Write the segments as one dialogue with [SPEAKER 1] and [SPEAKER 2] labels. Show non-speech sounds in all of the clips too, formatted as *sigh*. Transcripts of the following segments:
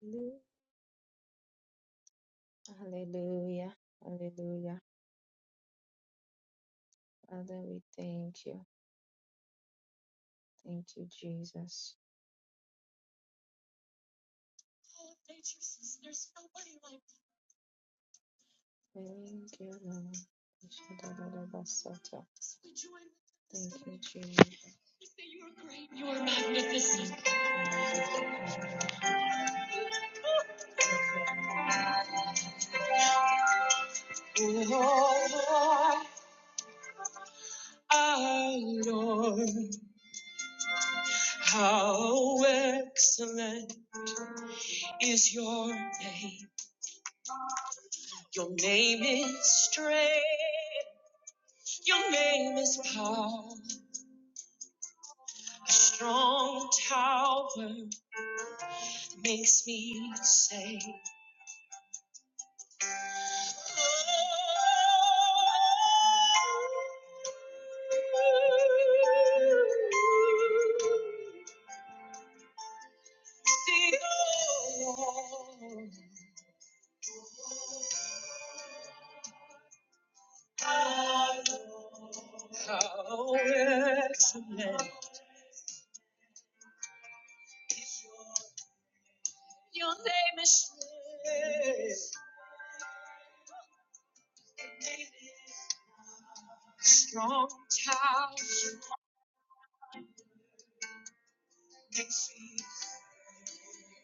[SPEAKER 1] Hallelujah. Hallelujah. Hallelujah. Father, we thank you. Thank you, Jesus. Thank you, Lord. Shadadadabasata. Thank you, Jesus. You You are are great. You are magnificent. Oh, Lord, our Lord, how excellent is your name. Your name is strange. Your name is power, a strong tower makes me say. "Oh, How excellent is your Your name is strong tower.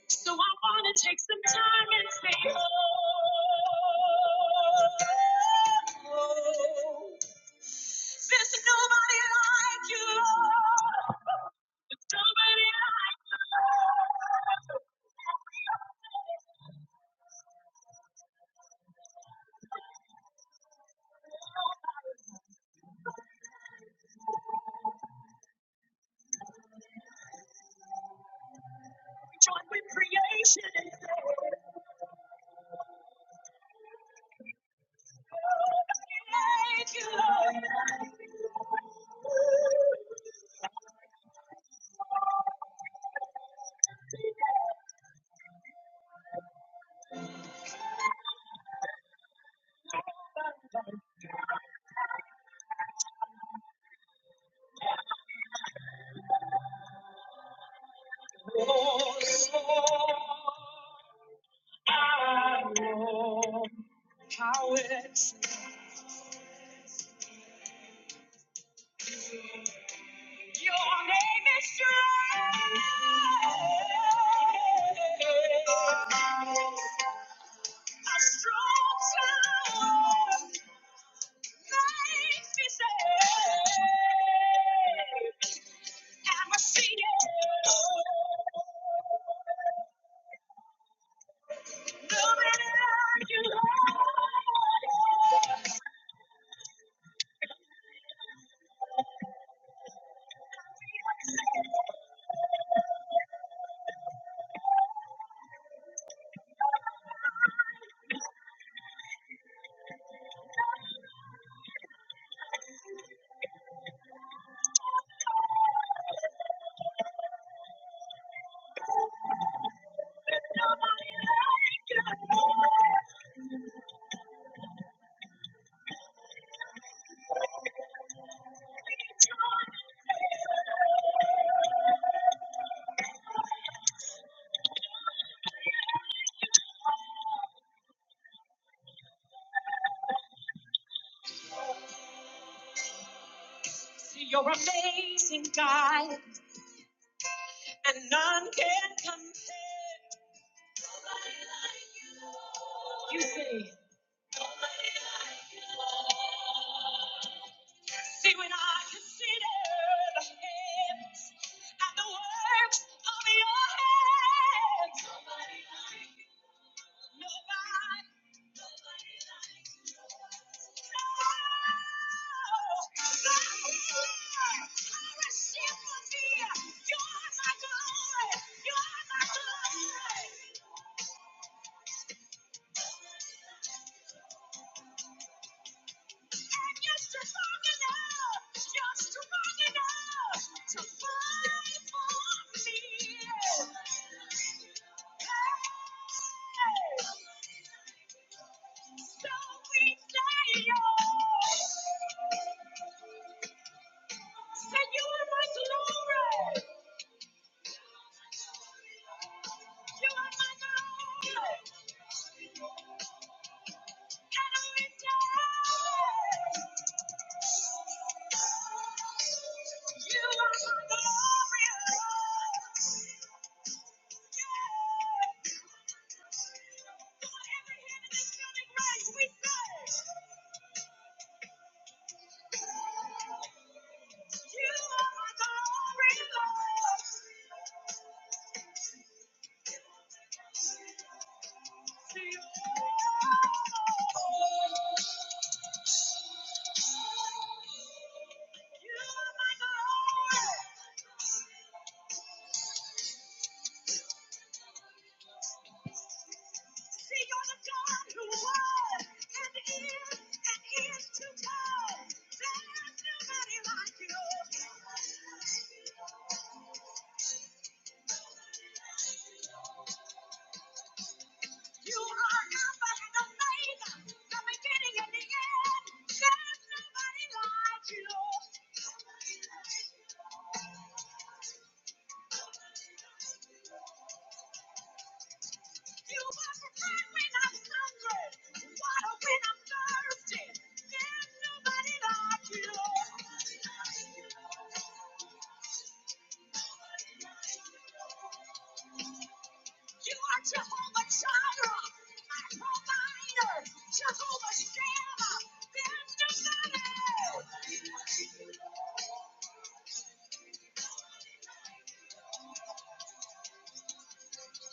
[SPEAKER 1] So I wanna take some time and say, oh, oh, there's nobody like you, Lord. There's Nobody like you, Lord. Join with creation and thank you, Lord. I know How excellent your name is strong. A strong tower, life is saved. I'm a seer, looking at you, Lord. See your amazing God, and none can compare. Nobody like You Lord. You say, "Nobody like you." Lord. see when I consider the heavens and the works of your hands. nobody like you, Nobody, nobody like you. Thank you. Right, we say. You are Alpha and Omega, the beginning and the end. There's nobody like you. Nobody like You You are the bread when I'm hungry, water when I'm thirsty. There's nobody like you. Nobody like you. You are Jehovah Jireh, my provider, Jehovah Shammah, there's nobody.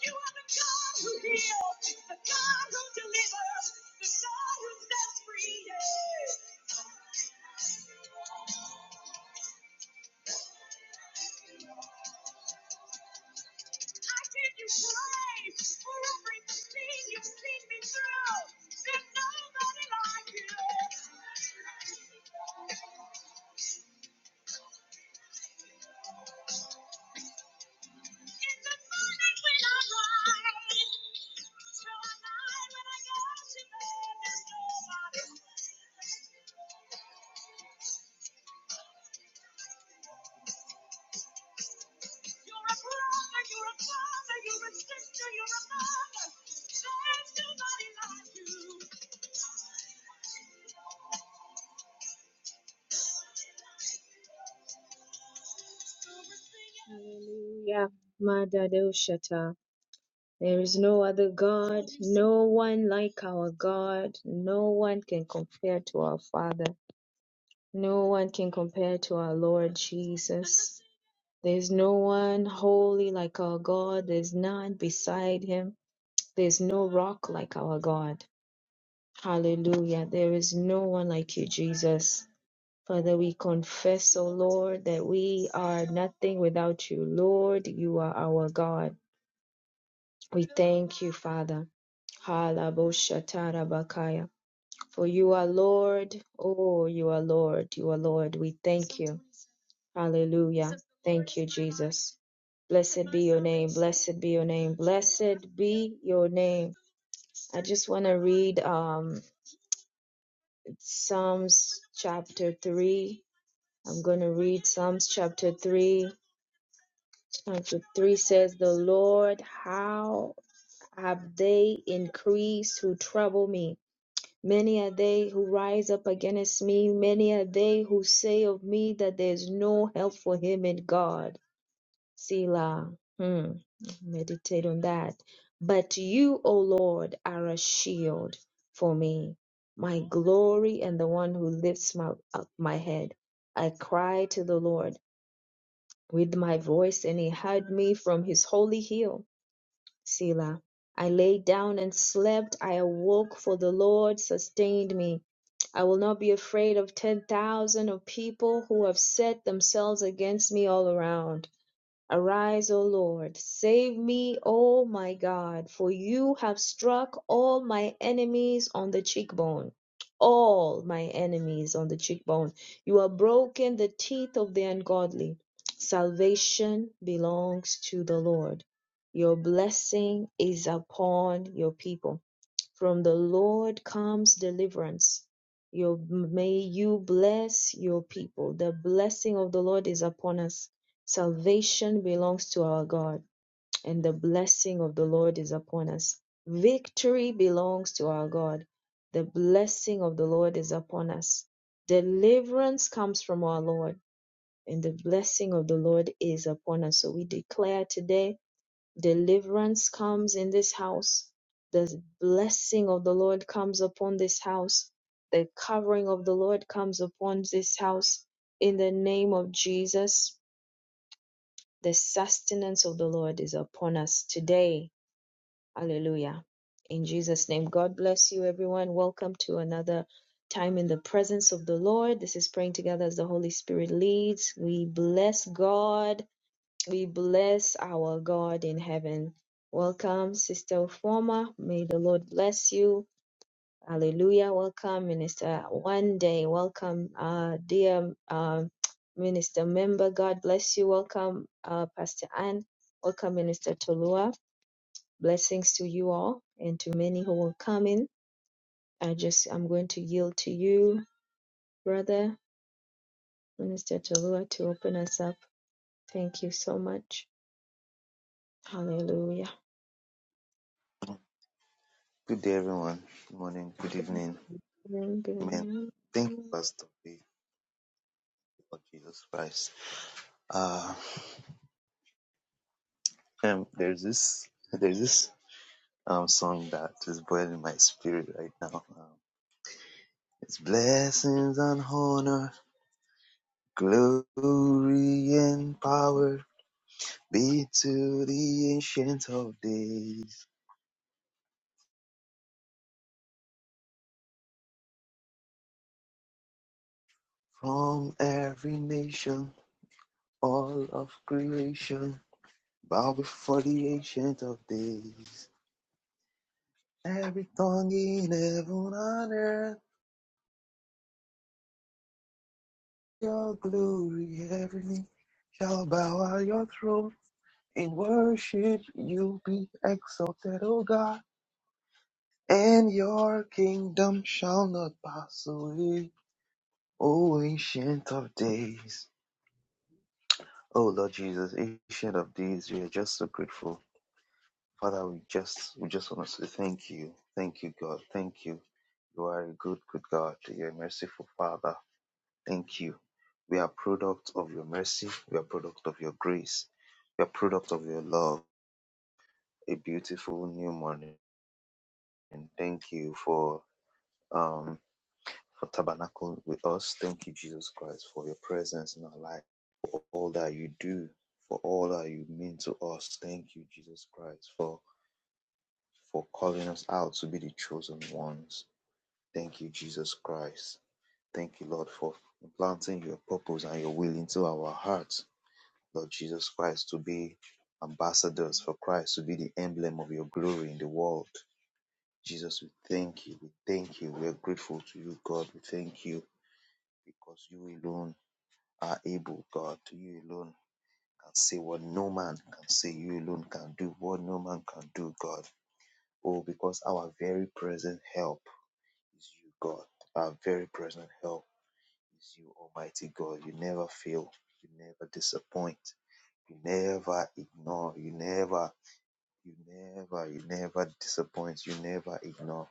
[SPEAKER 1] You are the God who heals, the God who delivers, the God who sets free. I give you praise for everything you've seen me through. There's nobody like you. Hallelujah. Madadosha. ta. There is no other God, no one like our God, no one can compare to our Father, no one can compare to our Lord Jesus. There's no one holy like our God, there's none beside him, there's no rock like our God. Hallelujah, there is no one like you, Jesus. Father, we confess, O Lord, that we are nothing without you. Lord, you are our God. We thank you, Father. Halaboshatarabakaya. For you are Lord. Oh, you are Lord. You are Lord. We thank you. Hallelujah. Thank you, Jesus. Blessed be your name. Blessed be your name. Blessed be your name. I just want to read um, Psalms chapter 3. I'm going to read Psalms chapter 3. Chapter 3 says, The Lord, how have they increased who trouble me? Many are they who rise up against me. Many are they who say of me that there is no help for him in God. Selah. Hmm. Meditate on that. But you, O Lord, are a shield for me, my glory and the one who lifts my, up my head. I cried to the Lord with my voice, and he heard me from his holy hill. Selah. I lay down and slept. I awoke, for the Lord sustained me. I will not be afraid of 10,000 of people who have set themselves against me all around. Arise, O Lord, save me, O my God, for you have struck all my enemies on the cheekbone. All my enemies on the cheekbone. You have broken the teeth of the ungodly. Salvation belongs to the Lord. Your blessing is upon your people. From the Lord comes deliverance. You may you bless your people. The blessing of the Lord is upon us. Salvation belongs to our God, and the blessing of the Lord is upon us. Victory belongs to our God. The blessing of the Lord is upon us. Deliverance comes from our Lord, and the blessing of the Lord is upon us. So we declare today Deliverance comes in this house. The blessing of the Lord comes upon this house. The covering of the Lord comes upon this house. In the name of Jesus, the sustenance of the Lord is upon us today. Hallelujah. In Jesus' name, God bless you, everyone. Welcome to another time in the presence of the Lord. This is praying together as the Holy Spirit leads. We bless God we bless our God in heaven. Welcome, Sister Uforma. May the Lord bless you. Hallelujah. Welcome, Minister One Day. Welcome, uh, dear um Minister Member. God bless you. Welcome, uh, Pastor Ann. Welcome, Minister Tolua. Blessings to you all and to many who will come in. I just, I'm going to yield to you, brother, Minister Tolua, to open us up. Thank you so much. Hallelujah.
[SPEAKER 2] Good day, everyone. Good morning, good evening. Amen.
[SPEAKER 1] Hallelujah.
[SPEAKER 2] Thank you, Pastor B, Lord Jesus Christ. Uh, um, there's this, there's this um song that is boiling my spirit right now. Um, it's blessings and honor, glory and power be to the ancient of days. From every nation, all of creation, bow before the ancient of days. Every tongue in heaven and earth, your glory, every knee shall bow at your throne. In worship you'll be exalted, O God, and your kingdom shall not pass away. O ancient of days. O Lord Jesus, ancient of days, we are just so grateful. Father, we just we just want to say thank you. Thank you, God. Thank you. You are a good, good God. You're a merciful Father. Thank you. We are product of your mercy. We are product of your grace. We are product of your love. A beautiful new morning. And thank you for um for tabernacle with us. Thank you, Jesus Christ, for your presence in our life, for all that you do, for all that you mean to us. Thank you, Jesus Christ, for for calling us out to be the chosen ones. Thank you, Jesus Christ. Thank you, Lord, for implanting your purpose and your will into our hearts. Lord Jesus Christ, to be ambassadors for Christ, to be the emblem of your glory in the world. Jesus, we thank you. We thank you. We are grateful to you, God. We thank you because you alone are able, God. You alone can say what no man can say. You alone can do what no man can do, God. Oh, because our very present help is you, God. Our very present help is you, Almighty God. You never fail. You never disappoint. You never ignore. You never You never, you never disappoint. You never ignore.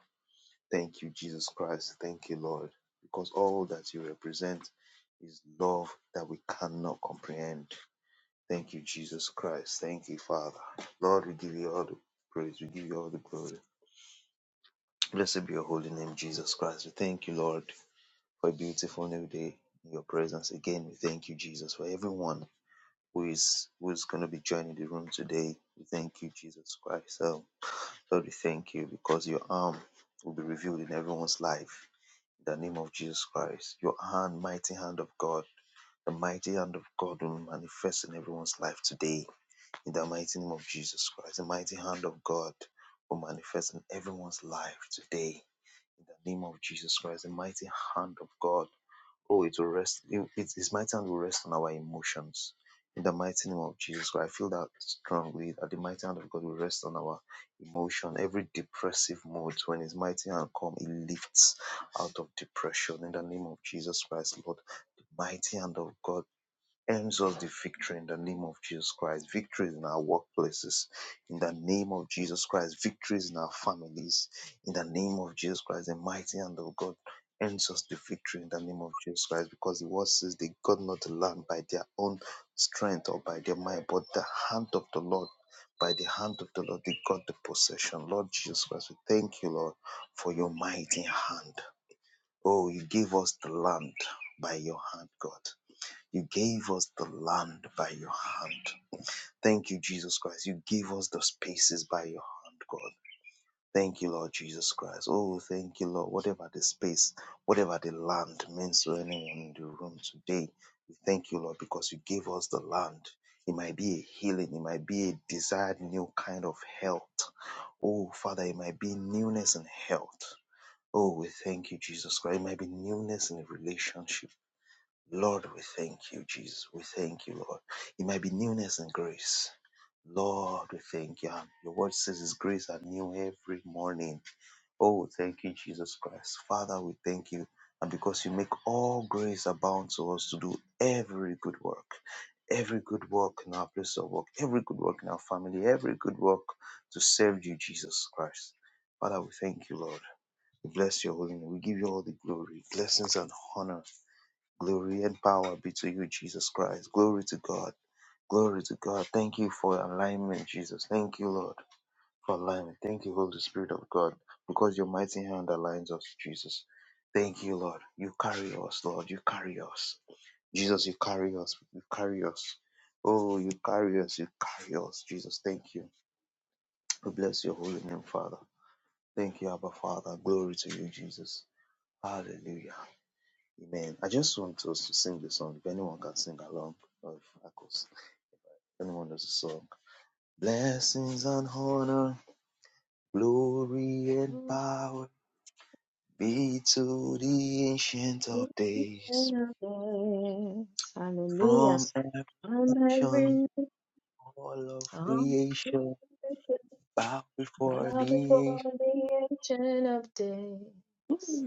[SPEAKER 2] Thank you, Jesus Christ. Thank you, Lord. Because all that you represent is love that we cannot comprehend. Thank you, Jesus Christ. Thank you, Father. Lord, we give you all the praise. We give you all the glory. Blessed be your holy name, Jesus Christ. We thank you, Lord, for a beautiful new day in your presence. Again, we thank you, Jesus, for everyone who is who is going to be joining the room today. We thank you, Jesus Christ. Um, Lord, we thank you because your arm will be revealed in everyone's life. In the name of Jesus Christ, your hand, mighty hand of God, the mighty hand of God will manifest in everyone's life today. In the mighty name of Jesus Christ, the mighty hand of God will manifest in everyone's life today. In the name of Jesus Christ, the mighty hand of God Oh, it will rest. It, it- his mighty hand will rest on our emotions. In the mighty name of Jesus Christ, I feel that strongly that the mighty hand of God will rest on our emotion. Every depressive mood, when His mighty hand comes, it lifts out of depression. In the name of Jesus Christ, Lord, the mighty hand of God earns us the victory in the name of Jesus Christ. Victories in our workplaces, in the name of Jesus Christ. Victories in our families, in the name of Jesus Christ. The mighty hand of God earns us the victory in the name of Jesus Christ because the word says they got not the land by their own strength or by their might, but the hand of the Lord. By the hand of the Lord, they got the possession. Lord Jesus Christ, we thank you, Lord, for your mighty hand. Oh, you gave us the land by your hand, God. You gave us the land by your hand. Thank you, Jesus Christ. You gave us the spaces by your hand, God. Thank you, Lord Jesus Christ. Oh, thank you, Lord. Whatever the space, whatever the land means to anyone in the room today, we thank you, Lord, because you gave us the land. It might be a healing, it might be a desired new kind of health. Oh, Father, it might be newness in health. Oh, we thank you, Jesus Christ. It might be newness in a relationship. Lord, we thank you, Jesus. We thank you, Lord. It might be newness and grace. Lord, we thank you. Your word says His grace are new every morning. Oh, thank you, Jesus Christ. Father, we thank you. And because you make all grace abound to us to do every good work, every good work in our place of work, every good work in our family, every good work to serve you, Jesus Christ. Father, we thank you, Lord. We bless your holy name. We give you all the glory, blessings, and honor. Glory and power be to you, Jesus Christ. Glory to God. Glory to God. Thank you for alignment, Jesus. Thank you, Lord, for alignment. Thank you, Holy Spirit of God, because your mighty hand aligns us, Jesus. Thank you, Lord. You carry us, Lord. You carry us. Jesus, you carry us. You carry us. Oh, you carry us. You carry us, Jesus. Thank you. We bless your holy name, Father. Thank you, Abba Father. Glory to you, Jesus. Hallelujah. Amen. I just want us to sing the song. If anyone can sing along, of course anyone knows the song. Blessings and honor, glory and power be to the ancient of days. From every
[SPEAKER 1] I'm
[SPEAKER 2] nation,
[SPEAKER 1] having
[SPEAKER 2] all of
[SPEAKER 1] song.
[SPEAKER 2] creation bow before
[SPEAKER 1] Bow
[SPEAKER 2] thee.
[SPEAKER 1] before the ancient of days.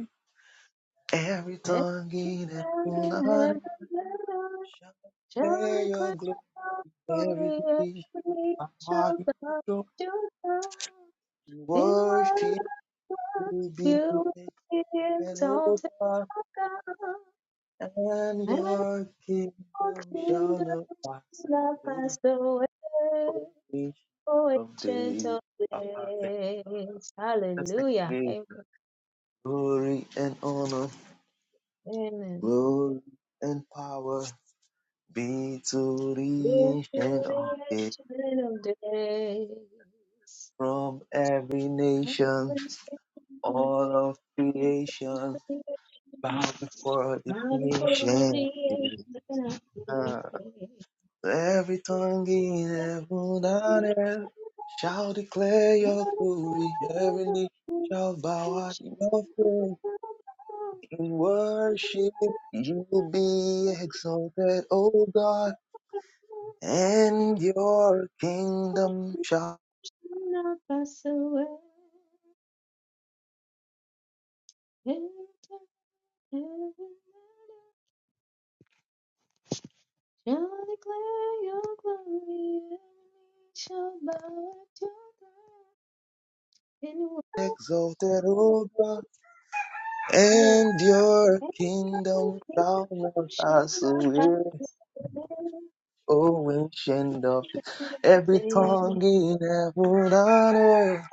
[SPEAKER 2] Every
[SPEAKER 1] Every
[SPEAKER 2] tongue in heaven
[SPEAKER 1] sound
[SPEAKER 2] and
[SPEAKER 1] in
[SPEAKER 2] earth
[SPEAKER 1] heaven and earth
[SPEAKER 2] shall declare
[SPEAKER 1] shall
[SPEAKER 2] your
[SPEAKER 1] declare
[SPEAKER 2] glory.
[SPEAKER 1] thy
[SPEAKER 2] Every
[SPEAKER 1] glory. and
[SPEAKER 2] nation,
[SPEAKER 1] Every knee shall
[SPEAKER 2] body,
[SPEAKER 1] bow to thee. In
[SPEAKER 2] worship
[SPEAKER 1] worship
[SPEAKER 2] you
[SPEAKER 1] you will
[SPEAKER 2] be.
[SPEAKER 1] be
[SPEAKER 2] Hello
[SPEAKER 1] exalted,
[SPEAKER 2] God,
[SPEAKER 1] O
[SPEAKER 2] and
[SPEAKER 1] God.
[SPEAKER 2] your
[SPEAKER 1] All
[SPEAKER 2] kingdom
[SPEAKER 1] kingdoms
[SPEAKER 2] shall not pass
[SPEAKER 1] that
[SPEAKER 2] away,
[SPEAKER 1] passed away,
[SPEAKER 2] for we
[SPEAKER 1] O
[SPEAKER 2] shall
[SPEAKER 1] ancient
[SPEAKER 2] be
[SPEAKER 1] of
[SPEAKER 2] a
[SPEAKER 1] days.
[SPEAKER 2] Let's take it
[SPEAKER 1] Hallelujah.
[SPEAKER 2] again.
[SPEAKER 1] Amen.
[SPEAKER 2] Glory and honor, glory and power be to the
[SPEAKER 1] Into
[SPEAKER 2] ancient of
[SPEAKER 1] the
[SPEAKER 2] days
[SPEAKER 1] ancient of days.
[SPEAKER 2] From every nation,
[SPEAKER 1] Everything
[SPEAKER 2] all of
[SPEAKER 1] of
[SPEAKER 2] creation
[SPEAKER 1] creation.
[SPEAKER 2] bow before the
[SPEAKER 1] Wonderful of the
[SPEAKER 2] ancient.
[SPEAKER 1] ancient
[SPEAKER 2] Every tongue in heaven and earth shall declare your glory. Every knee shall bow at your
[SPEAKER 1] of
[SPEAKER 2] throne.
[SPEAKER 1] days.
[SPEAKER 2] In worship you will be exalted, O God, and your kingdom shall
[SPEAKER 1] Shall not pass away. Heaven, heaven, shall declare your glory, and shall bow at your throne. In
[SPEAKER 2] be
[SPEAKER 1] worship
[SPEAKER 2] exalted, O God,
[SPEAKER 1] and
[SPEAKER 2] and your
[SPEAKER 1] your
[SPEAKER 2] kingdom shall
[SPEAKER 1] kingdom
[SPEAKER 2] not
[SPEAKER 1] shall
[SPEAKER 2] pass
[SPEAKER 1] bow at abide
[SPEAKER 2] away,
[SPEAKER 1] forever
[SPEAKER 2] O ancient of Every tongue in heaven and earth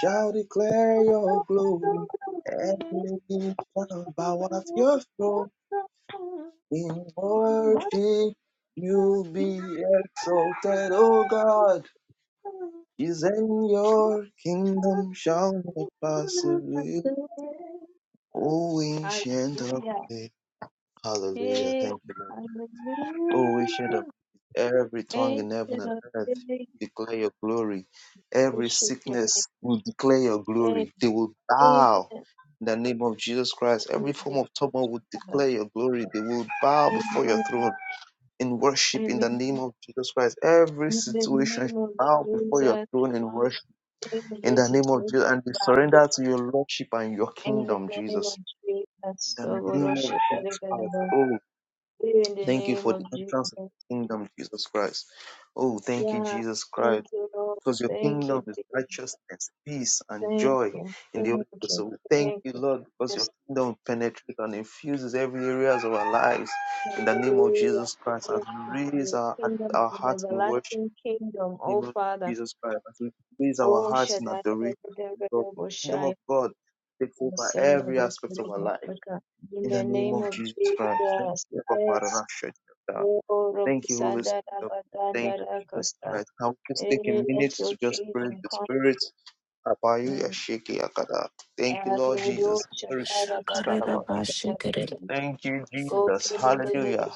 [SPEAKER 2] shall declare your glory. Every knee shall bow at your throne in
[SPEAKER 1] and ever.
[SPEAKER 2] worship. You be exalted, O God. Is in your kingdom shall not pass away, O ancient of
[SPEAKER 1] Hallelujah.
[SPEAKER 2] days. Hallelujah.
[SPEAKER 1] Hey,
[SPEAKER 2] Thank you, Lord. O ancient of
[SPEAKER 1] hallelujah.
[SPEAKER 2] days, every tongue in heaven
[SPEAKER 1] Ancient
[SPEAKER 2] and
[SPEAKER 1] of
[SPEAKER 2] earth
[SPEAKER 1] days,
[SPEAKER 2] will declare your glory. Every
[SPEAKER 1] worship your
[SPEAKER 2] sickness will declare your
[SPEAKER 1] name.
[SPEAKER 2] glory. They will
[SPEAKER 1] Amen.
[SPEAKER 2] bow in the name of Jesus Christ. Every form
[SPEAKER 1] Amen.
[SPEAKER 2] of turmoil will declare your glory. They will bow before your
[SPEAKER 1] Amen.
[SPEAKER 2] throne in worship in the name
[SPEAKER 1] Amen.
[SPEAKER 2] of Jesus Christ. Every
[SPEAKER 1] In the
[SPEAKER 2] situation
[SPEAKER 1] name
[SPEAKER 2] should
[SPEAKER 1] of
[SPEAKER 2] bow before your
[SPEAKER 1] Jesus,
[SPEAKER 2] throne in worship
[SPEAKER 1] in the
[SPEAKER 2] in the name of
[SPEAKER 1] recitation of
[SPEAKER 2] Jesus and they
[SPEAKER 1] Bama.
[SPEAKER 2] surrender to your lordship and your
[SPEAKER 1] in the
[SPEAKER 2] kingdom,
[SPEAKER 1] name
[SPEAKER 2] Jesus.
[SPEAKER 1] of Jesus,
[SPEAKER 2] In
[SPEAKER 1] so
[SPEAKER 2] the name of
[SPEAKER 1] worship the
[SPEAKER 2] Jesus Christ.
[SPEAKER 1] Lord.
[SPEAKER 2] oh.
[SPEAKER 1] in the
[SPEAKER 2] Thank you
[SPEAKER 1] name
[SPEAKER 2] for the
[SPEAKER 1] of
[SPEAKER 2] entrance of
[SPEAKER 1] Jesus.
[SPEAKER 2] your kingdom, Jesus Christ. Oh, thank you,
[SPEAKER 1] Yeah,
[SPEAKER 2] Jesus Christ.
[SPEAKER 1] thank you, Lord.
[SPEAKER 2] Because your
[SPEAKER 1] Thank
[SPEAKER 2] kingdom
[SPEAKER 1] you,
[SPEAKER 2] is
[SPEAKER 1] Jesus.
[SPEAKER 2] righteousness, peace, and
[SPEAKER 1] Thank
[SPEAKER 2] joy
[SPEAKER 1] you.
[SPEAKER 2] in the Holy
[SPEAKER 1] Thank
[SPEAKER 2] Ghost.
[SPEAKER 1] you.
[SPEAKER 2] So we thank
[SPEAKER 1] Thank
[SPEAKER 2] you,
[SPEAKER 1] you.
[SPEAKER 2] Lord, because your
[SPEAKER 1] Yes,
[SPEAKER 2] kingdom penetrates and infuses every areas of our lives. In the name of
[SPEAKER 1] hallelujah.
[SPEAKER 2] Jesus Christ, as
[SPEAKER 1] Thank you
[SPEAKER 2] we
[SPEAKER 1] for
[SPEAKER 2] raise
[SPEAKER 1] your
[SPEAKER 2] our,
[SPEAKER 1] kingdom
[SPEAKER 2] our
[SPEAKER 1] of the
[SPEAKER 2] hearts in worship,
[SPEAKER 1] everlasting kingdom,
[SPEAKER 2] in
[SPEAKER 1] oh
[SPEAKER 2] the name of
[SPEAKER 1] Father.
[SPEAKER 2] Jesus Christ, as we raise our
[SPEAKER 1] Oh
[SPEAKER 2] hearts in
[SPEAKER 1] Shaddai, da, da,
[SPEAKER 2] adoration,
[SPEAKER 1] da, da,
[SPEAKER 2] Lord,
[SPEAKER 1] da,
[SPEAKER 2] the
[SPEAKER 1] oh,
[SPEAKER 2] kingdom
[SPEAKER 1] Shai,
[SPEAKER 2] of God takes
[SPEAKER 1] the
[SPEAKER 2] over
[SPEAKER 1] Son of
[SPEAKER 2] every
[SPEAKER 1] our
[SPEAKER 2] aspect of our
[SPEAKER 1] God,
[SPEAKER 2] life.
[SPEAKER 1] Africa. In
[SPEAKER 2] In
[SPEAKER 1] the
[SPEAKER 2] the name
[SPEAKER 1] name
[SPEAKER 2] of
[SPEAKER 1] of
[SPEAKER 2] Jesus Christ. Thank
[SPEAKER 1] Jesus, yes.
[SPEAKER 2] you, Father.
[SPEAKER 1] Oh,
[SPEAKER 2] Thank you, Holy
[SPEAKER 1] Robusanda,
[SPEAKER 2] Spirit. of God. Thank
[SPEAKER 1] Rabaganda,
[SPEAKER 2] you, Jesus
[SPEAKER 1] Rakasa.
[SPEAKER 2] Christ. Now let's take a
[SPEAKER 1] Hey, let
[SPEAKER 2] minute
[SPEAKER 1] your
[SPEAKER 2] to just praise
[SPEAKER 1] kingdom
[SPEAKER 2] the Spirit. Abayu
[SPEAKER 1] come.
[SPEAKER 2] Yashiki Akada.
[SPEAKER 1] Go
[SPEAKER 2] Thank you, Lord
[SPEAKER 1] to
[SPEAKER 2] Jesus. Glory to Jesus
[SPEAKER 3] Shakarera
[SPEAKER 2] Karabasha.
[SPEAKER 3] bashikarera
[SPEAKER 2] Thank you, Jesus.
[SPEAKER 3] sikarerete.
[SPEAKER 2] Hallelujah.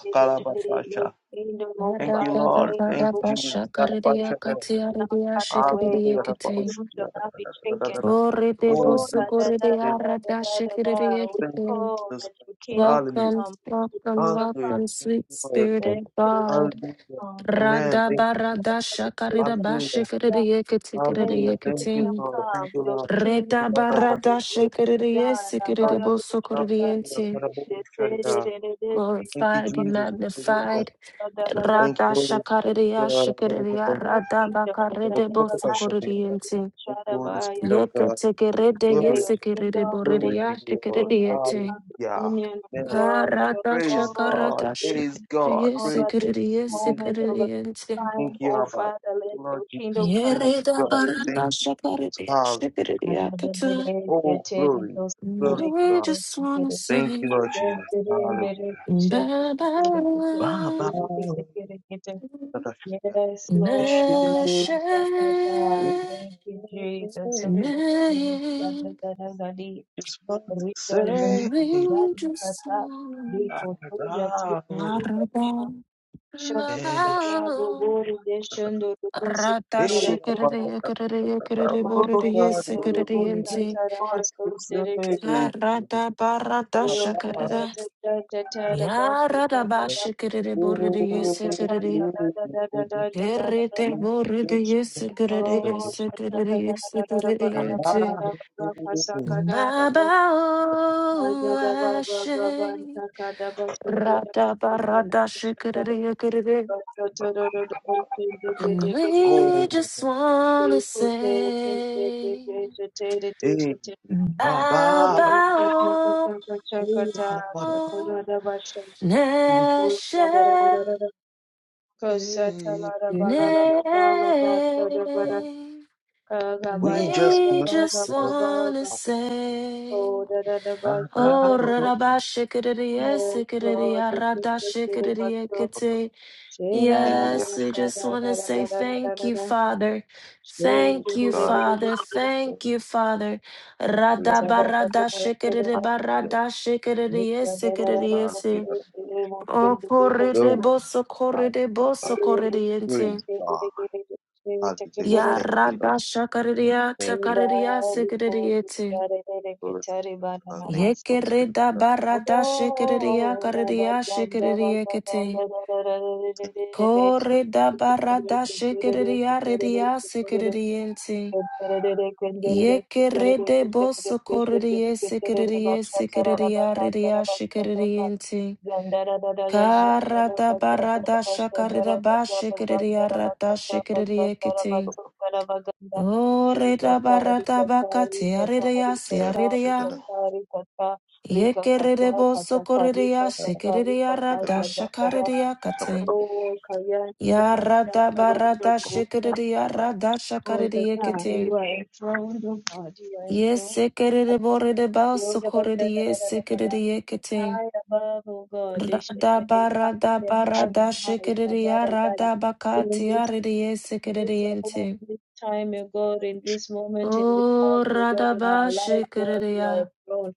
[SPEAKER 1] your
[SPEAKER 2] Karabasha.
[SPEAKER 1] kingdom, O
[SPEAKER 2] Thank you,
[SPEAKER 1] Father,
[SPEAKER 3] Karadada
[SPEAKER 2] Lord.
[SPEAKER 1] thank you,
[SPEAKER 2] Thank
[SPEAKER 1] O
[SPEAKER 3] karaba
[SPEAKER 2] you,
[SPEAKER 1] Father.
[SPEAKER 2] Jesus.
[SPEAKER 1] Your
[SPEAKER 3] shakarera
[SPEAKER 2] Karabasha.
[SPEAKER 1] kingdom shall not
[SPEAKER 3] katiarera
[SPEAKER 1] pass away,
[SPEAKER 2] Hallelujah.
[SPEAKER 1] your
[SPEAKER 3] shikarerete.
[SPEAKER 2] Karabasha.
[SPEAKER 1] kingdom
[SPEAKER 2] Da,
[SPEAKER 1] shall
[SPEAKER 2] da,
[SPEAKER 1] not be
[SPEAKER 2] da, da, da,
[SPEAKER 1] shaken.
[SPEAKER 2] da, da.
[SPEAKER 3] Orede
[SPEAKER 2] Oh,
[SPEAKER 1] Oh, da
[SPEAKER 2] Jesus.
[SPEAKER 1] da da da
[SPEAKER 3] bosukorera
[SPEAKER 1] da da
[SPEAKER 3] rada
[SPEAKER 1] da da da. We
[SPEAKER 2] Thank you,
[SPEAKER 3] shikarerete.
[SPEAKER 1] call
[SPEAKER 2] Jesus
[SPEAKER 1] that
[SPEAKER 2] Christ.
[SPEAKER 1] your kingdom
[SPEAKER 2] Hallelujah.
[SPEAKER 3] Welcome,
[SPEAKER 1] come, your
[SPEAKER 3] welcome,
[SPEAKER 1] kingdom
[SPEAKER 2] Hallelujah.
[SPEAKER 1] come,
[SPEAKER 3] welcome,
[SPEAKER 2] Thank
[SPEAKER 3] sweet
[SPEAKER 2] you, Lord.
[SPEAKER 3] spirit
[SPEAKER 1] let
[SPEAKER 3] of
[SPEAKER 1] your
[SPEAKER 3] God.
[SPEAKER 2] Hallelujah.
[SPEAKER 1] kingdom
[SPEAKER 2] Amen.
[SPEAKER 3] Rada
[SPEAKER 2] Thank you. Jesus.
[SPEAKER 3] barada shakarera
[SPEAKER 2] Hallelujah.
[SPEAKER 1] come.
[SPEAKER 3] bashikarerete
[SPEAKER 1] Let your
[SPEAKER 2] Hallelujah. Thank you,
[SPEAKER 1] kingdom
[SPEAKER 3] sikarerete.
[SPEAKER 2] Lord. Thank
[SPEAKER 1] come,
[SPEAKER 2] you,
[SPEAKER 1] your
[SPEAKER 2] Lord. Thank
[SPEAKER 1] king
[SPEAKER 2] you,
[SPEAKER 3] Reda
[SPEAKER 2] Lord.
[SPEAKER 1] come,
[SPEAKER 2] Abba,
[SPEAKER 1] your
[SPEAKER 3] barada
[SPEAKER 1] will
[SPEAKER 2] Shepherd.
[SPEAKER 1] be
[SPEAKER 3] shakarera
[SPEAKER 1] done.
[SPEAKER 2] Thank you,
[SPEAKER 3] sikarere
[SPEAKER 2] Lord.
[SPEAKER 1] Abaradoshtata,
[SPEAKER 2] Hallelujah.
[SPEAKER 3] bosukorerete.
[SPEAKER 2] Karabu, Sharia. Thank you,
[SPEAKER 3] Glorified, be
[SPEAKER 2] Jesus.
[SPEAKER 3] magnified.
[SPEAKER 2] Hallelujah. Thank you,
[SPEAKER 3] Rada
[SPEAKER 2] Holy
[SPEAKER 1] yetererereresekindabakasundorobadarabakasundata.
[SPEAKER 2] Spirit of
[SPEAKER 3] shakariya
[SPEAKER 2] God.
[SPEAKER 3] shakariya
[SPEAKER 2] Karabu,
[SPEAKER 1] Your
[SPEAKER 3] rada
[SPEAKER 1] kingdom is an
[SPEAKER 3] bakarede
[SPEAKER 2] Karabu,
[SPEAKER 1] everlasting
[SPEAKER 2] Sharia.
[SPEAKER 1] kingdom.
[SPEAKER 3] bosokoririente.
[SPEAKER 2] Thank you, Holy
[SPEAKER 1] Shadabaya,
[SPEAKER 2] Spirit of
[SPEAKER 3] Yeke
[SPEAKER 2] God.
[SPEAKER 3] tekerede
[SPEAKER 1] declare
[SPEAKER 2] Glory,
[SPEAKER 1] your
[SPEAKER 3] yesekerede
[SPEAKER 1] kingdom
[SPEAKER 2] glory to
[SPEAKER 3] boririya
[SPEAKER 1] reigns,
[SPEAKER 2] you,
[SPEAKER 1] your
[SPEAKER 2] Lord.
[SPEAKER 1] kingdom is
[SPEAKER 3] shakaririete.
[SPEAKER 1] have
[SPEAKER 2] Hallelujah.
[SPEAKER 1] dominion,
[SPEAKER 2] Amen.
[SPEAKER 1] Lord, over
[SPEAKER 3] Karada
[SPEAKER 2] Praise
[SPEAKER 1] all
[SPEAKER 2] God.
[SPEAKER 1] the
[SPEAKER 3] shakarada
[SPEAKER 2] Praise
[SPEAKER 1] nations,
[SPEAKER 2] God.
[SPEAKER 3] shakariye
[SPEAKER 1] over
[SPEAKER 2] Praise
[SPEAKER 1] this
[SPEAKER 3] sekerediye
[SPEAKER 1] moment,
[SPEAKER 2] God.
[SPEAKER 1] over
[SPEAKER 3] sekerediente.
[SPEAKER 1] time,
[SPEAKER 2] Thank you,
[SPEAKER 1] oh
[SPEAKER 2] Abba. Thank
[SPEAKER 1] Father, let
[SPEAKER 2] you,
[SPEAKER 1] your
[SPEAKER 2] Lord
[SPEAKER 1] kingdom
[SPEAKER 2] Jesus.
[SPEAKER 1] come.
[SPEAKER 2] Praise
[SPEAKER 1] in
[SPEAKER 3] Yereda
[SPEAKER 1] our
[SPEAKER 2] God.
[SPEAKER 1] midst.
[SPEAKER 2] Thank
[SPEAKER 3] barada
[SPEAKER 2] you, Jesus.
[SPEAKER 3] shakariya
[SPEAKER 2] Hallelujah.
[SPEAKER 1] Yes,
[SPEAKER 3] shakariya
[SPEAKER 1] Lord,
[SPEAKER 3] kata.
[SPEAKER 1] I
[SPEAKER 2] Oh,
[SPEAKER 1] thank you,
[SPEAKER 2] glory.
[SPEAKER 1] Jesus.
[SPEAKER 2] Glory.
[SPEAKER 3] We just wanna
[SPEAKER 2] Thank you,
[SPEAKER 3] say
[SPEAKER 2] Lord
[SPEAKER 1] So
[SPEAKER 2] Jesus. Hallelujah.
[SPEAKER 3] bye bye.
[SPEAKER 2] Baba.
[SPEAKER 3] Nashe.
[SPEAKER 1] cool, cool, cool, cool. da da da da da di.
[SPEAKER 2] Just want to
[SPEAKER 1] Rito jo,
[SPEAKER 2] say,
[SPEAKER 3] And
[SPEAKER 1] bani
[SPEAKER 3] angels
[SPEAKER 1] kata,
[SPEAKER 3] sing,
[SPEAKER 1] riko tuja
[SPEAKER 2] Baba.
[SPEAKER 1] tiki rika ta.
[SPEAKER 3] Warada,
[SPEAKER 1] Shanti
[SPEAKER 2] Yes.
[SPEAKER 1] kara
[SPEAKER 3] Nava,
[SPEAKER 1] bobori deshando rudesi
[SPEAKER 3] Rata,
[SPEAKER 2] Hey,
[SPEAKER 1] kara dara.
[SPEAKER 3] Shikiri, Yikiri, Yikiri,
[SPEAKER 1] Mas
[SPEAKER 2] Oh,
[SPEAKER 3] Boriri,
[SPEAKER 1] pepe
[SPEAKER 2] God.
[SPEAKER 3] Yesikiri,
[SPEAKER 1] toro
[SPEAKER 2] We
[SPEAKER 1] bosa
[SPEAKER 3] Yinti,
[SPEAKER 2] just
[SPEAKER 1] tara
[SPEAKER 2] want to say, Baba.
[SPEAKER 1] baso
[SPEAKER 2] we Just
[SPEAKER 3] Arada, Barada,
[SPEAKER 2] want
[SPEAKER 1] Oh, da da da
[SPEAKER 2] to
[SPEAKER 3] Shakarada,
[SPEAKER 1] da da da da ba da
[SPEAKER 3] Yarada,
[SPEAKER 1] da da da.
[SPEAKER 3] Bashikiri, Boriri,
[SPEAKER 1] oh, da da da
[SPEAKER 3] Yesikiri,
[SPEAKER 1] da da da da da da da da
[SPEAKER 3] Kirite,
[SPEAKER 1] da.
[SPEAKER 3] Boriri, Yesikiri,
[SPEAKER 1] oh, da da da
[SPEAKER 3] Yesikiri,
[SPEAKER 1] da da da da
[SPEAKER 3] Yesikiri,
[SPEAKER 1] ba da da ba la
[SPEAKER 3] Yinti.
[SPEAKER 1] da ba ba sa
[SPEAKER 2] say,
[SPEAKER 1] ka da da da.
[SPEAKER 3] Baba
[SPEAKER 1] Ba da
[SPEAKER 3] o
[SPEAKER 1] da ba ba ba ba
[SPEAKER 3] Ashe,
[SPEAKER 1] nta ka da ba su
[SPEAKER 2] Baba.
[SPEAKER 1] ko da ba
[SPEAKER 3] Rada
[SPEAKER 1] sa ka da
[SPEAKER 3] Barada
[SPEAKER 1] ba sa ka.
[SPEAKER 3] Shikiri Yakiri.
[SPEAKER 1] Ba da da da da da ba su de ge
[SPEAKER 3] And
[SPEAKER 1] de ge de ge.
[SPEAKER 3] we
[SPEAKER 2] Oh,
[SPEAKER 3] just
[SPEAKER 1] Ba
[SPEAKER 3] wanna
[SPEAKER 1] su te te te te
[SPEAKER 3] say
[SPEAKER 1] te te te te te
[SPEAKER 2] hey,
[SPEAKER 1] te te. Oh,
[SPEAKER 2] Baba.
[SPEAKER 1] da da da da da
[SPEAKER 3] Baba
[SPEAKER 1] da da
[SPEAKER 2] Hey,
[SPEAKER 1] da
[SPEAKER 3] o
[SPEAKER 1] da da ba
[SPEAKER 3] Neshe,
[SPEAKER 1] sa. Shake
[SPEAKER 2] baby.
[SPEAKER 3] Ne. And
[SPEAKER 2] We just
[SPEAKER 3] we
[SPEAKER 2] want to
[SPEAKER 3] just
[SPEAKER 2] say
[SPEAKER 3] wanna say,
[SPEAKER 2] Baba.
[SPEAKER 3] Oh, ba raraba shikadidie, sikadidie, rada shikadidie, kite.
[SPEAKER 2] Yeah,
[SPEAKER 3] Yes, we just wanna say thank you, Father.
[SPEAKER 2] Glory
[SPEAKER 3] Thank
[SPEAKER 2] to
[SPEAKER 3] you,
[SPEAKER 2] God.
[SPEAKER 3] Father. Thank you,
[SPEAKER 2] Glory
[SPEAKER 3] Father. Rada
[SPEAKER 2] to God.
[SPEAKER 3] barada shikadidie,
[SPEAKER 2] Hallelujah.
[SPEAKER 3] barada shikadidie, sikadidie, si.
[SPEAKER 2] Hallelujah.
[SPEAKER 3] Oh, corride
[SPEAKER 2] Glory to
[SPEAKER 3] boso,
[SPEAKER 2] God.
[SPEAKER 3] corride boso,
[SPEAKER 2] Hallelujah.
[SPEAKER 3] corridiente.
[SPEAKER 2] Praise God.
[SPEAKER 3] Ya
[SPEAKER 2] Hallelujah. Thank you, Lord.
[SPEAKER 3] Yarada shakariya
[SPEAKER 2] Thank
[SPEAKER 1] We
[SPEAKER 2] you.
[SPEAKER 3] takariya
[SPEAKER 1] bow before you,
[SPEAKER 3] sikiriyete.
[SPEAKER 1] Sarere
[SPEAKER 2] Holy Spirit.
[SPEAKER 1] Ketari
[SPEAKER 2] Glory to
[SPEAKER 1] Bana
[SPEAKER 2] God. Thank you,
[SPEAKER 1] Namasta.
[SPEAKER 2] Holy Spirit of
[SPEAKER 3] Yekereda
[SPEAKER 2] God.
[SPEAKER 3] barada shikiriya
[SPEAKER 1] Oh,
[SPEAKER 3] kariya
[SPEAKER 1] Rabazanda,
[SPEAKER 3] shikiriyekete.
[SPEAKER 2] Thank you,
[SPEAKER 1] Rabazanda,
[SPEAKER 2] for the Spirit of
[SPEAKER 3] Koreda barada shikiriya ridiya sikiriyete. Yekerede boso koridiye
[SPEAKER 2] God.
[SPEAKER 3] sikiriye
[SPEAKER 2] Jesus Christ.
[SPEAKER 3] sikiriya ridiya
[SPEAKER 1] Rabazanda,
[SPEAKER 3] shikiriyete.
[SPEAKER 1] Oh,
[SPEAKER 3] Karada barada shakarida ba shikiriya rada shikiriyekete. O reda barata bakate aridea
[SPEAKER 2] Yeah. check it out.
[SPEAKER 3] siaridea. Yekerede boso koridea
[SPEAKER 2] Thank you,
[SPEAKER 3] shikeridea rada shakaridea kate.
[SPEAKER 1] Kaya,
[SPEAKER 3] Ya rada barada shikeridea rada shakaridea
[SPEAKER 1] you
[SPEAKER 3] kete.
[SPEAKER 1] are enthroned, oh God, you are enthroned.
[SPEAKER 3] Yesekerede borede baso
[SPEAKER 1] Lord, above the- da-
[SPEAKER 3] koridea
[SPEAKER 1] da- da- da- da- da.
[SPEAKER 3] sekeridea kete.
[SPEAKER 1] High above, oh God, they should
[SPEAKER 3] Rada
[SPEAKER 1] get it high
[SPEAKER 3] barada
[SPEAKER 1] and high and
[SPEAKER 3] barada
[SPEAKER 1] high,
[SPEAKER 3] shikeridea
[SPEAKER 1] Kabada Dada.
[SPEAKER 3] rada
[SPEAKER 1] In
[SPEAKER 3] bakate
[SPEAKER 1] this,
[SPEAKER 3] aridea
[SPEAKER 1] in this,
[SPEAKER 3] sekeridea
[SPEAKER 1] hour,
[SPEAKER 3] te.
[SPEAKER 1] in this time, oh God, in this moment, in this
[SPEAKER 3] O
[SPEAKER 1] house, oh
[SPEAKER 3] rada
[SPEAKER 1] God, in
[SPEAKER 3] ba
[SPEAKER 1] our life, Lord, you
[SPEAKER 3] shikeridea.
[SPEAKER 1] are enthroned.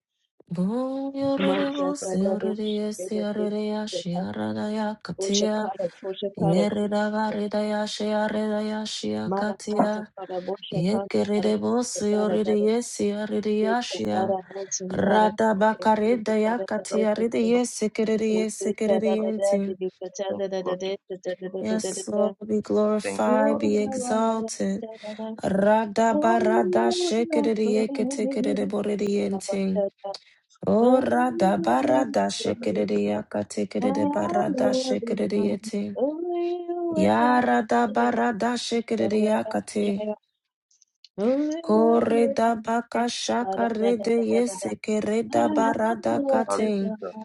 [SPEAKER 3] Bom yorerebo
[SPEAKER 1] Masha Dada Do
[SPEAKER 3] seorere
[SPEAKER 1] Shigede
[SPEAKER 3] seorere ya
[SPEAKER 1] Kushigede Ta.
[SPEAKER 3] shiarada ya
[SPEAKER 1] Osha
[SPEAKER 3] katia
[SPEAKER 1] Kara Kosha Kara
[SPEAKER 3] yerida
[SPEAKER 1] Kushigede.
[SPEAKER 3] varida ya shiarada ya shia
[SPEAKER 1] Mara Kata
[SPEAKER 3] katia
[SPEAKER 1] Kara Bosha Kara Kara
[SPEAKER 3] yekerebo
[SPEAKER 1] Kushigede Kara
[SPEAKER 3] seorere
[SPEAKER 1] Dada.
[SPEAKER 3] ye seorere ya
[SPEAKER 1] Kete
[SPEAKER 3] shia
[SPEAKER 1] Kara Hansen Kara
[SPEAKER 3] rada
[SPEAKER 1] Kushigede
[SPEAKER 3] bakarida ya
[SPEAKER 1] Kara
[SPEAKER 3] katia rida
[SPEAKER 1] Dada.
[SPEAKER 3] ye sekerere ye
[SPEAKER 1] Oh,
[SPEAKER 3] sekerere
[SPEAKER 2] Lord.
[SPEAKER 3] Yes, Lord, be glorified, be exalted. Rada barada shikiriyekitikiriboridiyenting. Oh, rada barada shikiriyakatikiribarada shikiriyeting. Ya rada barada shikiriyakati. Kore da baka shakarede yesekere da barada kating.
[SPEAKER 2] Hallelujah.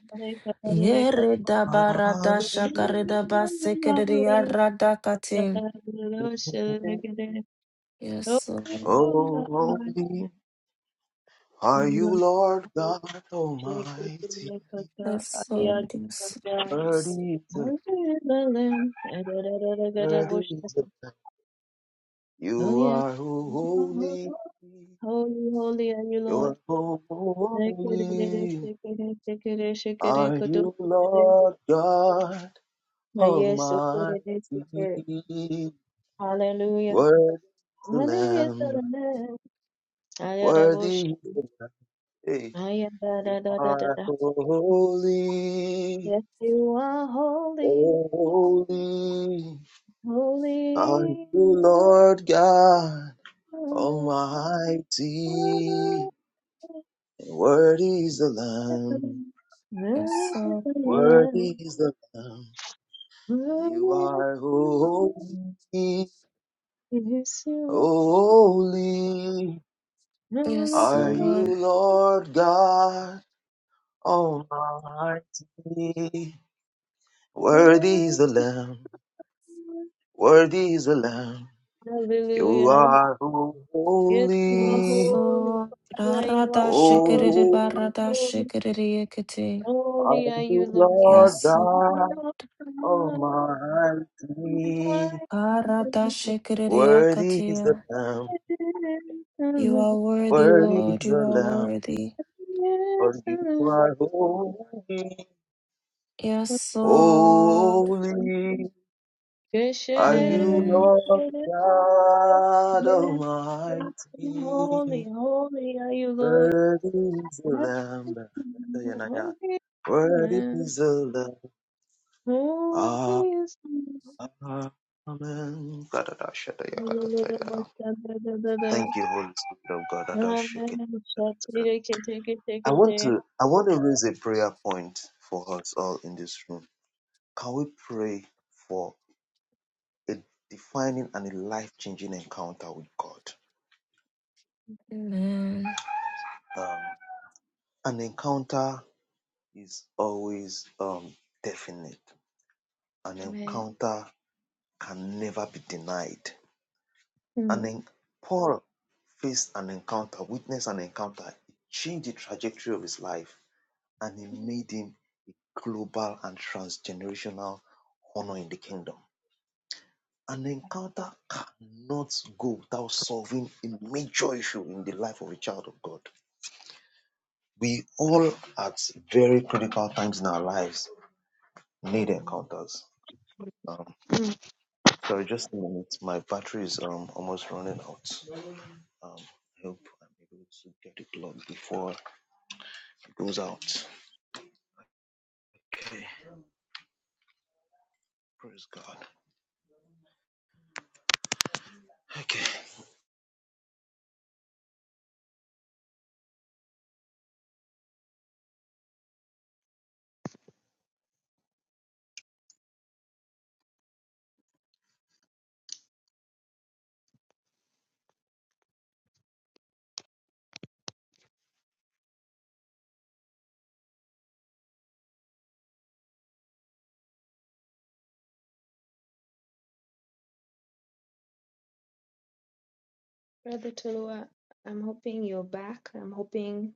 [SPEAKER 3] Yere da barada
[SPEAKER 1] Oh,
[SPEAKER 2] Hallelujah.
[SPEAKER 1] yes.
[SPEAKER 3] shakareda basekerede yarada kating. Yes, Lord.
[SPEAKER 2] Oh, holy are you, Lord God Almighty.
[SPEAKER 3] Yes, Lord. Yes, yes,
[SPEAKER 2] Worthy is the, worthy is the, you are holy.
[SPEAKER 1] Holy, holy are you,
[SPEAKER 2] You
[SPEAKER 1] Lord.
[SPEAKER 2] are
[SPEAKER 1] Ah,
[SPEAKER 2] holy. Are you Lord God
[SPEAKER 1] Yes, oh, so it is, so it is.
[SPEAKER 2] Almighty?
[SPEAKER 1] Hallelujah.
[SPEAKER 2] Worthy is the
[SPEAKER 1] Hallelujah.
[SPEAKER 2] Lamb, worthy is the Hey,
[SPEAKER 1] I am da
[SPEAKER 2] you
[SPEAKER 1] da da da da
[SPEAKER 2] are
[SPEAKER 1] da.
[SPEAKER 2] holy,
[SPEAKER 1] Yes, you are holy,
[SPEAKER 2] holy. Are you
[SPEAKER 1] holy.
[SPEAKER 2] Lord God
[SPEAKER 1] Holy
[SPEAKER 2] Almighty? Worthy is the Lamb,
[SPEAKER 1] is
[SPEAKER 3] yes,
[SPEAKER 1] the
[SPEAKER 3] Lord.
[SPEAKER 1] Lord.
[SPEAKER 2] worthy is the Lamb. You
[SPEAKER 1] Holy is
[SPEAKER 2] are
[SPEAKER 1] the Lord.
[SPEAKER 2] holy,
[SPEAKER 1] Yes, you are holy,
[SPEAKER 2] holy.
[SPEAKER 1] holy.
[SPEAKER 3] Yes,
[SPEAKER 2] Are you
[SPEAKER 3] Lord.
[SPEAKER 2] Lord God Almighty?
[SPEAKER 1] Yes,
[SPEAKER 2] Worthy is the
[SPEAKER 1] you
[SPEAKER 2] Lamb,
[SPEAKER 1] are.
[SPEAKER 2] worthy is the Lamb. You
[SPEAKER 1] Hallelujah.
[SPEAKER 2] are
[SPEAKER 1] Yes, you are
[SPEAKER 3] Yes,
[SPEAKER 2] holy.
[SPEAKER 1] holy,
[SPEAKER 3] Lord.
[SPEAKER 1] Father. You are
[SPEAKER 3] Arada shikiri
[SPEAKER 1] holy,
[SPEAKER 2] Oh,
[SPEAKER 3] barada
[SPEAKER 1] holy,
[SPEAKER 3] shikiri yakati.
[SPEAKER 2] are
[SPEAKER 1] holy are you,
[SPEAKER 2] you Lord
[SPEAKER 3] Yes, Lord.
[SPEAKER 2] God
[SPEAKER 1] Lord. Holy,
[SPEAKER 2] Almighty?
[SPEAKER 3] Arada shikiri
[SPEAKER 2] Worthy is the
[SPEAKER 3] yakati.
[SPEAKER 2] Lamb,
[SPEAKER 3] You are worthy,
[SPEAKER 2] worthy
[SPEAKER 3] Lord.
[SPEAKER 2] is
[SPEAKER 3] You
[SPEAKER 2] the
[SPEAKER 3] are
[SPEAKER 2] Lamb.
[SPEAKER 3] worthy.
[SPEAKER 2] For you are holy,
[SPEAKER 3] Yes, Lord.
[SPEAKER 2] holy. Are you
[SPEAKER 3] Mm.
[SPEAKER 2] Lord God Almighty?
[SPEAKER 1] holy are you, Lord.
[SPEAKER 2] Worthy is the
[SPEAKER 1] Holy
[SPEAKER 2] Lamb.
[SPEAKER 1] is the
[SPEAKER 2] Worthy
[SPEAKER 1] Lamb.
[SPEAKER 2] is the Lamb.
[SPEAKER 1] Holy is the
[SPEAKER 2] Amen. Thank
[SPEAKER 1] Lamb.
[SPEAKER 2] you, Holy Spirit of God.
[SPEAKER 1] Amen.
[SPEAKER 2] Adashiki. I want to I want to raise a prayer point for us all in this room. Can we pray for a defining and a life-changing encounter with God?
[SPEAKER 3] Amen.
[SPEAKER 2] Um, an encounter is always um, definite. An encounter can never be denied. And then Paul faced an encounter, witnessed an encounter, it changed the trajectory of his life, and it made him global and transgenerational honor in the kingdom. An encounter cannot go without solving a major issue in the life of a child of God. We all, at very critical times in our lives, need encounters. Um, Sorry, just a minute. My battery is um almost running out. Um, I hope I'm able to get it plugged before it goes out. Okay, praise God. Okay.
[SPEAKER 1] Brother Tolua, I'm hoping you're back. I'm hoping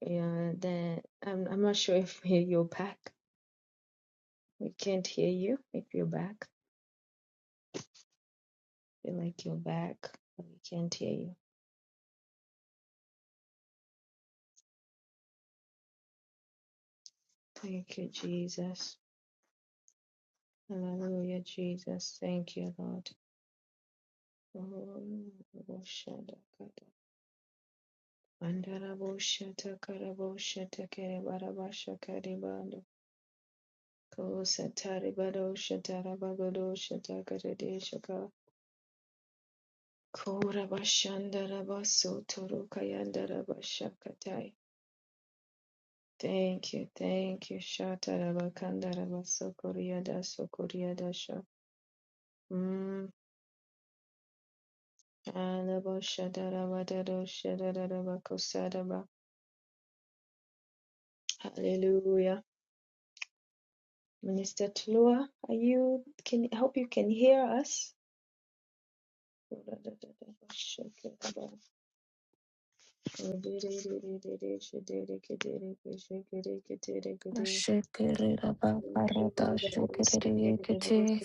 [SPEAKER 1] Yeah, then I'm I'm not sure if *laughs* you're back. We can't hear you. If you're back, feel like you're back, but we can't hear you. Thank you, Jesus. Hallelujah, Jesus. Thank you, Lord. Oh, Shadakada. Mandarabo Shatakarabo Shatakere Barabasha Karibando. Ko Sataribado Shatarabagado Shatakare Shaka. Ko Rabashandarabaso Toro Kayandarabashakatai. Thank you, thank you. Shatarabakandarabasokoryada sokoryada sha. Mm. Alabashadarawadado shadarabakosadaba. Hallelujah. Minister Tlua, are you can I hope you can hear us?
[SPEAKER 3] Shikiri barada shikiri yakati.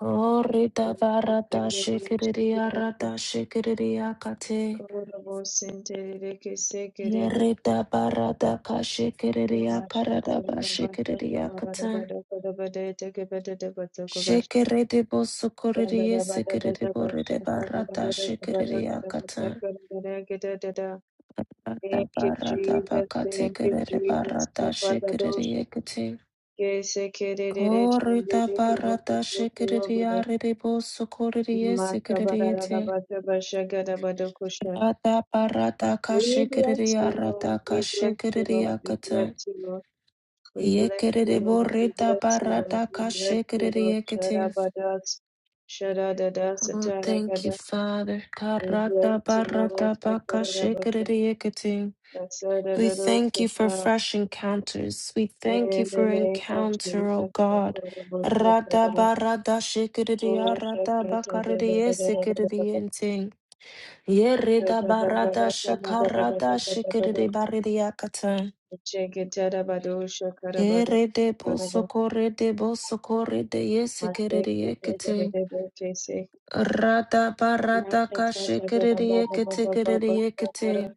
[SPEAKER 3] Orita barata shikiriria rata shikiriria kate.
[SPEAKER 1] Kororobo senterere kesekere bato
[SPEAKER 3] Yerita barata ka shikiriria karada
[SPEAKER 1] bashatara
[SPEAKER 3] ba
[SPEAKER 1] dabata
[SPEAKER 3] shikiriria
[SPEAKER 1] tovarara
[SPEAKER 3] kata.
[SPEAKER 1] badaka dabadete kebedete batoko bash
[SPEAKER 3] Shikiriti bo
[SPEAKER 1] yanda
[SPEAKER 3] sukuriri
[SPEAKER 1] dabata dada
[SPEAKER 3] sikiriti borite
[SPEAKER 1] bashaka
[SPEAKER 3] barata
[SPEAKER 1] dabadada kabadaka
[SPEAKER 3] shikiriria kata.
[SPEAKER 1] dabachaka dabadaka dadada
[SPEAKER 3] Rata
[SPEAKER 1] Thank you,
[SPEAKER 3] barata
[SPEAKER 1] Jesus.
[SPEAKER 3] bakate
[SPEAKER 1] Thank you,
[SPEAKER 3] kiriti
[SPEAKER 1] Jesus.
[SPEAKER 3] barata
[SPEAKER 1] Kapada dosha.
[SPEAKER 3] shikiriria kate.
[SPEAKER 1] Kesekerere
[SPEAKER 3] Korita
[SPEAKER 1] shendere keboko
[SPEAKER 3] barata
[SPEAKER 1] soko robodo.
[SPEAKER 3] shikiriria riti bo sukuriri
[SPEAKER 1] Makabarara
[SPEAKER 3] sikiriti.
[SPEAKER 1] dabata bashaka dabadoko sha.
[SPEAKER 3] Rata parata
[SPEAKER 1] We bless
[SPEAKER 3] kashikiriya
[SPEAKER 1] you, Lord.
[SPEAKER 3] rata
[SPEAKER 1] We bless you, Lord.
[SPEAKER 3] kashikiriya
[SPEAKER 1] We bless
[SPEAKER 3] kata.
[SPEAKER 1] you, Lord. We bless you,
[SPEAKER 3] Yekiriri
[SPEAKER 1] Lord. We
[SPEAKER 3] borita
[SPEAKER 1] bless you, Lord.
[SPEAKER 3] parata
[SPEAKER 1] We bless you, Lord.
[SPEAKER 3] kashikiriya kata.
[SPEAKER 1] Sharabadas. Sharadadas.
[SPEAKER 3] Oh, thank you,
[SPEAKER 1] Ataragada.
[SPEAKER 3] Father.
[SPEAKER 1] We bless
[SPEAKER 3] Karata
[SPEAKER 1] you, Lord.
[SPEAKER 3] parata
[SPEAKER 1] Shakarabasa.
[SPEAKER 3] pakashikiriya kata. We thank you for
[SPEAKER 1] Asadadadoshatara.
[SPEAKER 3] fresh encounters. We thank you
[SPEAKER 1] In the
[SPEAKER 3] for
[SPEAKER 1] name of Jesus,
[SPEAKER 3] encounter, O God. Rata
[SPEAKER 1] Shakarabashakara.
[SPEAKER 3] barata
[SPEAKER 1] Oh,
[SPEAKER 3] shikiriya rata bakariya
[SPEAKER 1] Shakatadadadadadadadada.
[SPEAKER 3] sikiriya Yerida barada shakarada
[SPEAKER 1] Shakatadadadadadadadadada.
[SPEAKER 3] shikiridi baridi yakata.
[SPEAKER 1] Shakarabashakara.
[SPEAKER 3] Yeride bosokorede bosokorede
[SPEAKER 1] Masek,
[SPEAKER 3] yesikiridi
[SPEAKER 1] it
[SPEAKER 3] yekete.
[SPEAKER 1] may chase.
[SPEAKER 3] Rada barada kashikiridi
[SPEAKER 1] Masakatadadadadadada.
[SPEAKER 3] yekete kiridi yekete.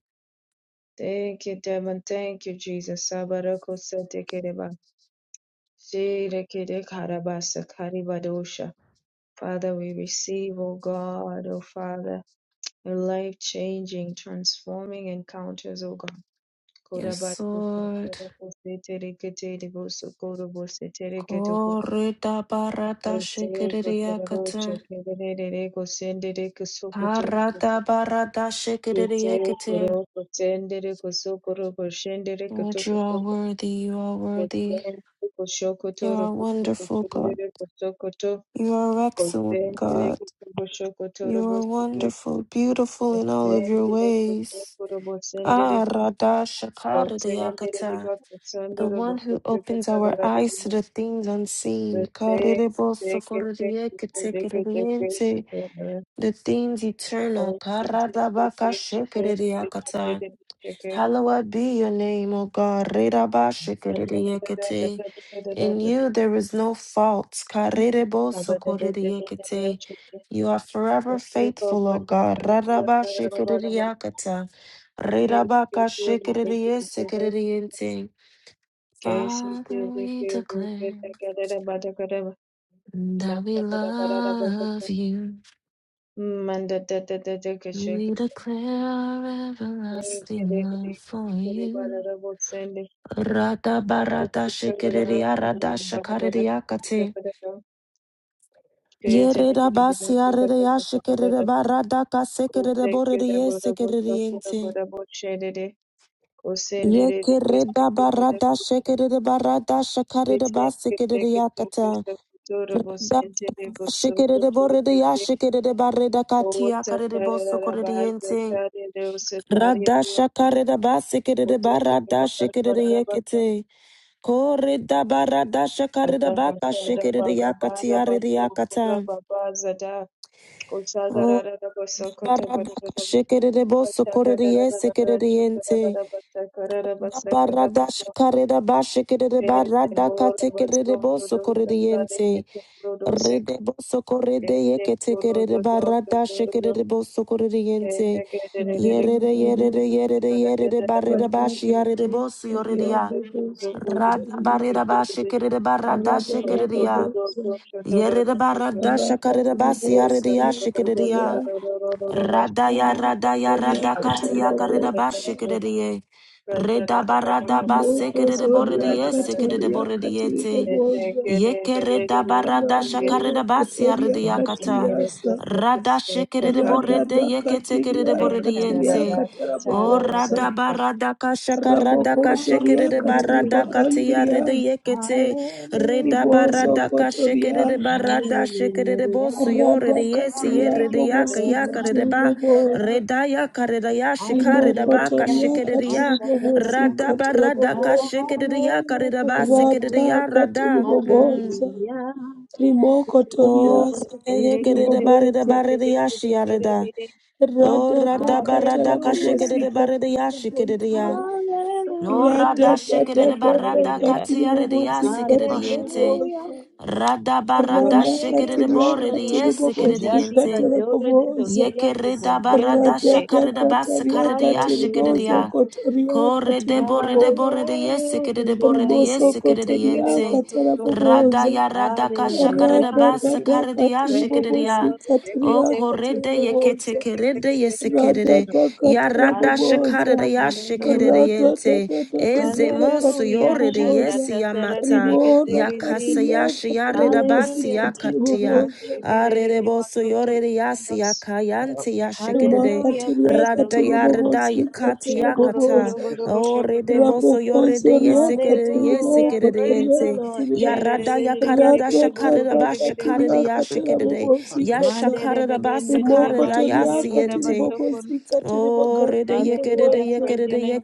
[SPEAKER 1] Thank you, Devon. Thank you, Jesus. Sabaroko setekereba. Shirekere karabasa karibadosha. Father, we receive, O God, O Father, your life-changing, transforming encounters, O God.
[SPEAKER 3] Yes,
[SPEAKER 1] Korabadosha,
[SPEAKER 3] Lord.
[SPEAKER 1] korabadosha, setereketerebosu, korobosha, setereketoko.
[SPEAKER 3] Korida barada
[SPEAKER 1] Eteko,
[SPEAKER 3] shikiridi
[SPEAKER 1] terorosha,
[SPEAKER 3] yakata.
[SPEAKER 1] kererereko, sendereko, sokotoreko.
[SPEAKER 3] Harada barada shikiridi
[SPEAKER 1] Eteko,
[SPEAKER 3] yekete.
[SPEAKER 1] roko, sendereko, sokoroko, shendereko,
[SPEAKER 3] Lord, you
[SPEAKER 1] toko,
[SPEAKER 3] are worthy, you are worthy.
[SPEAKER 1] Kosente koshokoto
[SPEAKER 3] You are
[SPEAKER 1] rokobo
[SPEAKER 3] wonderful, God.
[SPEAKER 1] koshondere kosokoto
[SPEAKER 3] You are excellent,
[SPEAKER 1] kosente
[SPEAKER 3] God.
[SPEAKER 1] koshokoto
[SPEAKER 3] You
[SPEAKER 1] robo
[SPEAKER 3] are
[SPEAKER 1] sendere
[SPEAKER 3] wonderful, beautiful in all of your ways.
[SPEAKER 1] kosoko robo sendere
[SPEAKER 3] Ah, Radha
[SPEAKER 1] kosente
[SPEAKER 3] Shakaridayakata,
[SPEAKER 1] riba kosondo
[SPEAKER 3] the
[SPEAKER 1] robo
[SPEAKER 3] one who
[SPEAKER 1] koshoko
[SPEAKER 3] opens our
[SPEAKER 1] sabara robo
[SPEAKER 3] eyes to
[SPEAKER 1] kose
[SPEAKER 3] the things unseen.
[SPEAKER 1] kose kose kose kose kose
[SPEAKER 3] Kariribosokoridiyeketekeridiente, The things eternal.
[SPEAKER 1] kosente kose kose
[SPEAKER 3] Karadabakashikiridiakata. Hallowed be your name, O God. Rirabashikiridiekete.
[SPEAKER 1] kose
[SPEAKER 3] In you there is no fault.
[SPEAKER 1] kose
[SPEAKER 3] Karirebo-sokoririekete.
[SPEAKER 1] kose
[SPEAKER 3] You are forever
[SPEAKER 1] Thank
[SPEAKER 3] faithful, O God. Rarabashikiririakata. Rirabakashikiririyesikiririente.
[SPEAKER 1] you.
[SPEAKER 3] Father, we declare that we love you. We declare our everlasting love for you. Rata barata shikiriya rata Yereda basia rede yashikerede barada kasekerede borede yesekerede yente. Yekereda barada shekerede barada shakarede
[SPEAKER 1] Kete kete
[SPEAKER 3] basekerede
[SPEAKER 1] kete
[SPEAKER 3] yakata.
[SPEAKER 1] kete kutoro
[SPEAKER 3] Reda
[SPEAKER 1] bosente de
[SPEAKER 3] barada
[SPEAKER 1] boso
[SPEAKER 3] shekerede
[SPEAKER 1] kutoro
[SPEAKER 3] borede
[SPEAKER 1] kete
[SPEAKER 3] yashikerede bareda katia
[SPEAKER 1] owota
[SPEAKER 3] karede
[SPEAKER 1] tarara
[SPEAKER 3] bosokorede
[SPEAKER 1] rabaza
[SPEAKER 3] yente.
[SPEAKER 1] tare de osa tare
[SPEAKER 3] Rada
[SPEAKER 1] kota
[SPEAKER 3] shakarede basekerede
[SPEAKER 1] kota kore
[SPEAKER 3] barada
[SPEAKER 1] bakar
[SPEAKER 3] shekerede
[SPEAKER 1] barara baka
[SPEAKER 3] yekete. Koreda barada shakarede
[SPEAKER 1] bata
[SPEAKER 3] baka
[SPEAKER 1] bata da
[SPEAKER 3] shekerede
[SPEAKER 1] baga
[SPEAKER 3] yakati
[SPEAKER 1] bara
[SPEAKER 3] yarede
[SPEAKER 1] bato kura
[SPEAKER 3] yakata.
[SPEAKER 1] baba zada kota garara da boso kota
[SPEAKER 3] Barada
[SPEAKER 1] bara bara
[SPEAKER 3] shikere boso
[SPEAKER 1] bata garara
[SPEAKER 3] korere
[SPEAKER 1] da da da
[SPEAKER 3] sekere
[SPEAKER 1] chota da da
[SPEAKER 3] yente.
[SPEAKER 1] da bata garara
[SPEAKER 3] Da
[SPEAKER 1] basa garara
[SPEAKER 3] barada
[SPEAKER 1] bata
[SPEAKER 3] shikare da ba shikere
[SPEAKER 1] Kete
[SPEAKER 3] barada
[SPEAKER 1] bora baso
[SPEAKER 3] katekere boso
[SPEAKER 1] dodo
[SPEAKER 3] korere
[SPEAKER 1] sada
[SPEAKER 3] yente.
[SPEAKER 1] kete
[SPEAKER 3] Rede boso
[SPEAKER 1] Thank
[SPEAKER 3] korede yeke tekere barada shikere boso korere yente. Yerere yerere
[SPEAKER 4] Ragadete
[SPEAKER 3] yerere yerere barida bashi yarere boso yoreya.
[SPEAKER 4] Riabobo
[SPEAKER 3] Rada
[SPEAKER 4] Sokotoria
[SPEAKER 3] barida bashi kerere barada
[SPEAKER 4] Radela
[SPEAKER 3] shikere ya.
[SPEAKER 4] Bobosa
[SPEAKER 3] Yerere barada shakare da basi
[SPEAKER 4] Rakatiribos
[SPEAKER 3] yarere ya shikere ya.
[SPEAKER 4] Riakatiria
[SPEAKER 3] Radaya radaya radakatia karida
[SPEAKER 4] Riakatiribobosa
[SPEAKER 3] bashikiriye. Reda barada
[SPEAKER 4] Rimoko
[SPEAKER 3] basikiride
[SPEAKER 4] Zoria
[SPEAKER 3] boridiye sikiride
[SPEAKER 4] Kataria
[SPEAKER 3] boridiyete.
[SPEAKER 4] Katiribobosa
[SPEAKER 3] Yeke reda barada shakarida
[SPEAKER 4] Rambo
[SPEAKER 3] basia
[SPEAKER 4] Kotoria
[SPEAKER 3] ridiakata.
[SPEAKER 4] Katiriasa
[SPEAKER 3] Rada shikiride
[SPEAKER 1] you.
[SPEAKER 3] boride
[SPEAKER 4] Radada
[SPEAKER 3] yeke tekiride
[SPEAKER 4] Katiria
[SPEAKER 3] boridiyente.
[SPEAKER 4] Katiria
[SPEAKER 3] O rada
[SPEAKER 4] Katarabobosa
[SPEAKER 1] Da-da-da-da-da-da-da-da-da.
[SPEAKER 3] barada kashaka rada
[SPEAKER 4] Raboko Zoria
[SPEAKER 3] kashikere
[SPEAKER 1] Hallelujah,
[SPEAKER 3] barada katia rede
[SPEAKER 4] Katiribagandria
[SPEAKER 3] yekete reda
[SPEAKER 4] riboso
[SPEAKER 1] hallelujah,
[SPEAKER 3] barada
[SPEAKER 4] kotoria
[SPEAKER 3] kashikere barada shikere
[SPEAKER 1] hallelujah,
[SPEAKER 3] bosu yore
[SPEAKER 4] rada
[SPEAKER 3] de yesi
[SPEAKER 4] katoria
[SPEAKER 3] yere de
[SPEAKER 1] praise the
[SPEAKER 3] yaka
[SPEAKER 4] bobosi
[SPEAKER 3] yaka
[SPEAKER 1] Lord,
[SPEAKER 3] rede ba
[SPEAKER 4] katiribobozo
[SPEAKER 3] reda yaka reda
[SPEAKER 4] ribo
[SPEAKER 3] yashikare da ba
[SPEAKER 1] hallelujah,
[SPEAKER 4] kotoria
[SPEAKER 3] kashikere ya
[SPEAKER 4] katiribobosi
[SPEAKER 1] Masha-da-da-da.
[SPEAKER 3] rada barada
[SPEAKER 4] katiribobozo
[SPEAKER 3] kashikere yaka reda ba
[SPEAKER 1] hallelujah,
[SPEAKER 3] sikere
[SPEAKER 4] rata
[SPEAKER 3] ya rada. Mm.
[SPEAKER 4] katiribobozo
[SPEAKER 1] hallelujah,
[SPEAKER 4] rimo
[SPEAKER 1] praise the
[SPEAKER 4] kotoria
[SPEAKER 3] Oh,
[SPEAKER 1] Lord,
[SPEAKER 3] yekerede barede
[SPEAKER 4] sakatiribobozo
[SPEAKER 3] barede yashi yarada.
[SPEAKER 1] Erekete-kete-kete-kete-kete-kete.
[SPEAKER 3] Oh,
[SPEAKER 4] rada ta
[SPEAKER 3] rada barada
[SPEAKER 1] hallelujah,
[SPEAKER 4] katarabobosi
[SPEAKER 3] kashikede barede yashi kedede ya.
[SPEAKER 4] katiribobozo
[SPEAKER 3] No
[SPEAKER 1] hallelujah,
[SPEAKER 4] rada
[SPEAKER 3] rada
[SPEAKER 4] da da
[SPEAKER 3] shikere
[SPEAKER 4] ta ta
[SPEAKER 3] barada
[SPEAKER 1] Shakakayada.
[SPEAKER 3] katia redia
[SPEAKER 4] katiribobosi
[SPEAKER 2] Mash.
[SPEAKER 3] sikeriente.
[SPEAKER 1] Hallelujah,
[SPEAKER 4] katiribobozo
[SPEAKER 3] Rada barada
[SPEAKER 4] Rana
[SPEAKER 1] Praise
[SPEAKER 3] shikere
[SPEAKER 1] the
[SPEAKER 4] katiria
[SPEAKER 2] Shit.
[SPEAKER 3] bore
[SPEAKER 1] Lord.
[SPEAKER 3] de
[SPEAKER 4] katiri
[SPEAKER 2] Shit.
[SPEAKER 4] bobosi
[SPEAKER 2] Mash.
[SPEAKER 1] Jadika
[SPEAKER 3] sikeriente.
[SPEAKER 4] katiri
[SPEAKER 1] Dora de
[SPEAKER 4] bobosa.
[SPEAKER 1] Dozia to
[SPEAKER 3] Yekere da barada
[SPEAKER 1] Kosiekete.
[SPEAKER 4] Radata
[SPEAKER 3] shakare da
[SPEAKER 4] kataria
[SPEAKER 3] basakare de
[SPEAKER 4] katiri
[SPEAKER 3] yashikere de
[SPEAKER 4] bozo
[SPEAKER 1] Hallelujah.
[SPEAKER 3] ya.
[SPEAKER 4] kotoria
[SPEAKER 3] Kore de
[SPEAKER 4] katiri
[SPEAKER 3] bore de
[SPEAKER 4] bobosa.
[SPEAKER 3] bore de yesikere de bore de
[SPEAKER 1] Hallelujah.
[SPEAKER 4] Riboso
[SPEAKER 1] Shake it,
[SPEAKER 3] yesikere de
[SPEAKER 1] take it
[SPEAKER 4] kotoria
[SPEAKER 3] yente.
[SPEAKER 4] katara
[SPEAKER 1] to
[SPEAKER 3] Rada
[SPEAKER 4] bobosa.
[SPEAKER 3] ya rada kashakare da
[SPEAKER 1] Hallelujah.
[SPEAKER 4] Radata
[SPEAKER 3] basakare de
[SPEAKER 4] katiri
[SPEAKER 1] Praise
[SPEAKER 3] yashikere de
[SPEAKER 1] the
[SPEAKER 3] ya.
[SPEAKER 4] bobosi
[SPEAKER 1] Lord. Shake it
[SPEAKER 3] O
[SPEAKER 4] katiria
[SPEAKER 1] take it
[SPEAKER 3] kore
[SPEAKER 1] to
[SPEAKER 4] katiri bobosa
[SPEAKER 3] de kerede yesekerede. Yarada
[SPEAKER 4] radadakatarabobosa
[SPEAKER 3] shekarede
[SPEAKER 1] Hallelujah.
[SPEAKER 3] yashekerede
[SPEAKER 1] Hallelujah.
[SPEAKER 3] yente. Eze mosu
[SPEAKER 1] Hallelujah.
[SPEAKER 3] yorede
[SPEAKER 1] Shada da
[SPEAKER 3] yesi
[SPEAKER 4] radadadadadadakatarabobosa
[SPEAKER 1] da da da da da
[SPEAKER 3] yamata.
[SPEAKER 1] da da
[SPEAKER 3] Yakasa yashi yarida basi
[SPEAKER 1] Hallelujah. Praise the
[SPEAKER 3] yakatia.
[SPEAKER 1] Lord.
[SPEAKER 4] rimorakatiriakatarabobosikatiribobosa
[SPEAKER 1] Shake it it
[SPEAKER 3] Arede
[SPEAKER 1] it was
[SPEAKER 3] bosu yorede yasi
[SPEAKER 1] to
[SPEAKER 3] yakayante yashekerede.
[SPEAKER 1] Hallelujah, praise the
[SPEAKER 3] Rada
[SPEAKER 1] Lord.
[SPEAKER 3] yarada yakati yakata.
[SPEAKER 1] Shakorogodogodogo
[SPEAKER 3] Orede
[SPEAKER 1] shokoto.
[SPEAKER 3] bosu yorede yesekerede
[SPEAKER 1] Hallelujah,
[SPEAKER 3] yesekerede
[SPEAKER 1] praise the
[SPEAKER 3] yente.
[SPEAKER 1] Lord.
[SPEAKER 4] rimakatiriakatiribobosikatiribobosa
[SPEAKER 3] Yarada yakarada shakarada
[SPEAKER 1] Shededededegedegedebodogo shekede.
[SPEAKER 3] bashakarada
[SPEAKER 4] rabofosoriakatirimokotoriakatiria radadadakatiriakatarabobosikata
[SPEAKER 1] Mandedededendedede
[SPEAKER 3] Yashakaradabasakaradayasiente.
[SPEAKER 1] mashandegedebasokon.
[SPEAKER 3] Oh,
[SPEAKER 1] Hallelujah,
[SPEAKER 4] rimokotoriakatiribobosikatiribogandiribobonzo
[SPEAKER 1] praise your name.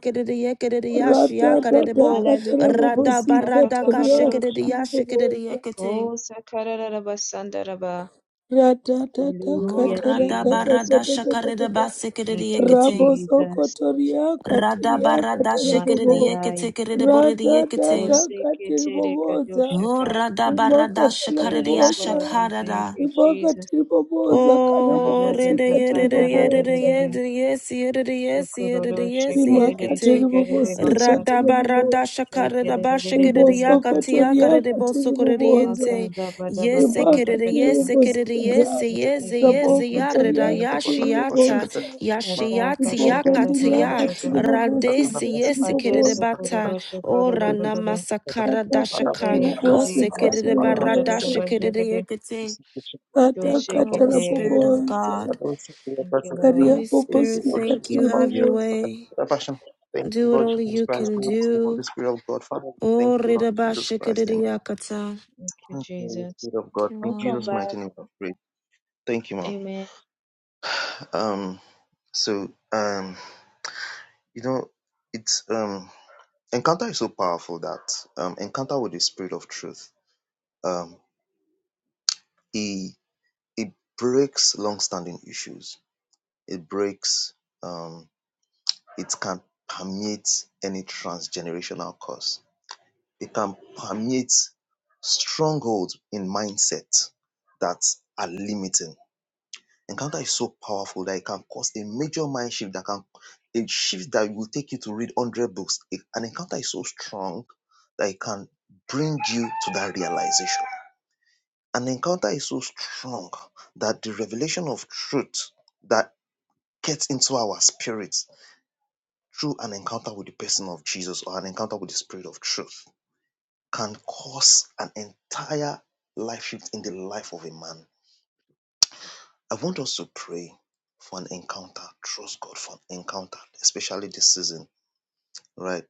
[SPEAKER 4] Rata tata katara
[SPEAKER 1] Hallelujah.
[SPEAKER 4] bobosi kataria
[SPEAKER 1] Shatakabarodosha.
[SPEAKER 4] katiri bobosa.
[SPEAKER 3] yekete
[SPEAKER 1] Oh, sakararabasandaraba.
[SPEAKER 4] Rata tata
[SPEAKER 3] Oh,
[SPEAKER 1] Hallelujah,
[SPEAKER 4] katara tata
[SPEAKER 1] Jesus.
[SPEAKER 3] radabarada
[SPEAKER 4] tata tata tata.
[SPEAKER 3] shakaredabasekerede
[SPEAKER 1] Thank you,
[SPEAKER 3] yekete
[SPEAKER 4] Raboso
[SPEAKER 1] Jesus.
[SPEAKER 4] kotoria katiria
[SPEAKER 3] Radabarada
[SPEAKER 4] katara
[SPEAKER 3] shekerede
[SPEAKER 4] bobo.
[SPEAKER 3] yekete
[SPEAKER 1] Mataraya.
[SPEAKER 3] radabaradashakaredabasekedeyekete.
[SPEAKER 4] Rata
[SPEAKER 3] yekete
[SPEAKER 1] Oh,
[SPEAKER 4] tata katiri bobosa.
[SPEAKER 3] Oh,
[SPEAKER 1] seketerekadoshakaya.
[SPEAKER 4] Rimo katara
[SPEAKER 1] Gracious
[SPEAKER 4] bobosa.
[SPEAKER 1] Lord, we
[SPEAKER 3] radabaradashakaredeyashakarada.
[SPEAKER 1] thank you,
[SPEAKER 4] Rimo
[SPEAKER 1] Jesus.
[SPEAKER 4] katiri bobosa katara
[SPEAKER 3] Oh, da
[SPEAKER 4] bobosi
[SPEAKER 1] Ajada
[SPEAKER 3] da ya da
[SPEAKER 4] katiri
[SPEAKER 3] da
[SPEAKER 1] kasata
[SPEAKER 3] ya da da
[SPEAKER 4] bobosa.
[SPEAKER 3] ya
[SPEAKER 1] rabedede.
[SPEAKER 3] da yes ya da da yes ya da da
[SPEAKER 1] Sokororo
[SPEAKER 3] yes
[SPEAKER 4] Rimo
[SPEAKER 3] ya
[SPEAKER 1] shekerede
[SPEAKER 4] katiri
[SPEAKER 3] kate.
[SPEAKER 1] shekerede
[SPEAKER 4] bobosi
[SPEAKER 1] baksa.
[SPEAKER 3] Rada
[SPEAKER 4] katara
[SPEAKER 3] ba rada
[SPEAKER 4] bobosa.
[SPEAKER 3] shakara da ba shake da da
[SPEAKER 1] Shekerede
[SPEAKER 3] yaka tiaka
[SPEAKER 1] bakasaka.
[SPEAKER 3] da
[SPEAKER 4] ribosokotoria
[SPEAKER 3] da boso
[SPEAKER 4] katiri
[SPEAKER 3] kore da
[SPEAKER 4] boboza
[SPEAKER 3] yente.
[SPEAKER 1] Makada bada
[SPEAKER 3] Yes
[SPEAKER 1] bata
[SPEAKER 3] e
[SPEAKER 4] riba
[SPEAKER 1] bata
[SPEAKER 3] kere da
[SPEAKER 4] katiri
[SPEAKER 1] kasaka.
[SPEAKER 3] yes e kere da yes e
[SPEAKER 4] bobosikata
[SPEAKER 3] yes e
[SPEAKER 1] Eke
[SPEAKER 3] yes e
[SPEAKER 1] jeke
[SPEAKER 3] ya da da
[SPEAKER 4] rabokotoria
[SPEAKER 1] seke.
[SPEAKER 3] ya
[SPEAKER 4] katiri
[SPEAKER 3] shiata
[SPEAKER 4] boboza
[SPEAKER 3] ya
[SPEAKER 1] Tata
[SPEAKER 2] Mash.
[SPEAKER 3] shiati
[SPEAKER 1] kata
[SPEAKER 3] ya
[SPEAKER 1] dada
[SPEAKER 4] ribokondiria
[SPEAKER 1] daba
[SPEAKER 3] katia
[SPEAKER 4] katiri
[SPEAKER 1] shaka.
[SPEAKER 4] bobosi
[SPEAKER 3] radesi
[SPEAKER 4] katiri
[SPEAKER 3] yes e
[SPEAKER 1] Ade
[SPEAKER 3] kere da
[SPEAKER 4] boboza
[SPEAKER 1] sokora
[SPEAKER 3] bata. Oh
[SPEAKER 1] bashakora bada
[SPEAKER 3] rana
[SPEAKER 1] bada.
[SPEAKER 3] masakara
[SPEAKER 4] kata
[SPEAKER 3] da
[SPEAKER 4] katiri
[SPEAKER 3] shaka.
[SPEAKER 1] Thank you,
[SPEAKER 3] Oh
[SPEAKER 4] bobosi
[SPEAKER 3] se kere
[SPEAKER 1] Jesus.
[SPEAKER 3] da
[SPEAKER 4] katiri
[SPEAKER 3] ba
[SPEAKER 1] Sakabada
[SPEAKER 3] rada
[SPEAKER 1] dada
[SPEAKER 4] boboza
[SPEAKER 3] shake da da
[SPEAKER 1] bashakade.
[SPEAKER 3] yakate.
[SPEAKER 4] kata
[SPEAKER 3] Thank you,
[SPEAKER 2] Papa
[SPEAKER 3] Holy
[SPEAKER 4] katara
[SPEAKER 1] Yoshekede.
[SPEAKER 3] Spirit
[SPEAKER 2] Pashapuddin,
[SPEAKER 3] of
[SPEAKER 4] boboza
[SPEAKER 3] God.
[SPEAKER 2] Adolescent,
[SPEAKER 1] Thank you,
[SPEAKER 2] Passapism,
[SPEAKER 4] karia
[SPEAKER 3] Holy
[SPEAKER 1] Lord.
[SPEAKER 2] Thank you,
[SPEAKER 3] Spirit,
[SPEAKER 4] bobosi
[SPEAKER 2] Lord
[SPEAKER 3] thank
[SPEAKER 2] Jesus.
[SPEAKER 3] you.
[SPEAKER 4] katiri
[SPEAKER 3] Have your
[SPEAKER 4] boboza
[SPEAKER 3] way.
[SPEAKER 2] Passion, Thank you,
[SPEAKER 3] Do what
[SPEAKER 2] Lord
[SPEAKER 3] only
[SPEAKER 2] Jesus
[SPEAKER 3] you
[SPEAKER 2] Christ.
[SPEAKER 3] can
[SPEAKER 2] Glory to the
[SPEAKER 3] do.
[SPEAKER 2] Holy Spirit of God. Father, we thank
[SPEAKER 3] Oh,
[SPEAKER 2] you, Lord Jesus Christ. Amen.
[SPEAKER 3] ridabashikiridiakata. Thank
[SPEAKER 1] Thank you,
[SPEAKER 2] Thank you, Holy
[SPEAKER 1] Jesus.
[SPEAKER 2] Spirit of God.
[SPEAKER 3] you,
[SPEAKER 2] In
[SPEAKER 1] Welcome
[SPEAKER 2] Jesus'
[SPEAKER 3] Lord.
[SPEAKER 1] back.
[SPEAKER 2] mighty name, I pray. Thank you, Mom.
[SPEAKER 1] Amen.
[SPEAKER 2] Um, so, um, you know, it's um, encounter is so powerful that um, encounter with the Spirit of Truth, um, it it breaks long-standing issues. It breaks. um. it can permeate any transgenerational curse. It can permeate strongholds in mindset that are limiting. Encounter is so powerful that it can cause a major mind shift that can a shift that will take you to read 100 books. It- An encounter is so strong that it can bring you to that realization. An encounter is so strong that the revelation of truth that gets into our spirit through an encounter with the person of Jesus or an encounter with the spirit of truth can cause an entire life shift in the life of a man. I want us to pray for an encounter, trust God for an encounter, especially this season, right?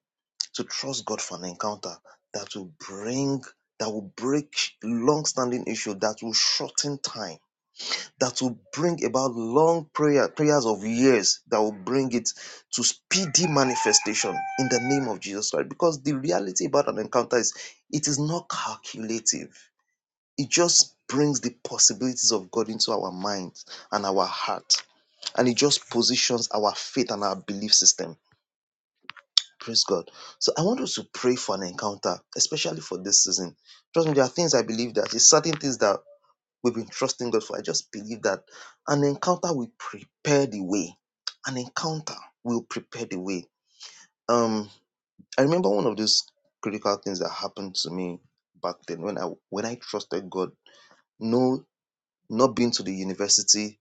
[SPEAKER 2] To trust God for an encounter that will bring, that will break long standing issue, that will shorten time that will bring about long prayer, prayers of years that will bring it to speedy manifestation in the name of Jesus Christ. Because the reality about an encounter is it is not calculative. It just brings the possibilities of God into our minds and our heart. And it just positions our faith and our belief system. Praise God. So I want us to pray for an encounter, especially for this season. Trust me, there are things I believe that it's certain things that We've been trusting God for. I just believe that an encounter will prepare the way. An encounter will prepare the way. Um, I remember one of those critical things that happened to me back then when I when I trusted God. No, not being to the university,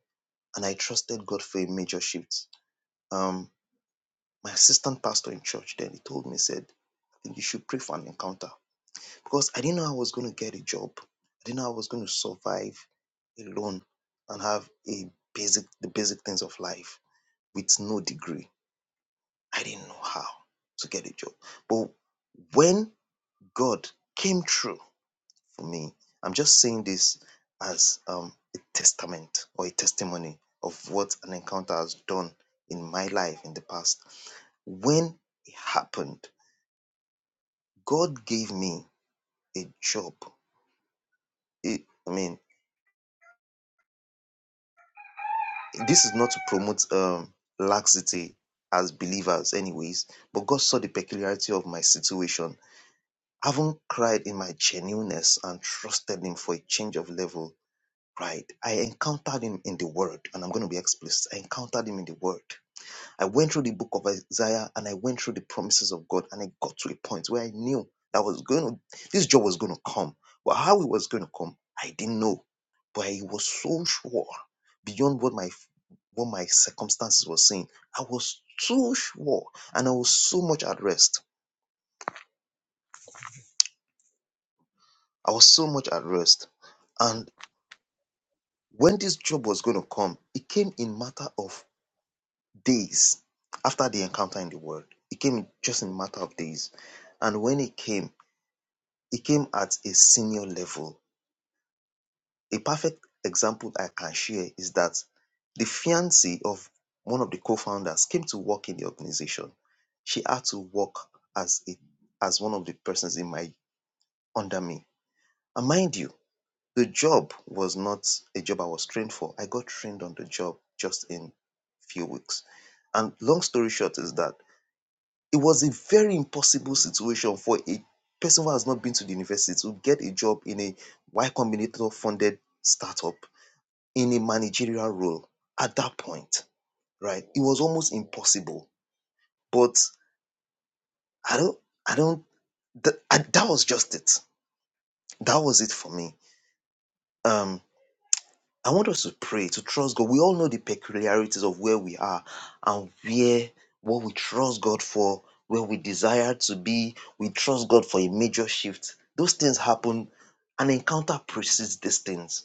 [SPEAKER 2] and I trusted God for a major shift. Um, my assistant pastor in church then he told me said, "I think you should pray for an encounter." because I didn't know I was going to get a job. I didn't know I was going to survive alone and have a basic the basic things of life with no degree. I didn't know how to get a job. But when God came through for me, I'm just saying this as um, a testament or a testimony of what an encounter has done in my life in the past. When it happened, God gave me a job. It- I mean, This is not to promote um, laxity as believers, anyways, but God saw the peculiarity of my situation. Having cried in my genuineness and trusted Him for a change of level, Right? I encountered Him in the Word, and I'm going to be explicit. I encountered Him in the Word. I went through the book of Isaiah and I went through the promises of God and I got to a point where I knew that was going to, this job was going to come. But how it was going to come, I didn't know. But I was so sure beyond what my what my circumstances were saying. I was so sure and I was so much at rest. I was so much at rest. And when this job was going to come, it came in matter of days after the encounter in the world. It came in just in matter of days. And when it came, He came at a senior level. A perfect example I can share is that the fiancée of one of the co-founders came to work in the organization. She had to work as a as one of the persons in my under me. And mind you, the job was not a job I was trained for. I got trained on the job just in few weeks. And long story short is that It was a very impossible situation for a person who has not been to the university to get a job in a Y Combinator funded startup in a managerial role at that point, right? It was almost impossible. But I don't, I don't, that, I, that was just it. That was it for me. Um, I want us to pray to trust God. We all know the peculiarities of where we are and where what we trust God for, where we desire to be. We trust God for a major shift. Those things happen. An encounter precedes these things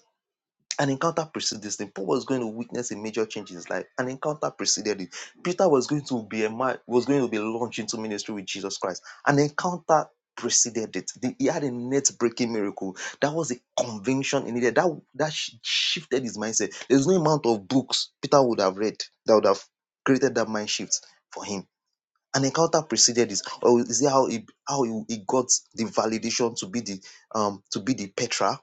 [SPEAKER 2] an encounter precedes him. Paul was going to witness a major change in his life. An encounter preceded it. Peter was going to be a man, was going to be launched into ministry with Jesus Christ. An encounter preceded it. The- he had a net breaking miracle. That was a conviction in needed. That that shifted his mindset. There's no amount of books Peter would have read that would have created that mind shift for him. An encounter preceded this, or is it how he how he, he got the validation to be the um to be the Petra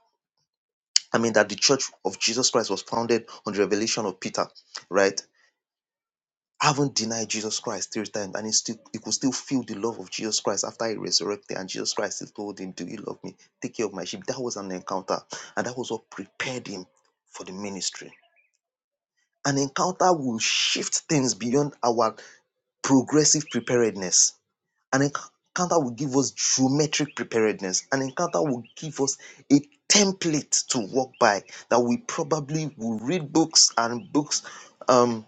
[SPEAKER 2] I mean, that the church of Jesus Christ was founded on the revelation of Peter, right? Haven't denied Jesus Christ three times, and he still he could still feel the love of Jesus Christ after he resurrected, and Jesus Christ still told him, Do you love me? Take care of my sheep. That was an encounter, and that was what prepared him for the ministry. An encounter will shift things beyond our progressive preparedness an encounter will give us geometric preparedness. An encounter will give us a template to walk by that we probably will read books and books um,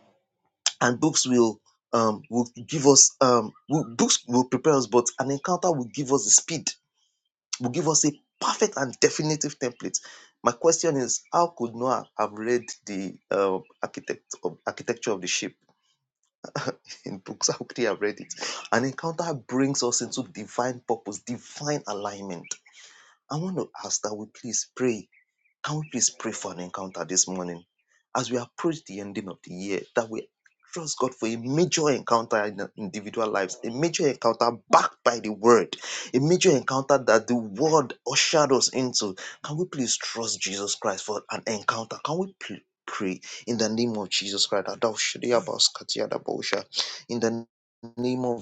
[SPEAKER 2] and books will um, will give us um, will, books will prepare us, but an encounter will give us the speed, will give us a perfect and definitive template. My question is, how could Noah have read the uh, architect of, architecture of the ship? in books. *laughs* I already have read it. An encounter brings us into divine purpose, divine alignment. I want to ask that we please pray can we please pray for an encounter this morning as we approach the ending of the year that we trust God for a major encounter in our individual lives, a major encounter backed by the word, a major encounter that the word ushered us into? Can we please trust Jesus Christ for an encounter? Can we pl- pray in the name of Jesus Christ? Adoshiriabaskatiadabosha. In the name of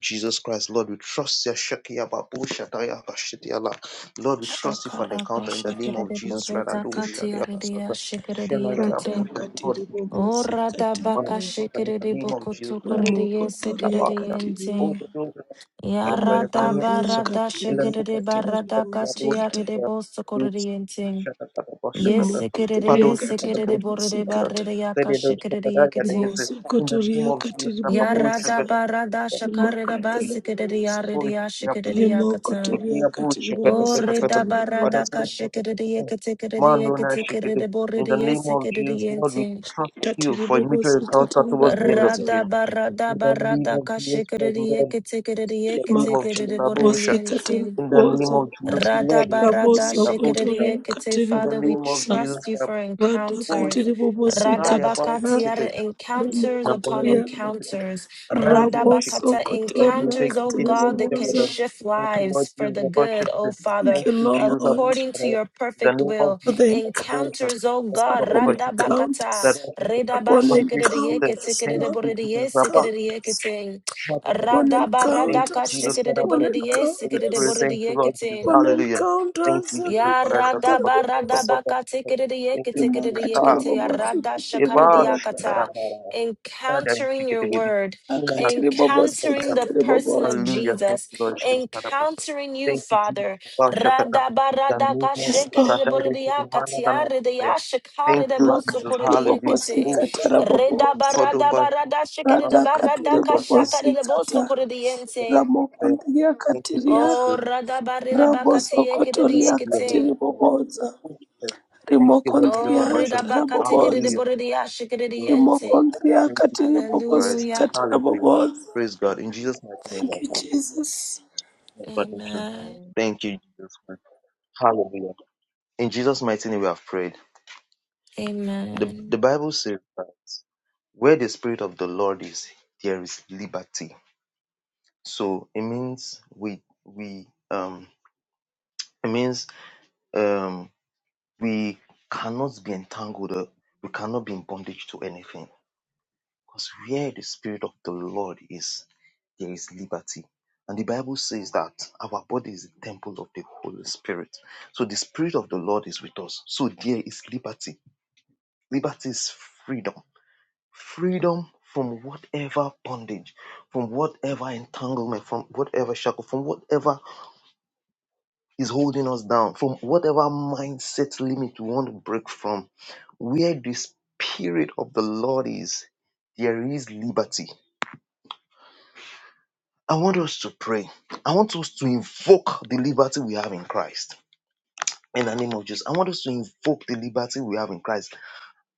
[SPEAKER 2] Jesus Christ, Lord, we trust you. Shekia Babu Shataya Bashitia La. Lord, we trust you for an encounter in the
[SPEAKER 4] kata
[SPEAKER 2] name of Jesus
[SPEAKER 4] bobosi
[SPEAKER 2] Christ. Adu
[SPEAKER 4] katiri
[SPEAKER 2] Shadia Basata. Shemaya
[SPEAKER 4] rata
[SPEAKER 2] Babu
[SPEAKER 3] Shakaradashikiridiboridakatiaridiashikiridiakate.
[SPEAKER 2] Shat- Lord,
[SPEAKER 4] katiri
[SPEAKER 2] we
[SPEAKER 3] Oh,
[SPEAKER 4] bobosi
[SPEAKER 2] trust you
[SPEAKER 4] katiri
[SPEAKER 2] for an
[SPEAKER 4] boboza.
[SPEAKER 2] encounter in the name of Jesus Christ.
[SPEAKER 4] Rimokotoria
[SPEAKER 2] Abasha. Oh,
[SPEAKER 4] katiria
[SPEAKER 3] radabakashikiridibokotokoridiesikiridiente.
[SPEAKER 2] the Lord, we trust
[SPEAKER 3] Ya
[SPEAKER 2] you for an
[SPEAKER 4] Moko
[SPEAKER 2] encounter In the
[SPEAKER 4] riakatiria
[SPEAKER 2] name of
[SPEAKER 4] katara
[SPEAKER 2] Jesus Christ, Adu
[SPEAKER 4] mumosikata.
[SPEAKER 2] Shadia. We
[SPEAKER 3] radabaradashikiridibaradakatiaridibosokoridientem.
[SPEAKER 2] Shakata Babu
[SPEAKER 3] Yes,
[SPEAKER 2] Shakata.
[SPEAKER 4] Rimoko
[SPEAKER 3] sekerere,
[SPEAKER 2] Padu
[SPEAKER 3] yes,
[SPEAKER 2] Shakata
[SPEAKER 4] toriakatiri
[SPEAKER 3] sekerere,
[SPEAKER 2] Babu
[SPEAKER 3] borere,
[SPEAKER 2] Shakata.
[SPEAKER 4] mumosikata.
[SPEAKER 3] barrere, yaka,
[SPEAKER 2] Lady Adu
[SPEAKER 3] yekete.
[SPEAKER 2] Shakata,
[SPEAKER 3] yeketin.
[SPEAKER 2] Yadikisi.
[SPEAKER 4] Rimosoko
[SPEAKER 2] In the name of Jesus
[SPEAKER 4] toriakatiri
[SPEAKER 2] Christ, Babu
[SPEAKER 4] mumosa.
[SPEAKER 3] Yarada,
[SPEAKER 2] Shakata.
[SPEAKER 3] barada, şakarada, bas,
[SPEAKER 4] Rimakatara
[SPEAKER 3] sekerere,
[SPEAKER 4] mumosa.
[SPEAKER 3] yarere,
[SPEAKER 2] Ой,
[SPEAKER 3] ya,
[SPEAKER 2] я
[SPEAKER 3] şekerere,
[SPEAKER 4] Rimoko
[SPEAKER 3] yakatan.
[SPEAKER 2] такие
[SPEAKER 4] toriakatiri
[SPEAKER 2] обучи, это, это,
[SPEAKER 3] Orada,
[SPEAKER 2] это,
[SPEAKER 4] mumosikatiri
[SPEAKER 3] barada,
[SPEAKER 4] mumosa.
[SPEAKER 2] парабурса, это,
[SPEAKER 3] kashekerere
[SPEAKER 2] это,
[SPEAKER 3] yekete şekerere,
[SPEAKER 2] Mano
[SPEAKER 3] yeketekerere,
[SPEAKER 2] Nashikid,
[SPEAKER 3] yeketekerere,
[SPEAKER 2] in
[SPEAKER 3] borere,
[SPEAKER 2] the
[SPEAKER 3] yes,
[SPEAKER 2] name of
[SPEAKER 3] sekerere,
[SPEAKER 2] Jesus, Lord, we
[SPEAKER 3] yentin.
[SPEAKER 2] trust you
[SPEAKER 4] Rikatiri
[SPEAKER 2] for a major encounter
[SPEAKER 4] mumosikatara
[SPEAKER 2] towards the end of the
[SPEAKER 4] mumosa.
[SPEAKER 2] year.
[SPEAKER 3] Rada,
[SPEAKER 2] In
[SPEAKER 3] barada,
[SPEAKER 2] the name
[SPEAKER 3] barada,
[SPEAKER 2] of Jesus Christ,
[SPEAKER 3] kashekerere
[SPEAKER 2] Lord, we
[SPEAKER 3] yekete şekerere,
[SPEAKER 2] trust you. in the name of
[SPEAKER 3] yeketekerere,
[SPEAKER 4] Rimakatiri
[SPEAKER 2] Jesus,
[SPEAKER 3] yeketekerere, borere,
[SPEAKER 2] Abusha.
[SPEAKER 4] mumosikatara
[SPEAKER 3] yente.
[SPEAKER 2] In the name
[SPEAKER 4] mumosa.
[SPEAKER 2] of Jesus, Lord, we trust
[SPEAKER 3] Radabarada
[SPEAKER 2] you,
[SPEAKER 4] Ramosoko
[SPEAKER 2] Abusha.
[SPEAKER 3] shikiriekete,
[SPEAKER 4] toriakatiri
[SPEAKER 2] In the
[SPEAKER 4] mumosa.
[SPEAKER 3] Father, we
[SPEAKER 2] name of Jesus,
[SPEAKER 3] trust you for
[SPEAKER 4] Rada
[SPEAKER 3] encounters.
[SPEAKER 4] katiri mumosikata.
[SPEAKER 2] Abusha.
[SPEAKER 3] Radabakatiara encounters
[SPEAKER 2] na
[SPEAKER 3] upon
[SPEAKER 2] mwono
[SPEAKER 3] encounters.
[SPEAKER 2] anani bila
[SPEAKER 4] Raboso
[SPEAKER 2] shiki
[SPEAKER 3] Radabakata
[SPEAKER 2] lakini
[SPEAKER 4] Kotoria
[SPEAKER 3] encounters, oh
[SPEAKER 2] taikike
[SPEAKER 3] God, that
[SPEAKER 2] sikia
[SPEAKER 3] can
[SPEAKER 4] Katerebobozo.
[SPEAKER 2] bada
[SPEAKER 3] shift
[SPEAKER 2] thank you lord
[SPEAKER 3] lives for the
[SPEAKER 2] jesus
[SPEAKER 3] good, oh
[SPEAKER 2] abashikite
[SPEAKER 3] Father,
[SPEAKER 4] Thank
[SPEAKER 2] thank
[SPEAKER 4] you,
[SPEAKER 2] you jesus
[SPEAKER 4] Lord,
[SPEAKER 3] according
[SPEAKER 2] abushara
[SPEAKER 3] to your
[SPEAKER 2] in the
[SPEAKER 3] perfect
[SPEAKER 2] name of
[SPEAKER 3] will.
[SPEAKER 4] for the
[SPEAKER 2] jesus
[SPEAKER 4] encounters
[SPEAKER 2] abushara
[SPEAKER 3] Encounters, oh God,
[SPEAKER 2] baba
[SPEAKER 4] upon
[SPEAKER 2] baba shikite
[SPEAKER 3] Radabakata.
[SPEAKER 4] encounters,
[SPEAKER 2] dada shikite
[SPEAKER 4] upon
[SPEAKER 2] papi shikite
[SPEAKER 3] Radabashikiriekete,
[SPEAKER 4] encounters,
[SPEAKER 2] thank
[SPEAKER 4] Lord,
[SPEAKER 2] you jesus
[SPEAKER 4] upon
[SPEAKER 2] abashara
[SPEAKER 4] encounters,
[SPEAKER 2] baba baba
[SPEAKER 4] upon
[SPEAKER 2] thank you
[SPEAKER 3] Radabaradaka
[SPEAKER 4] encounters,
[SPEAKER 2] jesus abushara
[SPEAKER 4] upon
[SPEAKER 2] holy spirit
[SPEAKER 4] encounters,
[SPEAKER 2] thank you lord jesus
[SPEAKER 3] shikiriekete,
[SPEAKER 4] upon
[SPEAKER 2] hallelujah thank
[SPEAKER 4] encounters,
[SPEAKER 2] you jesus christ
[SPEAKER 3] Yarada
[SPEAKER 2] baba
[SPEAKER 3] barada
[SPEAKER 2] baba baba
[SPEAKER 3] baka
[SPEAKER 2] shikite thank
[SPEAKER 3] tikididiyeke
[SPEAKER 2] you
[SPEAKER 4] and
[SPEAKER 2] jesus ah
[SPEAKER 3] tikididiyekete
[SPEAKER 2] baba
[SPEAKER 4] Makaterebobozo. Makaterebobozo,
[SPEAKER 3] yarada
[SPEAKER 4] Katerebobozo.
[SPEAKER 3] shakaridiyakata.
[SPEAKER 2] baba Father, you
[SPEAKER 3] Encountering
[SPEAKER 2] get
[SPEAKER 3] your
[SPEAKER 2] to get
[SPEAKER 3] word,
[SPEAKER 2] it.
[SPEAKER 4] Makaterebobozo,
[SPEAKER 3] encountering the person
[SPEAKER 4] Katerebobozo.
[SPEAKER 3] of
[SPEAKER 2] Hallelujah. Thank
[SPEAKER 3] Jesus,
[SPEAKER 2] you, Lord Jesus. Father.
[SPEAKER 3] encountering you,
[SPEAKER 2] Thank you, Jesus.
[SPEAKER 3] Father.
[SPEAKER 2] Father, Shakata.
[SPEAKER 3] Rada
[SPEAKER 2] In the
[SPEAKER 3] barada
[SPEAKER 2] name
[SPEAKER 3] ka
[SPEAKER 2] of
[SPEAKER 4] Yes,
[SPEAKER 2] Jesus. I
[SPEAKER 4] Lord.
[SPEAKER 2] thank you, Lord, man,
[SPEAKER 3] shikididibodidiyakati
[SPEAKER 2] and I'm Thank you, Jesus. Hallelujah.
[SPEAKER 4] Makaterebobozo,
[SPEAKER 3] yaridiyashikaridebosukuridiyekete.
[SPEAKER 2] Oh, Shakata.
[SPEAKER 3] Reda
[SPEAKER 4] Katerebobozo.
[SPEAKER 3] barada
[SPEAKER 2] Kodoba.
[SPEAKER 3] barada
[SPEAKER 4] Rata
[SPEAKER 2] Shakata.
[SPEAKER 3] shikididibarada
[SPEAKER 4] katiri
[SPEAKER 3] ka
[SPEAKER 2] Shakata.
[SPEAKER 4] bobosi kata.
[SPEAKER 3] shakaridebosukuridiyente.
[SPEAKER 2] Shakata.
[SPEAKER 4] Ramokondiria
[SPEAKER 2] Thank you, Holy
[SPEAKER 4] katiria.
[SPEAKER 3] Oh,
[SPEAKER 2] Spirit.
[SPEAKER 3] rada barida baka
[SPEAKER 2] Blessed
[SPEAKER 4] Rabosokotoria
[SPEAKER 2] be your
[SPEAKER 3] tiyekididiyekete.
[SPEAKER 2] holy
[SPEAKER 4] katiri
[SPEAKER 2] name, Lord
[SPEAKER 4] boboza.
[SPEAKER 2] Jesus. Thank you, Lord Jesus.
[SPEAKER 4] Rimokondiria
[SPEAKER 3] Oh,
[SPEAKER 4] hata
[SPEAKER 3] ridabaka tikiri de
[SPEAKER 2] Hallelujah.
[SPEAKER 4] raboboza.
[SPEAKER 2] Thank
[SPEAKER 3] boridia shikiri
[SPEAKER 2] you, Lord Jesus.
[SPEAKER 3] diente.
[SPEAKER 4] Rimokondiria
[SPEAKER 2] Thank you,
[SPEAKER 4] katiri
[SPEAKER 2] Jesus
[SPEAKER 4] bobosi
[SPEAKER 2] Christ.
[SPEAKER 3] Hallelujah.
[SPEAKER 4] kata
[SPEAKER 2] Hallelujah.
[SPEAKER 4] raboboza.
[SPEAKER 2] Praise God. In Jesus' mighty name, I
[SPEAKER 4] Thank you,
[SPEAKER 2] pray.
[SPEAKER 4] Jesus.
[SPEAKER 2] our Father. Thank you,
[SPEAKER 3] Amen.
[SPEAKER 2] Thank you, Jesus Christ. Hallelujah. In Jesus' mighty name we have prayed. The,
[SPEAKER 3] Amen.
[SPEAKER 2] the Bible says that where the Spirit of the Lord is, there is liberty. So it means we we um it means um we cannot be entangled, uh, we cannot be in bondage to anything. Because where the Spirit of the Lord is, there is liberty. And the Bible says that our body is the temple of the Holy Spirit. So the Spirit of the Lord is with us. So there is liberty. Liberty is freedom. Freedom from whatever bondage, from whatever entanglement, from whatever shackle, from whatever is holding us down, from whatever mindset limit we want to break from. Where the Spirit of the Lord is, there is liberty I want us to pray. I want us to invoke the liberty we have in Christ. In the name of Jesus, I want us to invoke the liberty we have in Christ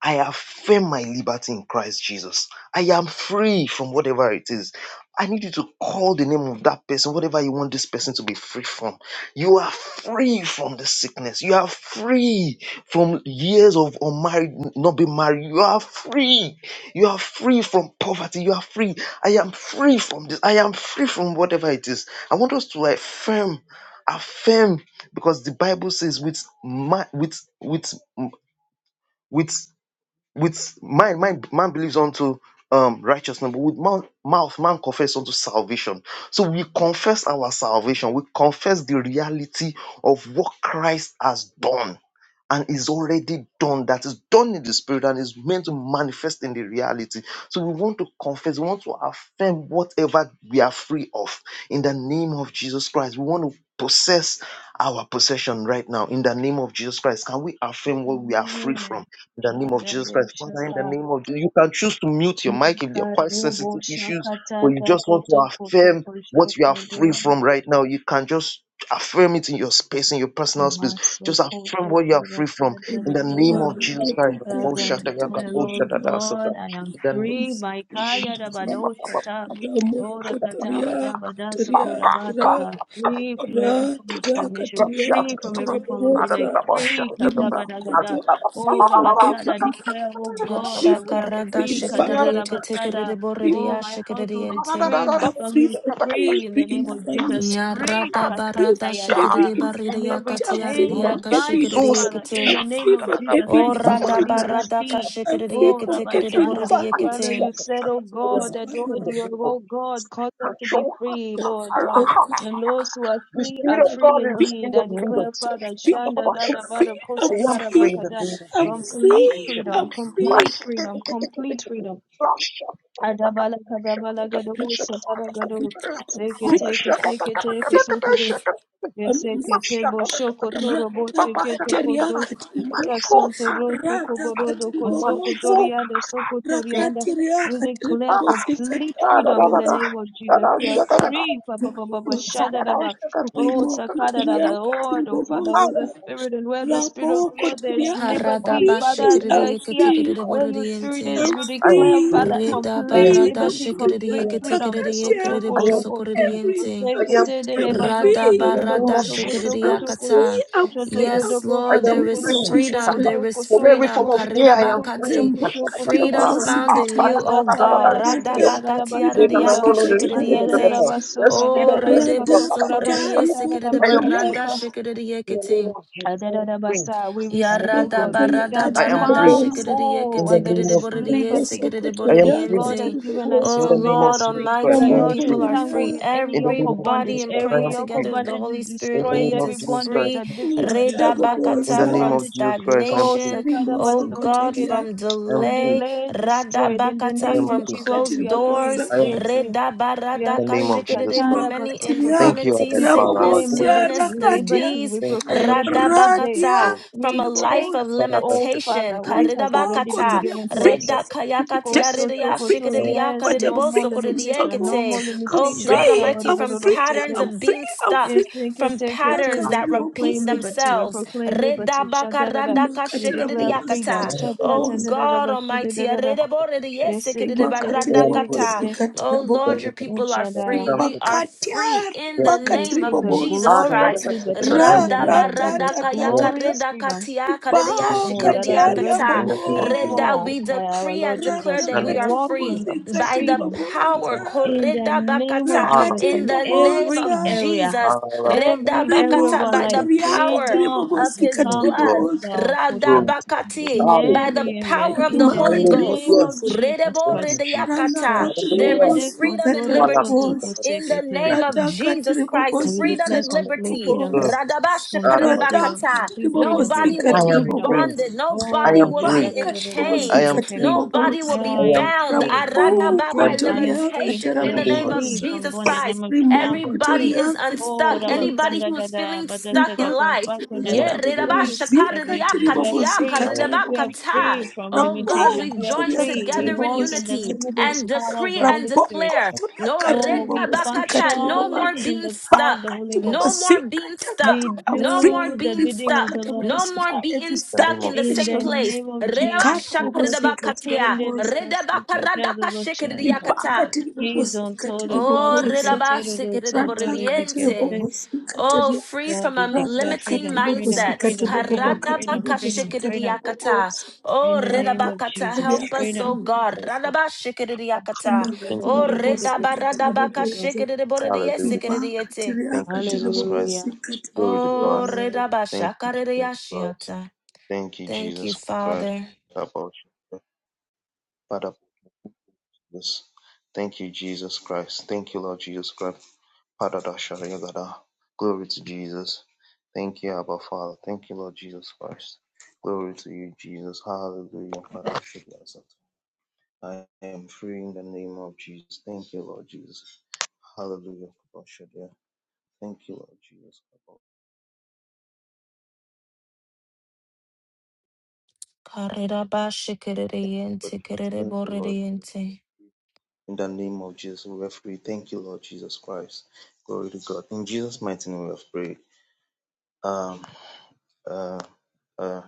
[SPEAKER 2] I affirm my liberty in Christ Jesus. I am free from whatever it is. I need you to call the name of that person, whatever you want this person to be free from. You are free from the sickness. You are free from years of unmarried, not being married. You are free. You are free from poverty. You are free. I am free from this. I am free from whatever it is. I want us to affirm, affirm, because the Bible says with my, with with with with mind, mind man believes unto um righteousness, but with mouth, mouth man confess unto salvation. So we confess our salvation, we confess the reality of what Christ has done and is already done, that is done in the spirit and is meant to manifest in the reality. So we want to confess, we want to affirm whatever we are free of in the name of Jesus Christ. We want to possess our possession right now in the name of Jesus Christ. Can we affirm what we are free from in the name of Jesus Christ? Father, in the name of Jesus, you can choose to mute your mic if there are quite
[SPEAKER 1] Karobo
[SPEAKER 2] sensitive issues, but you
[SPEAKER 1] shakatata
[SPEAKER 2] just want
[SPEAKER 1] koto
[SPEAKER 2] to
[SPEAKER 1] koto
[SPEAKER 2] affirm
[SPEAKER 1] kosho
[SPEAKER 2] what you are
[SPEAKER 1] kodo
[SPEAKER 2] free from right now. You can just affirm it in your space, in your personal space.
[SPEAKER 1] maso
[SPEAKER 2] Just
[SPEAKER 1] koto
[SPEAKER 2] affirm what you are
[SPEAKER 1] kura
[SPEAKER 2] free from
[SPEAKER 1] da da
[SPEAKER 4] From
[SPEAKER 2] in
[SPEAKER 1] da
[SPEAKER 2] the
[SPEAKER 1] da
[SPEAKER 2] name
[SPEAKER 1] da.
[SPEAKER 2] of Jesus Christ. Oh,
[SPEAKER 1] Father, I
[SPEAKER 2] shatta, yaka,
[SPEAKER 1] declare,
[SPEAKER 2] oh,
[SPEAKER 1] Lord
[SPEAKER 2] shatta, da, shatta.
[SPEAKER 1] God, I am
[SPEAKER 2] In the-
[SPEAKER 1] free. My
[SPEAKER 4] sickness and
[SPEAKER 1] kaya rabado
[SPEAKER 4] disease.
[SPEAKER 1] Ora
[SPEAKER 4] Ramokotoria
[SPEAKER 1] katabada bada sakura
[SPEAKER 2] Ka,
[SPEAKER 4] katiria.
[SPEAKER 1] bataka, free from every form of
[SPEAKER 4] Ratara
[SPEAKER 1] stagnation,
[SPEAKER 2] ra,
[SPEAKER 4] Katiria
[SPEAKER 2] shatta,
[SPEAKER 1] free
[SPEAKER 2] ta,
[SPEAKER 1] from
[SPEAKER 2] ta, ta.
[SPEAKER 1] every form of
[SPEAKER 2] Ah, da,
[SPEAKER 1] delay,
[SPEAKER 2] da,
[SPEAKER 4] Katarabosa
[SPEAKER 2] ba,
[SPEAKER 1] free
[SPEAKER 2] shatta, ta, ta, ta.
[SPEAKER 1] katabada
[SPEAKER 2] Ah, da,
[SPEAKER 1] gada.
[SPEAKER 4] Rimokoto
[SPEAKER 2] da,
[SPEAKER 4] I'm
[SPEAKER 2] ba,
[SPEAKER 4] free
[SPEAKER 1] Oh,
[SPEAKER 2] ba, ba,
[SPEAKER 4] from
[SPEAKER 2] ba, ba,
[SPEAKER 4] every
[SPEAKER 1] basada,
[SPEAKER 2] shaka, ta, ta, ta,
[SPEAKER 4] infirmity,
[SPEAKER 1] declare, oh
[SPEAKER 3] Oh,
[SPEAKER 4] I'm
[SPEAKER 2] ta, ta,
[SPEAKER 1] God,
[SPEAKER 2] ta,
[SPEAKER 3] de
[SPEAKER 4] free
[SPEAKER 2] ta.
[SPEAKER 1] that we
[SPEAKER 4] from
[SPEAKER 1] are
[SPEAKER 4] every
[SPEAKER 1] free.
[SPEAKER 3] de
[SPEAKER 2] Ya, da,
[SPEAKER 1] Katarara
[SPEAKER 4] infirmity,
[SPEAKER 1] basada.
[SPEAKER 3] de
[SPEAKER 4] Free-
[SPEAKER 1] Oh,
[SPEAKER 3] boridia
[SPEAKER 1] my
[SPEAKER 3] shikiri
[SPEAKER 1] household is
[SPEAKER 2] da,
[SPEAKER 3] diente.
[SPEAKER 2] da,
[SPEAKER 1] free,
[SPEAKER 2] da, da, da, da, da,
[SPEAKER 1] my
[SPEAKER 4] I'm free
[SPEAKER 1] family is
[SPEAKER 2] shaka, ta,
[SPEAKER 4] from
[SPEAKER 2] ta, ta,
[SPEAKER 1] free in the
[SPEAKER 4] every
[SPEAKER 1] name of Jesus,
[SPEAKER 4] infirmity,
[SPEAKER 1] free
[SPEAKER 3] Yarada
[SPEAKER 4] Free
[SPEAKER 1] Sakata
[SPEAKER 3] barada
[SPEAKER 4] from
[SPEAKER 3] shikiri
[SPEAKER 2] shaka,
[SPEAKER 4] every
[SPEAKER 1] Yadaba,
[SPEAKER 3] de
[SPEAKER 4] infirmity,
[SPEAKER 1] from
[SPEAKER 2] da,
[SPEAKER 3] baridia
[SPEAKER 2] da,
[SPEAKER 1] every
[SPEAKER 2] da.
[SPEAKER 4] I'm
[SPEAKER 3] katiari
[SPEAKER 4] free
[SPEAKER 1] chain
[SPEAKER 2] Ma,
[SPEAKER 4] from
[SPEAKER 1] that
[SPEAKER 3] diaka
[SPEAKER 4] every
[SPEAKER 1] binds,
[SPEAKER 3] shikiri
[SPEAKER 1] oh
[SPEAKER 2] so, si,
[SPEAKER 1] Father,
[SPEAKER 4] infirmity,
[SPEAKER 1] in
[SPEAKER 4] I'm
[SPEAKER 3] diekite.
[SPEAKER 1] the
[SPEAKER 2] shaka,
[SPEAKER 1] name
[SPEAKER 4] free
[SPEAKER 2] da,
[SPEAKER 1] of
[SPEAKER 2] da,
[SPEAKER 4] from
[SPEAKER 2] da.
[SPEAKER 1] Jesus,
[SPEAKER 4] every
[SPEAKER 1] I
[SPEAKER 3] Oh,
[SPEAKER 2] Ma,
[SPEAKER 1] declare
[SPEAKER 3] rada
[SPEAKER 2] da, da,
[SPEAKER 4] infirmity,
[SPEAKER 2] da,
[SPEAKER 1] liberty.
[SPEAKER 4] I'm free
[SPEAKER 1] Oh,
[SPEAKER 4] from
[SPEAKER 2] shaka,
[SPEAKER 4] every
[SPEAKER 2] shaka.
[SPEAKER 1] Rabatsanda.
[SPEAKER 2] I will
[SPEAKER 1] Father,
[SPEAKER 4] infirmity.
[SPEAKER 3] Ashakaradashikididiyekitikidiboridiyashikididiyente. Nyaradabaradashikididibaridiakatiyaridiyakashikididiyekite. de
[SPEAKER 1] you
[SPEAKER 2] shaka,
[SPEAKER 1] said, oh
[SPEAKER 2] I
[SPEAKER 4] That's
[SPEAKER 1] God,
[SPEAKER 2] will
[SPEAKER 1] that
[SPEAKER 4] why
[SPEAKER 2] in
[SPEAKER 1] Lord,
[SPEAKER 2] the
[SPEAKER 1] you are,
[SPEAKER 2] name of
[SPEAKER 1] oh God,
[SPEAKER 2] Jesus.
[SPEAKER 1] cause us to be
[SPEAKER 2] Control,
[SPEAKER 1] free,
[SPEAKER 4] I'm
[SPEAKER 1] Lord
[SPEAKER 4] free, oh
[SPEAKER 1] God.
[SPEAKER 4] God.
[SPEAKER 1] And those who are
[SPEAKER 2] The
[SPEAKER 1] free are
[SPEAKER 2] Spirit of
[SPEAKER 1] free
[SPEAKER 2] God is the
[SPEAKER 4] free.
[SPEAKER 1] indeed.
[SPEAKER 2] Spirit
[SPEAKER 1] I
[SPEAKER 2] of
[SPEAKER 1] declare,
[SPEAKER 2] liberty.
[SPEAKER 1] Father,
[SPEAKER 4] free.
[SPEAKER 1] Shanda
[SPEAKER 4] I'm
[SPEAKER 1] Gada
[SPEAKER 4] free.
[SPEAKER 1] Bada
[SPEAKER 4] I'm
[SPEAKER 1] Kosa
[SPEAKER 2] I am free
[SPEAKER 4] free.
[SPEAKER 2] in the
[SPEAKER 1] Karabakada,
[SPEAKER 2] name of
[SPEAKER 4] I'm
[SPEAKER 2] Jesus.
[SPEAKER 1] complete
[SPEAKER 4] free.
[SPEAKER 1] freedom,
[SPEAKER 4] I'm free.
[SPEAKER 1] complete freedom, complete freedom. Adabala Kadabala
[SPEAKER 4] Every
[SPEAKER 1] Gadabo Satara
[SPEAKER 4] powers of the
[SPEAKER 1] Gado,
[SPEAKER 4] dark, I'm
[SPEAKER 1] Seke
[SPEAKER 4] free.
[SPEAKER 1] Teke Seke
[SPEAKER 4] I'm
[SPEAKER 1] Teke
[SPEAKER 4] free.
[SPEAKER 1] Seke
[SPEAKER 4] I'm free.
[SPEAKER 1] Seke Tebo Shoko Toro Bo
[SPEAKER 4] Rata katiria katiribo.
[SPEAKER 1] Kasontoro
[SPEAKER 4] Rata
[SPEAKER 1] Sokoborodo
[SPEAKER 4] katiribo boza.
[SPEAKER 1] Kosokotorianda Sokotorianda.
[SPEAKER 4] Rakatiria
[SPEAKER 1] We
[SPEAKER 4] katiribo
[SPEAKER 1] declare
[SPEAKER 4] boza.
[SPEAKER 1] complete
[SPEAKER 4] Katiribo
[SPEAKER 1] freedom in the
[SPEAKER 4] boza.
[SPEAKER 1] name of Jesus. You are free. Ba- ba- ba-
[SPEAKER 4] Katiribo
[SPEAKER 1] ba- ba-
[SPEAKER 4] boza.
[SPEAKER 1] shadadaba. Oh,
[SPEAKER 4] Rimo
[SPEAKER 1] Sakada,
[SPEAKER 4] kotoria
[SPEAKER 1] Lord, oh
[SPEAKER 4] katiribo
[SPEAKER 1] the Father, oh the
[SPEAKER 4] boza.
[SPEAKER 2] *laughs*
[SPEAKER 1] Spirit, and where
[SPEAKER 2] I am
[SPEAKER 1] the Spirit of
[SPEAKER 4] Rabo
[SPEAKER 1] the Lord, there is
[SPEAKER 4] kotoria. I'm
[SPEAKER 1] liberty. Father,
[SPEAKER 4] free.
[SPEAKER 1] as we
[SPEAKER 4] I'm
[SPEAKER 1] are here,
[SPEAKER 4] free.
[SPEAKER 1] where your Spirit
[SPEAKER 3] Karadabashikididiyekitikidiboridiyente.
[SPEAKER 1] is,
[SPEAKER 4] I'm
[SPEAKER 1] we declare,
[SPEAKER 2] free.
[SPEAKER 4] free.
[SPEAKER 1] Father,
[SPEAKER 4] I'm
[SPEAKER 3] Reda
[SPEAKER 2] I
[SPEAKER 1] complete
[SPEAKER 2] am
[SPEAKER 4] free.
[SPEAKER 3] barada
[SPEAKER 2] free.
[SPEAKER 4] I'm
[SPEAKER 1] liberty,
[SPEAKER 4] free. I
[SPEAKER 2] I
[SPEAKER 1] complete
[SPEAKER 3] shikirieke
[SPEAKER 2] am
[SPEAKER 4] I
[SPEAKER 1] freedom.
[SPEAKER 2] free.
[SPEAKER 4] can't
[SPEAKER 3] tekirieke
[SPEAKER 4] tell.
[SPEAKER 2] I
[SPEAKER 3] rebo
[SPEAKER 2] am free.
[SPEAKER 1] Sotoko
[SPEAKER 4] Every
[SPEAKER 3] sokoririente.
[SPEAKER 2] I am
[SPEAKER 4] moment,
[SPEAKER 1] Mandara
[SPEAKER 4] I'm
[SPEAKER 2] free.
[SPEAKER 3] Rada
[SPEAKER 2] In
[SPEAKER 4] free.
[SPEAKER 2] the name
[SPEAKER 3] barada
[SPEAKER 2] of Jesus
[SPEAKER 4] I'm
[SPEAKER 2] Christ.
[SPEAKER 4] free.
[SPEAKER 3] shikiriakata.
[SPEAKER 2] I am
[SPEAKER 4] I'm free.
[SPEAKER 2] free.
[SPEAKER 4] I'm
[SPEAKER 3] Yes,
[SPEAKER 2] I
[SPEAKER 4] free.
[SPEAKER 3] Lord,
[SPEAKER 4] In
[SPEAKER 2] am
[SPEAKER 3] there
[SPEAKER 4] the name
[SPEAKER 3] is
[SPEAKER 4] of
[SPEAKER 2] free.
[SPEAKER 4] Jesus
[SPEAKER 3] freedom.
[SPEAKER 2] *laughs*
[SPEAKER 4] Christ.
[SPEAKER 3] There is
[SPEAKER 2] From every
[SPEAKER 3] freedom.
[SPEAKER 2] form of fear,
[SPEAKER 3] Karida
[SPEAKER 2] I am
[SPEAKER 3] bakati.
[SPEAKER 2] free.
[SPEAKER 4] Remaka
[SPEAKER 2] *laughs*
[SPEAKER 4] tiri
[SPEAKER 3] Freedom
[SPEAKER 2] Ah,
[SPEAKER 3] found in
[SPEAKER 2] ba-
[SPEAKER 4] bobosikata.
[SPEAKER 3] you,
[SPEAKER 2] da- da-
[SPEAKER 3] O
[SPEAKER 2] da- da- da- da- da,
[SPEAKER 3] God.
[SPEAKER 2] There's
[SPEAKER 3] Rada
[SPEAKER 2] freedom.
[SPEAKER 4] Radaka
[SPEAKER 2] No,
[SPEAKER 3] bakati
[SPEAKER 4] tiri
[SPEAKER 2] no, no,
[SPEAKER 3] aridiaka
[SPEAKER 2] no, no,
[SPEAKER 4] bobosikata
[SPEAKER 2] There's freedom. da- da- da-
[SPEAKER 3] shikiriente.
[SPEAKER 2] da.
[SPEAKER 4] rabobosa.
[SPEAKER 2] There's
[SPEAKER 1] rabasoka
[SPEAKER 3] O
[SPEAKER 2] freedom.
[SPEAKER 1] darara
[SPEAKER 2] There's freedom.
[SPEAKER 3] redebo
[SPEAKER 2] Ba- da- da-
[SPEAKER 4] Radaka
[SPEAKER 1] bakasakura
[SPEAKER 2] da- da.
[SPEAKER 4] dari
[SPEAKER 3] sokoririese
[SPEAKER 1] basatara
[SPEAKER 3] kiride
[SPEAKER 2] I am
[SPEAKER 4] bokotoria.
[SPEAKER 2] free.
[SPEAKER 3] barada
[SPEAKER 1] rabakasaka
[SPEAKER 2] In the name
[SPEAKER 3] shikiriekete.
[SPEAKER 2] of Jesus, I am free.
[SPEAKER 1] Adadadabasa, We
[SPEAKER 2] I am
[SPEAKER 1] receive, oh
[SPEAKER 3] Yarada
[SPEAKER 2] free.
[SPEAKER 1] God, we
[SPEAKER 4] Bokotoria
[SPEAKER 3] barada
[SPEAKER 1] stand
[SPEAKER 2] I
[SPEAKER 4] katiri
[SPEAKER 2] am
[SPEAKER 3] barada
[SPEAKER 2] free.
[SPEAKER 1] firm,
[SPEAKER 4] bobosa.
[SPEAKER 3] shikiriye
[SPEAKER 2] in
[SPEAKER 1] oh,
[SPEAKER 2] the
[SPEAKER 1] and there
[SPEAKER 2] name
[SPEAKER 1] is
[SPEAKER 3] ketikiride
[SPEAKER 2] of Jesus
[SPEAKER 3] boridiye
[SPEAKER 2] Christ.
[SPEAKER 1] liberty
[SPEAKER 2] I
[SPEAKER 1] that
[SPEAKER 2] am
[SPEAKER 4] Rabosokotoria
[SPEAKER 2] free
[SPEAKER 1] God has
[SPEAKER 4] katiri
[SPEAKER 1] given us. You
[SPEAKER 2] in
[SPEAKER 3] Oh
[SPEAKER 2] the
[SPEAKER 1] have
[SPEAKER 4] bobosa.
[SPEAKER 2] name
[SPEAKER 1] made
[SPEAKER 2] of
[SPEAKER 3] Lord
[SPEAKER 1] us
[SPEAKER 2] Jesus
[SPEAKER 1] free. We
[SPEAKER 2] Christ.
[SPEAKER 3] Almighty,
[SPEAKER 1] are
[SPEAKER 2] I
[SPEAKER 3] your
[SPEAKER 2] am
[SPEAKER 1] not
[SPEAKER 3] people
[SPEAKER 2] free
[SPEAKER 3] are free.
[SPEAKER 1] entangled
[SPEAKER 4] Ramokondria.
[SPEAKER 1] with any
[SPEAKER 2] in the
[SPEAKER 1] yoke
[SPEAKER 2] name
[SPEAKER 1] of
[SPEAKER 2] of
[SPEAKER 3] Everybody
[SPEAKER 1] bondage.
[SPEAKER 2] Jesus
[SPEAKER 3] in
[SPEAKER 2] Christ. I
[SPEAKER 3] praying
[SPEAKER 1] Every
[SPEAKER 2] am
[SPEAKER 1] yoke
[SPEAKER 2] free
[SPEAKER 1] of
[SPEAKER 3] together as the
[SPEAKER 1] bondage
[SPEAKER 3] Holy
[SPEAKER 1] is
[SPEAKER 2] in
[SPEAKER 3] Spirit
[SPEAKER 2] the
[SPEAKER 1] destroyed,
[SPEAKER 2] name
[SPEAKER 3] leads
[SPEAKER 2] of
[SPEAKER 1] every
[SPEAKER 3] is
[SPEAKER 2] Jesus
[SPEAKER 1] bond of
[SPEAKER 3] free.
[SPEAKER 2] Christ. I am free
[SPEAKER 1] addiction
[SPEAKER 4] Nkata
[SPEAKER 3] Reda
[SPEAKER 1] destroyed, every
[SPEAKER 2] in
[SPEAKER 3] bakata
[SPEAKER 2] the
[SPEAKER 4] rabobosa.
[SPEAKER 2] name
[SPEAKER 3] from
[SPEAKER 2] of
[SPEAKER 1] bondage,
[SPEAKER 2] Jesus Christ. I am
[SPEAKER 1] oh,
[SPEAKER 2] free.
[SPEAKER 3] stagnation. Oh
[SPEAKER 1] Sakadabaston
[SPEAKER 3] God,
[SPEAKER 1] Tekeda,
[SPEAKER 4] rimosokotoria
[SPEAKER 3] from
[SPEAKER 2] I am
[SPEAKER 1] of
[SPEAKER 3] delay.
[SPEAKER 2] free.
[SPEAKER 1] delay destroyed. In the
[SPEAKER 3] Radabakata
[SPEAKER 2] I
[SPEAKER 1] name
[SPEAKER 2] am
[SPEAKER 1] of
[SPEAKER 3] from
[SPEAKER 2] free.
[SPEAKER 1] Jesus, we
[SPEAKER 3] closed
[SPEAKER 1] are free.
[SPEAKER 3] doors.
[SPEAKER 4] rimakatiribobosa
[SPEAKER 2] I
[SPEAKER 1] We are
[SPEAKER 2] am free
[SPEAKER 1] free. We are
[SPEAKER 2] in the name
[SPEAKER 1] free.
[SPEAKER 2] of Jesus
[SPEAKER 3] Redabaradakashikidide
[SPEAKER 2] Christ.
[SPEAKER 3] from
[SPEAKER 1] Katada
[SPEAKER 3] any
[SPEAKER 4] rimakatiria
[SPEAKER 1] Basokoto.
[SPEAKER 2] Thank you,
[SPEAKER 3] infirmity,
[SPEAKER 2] Abba
[SPEAKER 1] We
[SPEAKER 2] Father. Abba,
[SPEAKER 3] sickness,
[SPEAKER 1] proclaim
[SPEAKER 4] tirabobosa
[SPEAKER 3] illness,
[SPEAKER 1] liberty,
[SPEAKER 4] rakatia
[SPEAKER 1] liberty.
[SPEAKER 3] disease.
[SPEAKER 1] We
[SPEAKER 2] Thank you,
[SPEAKER 1] proclaim
[SPEAKER 2] Lord
[SPEAKER 1] liberty
[SPEAKER 2] Jesus Christ.
[SPEAKER 1] today.
[SPEAKER 3] Radabakata
[SPEAKER 4] radia
[SPEAKER 2] for-
[SPEAKER 3] from a
[SPEAKER 1] We
[SPEAKER 3] life
[SPEAKER 1] take,
[SPEAKER 3] of
[SPEAKER 4] tiribobosa
[SPEAKER 2] Father, Abba,
[SPEAKER 1] oh
[SPEAKER 2] Shepherd,
[SPEAKER 3] limitation.
[SPEAKER 1] Father, what has already been
[SPEAKER 3] Karidabakata.
[SPEAKER 4] ribokotoria
[SPEAKER 1] given
[SPEAKER 4] I'm
[SPEAKER 1] to
[SPEAKER 2] Father,
[SPEAKER 4] free
[SPEAKER 1] us.
[SPEAKER 4] from
[SPEAKER 1] Koso
[SPEAKER 4] limitation. I'm free
[SPEAKER 1] Tokoto,
[SPEAKER 2] I
[SPEAKER 4] from
[SPEAKER 2] am
[SPEAKER 1] yes,
[SPEAKER 4] poverty. I'm
[SPEAKER 1] no
[SPEAKER 4] free
[SPEAKER 1] more
[SPEAKER 4] from
[SPEAKER 1] limitation,
[SPEAKER 4] struggle.
[SPEAKER 1] no
[SPEAKER 3] Redakayakatiaridiashikididiyakaridibosokorodiekete.
[SPEAKER 1] more
[SPEAKER 4] I'm
[SPEAKER 3] Oh
[SPEAKER 1] limitation.
[SPEAKER 3] God
[SPEAKER 2] Father,
[SPEAKER 4] free.
[SPEAKER 2] Abba,
[SPEAKER 3] Almighty,
[SPEAKER 2] Shepherd.
[SPEAKER 4] I'm
[SPEAKER 3] from
[SPEAKER 1] Kabarororo
[SPEAKER 4] free.
[SPEAKER 3] patterns
[SPEAKER 1] Tekete.
[SPEAKER 4] I'm
[SPEAKER 3] of
[SPEAKER 4] free.
[SPEAKER 3] being
[SPEAKER 4] I'm
[SPEAKER 3] stuck,
[SPEAKER 1] Yes,
[SPEAKER 4] free.
[SPEAKER 3] from
[SPEAKER 1] tekete, kete.
[SPEAKER 3] patterns
[SPEAKER 2] I am
[SPEAKER 1] We
[SPEAKER 3] that repeat
[SPEAKER 4] Rakatiribobosa
[SPEAKER 1] proclaim liberty,
[SPEAKER 4] ikate.
[SPEAKER 1] we
[SPEAKER 3] themselves.
[SPEAKER 1] proclaim liberty. Shadadada. We declare
[SPEAKER 2] free.
[SPEAKER 4] Rimakatirabobosa
[SPEAKER 3] Redabakaradakashikididiyakata
[SPEAKER 1] freedom.
[SPEAKER 2] I am
[SPEAKER 3] Oh
[SPEAKER 2] free.
[SPEAKER 4] ikatirabobosa.
[SPEAKER 1] Shatatadadada,
[SPEAKER 3] God Almighty.
[SPEAKER 1] bashidadadada.
[SPEAKER 2] I am free.
[SPEAKER 1] Yes, kete,
[SPEAKER 2] I am
[SPEAKER 1] dedede,
[SPEAKER 2] free in
[SPEAKER 4] Rimakatiribobosa
[SPEAKER 3] Arereboreriesekerebaradakata.
[SPEAKER 1] kese.
[SPEAKER 3] Oh
[SPEAKER 2] The
[SPEAKER 3] Lord,
[SPEAKER 4] ikatirabobosa.
[SPEAKER 3] your
[SPEAKER 2] name of
[SPEAKER 3] people
[SPEAKER 2] Jesus
[SPEAKER 3] are
[SPEAKER 2] Christ.
[SPEAKER 1] Ushada.
[SPEAKER 3] free.
[SPEAKER 2] I am
[SPEAKER 3] We are
[SPEAKER 2] free.
[SPEAKER 4] ripakatia
[SPEAKER 3] free in the
[SPEAKER 2] Yes.
[SPEAKER 1] We
[SPEAKER 4] ripakati
[SPEAKER 3] name
[SPEAKER 1] receive
[SPEAKER 3] of
[SPEAKER 1] the
[SPEAKER 4] ribobosa
[SPEAKER 3] Jesus
[SPEAKER 2] Ah, the other
[SPEAKER 1] glorious
[SPEAKER 3] Christ.
[SPEAKER 1] liberty
[SPEAKER 2] I
[SPEAKER 4] ra
[SPEAKER 2] am
[SPEAKER 1] in the
[SPEAKER 2] free.
[SPEAKER 4] ra
[SPEAKER 1] name of
[SPEAKER 4] ta
[SPEAKER 1] Jesus,
[SPEAKER 4] ta ta
[SPEAKER 2] I am
[SPEAKER 4] ta ta
[SPEAKER 1] glorious freedom.
[SPEAKER 2] calling on
[SPEAKER 1] Oh,
[SPEAKER 2] Jesus
[SPEAKER 1] that
[SPEAKER 2] that
[SPEAKER 4] ribakatia
[SPEAKER 1] has
[SPEAKER 2] I am
[SPEAKER 1] already
[SPEAKER 2] free
[SPEAKER 3] Radabaradakayakaredakatiakaredeyashikeredeyakata.
[SPEAKER 2] in
[SPEAKER 1] been
[SPEAKER 4] riabobo
[SPEAKER 2] the name of
[SPEAKER 1] paid
[SPEAKER 2] Jesus
[SPEAKER 3] Reda,
[SPEAKER 1] for
[SPEAKER 2] Christ.
[SPEAKER 3] we
[SPEAKER 1] by our
[SPEAKER 3] decree
[SPEAKER 1] Lord
[SPEAKER 3] and declare
[SPEAKER 1] Jesus.
[SPEAKER 3] that
[SPEAKER 2] And
[SPEAKER 1] We
[SPEAKER 2] I
[SPEAKER 3] we
[SPEAKER 4] ratakati
[SPEAKER 3] are
[SPEAKER 1] walk
[SPEAKER 2] pray
[SPEAKER 3] free.
[SPEAKER 1] in
[SPEAKER 2] for
[SPEAKER 4] ribobosikati
[SPEAKER 3] By the
[SPEAKER 1] freedom
[SPEAKER 2] the Jesus
[SPEAKER 3] power,
[SPEAKER 4] ribobosa
[SPEAKER 2] Christ.
[SPEAKER 1] in the
[SPEAKER 3] Koreda
[SPEAKER 1] name of
[SPEAKER 3] Bakata,
[SPEAKER 2] Allah,
[SPEAKER 1] Jesus
[SPEAKER 4] rakati
[SPEAKER 3] in
[SPEAKER 1] in
[SPEAKER 2] Papa.
[SPEAKER 3] the name
[SPEAKER 1] every
[SPEAKER 4] ribobosa
[SPEAKER 3] of
[SPEAKER 1] area,
[SPEAKER 3] Jesus,
[SPEAKER 2] Allah, Papa.
[SPEAKER 3] Reda
[SPEAKER 2] Thank
[SPEAKER 1] every area of
[SPEAKER 3] Bakata,
[SPEAKER 1] our
[SPEAKER 3] by
[SPEAKER 4] rimokoto
[SPEAKER 1] life.
[SPEAKER 3] the
[SPEAKER 2] you,
[SPEAKER 4] riakati
[SPEAKER 3] power
[SPEAKER 1] Freedom
[SPEAKER 3] of his
[SPEAKER 4] ribobosikati
[SPEAKER 2] thank you,
[SPEAKER 1] becomes
[SPEAKER 3] blood.
[SPEAKER 2] Lord.
[SPEAKER 4] ribobosa
[SPEAKER 1] our
[SPEAKER 2] Glory
[SPEAKER 1] portion
[SPEAKER 2] to Jesus.
[SPEAKER 3] Radabakati,
[SPEAKER 1] in
[SPEAKER 3] by the
[SPEAKER 2] Hallelujah.
[SPEAKER 1] every area
[SPEAKER 3] power of the
[SPEAKER 1] in the
[SPEAKER 3] Holy
[SPEAKER 4] rimakati
[SPEAKER 3] Ghost.
[SPEAKER 1] name
[SPEAKER 2] Hallelujah.
[SPEAKER 1] of
[SPEAKER 4] ribobosa
[SPEAKER 1] Jesus
[SPEAKER 2] Thank you,
[SPEAKER 1] Christ.
[SPEAKER 2] Jesus.
[SPEAKER 1] For
[SPEAKER 3] Redeboredeyakata.
[SPEAKER 4] ranakati
[SPEAKER 3] There
[SPEAKER 2] Hallelujah.
[SPEAKER 3] is
[SPEAKER 1] Shende
[SPEAKER 3] freedom
[SPEAKER 4] ribobosikati
[SPEAKER 3] and
[SPEAKER 1] Kotoro
[SPEAKER 2] Allah, Papa,
[SPEAKER 1] Soto
[SPEAKER 3] liberty
[SPEAKER 4] ribobosa
[SPEAKER 2] Papa.
[SPEAKER 3] in the
[SPEAKER 1] Kosekete.
[SPEAKER 2] Thank
[SPEAKER 3] name
[SPEAKER 2] you,
[SPEAKER 3] of
[SPEAKER 2] Jesus.
[SPEAKER 4] ratakati
[SPEAKER 3] Jesus
[SPEAKER 1] I
[SPEAKER 3] Christ.
[SPEAKER 2] Thank
[SPEAKER 1] will
[SPEAKER 2] you,
[SPEAKER 3] Freedom
[SPEAKER 1] declare
[SPEAKER 3] and
[SPEAKER 4] ribobosikati
[SPEAKER 2] Jesus.
[SPEAKER 1] complete
[SPEAKER 3] liberty.
[SPEAKER 1] freedom
[SPEAKER 2] Mm.
[SPEAKER 4] ribobosa
[SPEAKER 2] Allah,
[SPEAKER 1] Complete
[SPEAKER 2] Papa, Papa.
[SPEAKER 1] freedom,
[SPEAKER 4] Rataka
[SPEAKER 3] Radabashakaredabakata.
[SPEAKER 1] complete freedom,
[SPEAKER 3] Nobody
[SPEAKER 4] tiribobosika
[SPEAKER 2] I
[SPEAKER 3] will
[SPEAKER 1] complete
[SPEAKER 3] be
[SPEAKER 2] am
[SPEAKER 1] freedom.
[SPEAKER 2] free.
[SPEAKER 4] tiribobosa.
[SPEAKER 3] bonded.
[SPEAKER 2] I
[SPEAKER 3] Nobody
[SPEAKER 1] Oh,
[SPEAKER 2] am
[SPEAKER 3] will
[SPEAKER 1] the, the,
[SPEAKER 3] be
[SPEAKER 2] free.
[SPEAKER 1] the,
[SPEAKER 4] Ribaka
[SPEAKER 3] in
[SPEAKER 1] the, the, the, the,
[SPEAKER 2] I
[SPEAKER 3] chains.
[SPEAKER 1] the,
[SPEAKER 4] tiribobosika
[SPEAKER 2] am
[SPEAKER 1] the thing.
[SPEAKER 2] free.
[SPEAKER 3] Nobody will
[SPEAKER 4] tiribobosa.
[SPEAKER 3] be
[SPEAKER 2] I
[SPEAKER 1] I
[SPEAKER 2] am
[SPEAKER 1] am
[SPEAKER 3] bound.
[SPEAKER 2] free.
[SPEAKER 1] free. I am
[SPEAKER 3] Aradaba
[SPEAKER 4] Raboko
[SPEAKER 2] I
[SPEAKER 3] by
[SPEAKER 2] am
[SPEAKER 1] free. I
[SPEAKER 2] free.
[SPEAKER 1] am
[SPEAKER 4] toriaka
[SPEAKER 1] free.
[SPEAKER 3] limitation
[SPEAKER 1] I
[SPEAKER 2] In
[SPEAKER 3] in
[SPEAKER 2] the
[SPEAKER 3] the
[SPEAKER 1] am
[SPEAKER 2] name
[SPEAKER 3] name
[SPEAKER 2] of
[SPEAKER 3] of
[SPEAKER 1] free
[SPEAKER 4] tarabobosa.
[SPEAKER 1] from
[SPEAKER 3] Jesus
[SPEAKER 1] bondage. I'm,
[SPEAKER 3] Christ.
[SPEAKER 1] a, I'm
[SPEAKER 4] Rimoko
[SPEAKER 3] Everybody
[SPEAKER 1] free.
[SPEAKER 3] is
[SPEAKER 4] toriaka
[SPEAKER 1] Oh,
[SPEAKER 3] unstuck.
[SPEAKER 4] tiribobosa.
[SPEAKER 3] Anybody
[SPEAKER 1] Rabasanda
[SPEAKER 3] who is
[SPEAKER 1] Gada,
[SPEAKER 3] feeling stuck in
[SPEAKER 1] Badasaka,
[SPEAKER 4] Ribaka
[SPEAKER 1] from
[SPEAKER 3] life,
[SPEAKER 1] backwardness.
[SPEAKER 2] I
[SPEAKER 4] tiribobosika
[SPEAKER 2] am
[SPEAKER 1] I'm
[SPEAKER 2] free. Lord.
[SPEAKER 1] free from
[SPEAKER 4] tiribobosika
[SPEAKER 1] stagnation. We are
[SPEAKER 4] tiribobosika
[SPEAKER 2] I
[SPEAKER 1] free.
[SPEAKER 2] am
[SPEAKER 1] We are
[SPEAKER 4] tarabobosa.
[SPEAKER 2] free.
[SPEAKER 3] Yerirabashakaririyakatiyakarirabakata.
[SPEAKER 2] Lord.
[SPEAKER 1] free from
[SPEAKER 3] Oh God,
[SPEAKER 1] limitations.
[SPEAKER 3] we
[SPEAKER 4] Raboko
[SPEAKER 1] We are
[SPEAKER 3] join
[SPEAKER 1] free.
[SPEAKER 4] toriakati
[SPEAKER 2] I am
[SPEAKER 1] We
[SPEAKER 3] together in
[SPEAKER 1] walk in the
[SPEAKER 3] unity
[SPEAKER 4] ribobosikati bo.
[SPEAKER 1] limitless
[SPEAKER 3] and
[SPEAKER 1] power of
[SPEAKER 3] decree
[SPEAKER 1] the
[SPEAKER 3] and
[SPEAKER 1] Holy Spirit.
[SPEAKER 4] Raboko
[SPEAKER 3] declare no
[SPEAKER 4] toriakati
[SPEAKER 1] Oh, we
[SPEAKER 4] ribobosikati
[SPEAKER 3] redabakata, no
[SPEAKER 1] function
[SPEAKER 4] riboba.
[SPEAKER 3] more
[SPEAKER 1] in
[SPEAKER 3] being
[SPEAKER 1] the power
[SPEAKER 3] stuck.
[SPEAKER 1] of the
[SPEAKER 4] Pakati
[SPEAKER 1] Holy Ghost.
[SPEAKER 3] No more being
[SPEAKER 4] bobosikati
[SPEAKER 3] stuck.
[SPEAKER 4] akati
[SPEAKER 1] We
[SPEAKER 3] No
[SPEAKER 4] afri
[SPEAKER 2] free. Lord. In
[SPEAKER 3] more
[SPEAKER 1] do the
[SPEAKER 3] being
[SPEAKER 1] bidding of
[SPEAKER 3] stuck.
[SPEAKER 1] the
[SPEAKER 4] ripakati
[SPEAKER 1] Lord
[SPEAKER 3] No more
[SPEAKER 4] bobosikati every
[SPEAKER 3] being
[SPEAKER 2] the name
[SPEAKER 3] stuck in
[SPEAKER 2] of
[SPEAKER 3] the
[SPEAKER 1] in
[SPEAKER 2] Jesus.
[SPEAKER 3] same
[SPEAKER 1] the
[SPEAKER 4] stagnation.
[SPEAKER 3] place.
[SPEAKER 1] name of Jesus.
[SPEAKER 4] Ikara
[SPEAKER 1] The protocol
[SPEAKER 4] bobosikati
[SPEAKER 3] Rerabashakarirabakatia.
[SPEAKER 1] standard is
[SPEAKER 4] ribobosa
[SPEAKER 1] Casticatadoshan.
[SPEAKER 3] Redabakarabakashikiriyakata.
[SPEAKER 4] ribhakati
[SPEAKER 1] He don't
[SPEAKER 4] rinobosikati
[SPEAKER 1] tell the
[SPEAKER 3] Oh,
[SPEAKER 1] cause he
[SPEAKER 4] ribobosa
[SPEAKER 1] can tell the somebody he
[SPEAKER 4] ratakati
[SPEAKER 1] can
[SPEAKER 3] redabasikiridiboridiente.
[SPEAKER 1] say
[SPEAKER 4] ribobosikati
[SPEAKER 3] Oh,
[SPEAKER 4] riya
[SPEAKER 3] free
[SPEAKER 1] Lord
[SPEAKER 3] from a
[SPEAKER 1] we declare
[SPEAKER 3] limiting
[SPEAKER 4] ratakati
[SPEAKER 1] freedom, freedom,
[SPEAKER 3] mindset.
[SPEAKER 4] ribobosikati
[SPEAKER 1] freedom, freedom,
[SPEAKER 4] ribobobakati
[SPEAKER 1] freedom, freedom,
[SPEAKER 4] ribobosikati
[SPEAKER 1] freedom
[SPEAKER 3] Karadabakashikidiakata.
[SPEAKER 4] ribobosa
[SPEAKER 3] Oh,
[SPEAKER 1] in the name
[SPEAKER 4] rabho
[SPEAKER 1] of
[SPEAKER 3] redabakata,
[SPEAKER 1] Jesus.
[SPEAKER 3] help
[SPEAKER 2] Thank
[SPEAKER 4] riakati
[SPEAKER 3] us, oh
[SPEAKER 1] Freedom.
[SPEAKER 3] God.
[SPEAKER 4] ribobosikati
[SPEAKER 2] you,
[SPEAKER 3] Radabashikidiakata.
[SPEAKER 2] Thank
[SPEAKER 4] rimakati
[SPEAKER 2] you,
[SPEAKER 3] Oh,
[SPEAKER 2] Jesus.
[SPEAKER 4] ribobosikati ribobosa
[SPEAKER 2] Hallelujah.
[SPEAKER 4] ribhakati
[SPEAKER 3] redabaradabakashikidiboridiyesikidiyete.
[SPEAKER 2] Thank you,
[SPEAKER 4] riakati
[SPEAKER 2] Jesus Christ.
[SPEAKER 1] Hallelujah.
[SPEAKER 4] ribobosikati
[SPEAKER 2] Glory to
[SPEAKER 3] Oh,
[SPEAKER 2] God.
[SPEAKER 4] ribobosa
[SPEAKER 1] Amen.
[SPEAKER 2] Thank you, Jesus Christ.
[SPEAKER 3] redabashakaridiashiata.
[SPEAKER 2] Thank you,
[SPEAKER 3] Thank you,
[SPEAKER 2] Jesus Christ.
[SPEAKER 3] Father.
[SPEAKER 2] About you. Father, this. Thank you, Jesus Christ. Thank you, Lord Jesus Christ. Father, that shall you God, ah. Glory to Jesus. Thank you, Abba Father. Thank you, Lord Jesus Christ. Glory to you, Jesus. Hallelujah. Father, I should be accepted. I am free in the name of Jesus. Thank you, Lord Jesus. Hallelujah. Abba, Shaddai. Thank you, Lord Jesus. Thank you, Lord Jesus. Thank you, Lord Jesus.
[SPEAKER 3] Karidabashikidiyentikidiboriyente.
[SPEAKER 2] In the name of Jesus, we are free. Thank you, Lord Jesus Christ. Glory to God. In Jesus' mighty name, we have prayed. Um, uh, uh,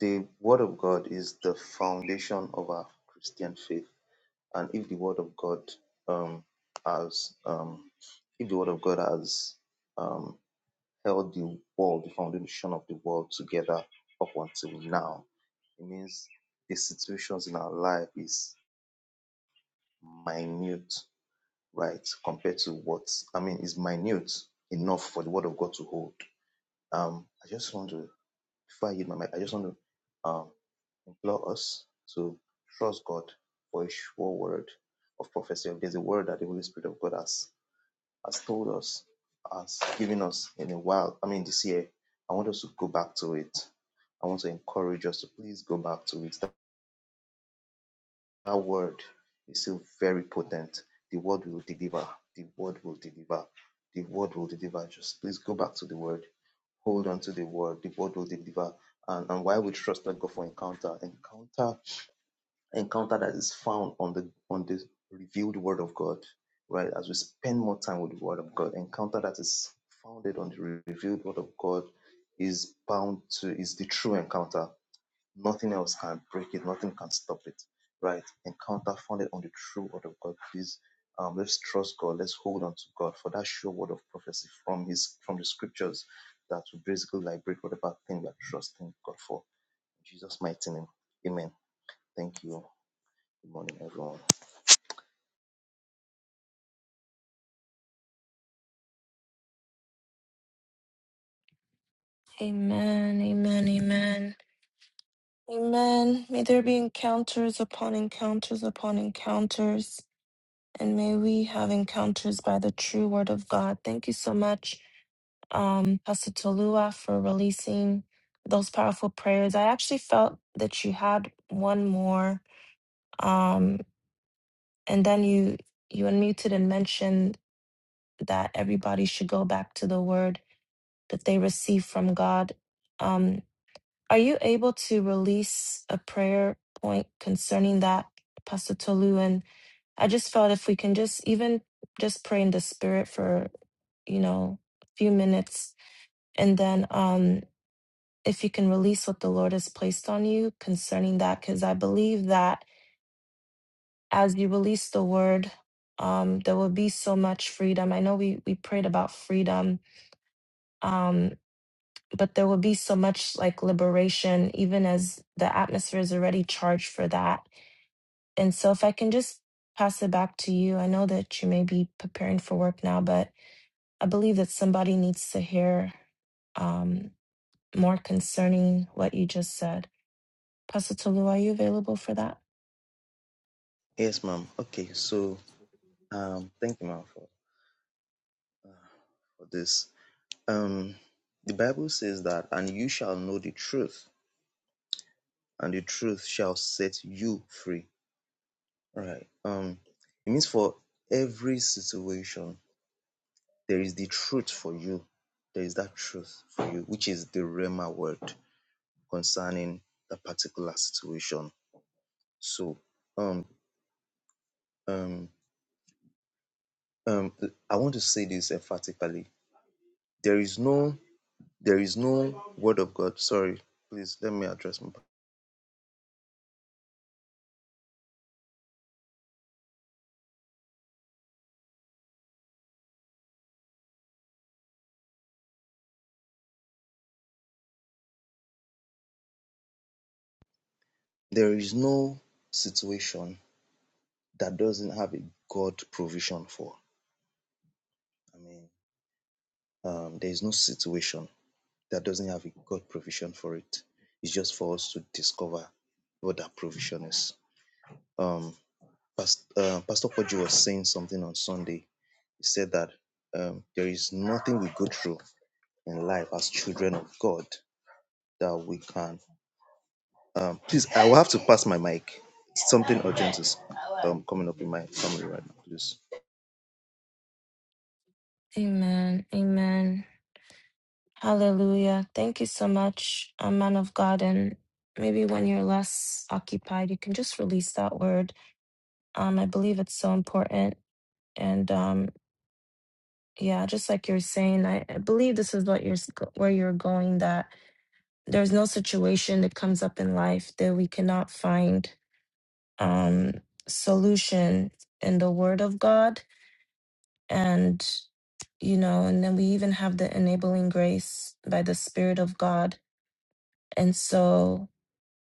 [SPEAKER 2] the Word of God is the foundation of our Christian faith, and if the Word of God um, has um, if the Word of God has um, held the world, the foundation of the world together up until now, it means the situations in our life is minute right, compared to what I mean is minute enough for the word of God to hold. Um, I just want to before I give my mic, I just want to um, implore us to trust God for a sure word of prophecy. There's a word that the Holy Spirit of God has has told us, has given us in a while. I mean this year. I want us to go back to it. I want to encourage us to please go back to it. That that word is still very potent. The word will deliver. The word will deliver. The word will deliver. Just please go back to the word. Hold on to the word. The word will deliver. And, and why we trust that God for encounter? Encounter, encounter that is found on the on the revealed word of God. Right? As we spend more time with the word of God, encounter that is founded on the revealed word of God is bound to is the true encounter Nothing else can break it. Nothing can stop it. Right? Encounter founded on the true word of God. Please, um, let's trust God. Let's hold on to God for that sure word of prophecy from His from the scriptures that will basically liberate whatever thing we are trusting God for. In Jesus' mighty name. Amen. Thank you. Good morning, everyone.
[SPEAKER 3] Amen, amen, amen. Amen. May there be encounters upon encounters upon encounters. and may we have encounters by the true word of God. Thank you so much, um, Pastor Tolua, for releasing those powerful prayers. I actually felt that you had one more, um, and then you you unmuted and mentioned that everybody should go back to the word that they receive from God. Um, are you able to release a prayer point concerning that, Pastor Tolu? I just felt if we can just even just pray in the spirit for, you know, a few minutes and then um if you can release what the Lord has placed on you concerning that cuz I believe that as you release the word um there will be so much freedom. I know we we prayed about freedom um but there will be so much like liberation even as the atmosphere is already charged for that. And so if I can just pass it back to you. I know that you may be preparing for work now, but I believe that somebody needs to hear um, more concerning what you just said. Pastor Tolu, are you available for that?
[SPEAKER 2] Yes, ma'am. Okay, so um, thank you, ma'am, for, for this. Um, the Bible says that, and you shall know the truth, and the truth shall set you free. Right. Um, it means for every situation, there is the truth for you. There is that truth for you, which is the Rema word concerning the particular situation. So, um, um, um, I want to say this emphatically. There is no, there is no word of God. Sorry, please let me address my. There is no situation that doesn't have a God provision for. I mean, um, there is no situation that doesn't have a God provision for it. It's just for us to discover what that provision is. Um, Pastor, uh, Pastor Poggi was saying something on Sunday. He said that um, there is nothing we go through in life as children of God that we can. Um, please, I will have to pass my mic. Something urgent is um, coming up in my family right now. Please.
[SPEAKER 3] Amen. Amen. Hallelujah. Thank you so much, a man of God. And maybe when you're less occupied, you can just release that word. Um, I believe it's so important. And um, yeah, just like you're saying, I, I believe this is what you're s- where you're going. That there's no situation that comes up in life that we cannot find um, solution in the Word of God. And, you know, and then we even have the enabling grace by the Spirit of God. And so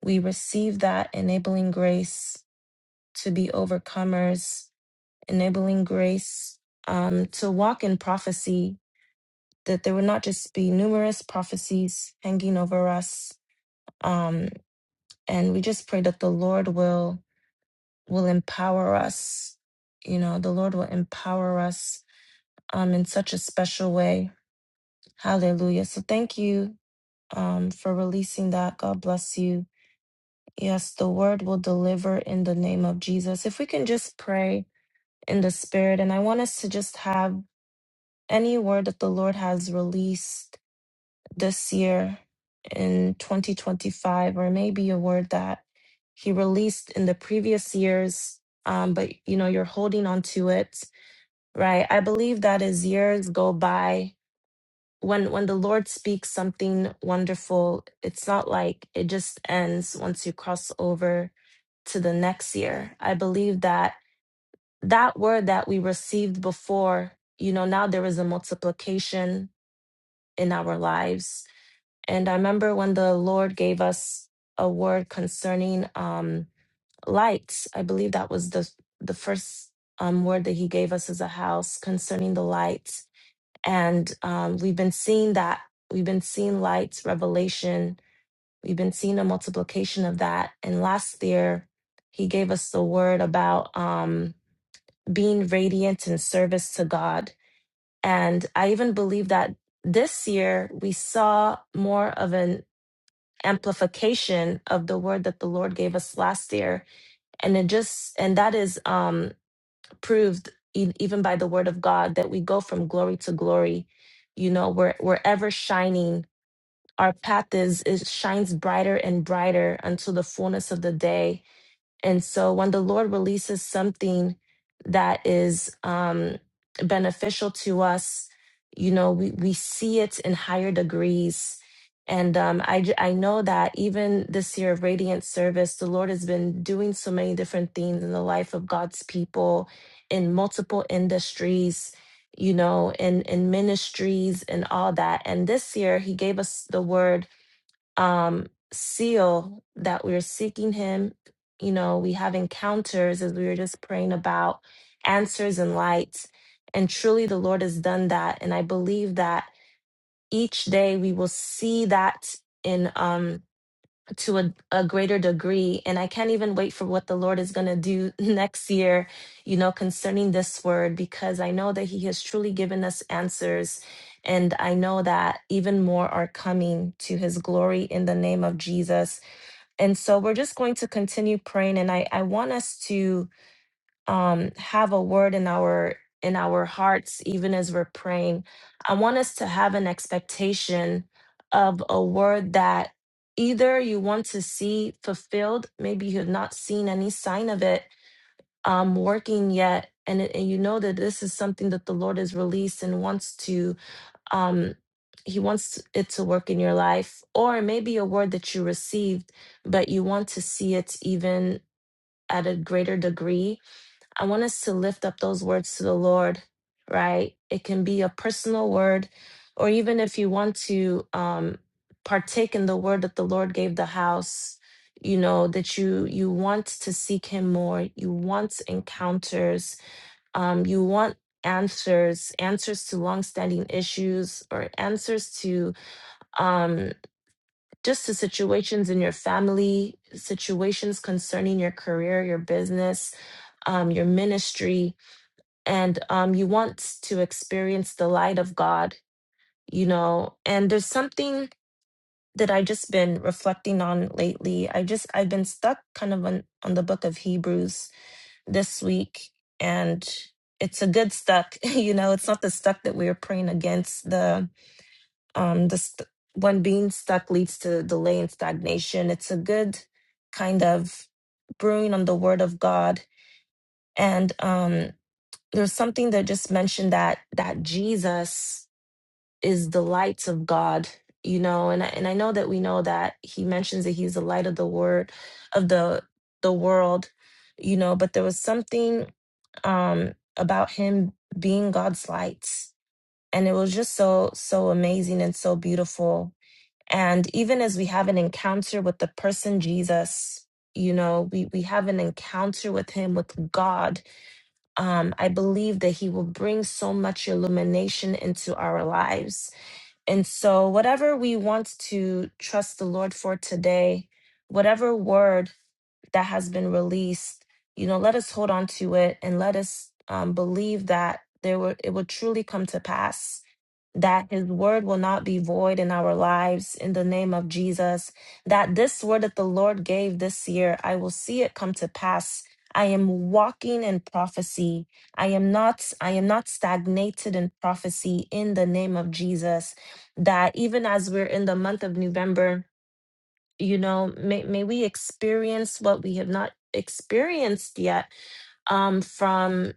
[SPEAKER 3] we receive that enabling grace to be overcomers, enabling grace um, to walk in prophecy, that there would not just be numerous prophecies hanging over us. Um, and we just pray that the Lord will will empower us. You know, the Lord will empower us um, in such a special way. Hallelujah. So thank you um, for releasing that. God bless you. Yes, the word will deliver in the name of Jesus. If we can just pray in the spirit, and I want us to just have any word that the Lord has released this year in 2025, or maybe a word that He released in the previous years, um, but you know, you're holding on to it, right? I believe that as years go by, when when the lord speaks something wonderful it's not like it just ends once you cross over to the next year i believe that that word that we received before you know now there is a multiplication in our lives and i remember when the lord gave us a word concerning um lights i believe that was the the first um word that he gave us as a house concerning the lights and um, we've been seeing that we've been seeing lights revelation we've been seeing a multiplication of that and last year he gave us the word about um, being radiant in service to god and i even believe that this year we saw more of an amplification of the word that the lord gave us last year and it just and that is um, proved e- even by the word of God that we go from glory to glory. You know, we're we're ever shining. Our path is it shines brighter and brighter until the fullness of the day and so when the Lord releases something that is um, beneficial to us, you know, we, we see it in higher degrees. And um, I, j- I know that even this year of Radiant Service, the Lord has been doing so many different things in the life of God's people in multiple industries, you know, in, in ministries and all that. And this year, He gave us the word um, seal that we're seeking Him. You know, we have encounters as we were just praying about answers and lights. And truly, the Lord has done that. And I believe that each day we will see that in. Um, to a, a greater degree. And I can't even wait for what the Lord is going to do *laughs* next year, you know, concerning this word, because I know that He has truly given us answers. And I know that even more are coming to His glory in the name of Jesus. And so we're just going to continue praying. And I, I want us to um, have a word in our in our hearts even as we're praying i want us to have an expectation of a word that either you want to see fulfilled maybe you have not seen any sign of it um, working yet and, it, and you know that this is something that the lord has released and wants to um, he wants it to work in your life or maybe a word that you received but you want to see it even at a greater degree I want us to lift up those words to the Lord, right? It can be a personal word, or even if you want to um, partake in the word that the Lord gave the house, you know that you you want to seek Him more, you want encounters, um, you want answers, answers to longstanding issues, or answers to um, just to situations in your family, situations concerning your career, your business, um, your ministry and um, you want to experience the light of God, you know. And there's something that I just been reflecting on lately. I just I've been stuck kind of on on the book of Hebrews this week, and it's a good stuck. *laughs* You know, it's not the stuck that we are praying against. The um the st- when being stuck leads to delay and stagnation. It's a good kind of brewing on the Word of God, and um there's something that just mentioned that that Jesus is the light of God, you know, and I, and I know that we know that he mentions that he's the light of the word of the the world, you know, but there was something um about him being God's light and it was just so so amazing and so beautiful. And even as we have an encounter with the person Jesus, you know, we we have an encounter with him with God um, I believe that He will bring so much illumination into our lives. And so, whatever we want to trust the Lord for today, whatever word that has been released, you know, let us hold on to it and let us um, believe that there will it will truly come to pass that his word will not be void in our lives in the name of Jesus. That this word that the Lord gave this year, I will see it come to pass. I am walking in prophecy. I am not I am not stagnated in prophecy in the name of Jesus. That even as we're in the month of November, you know, may, may we experience what we have not experienced yet um, from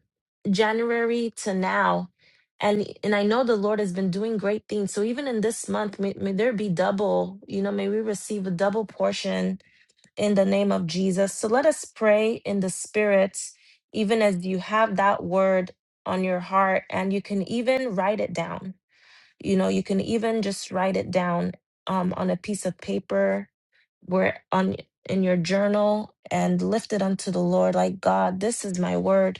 [SPEAKER 3] January to now. And and I know the Lord has been doing great things. So even in this month, may, may there be double, you know, may we receive a double portion in the name of Jesus. So let us pray in the spirit, even as you have that word on your heart, and you can even write it down. You know, you can even just write it down um, on a piece of paper where on in your journal and lift it unto the Lord like God, this is my word.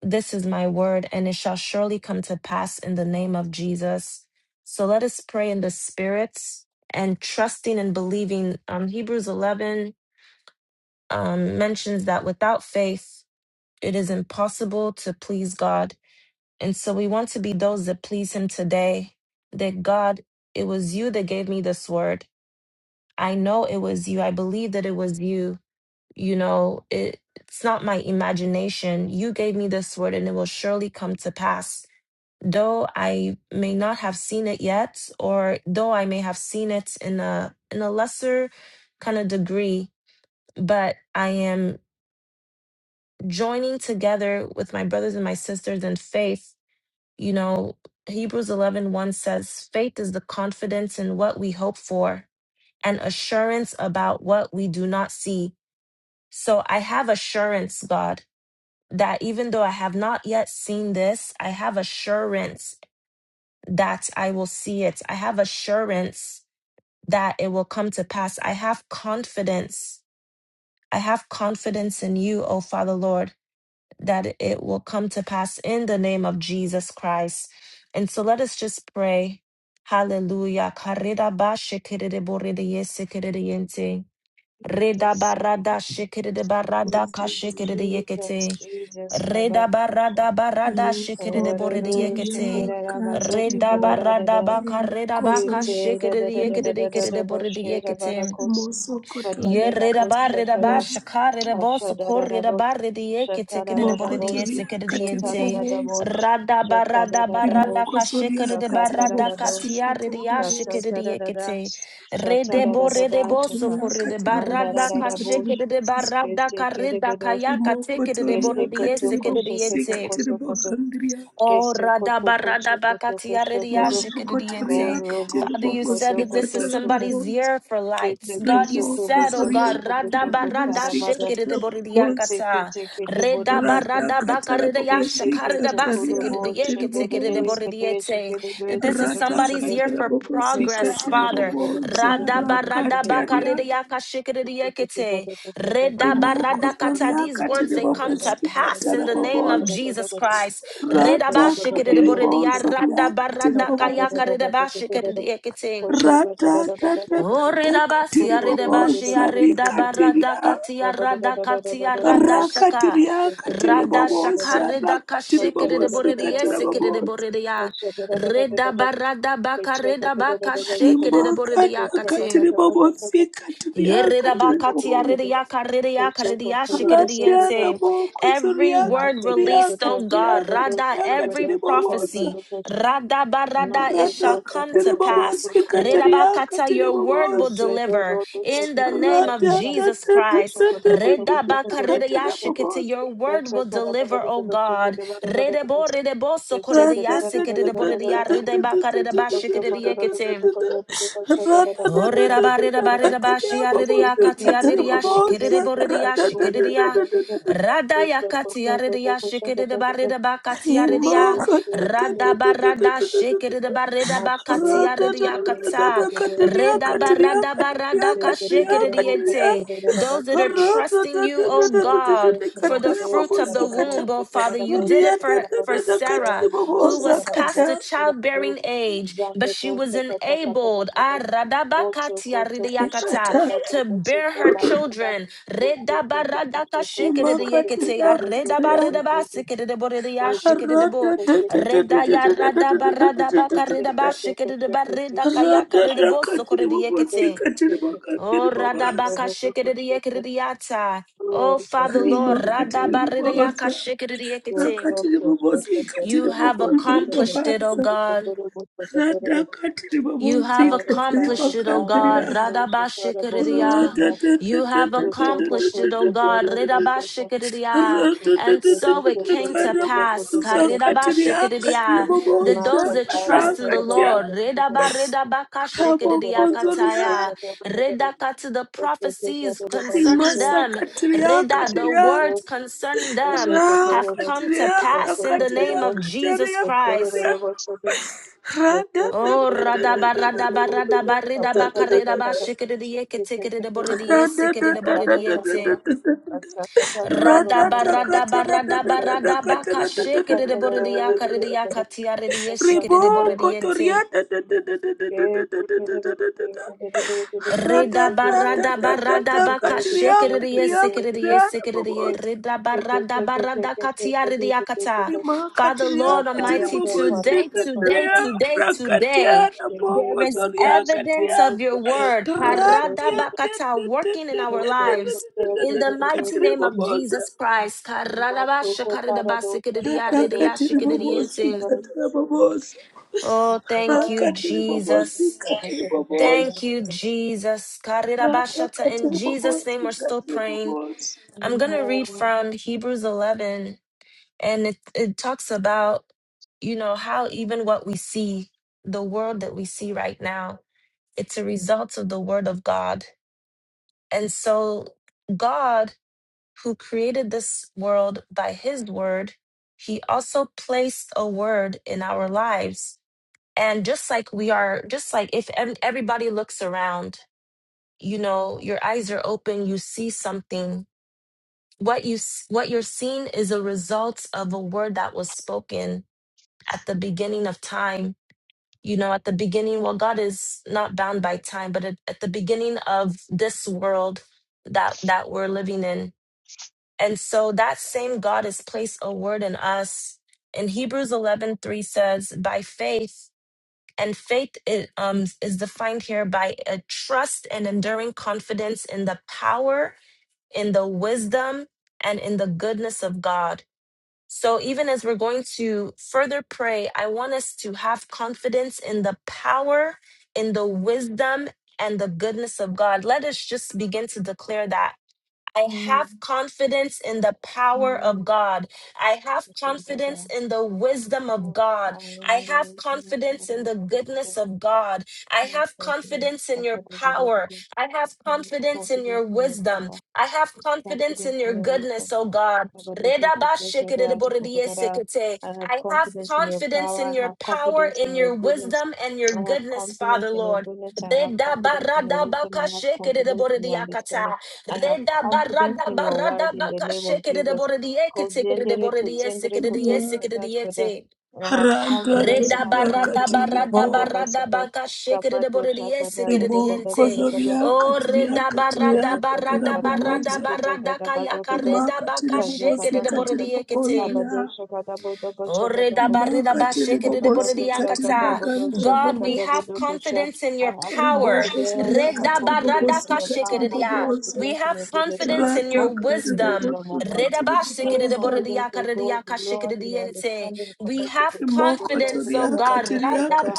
[SPEAKER 3] This is my word, and it shall surely come to pass in the name of Jesus. So let us pray in the spirit and trusting and believing. Um, Hebrews 11 um, mentions that without faith, it is impossible to please God. And so we want to be those that please Him today. That God, it was you that gave me this word. I know it was you. I believe that it was you. You know, it, it's not my imagination. You gave me this word, and it will surely come to pass though I may not have seen it yet, or though I may have seen it in a in a lesser kind of degree, but I am joining together with my brothers and my sisters in faith. You know, Hebrews eleven one says, faith is the confidence in what we hope for and assurance about what we do not see. So I have assurance, God, that even though I have not yet seen this, I have assurance that I will see it. I have assurance that it will come to pass. I have confidence. I have confidence in you, O Father Lord, that it will come to pass in the name of Jesus Christ. And so let us just pray. Hallelujah. Karida ba shikiride boride yesikiride yente. Rida
[SPEAKER 1] Jesus,
[SPEAKER 3] barada shikiride barada ka shikiride
[SPEAKER 1] Jesus,
[SPEAKER 3] yekete.
[SPEAKER 1] Jesus,
[SPEAKER 3] Reda
[SPEAKER 1] covered.
[SPEAKER 3] barada barada shikere de bore de
[SPEAKER 4] imosokoto
[SPEAKER 1] Kavaruru
[SPEAKER 3] yekete.
[SPEAKER 1] shakirara
[SPEAKER 4] riakati
[SPEAKER 1] mazuti
[SPEAKER 3] Reda
[SPEAKER 4] ribo
[SPEAKER 1] kirara
[SPEAKER 3] barada
[SPEAKER 1] dada
[SPEAKER 3] baka reda
[SPEAKER 4] ramakoso
[SPEAKER 3] baka
[SPEAKER 1] kite
[SPEAKER 3] shikere
[SPEAKER 1] dada
[SPEAKER 3] de
[SPEAKER 4] riakati
[SPEAKER 1] dada
[SPEAKER 3] yekere de
[SPEAKER 1] dada
[SPEAKER 3] yekere
[SPEAKER 4] ribobosa
[SPEAKER 1] dada
[SPEAKER 3] de bore de
[SPEAKER 1] boshira
[SPEAKER 3] yekete.
[SPEAKER 1] barakos kata
[SPEAKER 3] Ye
[SPEAKER 4] rimosokotoria
[SPEAKER 1] dada
[SPEAKER 3] Reda ba reda ba
[SPEAKER 1] boshakara
[SPEAKER 4] katiribobosa
[SPEAKER 3] shaka reda bo
[SPEAKER 1] asha dada
[SPEAKER 3] sokor
[SPEAKER 1] dada
[SPEAKER 3] reda ba
[SPEAKER 1] bosh
[SPEAKER 3] Reda Yerida barida
[SPEAKER 1] shatara
[SPEAKER 3] bashakarida bosokorida baridi ekitikida
[SPEAKER 1] dada
[SPEAKER 3] boridi
[SPEAKER 1] bosh
[SPEAKER 4] mokotoria
[SPEAKER 1] shatara
[SPEAKER 3] esikidiyente.
[SPEAKER 1] dada
[SPEAKER 4] katiribobosa
[SPEAKER 1] bosh
[SPEAKER 3] Rada
[SPEAKER 1] shatara
[SPEAKER 3] barada
[SPEAKER 1] dada
[SPEAKER 3] barada
[SPEAKER 1] bosh
[SPEAKER 4] rimokosoria
[SPEAKER 3] kashikida
[SPEAKER 1] shakatara
[SPEAKER 3] barada
[SPEAKER 1] dada bosh
[SPEAKER 3] katiaridi
[SPEAKER 4] katiribobosikatiribobosa
[SPEAKER 1] shatara
[SPEAKER 3] ashikidi
[SPEAKER 1] dada dash
[SPEAKER 3] ekite. Rede
[SPEAKER 1] shatara dada
[SPEAKER 3] borede
[SPEAKER 1] dada shaka
[SPEAKER 4] rimosokotoria
[SPEAKER 3] bosokorida
[SPEAKER 1] mandara
[SPEAKER 3] barada
[SPEAKER 1] dada bosh
[SPEAKER 3] kashikida
[SPEAKER 4] katiribobosikatiribobosa
[SPEAKER 3] barada
[SPEAKER 1] kete kere
[SPEAKER 3] karida
[SPEAKER 1] bedosh
[SPEAKER 3] kayaka tikida
[SPEAKER 4] rimokotoria
[SPEAKER 1] kete
[SPEAKER 3] boridi
[SPEAKER 1] kato koshe
[SPEAKER 3] esikidiyente.
[SPEAKER 1] kato
[SPEAKER 4] katiribobosikatiribogandiria
[SPEAKER 3] Oh,
[SPEAKER 1] Keso koto
[SPEAKER 3] radaba,
[SPEAKER 1] koso
[SPEAKER 3] radaba,
[SPEAKER 1] koto koso koto
[SPEAKER 4] mosokotoria
[SPEAKER 3] radabaradabakatiarediashikiridiente.
[SPEAKER 1] korobo
[SPEAKER 3] Father,
[SPEAKER 1] so
[SPEAKER 3] you
[SPEAKER 1] koto
[SPEAKER 3] said that this
[SPEAKER 1] koto
[SPEAKER 3] is
[SPEAKER 1] so
[SPEAKER 3] somebody's
[SPEAKER 4] katiribobosikatiribobosa
[SPEAKER 3] year for
[SPEAKER 1] kete
[SPEAKER 3] lights. God,
[SPEAKER 1] koso
[SPEAKER 3] you
[SPEAKER 1] kobo
[SPEAKER 3] said, oh
[SPEAKER 1] so
[SPEAKER 4] rimokosoria
[SPEAKER 3] God,
[SPEAKER 1] koto koso
[SPEAKER 3] radaba,
[SPEAKER 1] koto arabada
[SPEAKER 4] katiribobosikatiribobosa
[SPEAKER 1] kete
[SPEAKER 3] radabaradashikiridiboridiyakata.
[SPEAKER 1] kete kete bodo
[SPEAKER 3] Reda
[SPEAKER 1] koso
[SPEAKER 4] Rata
[SPEAKER 3] barada
[SPEAKER 4] katara
[SPEAKER 3] bakarida yasha
[SPEAKER 1] kete
[SPEAKER 4] bobosi
[SPEAKER 3] karida
[SPEAKER 1] kete
[SPEAKER 4] kataria
[SPEAKER 1] korobo
[SPEAKER 3] basikirida
[SPEAKER 1] so
[SPEAKER 4] katiri
[SPEAKER 1] de de de
[SPEAKER 3] yeketikirida
[SPEAKER 4] bobosa.
[SPEAKER 1] kete so
[SPEAKER 3] boridiete.
[SPEAKER 1] kete
[SPEAKER 3] That
[SPEAKER 1] kete
[SPEAKER 3] This is
[SPEAKER 1] kete
[SPEAKER 4] Rata
[SPEAKER 1] koso
[SPEAKER 3] somebody's
[SPEAKER 1] kete
[SPEAKER 3] year
[SPEAKER 4] katara
[SPEAKER 3] for
[SPEAKER 4] bobosi
[SPEAKER 1] keso
[SPEAKER 3] progress,
[SPEAKER 4] katiri
[SPEAKER 1] koto
[SPEAKER 3] Father.
[SPEAKER 1] koto koto koto koto koto koto koto koto
[SPEAKER 4] bobosa.
[SPEAKER 3] Rada
[SPEAKER 1] koto
[SPEAKER 3] barada bakarida
[SPEAKER 4] Rakatiaria
[SPEAKER 3] yakashikirida yekete. Reda
[SPEAKER 4] rimoko
[SPEAKER 3] barada kata.
[SPEAKER 4] zoria
[SPEAKER 3] These words
[SPEAKER 4] katiri
[SPEAKER 3] they come to
[SPEAKER 4] bobosi
[SPEAKER 3] pass in
[SPEAKER 4] katara
[SPEAKER 3] the name of
[SPEAKER 4] bobosa.
[SPEAKER 3] Jesus Christ. Reda
[SPEAKER 4] Rata
[SPEAKER 3] bashikirida
[SPEAKER 4] katiri
[SPEAKER 1] koto koto
[SPEAKER 3] boridia
[SPEAKER 4] bobosa
[SPEAKER 1] koto
[SPEAKER 4] ria
[SPEAKER 3] rada
[SPEAKER 4] katiri
[SPEAKER 1] Thank
[SPEAKER 3] barada
[SPEAKER 1] you.
[SPEAKER 3] kaya
[SPEAKER 4] bobosa.
[SPEAKER 3] bashikirida yekete.
[SPEAKER 4] Rata tata tata
[SPEAKER 3] Oridabasi,
[SPEAKER 4] katiri
[SPEAKER 3] aridabashi,
[SPEAKER 4] bobosa rikatiria.
[SPEAKER 3] aridabaradakati, aradakati, aradashaka.
[SPEAKER 4] Rakatiria katiri
[SPEAKER 3] Radashaka,
[SPEAKER 4] bobosa. Rakatiri
[SPEAKER 3] redakashi,
[SPEAKER 4] bobosi katara
[SPEAKER 3] kididiboridiesi,
[SPEAKER 4] bobosa.
[SPEAKER 3] kididiboridia. Redabaradabaka, redabaka,
[SPEAKER 4] rimakana
[SPEAKER 3] shikididiboridiakati.
[SPEAKER 4] katiri bobosi katiria katiri bobosi alatera boko
[SPEAKER 3] Every
[SPEAKER 4] zoria
[SPEAKER 3] word
[SPEAKER 4] katiria
[SPEAKER 3] released, oh
[SPEAKER 4] katiria
[SPEAKER 3] God, Rada,
[SPEAKER 4] katiria
[SPEAKER 3] every
[SPEAKER 4] katiri bobosi
[SPEAKER 3] prophecy, Rada Barada, it
[SPEAKER 4] rata
[SPEAKER 3] shall come to
[SPEAKER 4] katiri
[SPEAKER 3] pass.
[SPEAKER 4] bobosi katiria
[SPEAKER 3] Redabakata,
[SPEAKER 4] katiri
[SPEAKER 3] your word will
[SPEAKER 4] bobosi
[SPEAKER 1] Mashure,
[SPEAKER 3] deliver in the name of
[SPEAKER 4] rata tata
[SPEAKER 3] Jesus
[SPEAKER 4] tata
[SPEAKER 3] Christ.
[SPEAKER 4] tata tata
[SPEAKER 3] Redabakaredeyashikete,
[SPEAKER 4] katira
[SPEAKER 3] your word will deliver, oh God. Redebo, redebo,
[SPEAKER 4] Kata, kata,
[SPEAKER 3] sokoredeyasikirediboredeyaredebakaredebashikirediekete. Oh, Orera barera barera bashi areria kati ya rida ya shi kiri areria shikerere boreria shikereria rada ya kati ya rida ya shi kiri areria shikerere barera bakati areria rada barada shikerere barera bakati areria kata
[SPEAKER 4] kata,
[SPEAKER 3] reda barada barada kashikereriente those that are trusting you O
[SPEAKER 1] Thank
[SPEAKER 3] God for the fruit of the womb O Father you did it for, for Sarah, who was
[SPEAKER 4] kata,
[SPEAKER 3] past
[SPEAKER 4] kata,
[SPEAKER 3] the childbearing age, but she was enabled ah, radabakatia ridiakata,
[SPEAKER 4] kata,
[SPEAKER 3] to bear her children. Redabaradakashikididiyekete, ah,
[SPEAKER 4] Imakatira-katira,
[SPEAKER 3] redabaridabasikididiboridiyashikididibo,
[SPEAKER 4] ratatatatatatatatatatatatatata, ratatakatiri bobosi,
[SPEAKER 3] redayaradabaratabakaridabashikididibaridakayakadidibosokoridiekete.
[SPEAKER 4] katiri
[SPEAKER 3] Oh,
[SPEAKER 4] makatiri bobosi,
[SPEAKER 1] you.
[SPEAKER 3] radabakashikididiyekididiyata. Oh,
[SPEAKER 1] Father,
[SPEAKER 3] Father Lord,
[SPEAKER 4] rimakatiri bobosa,
[SPEAKER 3] Radabaridayakashikididiyekete.
[SPEAKER 4] rakatiri bobosi,
[SPEAKER 3] You
[SPEAKER 4] katiri
[SPEAKER 3] have
[SPEAKER 4] bokondiri
[SPEAKER 3] accomplished it, O
[SPEAKER 4] bobasa,
[SPEAKER 3] God.
[SPEAKER 4] ratakatiri
[SPEAKER 3] You
[SPEAKER 4] bobosi,
[SPEAKER 3] have
[SPEAKER 4] katiri
[SPEAKER 3] accomplished it, O
[SPEAKER 4] makatiri
[SPEAKER 3] God.
[SPEAKER 4] ya,
[SPEAKER 3] Radabashikiriya. You have accomplished it, O God.
[SPEAKER 4] ratatatatatatatatatatatatatata. Ratata
[SPEAKER 3] Ridabashikiriya. And so it came to pass karidabashikiriya, that those that trust in the Lord, ridabaridabakashikiriya kataya, ridakata, the prophecies concerning them, rida, the words concerning them have come to
[SPEAKER 1] Thank
[SPEAKER 3] pass in the name of Jesus Christ. Oh, radaba, radaba, radaba, ba rada ba rida ba karida ba shikiri di yeke tikiri di bori di yesikiri di bori di yente. Rada ba rada ba
[SPEAKER 4] katara da
[SPEAKER 3] rada
[SPEAKER 4] da da da katara da da da da da da da da Riboko toria da da da da da da da da da da da da da da da. Rada
[SPEAKER 3] Reda
[SPEAKER 4] da da
[SPEAKER 3] barada
[SPEAKER 4] da da
[SPEAKER 3] barada
[SPEAKER 4] da
[SPEAKER 3] baka
[SPEAKER 4] katiria
[SPEAKER 3] shikiriye
[SPEAKER 4] katiria
[SPEAKER 3] sikiriye
[SPEAKER 4] katiria
[SPEAKER 3] sikiriye
[SPEAKER 4] bobozi.
[SPEAKER 3] reda barada barada katia ridiakata.
[SPEAKER 1] you.
[SPEAKER 4] Rima
[SPEAKER 3] Father
[SPEAKER 4] katiria
[SPEAKER 3] Lord
[SPEAKER 4] katiri
[SPEAKER 3] Almighty,
[SPEAKER 1] Paparado
[SPEAKER 4] bobozi
[SPEAKER 3] today,
[SPEAKER 1] parato
[SPEAKER 3] today,
[SPEAKER 4] katiria
[SPEAKER 1] parata
[SPEAKER 3] today,
[SPEAKER 4] rakatia
[SPEAKER 3] today,
[SPEAKER 4] na
[SPEAKER 3] there
[SPEAKER 4] boko
[SPEAKER 3] is
[SPEAKER 4] soria
[SPEAKER 1] tontoso
[SPEAKER 3] evidence
[SPEAKER 4] katia.
[SPEAKER 1] conto
[SPEAKER 3] of your
[SPEAKER 1] prosoto
[SPEAKER 3] word,
[SPEAKER 1] de
[SPEAKER 3] harada
[SPEAKER 4] Ratia
[SPEAKER 1] dosoto
[SPEAKER 4] te
[SPEAKER 3] bakata,
[SPEAKER 4] te te
[SPEAKER 3] working in
[SPEAKER 4] te
[SPEAKER 3] our
[SPEAKER 4] te te te
[SPEAKER 1] prosoto
[SPEAKER 3] lives.
[SPEAKER 4] te te
[SPEAKER 3] In
[SPEAKER 4] te
[SPEAKER 1] prosoto
[SPEAKER 3] the
[SPEAKER 4] te
[SPEAKER 3] mighty
[SPEAKER 1] prosoto
[SPEAKER 4] katiri
[SPEAKER 3] name of
[SPEAKER 1] prosoto
[SPEAKER 4] bobozi.
[SPEAKER 3] Jesus Christ. karada ba
[SPEAKER 1] masoco
[SPEAKER 3] shakarada ba
[SPEAKER 1] paradoso
[SPEAKER 3] sikiriya
[SPEAKER 4] Rada
[SPEAKER 3] ridiya
[SPEAKER 1] caparadoso
[SPEAKER 4] katiri
[SPEAKER 1] caparadoso
[SPEAKER 4] bobozi
[SPEAKER 3] shikiriyenting.
[SPEAKER 1] caparadoso
[SPEAKER 4] katira bobozi.
[SPEAKER 3] Oh,
[SPEAKER 1] masoco
[SPEAKER 3] thank you,
[SPEAKER 4] Rakatiri bobozi
[SPEAKER 3] Jesus.
[SPEAKER 4] katiri
[SPEAKER 1] caparadoso caparadoso
[SPEAKER 3] Thank
[SPEAKER 4] bobozi.
[SPEAKER 3] you, Jesus.
[SPEAKER 4] Randa
[SPEAKER 3] Karirabashata. In
[SPEAKER 4] katiri
[SPEAKER 3] Jesus' name,
[SPEAKER 4] bobosi
[SPEAKER 3] we're still
[SPEAKER 4] katiri
[SPEAKER 3] praying.
[SPEAKER 4] bobosi.
[SPEAKER 3] I'm going to read
[SPEAKER 1] caparadoso
[SPEAKER 3] from Hebrews 11, and it, it talks about, you know, how even what we see, the world that we see right now, it's a result of the word of God. And so, God, who created this world by his word, he also placed a word in our lives. And just like we are, just like if ev- everybody looks around, you know your eyes are open you see something what you s- what you're seeing is a result of a word that was spoken at the beginning of time you know at the beginning well god is not bound by time but at, at the beginning of this world that that we're living in and so that same god has placed a word in us in hebrews 11:3 says by faith and faith i- um, is defined here by a trust and enduring confidence in the power in the wisdom and in the goodness of God. So, even as we're going to further pray, I want us to have confidence in the power, in the wisdom, and the goodness of God. Let us just begin to declare that I have
[SPEAKER 1] Amen.
[SPEAKER 3] confidence in the power of
[SPEAKER 1] Amen.
[SPEAKER 3] God. I have
[SPEAKER 1] Okay,
[SPEAKER 3] confidence
[SPEAKER 1] Buddha.
[SPEAKER 3] in the wisdom of God.
[SPEAKER 1] I
[SPEAKER 3] I
[SPEAKER 1] am the
[SPEAKER 3] have
[SPEAKER 1] witness that
[SPEAKER 3] confidence
[SPEAKER 1] I
[SPEAKER 3] in
[SPEAKER 1] am
[SPEAKER 3] the
[SPEAKER 1] confident,
[SPEAKER 3] goodness of God. I
[SPEAKER 1] no
[SPEAKER 3] have
[SPEAKER 1] confidence,
[SPEAKER 3] confidence in your power. I have confidence in
[SPEAKER 1] confidence
[SPEAKER 3] your
[SPEAKER 1] in your
[SPEAKER 3] wisdom.
[SPEAKER 1] power,
[SPEAKER 3] I have confidence
[SPEAKER 1] confidence
[SPEAKER 3] in your
[SPEAKER 1] in your wisdom,
[SPEAKER 3] goodness, oh God. Redabashikidiboridiyesikite.
[SPEAKER 1] I have
[SPEAKER 3] I have
[SPEAKER 1] confidence in your
[SPEAKER 3] confidence
[SPEAKER 1] power.
[SPEAKER 3] in
[SPEAKER 1] I
[SPEAKER 3] your
[SPEAKER 1] have
[SPEAKER 3] power,
[SPEAKER 1] confidence
[SPEAKER 3] in
[SPEAKER 1] in your
[SPEAKER 3] your
[SPEAKER 1] goodness.
[SPEAKER 3] wisdom, and your
[SPEAKER 1] I have
[SPEAKER 3] goodness, Father
[SPEAKER 1] confidence in your
[SPEAKER 3] Lord.
[SPEAKER 1] goodness. I have confidence in your wisdom. I have confidence in your
[SPEAKER 3] Redabaradabakashikidiboridiakata.
[SPEAKER 1] understanding. I have
[SPEAKER 3] Reda
[SPEAKER 1] confidence
[SPEAKER 3] barada
[SPEAKER 1] in your
[SPEAKER 3] barada
[SPEAKER 1] word in the
[SPEAKER 3] baka
[SPEAKER 1] name of
[SPEAKER 3] shekere de
[SPEAKER 1] Jesus.
[SPEAKER 3] bore di eke tekere de
[SPEAKER 1] Kozendere
[SPEAKER 3] bore di eseke
[SPEAKER 1] totsendere
[SPEAKER 3] de di
[SPEAKER 1] kotori
[SPEAKER 4] Yeah.
[SPEAKER 3] eseke de di ete.
[SPEAKER 1] I have
[SPEAKER 4] Randa
[SPEAKER 1] confidence. I
[SPEAKER 3] Reda
[SPEAKER 1] have
[SPEAKER 4] randa
[SPEAKER 3] barada
[SPEAKER 1] confidence.
[SPEAKER 4] katiri
[SPEAKER 3] barada
[SPEAKER 1] Sakada
[SPEAKER 4] bo
[SPEAKER 3] barada
[SPEAKER 1] basaka.
[SPEAKER 3] baka shekere de
[SPEAKER 1] Kapato
[SPEAKER 3] bore di eseke de
[SPEAKER 4] ribo
[SPEAKER 3] di ente.
[SPEAKER 1] shakada.
[SPEAKER 4] kozoria
[SPEAKER 3] O
[SPEAKER 1] I
[SPEAKER 4] katiria
[SPEAKER 1] have
[SPEAKER 3] reda
[SPEAKER 1] confidence,
[SPEAKER 3] barada
[SPEAKER 4] katiria
[SPEAKER 1] I
[SPEAKER 4] katira
[SPEAKER 3] barada
[SPEAKER 1] have confidence
[SPEAKER 3] barada
[SPEAKER 4] boboza.
[SPEAKER 3] barada kayaka
[SPEAKER 4] Rima
[SPEAKER 3] reda baka
[SPEAKER 4] katiri bobosi
[SPEAKER 3] shekere de bore
[SPEAKER 4] katiri
[SPEAKER 3] di eke te.
[SPEAKER 4] bokondria. Rima katiri bobosi katiri bagandra
[SPEAKER 3] God, we
[SPEAKER 4] boboza.
[SPEAKER 3] have confidence in your
[SPEAKER 4] Ribo
[SPEAKER 3] power.
[SPEAKER 4] kozoria katiri
[SPEAKER 1] in
[SPEAKER 4] bobosi
[SPEAKER 1] your power, I
[SPEAKER 4] katiri
[SPEAKER 1] have
[SPEAKER 4] boboza.
[SPEAKER 3] We
[SPEAKER 1] confidence in
[SPEAKER 3] have
[SPEAKER 1] your goodness, I have
[SPEAKER 3] confidence in your
[SPEAKER 4] Rata
[SPEAKER 1] confidence
[SPEAKER 4] katiri
[SPEAKER 1] in
[SPEAKER 3] wisdom.
[SPEAKER 1] wisdom, my
[SPEAKER 4] bobosi
[SPEAKER 1] Father.
[SPEAKER 4] katiri
[SPEAKER 1] I have
[SPEAKER 4] boboza.
[SPEAKER 1] confidence, O God, the Lord, in your understanding, for
[SPEAKER 3] We
[SPEAKER 1] what you
[SPEAKER 3] have
[SPEAKER 1] can do, for what you
[SPEAKER 3] confidence, oh
[SPEAKER 1] can do,
[SPEAKER 4] Rimokotoriaka
[SPEAKER 1] for
[SPEAKER 3] God.
[SPEAKER 1] what you can
[SPEAKER 4] tiriaka
[SPEAKER 1] do.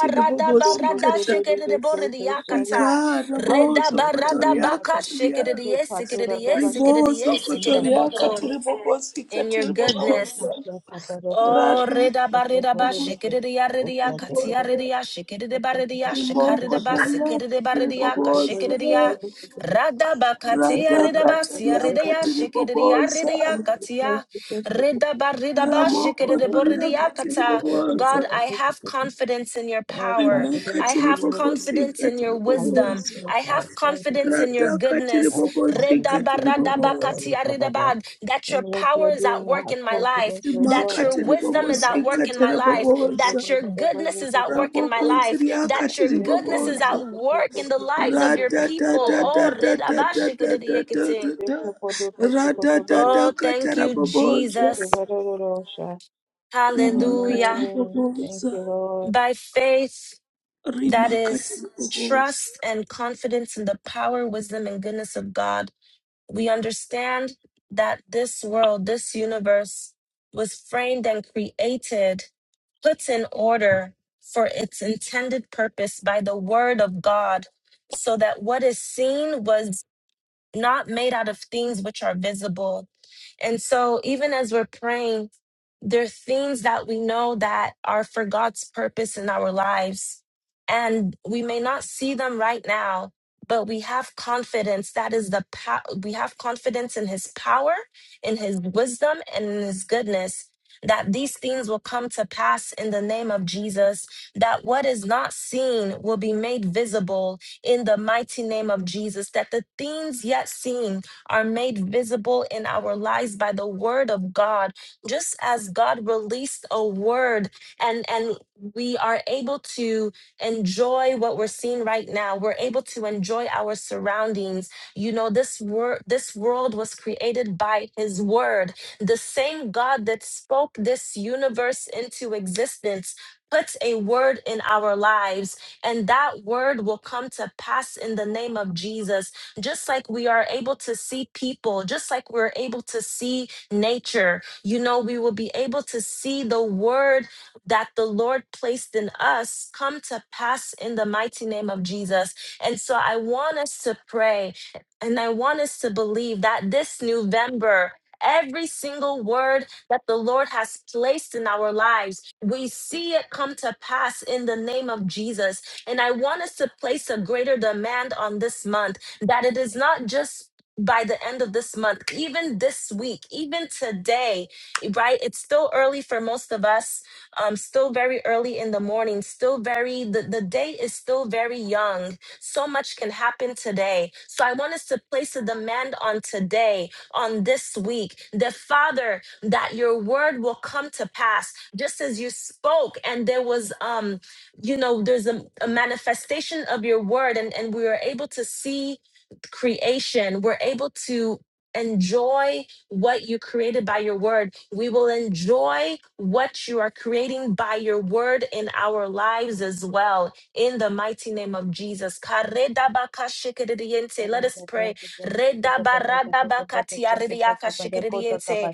[SPEAKER 1] Jesus, we say, "Dede, dede, so, so,
[SPEAKER 4] Rikara bozo
[SPEAKER 1] so, so."
[SPEAKER 4] kotoriaka tiria.
[SPEAKER 1] He patura dabasha
[SPEAKER 4] Ribozo
[SPEAKER 1] and the
[SPEAKER 4] kotoriaka tiribobosika
[SPEAKER 3] In your goodness.
[SPEAKER 4] tiribobosa.
[SPEAKER 1] national cabaroko
[SPEAKER 3] Oh,
[SPEAKER 4] Rata
[SPEAKER 3] reda
[SPEAKER 1] was
[SPEAKER 3] barida ba shikiridia
[SPEAKER 1] Was
[SPEAKER 3] ridia
[SPEAKER 1] the
[SPEAKER 3] katia
[SPEAKER 1] decadent
[SPEAKER 4] bobosa.
[SPEAKER 3] ridia shikirida
[SPEAKER 1] of the
[SPEAKER 3] baridia shikarida ba sikirida
[SPEAKER 4] Rimokotoriaka
[SPEAKER 3] baridia
[SPEAKER 4] tiribobosa.
[SPEAKER 3] kashikiridia rada ba katia
[SPEAKER 4] Rata
[SPEAKER 3] rida ba sia
[SPEAKER 4] katariaka
[SPEAKER 3] ridia shikiridia
[SPEAKER 4] tiribobosa.
[SPEAKER 3] ridia katia reda barida ba shikirida
[SPEAKER 4] Ramokotoriaka
[SPEAKER 3] boridia kata.
[SPEAKER 4] tiribobosa.
[SPEAKER 3] God, I have confidence in your power.
[SPEAKER 4] Rimaka
[SPEAKER 3] I
[SPEAKER 1] confidence in
[SPEAKER 3] have confidence
[SPEAKER 4] tiribobosika
[SPEAKER 3] in your wisdom.
[SPEAKER 4] tiribobosa.
[SPEAKER 3] I have confidence in your
[SPEAKER 4] Rataka
[SPEAKER 3] goodness.
[SPEAKER 4] tiribobozika
[SPEAKER 3] Reda barada
[SPEAKER 1] oh
[SPEAKER 3] ba
[SPEAKER 4] tiriboboza.
[SPEAKER 3] katia
[SPEAKER 1] oh
[SPEAKER 3] rida ba that your
[SPEAKER 1] what you
[SPEAKER 3] power
[SPEAKER 1] are
[SPEAKER 3] is at
[SPEAKER 1] doing, I
[SPEAKER 3] work
[SPEAKER 1] have
[SPEAKER 3] in my life
[SPEAKER 1] confidence, oh
[SPEAKER 3] that
[SPEAKER 1] God,
[SPEAKER 4] Rimaka
[SPEAKER 1] I
[SPEAKER 3] your
[SPEAKER 1] can share
[SPEAKER 3] wisdom is
[SPEAKER 1] that
[SPEAKER 3] at
[SPEAKER 4] tiribobozika
[SPEAKER 3] work in my
[SPEAKER 1] Amen.
[SPEAKER 3] life,
[SPEAKER 4] tiriboboza.
[SPEAKER 3] that your goodness is at work in my
[SPEAKER 4] Rabokonzi
[SPEAKER 3] life,
[SPEAKER 4] riaka
[SPEAKER 3] that your goodness is
[SPEAKER 4] tiriboboza.
[SPEAKER 3] at work in the lives of your people. Oh, redabashikiridiyekiting.
[SPEAKER 4] Ratatatatatatatatatatata.
[SPEAKER 3] Oh,
[SPEAKER 4] Ratatadaka
[SPEAKER 3] thank you,
[SPEAKER 4] taraboboza.
[SPEAKER 3] Jesus.
[SPEAKER 4] Rimaka
[SPEAKER 3] Hallelujah.
[SPEAKER 1] Thank
[SPEAKER 4] tiriboboza.
[SPEAKER 1] you, Lord.
[SPEAKER 3] By faith, that
[SPEAKER 4] Rimaka
[SPEAKER 3] is
[SPEAKER 4] tiriboboza.
[SPEAKER 3] trust and confidence in the power, wisdom, and goodness of God we understand that this world, this universe was framed and created, put in order for its intended purpose by the word of God, so that what is seen was not made out of things which are visible. And so, even as we're praying, there are things that we know that are for God's purpose in our lives. And we may not see them right now, but we have confidence. That is the power. We have confidence in his power, in his wisdom, and in his goodness. That these things will come to pass in the name of Jesus, that what is not seen will be made visible in the mighty name of Jesus, that the things yet seen are made visible in our lives by the word of God. Just as God released a word and, and we are able to enjoy what we're seeing right now, we're able to enjoy our surroundings. You know, this word this world was created by his word. The same God that spoke this universe into existence puts a word in our lives and that word will come to pass in the name of Jesus. Just like we are able to see people, just like we're able to see nature, you know, we will be able to see the word that the Lord placed in us come to pass in the mighty name of Jesus. And so I want us to pray and I want us to believe that this November, every single word that the Lord has placed in our lives, we see it come to pass in the name of Jesus and I want us to place a greater demand on this month that it is not just by the end of this month, even this week, even today, right? It's still early for most of us, um, still very early in the morning, still very, the, the day is still very young. So much can happen today. So I want us to place a demand on today, on this week, the Father, that your word will come to pass, just as you spoke, and there was um you know there's a, a manifestation of your word and and we are able to see creation we're able to enjoy what you created by your word we will enjoy what you are creating by your word in our lives as well in the mighty name of jesus Karedabakashikiridiente. let us pray Redabaradabakatiaridiakashikiridiente.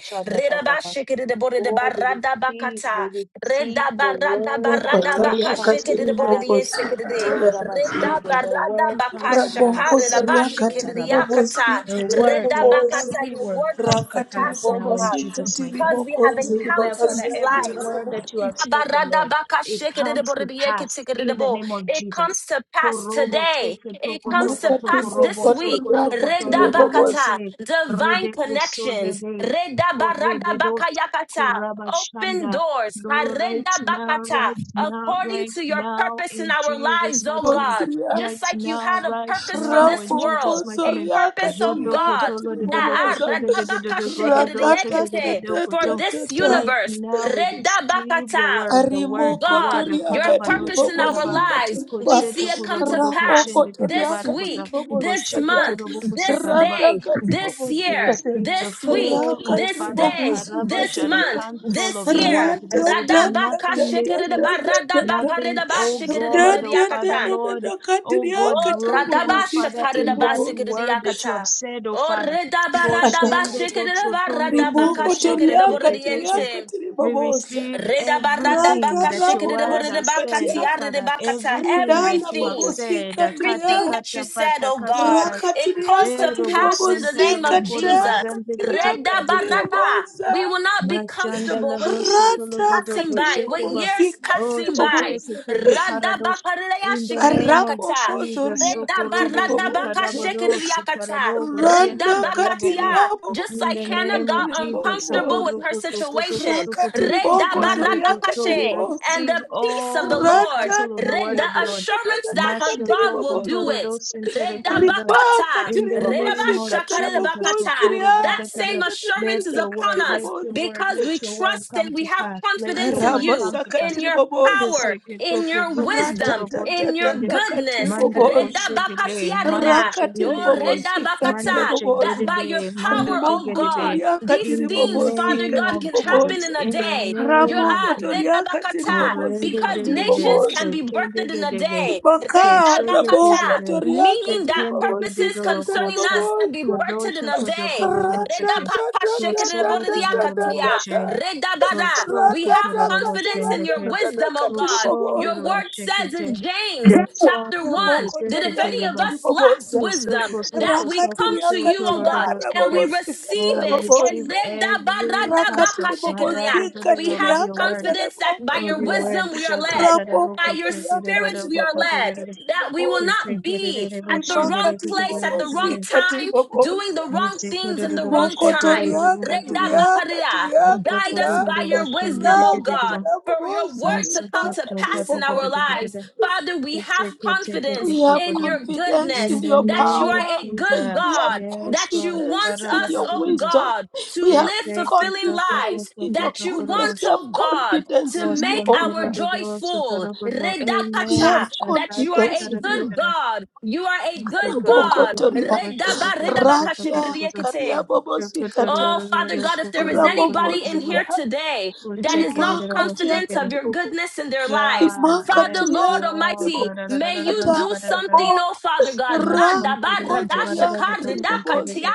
[SPEAKER 1] Oh,
[SPEAKER 3] Redabashikiridiboridaba-
[SPEAKER 1] we receive, we
[SPEAKER 3] radabakata.
[SPEAKER 1] receive
[SPEAKER 3] Reda
[SPEAKER 1] the
[SPEAKER 3] barada
[SPEAKER 1] word,
[SPEAKER 4] Boko
[SPEAKER 1] the
[SPEAKER 3] barada
[SPEAKER 1] word
[SPEAKER 3] baka
[SPEAKER 4] toriaka
[SPEAKER 1] comes to
[SPEAKER 3] shikede de bore
[SPEAKER 1] pass.
[SPEAKER 3] de sekede
[SPEAKER 4] tiribobozika
[SPEAKER 3] de.
[SPEAKER 1] Oh,
[SPEAKER 4] tiria.
[SPEAKER 1] Rabba
[SPEAKER 3] Reda
[SPEAKER 1] Stende, the
[SPEAKER 3] barada
[SPEAKER 1] word
[SPEAKER 3] baka
[SPEAKER 1] comes to
[SPEAKER 3] shakade
[SPEAKER 4] Rabongozo
[SPEAKER 3] la
[SPEAKER 1] pass.
[SPEAKER 3] ba
[SPEAKER 4] riakati
[SPEAKER 3] shikede de yakata.
[SPEAKER 1] The
[SPEAKER 4] ribobosikati
[SPEAKER 1] word,
[SPEAKER 3] Reda
[SPEAKER 1] let
[SPEAKER 4] raboboza
[SPEAKER 3] bakata,
[SPEAKER 1] every
[SPEAKER 3] your
[SPEAKER 1] word
[SPEAKER 3] word comes
[SPEAKER 1] come
[SPEAKER 3] to
[SPEAKER 1] to
[SPEAKER 4] rakati
[SPEAKER 3] pass,
[SPEAKER 1] pass
[SPEAKER 3] oh
[SPEAKER 1] now in
[SPEAKER 3] God,
[SPEAKER 1] Jesus'
[SPEAKER 4] ribobosikati
[SPEAKER 1] mighty
[SPEAKER 3] because we have
[SPEAKER 1] name.
[SPEAKER 4] ribogonzi
[SPEAKER 1] We declare,
[SPEAKER 3] encountered
[SPEAKER 1] Father,
[SPEAKER 3] your
[SPEAKER 4] ribobasikati
[SPEAKER 1] every
[SPEAKER 3] light.
[SPEAKER 1] word
[SPEAKER 4] rabobo
[SPEAKER 1] that you have
[SPEAKER 3] Reda
[SPEAKER 1] spoken,
[SPEAKER 3] barada
[SPEAKER 1] Lord,
[SPEAKER 3] baka
[SPEAKER 1] it
[SPEAKER 3] shikede de
[SPEAKER 1] comes
[SPEAKER 3] bore
[SPEAKER 1] to
[SPEAKER 3] de yeke
[SPEAKER 1] pass
[SPEAKER 3] tikede de
[SPEAKER 1] in the
[SPEAKER 3] bo.
[SPEAKER 1] name of
[SPEAKER 3] It comes
[SPEAKER 1] Jesus.
[SPEAKER 3] to pass
[SPEAKER 1] Korobo
[SPEAKER 3] today.
[SPEAKER 1] seke
[SPEAKER 3] It
[SPEAKER 1] toko
[SPEAKER 3] comes
[SPEAKER 1] toko
[SPEAKER 3] to
[SPEAKER 4] makati
[SPEAKER 1] toko
[SPEAKER 3] pass this
[SPEAKER 1] robo
[SPEAKER 4] bokoto
[SPEAKER 3] week.
[SPEAKER 1] soko toko
[SPEAKER 4] riakati
[SPEAKER 1] torobo
[SPEAKER 3] Redabakata,
[SPEAKER 4] ribobosikati
[SPEAKER 1] sote
[SPEAKER 3] divine
[SPEAKER 1] rede oso
[SPEAKER 3] connections.
[SPEAKER 1] dede korebedo
[SPEAKER 3] Redabaradabakayakata, open
[SPEAKER 1] korabashanda.
[SPEAKER 3] doors.
[SPEAKER 1] Lord, right now,
[SPEAKER 3] Karedabakata,
[SPEAKER 1] right now,
[SPEAKER 3] according
[SPEAKER 1] right
[SPEAKER 3] to your
[SPEAKER 1] now,
[SPEAKER 3] purpose in
[SPEAKER 1] in
[SPEAKER 3] our
[SPEAKER 1] Jesus'
[SPEAKER 3] lives, oh
[SPEAKER 1] mighty name.
[SPEAKER 3] God.
[SPEAKER 4] ria
[SPEAKER 3] Just
[SPEAKER 1] Right
[SPEAKER 3] like you
[SPEAKER 1] now,
[SPEAKER 3] had a
[SPEAKER 1] right
[SPEAKER 3] purpose for
[SPEAKER 1] now,
[SPEAKER 3] this
[SPEAKER 1] in
[SPEAKER 3] world,
[SPEAKER 1] Jesus'
[SPEAKER 4] rabokozo
[SPEAKER 1] mighty
[SPEAKER 3] a
[SPEAKER 1] name.
[SPEAKER 3] purpose,
[SPEAKER 4] riakati
[SPEAKER 3] oh
[SPEAKER 1] Jodo
[SPEAKER 3] God,
[SPEAKER 4] riakati
[SPEAKER 1] kotolo dodo
[SPEAKER 3] that ah,
[SPEAKER 4] riboboza
[SPEAKER 1] koshege dodo gododo shege
[SPEAKER 3] redabakashikiriekete, for this
[SPEAKER 4] ratatatatatatata
[SPEAKER 1] Right
[SPEAKER 3] universe.
[SPEAKER 1] now we receive the
[SPEAKER 3] Redabakata,
[SPEAKER 1] word, the
[SPEAKER 3] Oh
[SPEAKER 1] word, the word.
[SPEAKER 3] God,
[SPEAKER 1] the
[SPEAKER 3] your
[SPEAKER 4] Rimokotoriaka
[SPEAKER 1] Kadabado
[SPEAKER 4] tiri
[SPEAKER 3] purpose in our
[SPEAKER 1] shekaraba
[SPEAKER 4] bobozika
[SPEAKER 3] lives,
[SPEAKER 4] tiriba
[SPEAKER 3] we
[SPEAKER 1] koseto
[SPEAKER 3] see it come to
[SPEAKER 1] kurobodo
[SPEAKER 3] pass
[SPEAKER 1] koshende
[SPEAKER 3] this
[SPEAKER 1] ketebare
[SPEAKER 4] rabokotoriaka tiri
[SPEAKER 1] kota
[SPEAKER 3] week, this
[SPEAKER 4] bobozika
[SPEAKER 1] kosheke
[SPEAKER 4] ta
[SPEAKER 3] month,
[SPEAKER 1] Toroboko
[SPEAKER 3] this
[SPEAKER 1] Sakaraba.
[SPEAKER 3] day,
[SPEAKER 4] radaka tiri
[SPEAKER 3] this
[SPEAKER 1] We
[SPEAKER 4] bobozika
[SPEAKER 3] year,
[SPEAKER 4] te
[SPEAKER 1] receive the
[SPEAKER 3] this week,
[SPEAKER 1] full,
[SPEAKER 4] raka
[SPEAKER 1] O
[SPEAKER 3] this
[SPEAKER 4] tiri
[SPEAKER 1] Father,
[SPEAKER 3] day,
[SPEAKER 1] Karaba
[SPEAKER 4] bobozika
[SPEAKER 3] this
[SPEAKER 1] Shara
[SPEAKER 4] teria
[SPEAKER 3] month,
[SPEAKER 1] counsel
[SPEAKER 3] this
[SPEAKER 1] of your
[SPEAKER 3] year.
[SPEAKER 1] word. There
[SPEAKER 4] rada
[SPEAKER 1] will be
[SPEAKER 4] da da
[SPEAKER 3] Radabaka
[SPEAKER 4] da
[SPEAKER 1] nothing
[SPEAKER 4] da da
[SPEAKER 1] missing,
[SPEAKER 4] da da da
[SPEAKER 1] nothing, O
[SPEAKER 4] da da
[SPEAKER 1] God, O
[SPEAKER 4] da
[SPEAKER 1] Father,
[SPEAKER 4] da da
[SPEAKER 1] Lord,
[SPEAKER 4] da
[SPEAKER 1] O God,
[SPEAKER 3] Oh,
[SPEAKER 4] katiriaka tiri
[SPEAKER 1] broken, O
[SPEAKER 3] radaba
[SPEAKER 4] bobozika
[SPEAKER 1] Father,
[SPEAKER 4] tiri
[SPEAKER 1] in that
[SPEAKER 4] bobozi
[SPEAKER 1] word that you have said, O
[SPEAKER 3] Oh,
[SPEAKER 1] Father.
[SPEAKER 3] redaba,
[SPEAKER 4] radaka
[SPEAKER 1] Koshende dotsotondo totoshete
[SPEAKER 4] rimokotoriaka
[SPEAKER 1] ketekeshe.
[SPEAKER 4] tiriaka tiri
[SPEAKER 1] We
[SPEAKER 4] boboza
[SPEAKER 1] receive
[SPEAKER 3] Reda barada
[SPEAKER 1] everything
[SPEAKER 4] raka
[SPEAKER 3] baka
[SPEAKER 1] that your
[SPEAKER 3] shekere de bore
[SPEAKER 1] word
[SPEAKER 3] de
[SPEAKER 1] has
[SPEAKER 4] rabobozika
[SPEAKER 3] baka
[SPEAKER 1] said, O
[SPEAKER 4] tia
[SPEAKER 3] tiare de
[SPEAKER 1] Father,
[SPEAKER 3] baka ta.
[SPEAKER 1] everything that
[SPEAKER 4] Ridala
[SPEAKER 1] you have
[SPEAKER 3] Everything,
[SPEAKER 1] said.
[SPEAKER 4] bobosika
[SPEAKER 1] Akata
[SPEAKER 3] everything
[SPEAKER 4] tiria.
[SPEAKER 3] that you
[SPEAKER 1] kata
[SPEAKER 3] said, oh God,
[SPEAKER 1] pata
[SPEAKER 3] it
[SPEAKER 4] Rakatiria
[SPEAKER 1] E
[SPEAKER 3] comes to
[SPEAKER 4] katiri
[SPEAKER 1] robo
[SPEAKER 3] pass in the
[SPEAKER 1] sonte
[SPEAKER 3] name
[SPEAKER 1] raba
[SPEAKER 4] bobosika
[SPEAKER 3] of
[SPEAKER 1] koda
[SPEAKER 4] ta
[SPEAKER 3] Jesus.
[SPEAKER 1] bazante
[SPEAKER 4] katiria
[SPEAKER 1] katori
[SPEAKER 3] Reda
[SPEAKER 1] bali
[SPEAKER 4] katiri
[SPEAKER 3] barada.
[SPEAKER 4] bobosa.
[SPEAKER 3] We will not be comfortable with
[SPEAKER 1] Mashandalado
[SPEAKER 3] things
[SPEAKER 4] Rata
[SPEAKER 1] sutolobodo
[SPEAKER 3] passing
[SPEAKER 4] katiri
[SPEAKER 3] by, with
[SPEAKER 1] koshekeba.
[SPEAKER 3] years
[SPEAKER 4] bobosika
[SPEAKER 1] Oh,
[SPEAKER 3] passing
[SPEAKER 4] tiri
[SPEAKER 3] by.
[SPEAKER 1] sheteke
[SPEAKER 4] bobosa.
[SPEAKER 1] teke paradosh.
[SPEAKER 3] Radabakaraya
[SPEAKER 1] In the name of
[SPEAKER 4] Rapo
[SPEAKER 3] shikiriakata.
[SPEAKER 1] Jesus,
[SPEAKER 4] kozoria katiri
[SPEAKER 1] sokorobo
[SPEAKER 4] bobosa.
[SPEAKER 1] zikarabado
[SPEAKER 3] Redabaradabakashikiriakata.
[SPEAKER 1] sikarabogo siete
[SPEAKER 4] Rana
[SPEAKER 3] Redabakatia.
[SPEAKER 1] kariabogo.
[SPEAKER 4] katiria
[SPEAKER 3] Just
[SPEAKER 1] In
[SPEAKER 3] like
[SPEAKER 1] the
[SPEAKER 4] bobosika
[SPEAKER 3] Hannah
[SPEAKER 1] name of
[SPEAKER 3] got
[SPEAKER 4] katiri
[SPEAKER 1] Jesus,
[SPEAKER 3] uncomfortable with
[SPEAKER 4] bobosa.
[SPEAKER 3] her situation.
[SPEAKER 1] sokorokotokotokotokoto.
[SPEAKER 4] Rakatiri boko
[SPEAKER 1] Mando
[SPEAKER 4] zoria
[SPEAKER 1] koto,
[SPEAKER 4] katiri
[SPEAKER 1] we
[SPEAKER 3] Redabaradakashe.
[SPEAKER 4] bobosa.
[SPEAKER 3] And
[SPEAKER 1] receive
[SPEAKER 3] the peace of the
[SPEAKER 1] all the
[SPEAKER 3] Lord,
[SPEAKER 4] Rata
[SPEAKER 1] counsel of
[SPEAKER 4] ta
[SPEAKER 1] the
[SPEAKER 3] Red,
[SPEAKER 1] word
[SPEAKER 4] ta
[SPEAKER 3] the
[SPEAKER 1] of the
[SPEAKER 4] ta
[SPEAKER 1] Lord.
[SPEAKER 4] ta ta
[SPEAKER 3] assurance
[SPEAKER 4] ta
[SPEAKER 3] that her
[SPEAKER 4] katiri
[SPEAKER 3] God will
[SPEAKER 1] Mashotoko
[SPEAKER 3] do
[SPEAKER 4] bobosa.
[SPEAKER 3] it.
[SPEAKER 1] parados intere kanada.
[SPEAKER 4] Ribaka
[SPEAKER 3] Redabakata,
[SPEAKER 1] In the
[SPEAKER 4] tiribobonsi
[SPEAKER 1] name of Jesus,
[SPEAKER 3] redabashakaredabakata.
[SPEAKER 4] katarabokonsi
[SPEAKER 1] sokorobo
[SPEAKER 3] That
[SPEAKER 4] riata
[SPEAKER 1] dekada.
[SPEAKER 3] same
[SPEAKER 1] Let
[SPEAKER 3] assurance is
[SPEAKER 1] your
[SPEAKER 3] upon
[SPEAKER 1] word, let
[SPEAKER 3] us
[SPEAKER 1] your
[SPEAKER 4] tatatatatakatibobonsi.
[SPEAKER 1] word,
[SPEAKER 3] because we
[SPEAKER 1] let your word
[SPEAKER 3] trust
[SPEAKER 1] come
[SPEAKER 3] and we
[SPEAKER 1] to
[SPEAKER 3] have
[SPEAKER 1] pass. Let your
[SPEAKER 3] confidence in
[SPEAKER 1] word
[SPEAKER 3] you,
[SPEAKER 1] come to
[SPEAKER 4] Ramasaka
[SPEAKER 1] pass.
[SPEAKER 3] in your
[SPEAKER 4] tiribobosa.
[SPEAKER 3] power,
[SPEAKER 1] Keseke
[SPEAKER 3] in
[SPEAKER 1] toko
[SPEAKER 3] your
[SPEAKER 1] zoko
[SPEAKER 3] wisdom,
[SPEAKER 1] toro bote
[SPEAKER 3] in your
[SPEAKER 1] kende.
[SPEAKER 4] Ratatatata
[SPEAKER 3] goodness.
[SPEAKER 1] Mando
[SPEAKER 4] katiribobosa. ratatatatatakatiribobosa
[SPEAKER 1] koshegede, mando
[SPEAKER 3] Redabakatiarida, no
[SPEAKER 1] shegedebe,
[SPEAKER 4] Rakatiribobosi
[SPEAKER 1] mando
[SPEAKER 3] redabakata. That
[SPEAKER 4] katarabobosa.
[SPEAKER 3] by your
[SPEAKER 1] shegedebe, mando
[SPEAKER 3] power, oh
[SPEAKER 4] Rimoko
[SPEAKER 3] God,
[SPEAKER 1] shegedebe.
[SPEAKER 4] toriaka
[SPEAKER 3] these
[SPEAKER 1] In the
[SPEAKER 3] things,
[SPEAKER 4] tiribobosi
[SPEAKER 3] Father
[SPEAKER 1] name
[SPEAKER 3] God,
[SPEAKER 1] of
[SPEAKER 3] can happen
[SPEAKER 1] Jesus,
[SPEAKER 4] katiribobosa.
[SPEAKER 3] in a
[SPEAKER 1] in the
[SPEAKER 3] day. Your
[SPEAKER 1] name of
[SPEAKER 4] Ramoko
[SPEAKER 3] ah,
[SPEAKER 1] Jesus.
[SPEAKER 4] toriaka
[SPEAKER 3] redabakata
[SPEAKER 4] tiribobosi
[SPEAKER 3] because
[SPEAKER 1] Korredededede,
[SPEAKER 3] nations can
[SPEAKER 4] katiribobosa.
[SPEAKER 3] be birthed in a
[SPEAKER 1] shekedegedege,
[SPEAKER 3] day.
[SPEAKER 4] Bakara boko
[SPEAKER 3] Redabakata,
[SPEAKER 1] keshekedegede,
[SPEAKER 4] toriaka
[SPEAKER 3] meaning that purposes
[SPEAKER 4] tiribobosika
[SPEAKER 1] shekendegedegoro
[SPEAKER 3] concerning
[SPEAKER 1] kosha,
[SPEAKER 3] us can be
[SPEAKER 4] tarabobosa.
[SPEAKER 3] birthed in
[SPEAKER 1] kodosha
[SPEAKER 3] a day.
[SPEAKER 1] kodokorodoseke, koso
[SPEAKER 3] Redabakashekedebodidiakatia,
[SPEAKER 1] torororoboshe,
[SPEAKER 4] Ra-da-da-da-da-da-da-da-da.
[SPEAKER 3] redabada.
[SPEAKER 1] koso
[SPEAKER 3] We have confidence in your
[SPEAKER 1] kotororoboshendeke,
[SPEAKER 3] wisdom, O
[SPEAKER 1] koso
[SPEAKER 3] God. Your word
[SPEAKER 4] Ra-da-da-ka-ta-ra-da-da-da-da-ka-tiri-bobosa.
[SPEAKER 3] says
[SPEAKER 1] ndoroboshekete,
[SPEAKER 3] in James
[SPEAKER 1] koso
[SPEAKER 3] chapter 1 that if any of
[SPEAKER 1] ndokoseketereba,
[SPEAKER 3] us lacks
[SPEAKER 4] Ramokotoriaka-tiri-bobosa.
[SPEAKER 1] koso
[SPEAKER 3] wisdom,
[SPEAKER 1] koso
[SPEAKER 3] that we
[SPEAKER 1] koso
[SPEAKER 3] come
[SPEAKER 1] kosho
[SPEAKER 3] to you, oh God, and
[SPEAKER 1] torororoseke.
[SPEAKER 3] we
[SPEAKER 1] Oh,
[SPEAKER 3] receive
[SPEAKER 1] we
[SPEAKER 3] it.
[SPEAKER 1] receive
[SPEAKER 4] Rakatiriaka-tiara-bobosikatara-bobosa
[SPEAKER 1] every counsel,
[SPEAKER 4] rakatiri bobozika
[SPEAKER 3] We
[SPEAKER 1] Maradededede
[SPEAKER 4] tiri
[SPEAKER 3] have
[SPEAKER 1] of your word
[SPEAKER 4] akatele
[SPEAKER 3] confidence that
[SPEAKER 4] bongo
[SPEAKER 3] by
[SPEAKER 1] of
[SPEAKER 3] your
[SPEAKER 1] your
[SPEAKER 4] toria
[SPEAKER 1] word.
[SPEAKER 3] wisdom we are
[SPEAKER 1] Shatta
[SPEAKER 3] led,
[SPEAKER 4] rabongo
[SPEAKER 3] by
[SPEAKER 1] Taraboko
[SPEAKER 3] your
[SPEAKER 4] toria
[SPEAKER 3] spirits
[SPEAKER 4] katiri
[SPEAKER 1] Sekirabara
[SPEAKER 3] we are led
[SPEAKER 4] bobozika
[SPEAKER 1] Patakura
[SPEAKER 4] tiri
[SPEAKER 3] that we will
[SPEAKER 4] boboza
[SPEAKER 3] not be at the
[SPEAKER 1] Sekiraboshan,
[SPEAKER 4] rimaka
[SPEAKER 3] wrong
[SPEAKER 1] the
[SPEAKER 4] tiri
[SPEAKER 3] place at the wrong
[SPEAKER 1] Reputaboshan,
[SPEAKER 4] bobozika tiri
[SPEAKER 3] time, doing the
[SPEAKER 4] boboza
[SPEAKER 1] his
[SPEAKER 3] wrong things at the wrong
[SPEAKER 4] rimoko
[SPEAKER 1] Sekudaboshan,
[SPEAKER 3] time.
[SPEAKER 4] toria katiri
[SPEAKER 1] Keraboshan,
[SPEAKER 3] Redabakaria.
[SPEAKER 4] akatiri
[SPEAKER 3] Guide
[SPEAKER 4] akatira
[SPEAKER 3] us by your
[SPEAKER 1] Otokodaboshan, the
[SPEAKER 3] wisdom, oh God,
[SPEAKER 1] Regativa,
[SPEAKER 4] rakatara
[SPEAKER 3] for your
[SPEAKER 4] boboza
[SPEAKER 3] word to come to
[SPEAKER 4] rimaka
[SPEAKER 1] Masukoto
[SPEAKER 4] tiri
[SPEAKER 3] pass in our
[SPEAKER 4] boboza
[SPEAKER 3] lives.
[SPEAKER 1] Patata,
[SPEAKER 3] Father, we have confidence
[SPEAKER 4] we have
[SPEAKER 3] in
[SPEAKER 1] Sekiraboshan.
[SPEAKER 3] your
[SPEAKER 4] confidence
[SPEAKER 1] In
[SPEAKER 3] goodness
[SPEAKER 4] in
[SPEAKER 1] the
[SPEAKER 4] your
[SPEAKER 3] that
[SPEAKER 1] name
[SPEAKER 3] you
[SPEAKER 1] of
[SPEAKER 3] are
[SPEAKER 4] power.
[SPEAKER 3] a good
[SPEAKER 4] We
[SPEAKER 1] Jesus,
[SPEAKER 4] have
[SPEAKER 3] God,
[SPEAKER 1] yes,
[SPEAKER 3] that you
[SPEAKER 1] God.
[SPEAKER 3] want
[SPEAKER 4] confidence in
[SPEAKER 3] us,
[SPEAKER 4] your
[SPEAKER 3] oh
[SPEAKER 1] Karabata
[SPEAKER 4] wisdom.
[SPEAKER 3] God, to
[SPEAKER 4] We have
[SPEAKER 3] live fulfilling lives,
[SPEAKER 4] confidence in your
[SPEAKER 3] that you
[SPEAKER 4] goodness.
[SPEAKER 3] want,
[SPEAKER 4] We
[SPEAKER 3] oh
[SPEAKER 4] have
[SPEAKER 3] God
[SPEAKER 4] confidence
[SPEAKER 3] to
[SPEAKER 4] in you,
[SPEAKER 3] make
[SPEAKER 1] Awesome.
[SPEAKER 4] O
[SPEAKER 3] our
[SPEAKER 1] Amen.
[SPEAKER 4] God.
[SPEAKER 3] joy full.
[SPEAKER 4] We have
[SPEAKER 3] Redakata, that you are
[SPEAKER 4] confidence
[SPEAKER 3] a
[SPEAKER 4] in you.
[SPEAKER 3] good God. You are a good God.
[SPEAKER 4] Rabokotoria.
[SPEAKER 3] Redaba, redabaka,
[SPEAKER 4] Ratia
[SPEAKER 3] shikridiekete.
[SPEAKER 4] kariabobosikatia.
[SPEAKER 3] Oh, Father God, if there is anybody in here
[SPEAKER 4] Rabokonzria.
[SPEAKER 3] today that is not
[SPEAKER 4] Rimakatia
[SPEAKER 3] confident of your
[SPEAKER 4] katibubu.
[SPEAKER 3] goodness in their lives,
[SPEAKER 1] Yeah,
[SPEAKER 3] Father,
[SPEAKER 1] yes,
[SPEAKER 4] rimakatiri
[SPEAKER 3] Lord
[SPEAKER 4] yako
[SPEAKER 1] Lord.
[SPEAKER 3] Almighty, may you
[SPEAKER 4] ribobosikata
[SPEAKER 3] do
[SPEAKER 4] bo
[SPEAKER 3] something, oh Father God,
[SPEAKER 4] ra
[SPEAKER 3] radaba,
[SPEAKER 4] kozo
[SPEAKER 3] radashika,
[SPEAKER 4] riakati
[SPEAKER 3] redakatia,
[SPEAKER 4] riboboza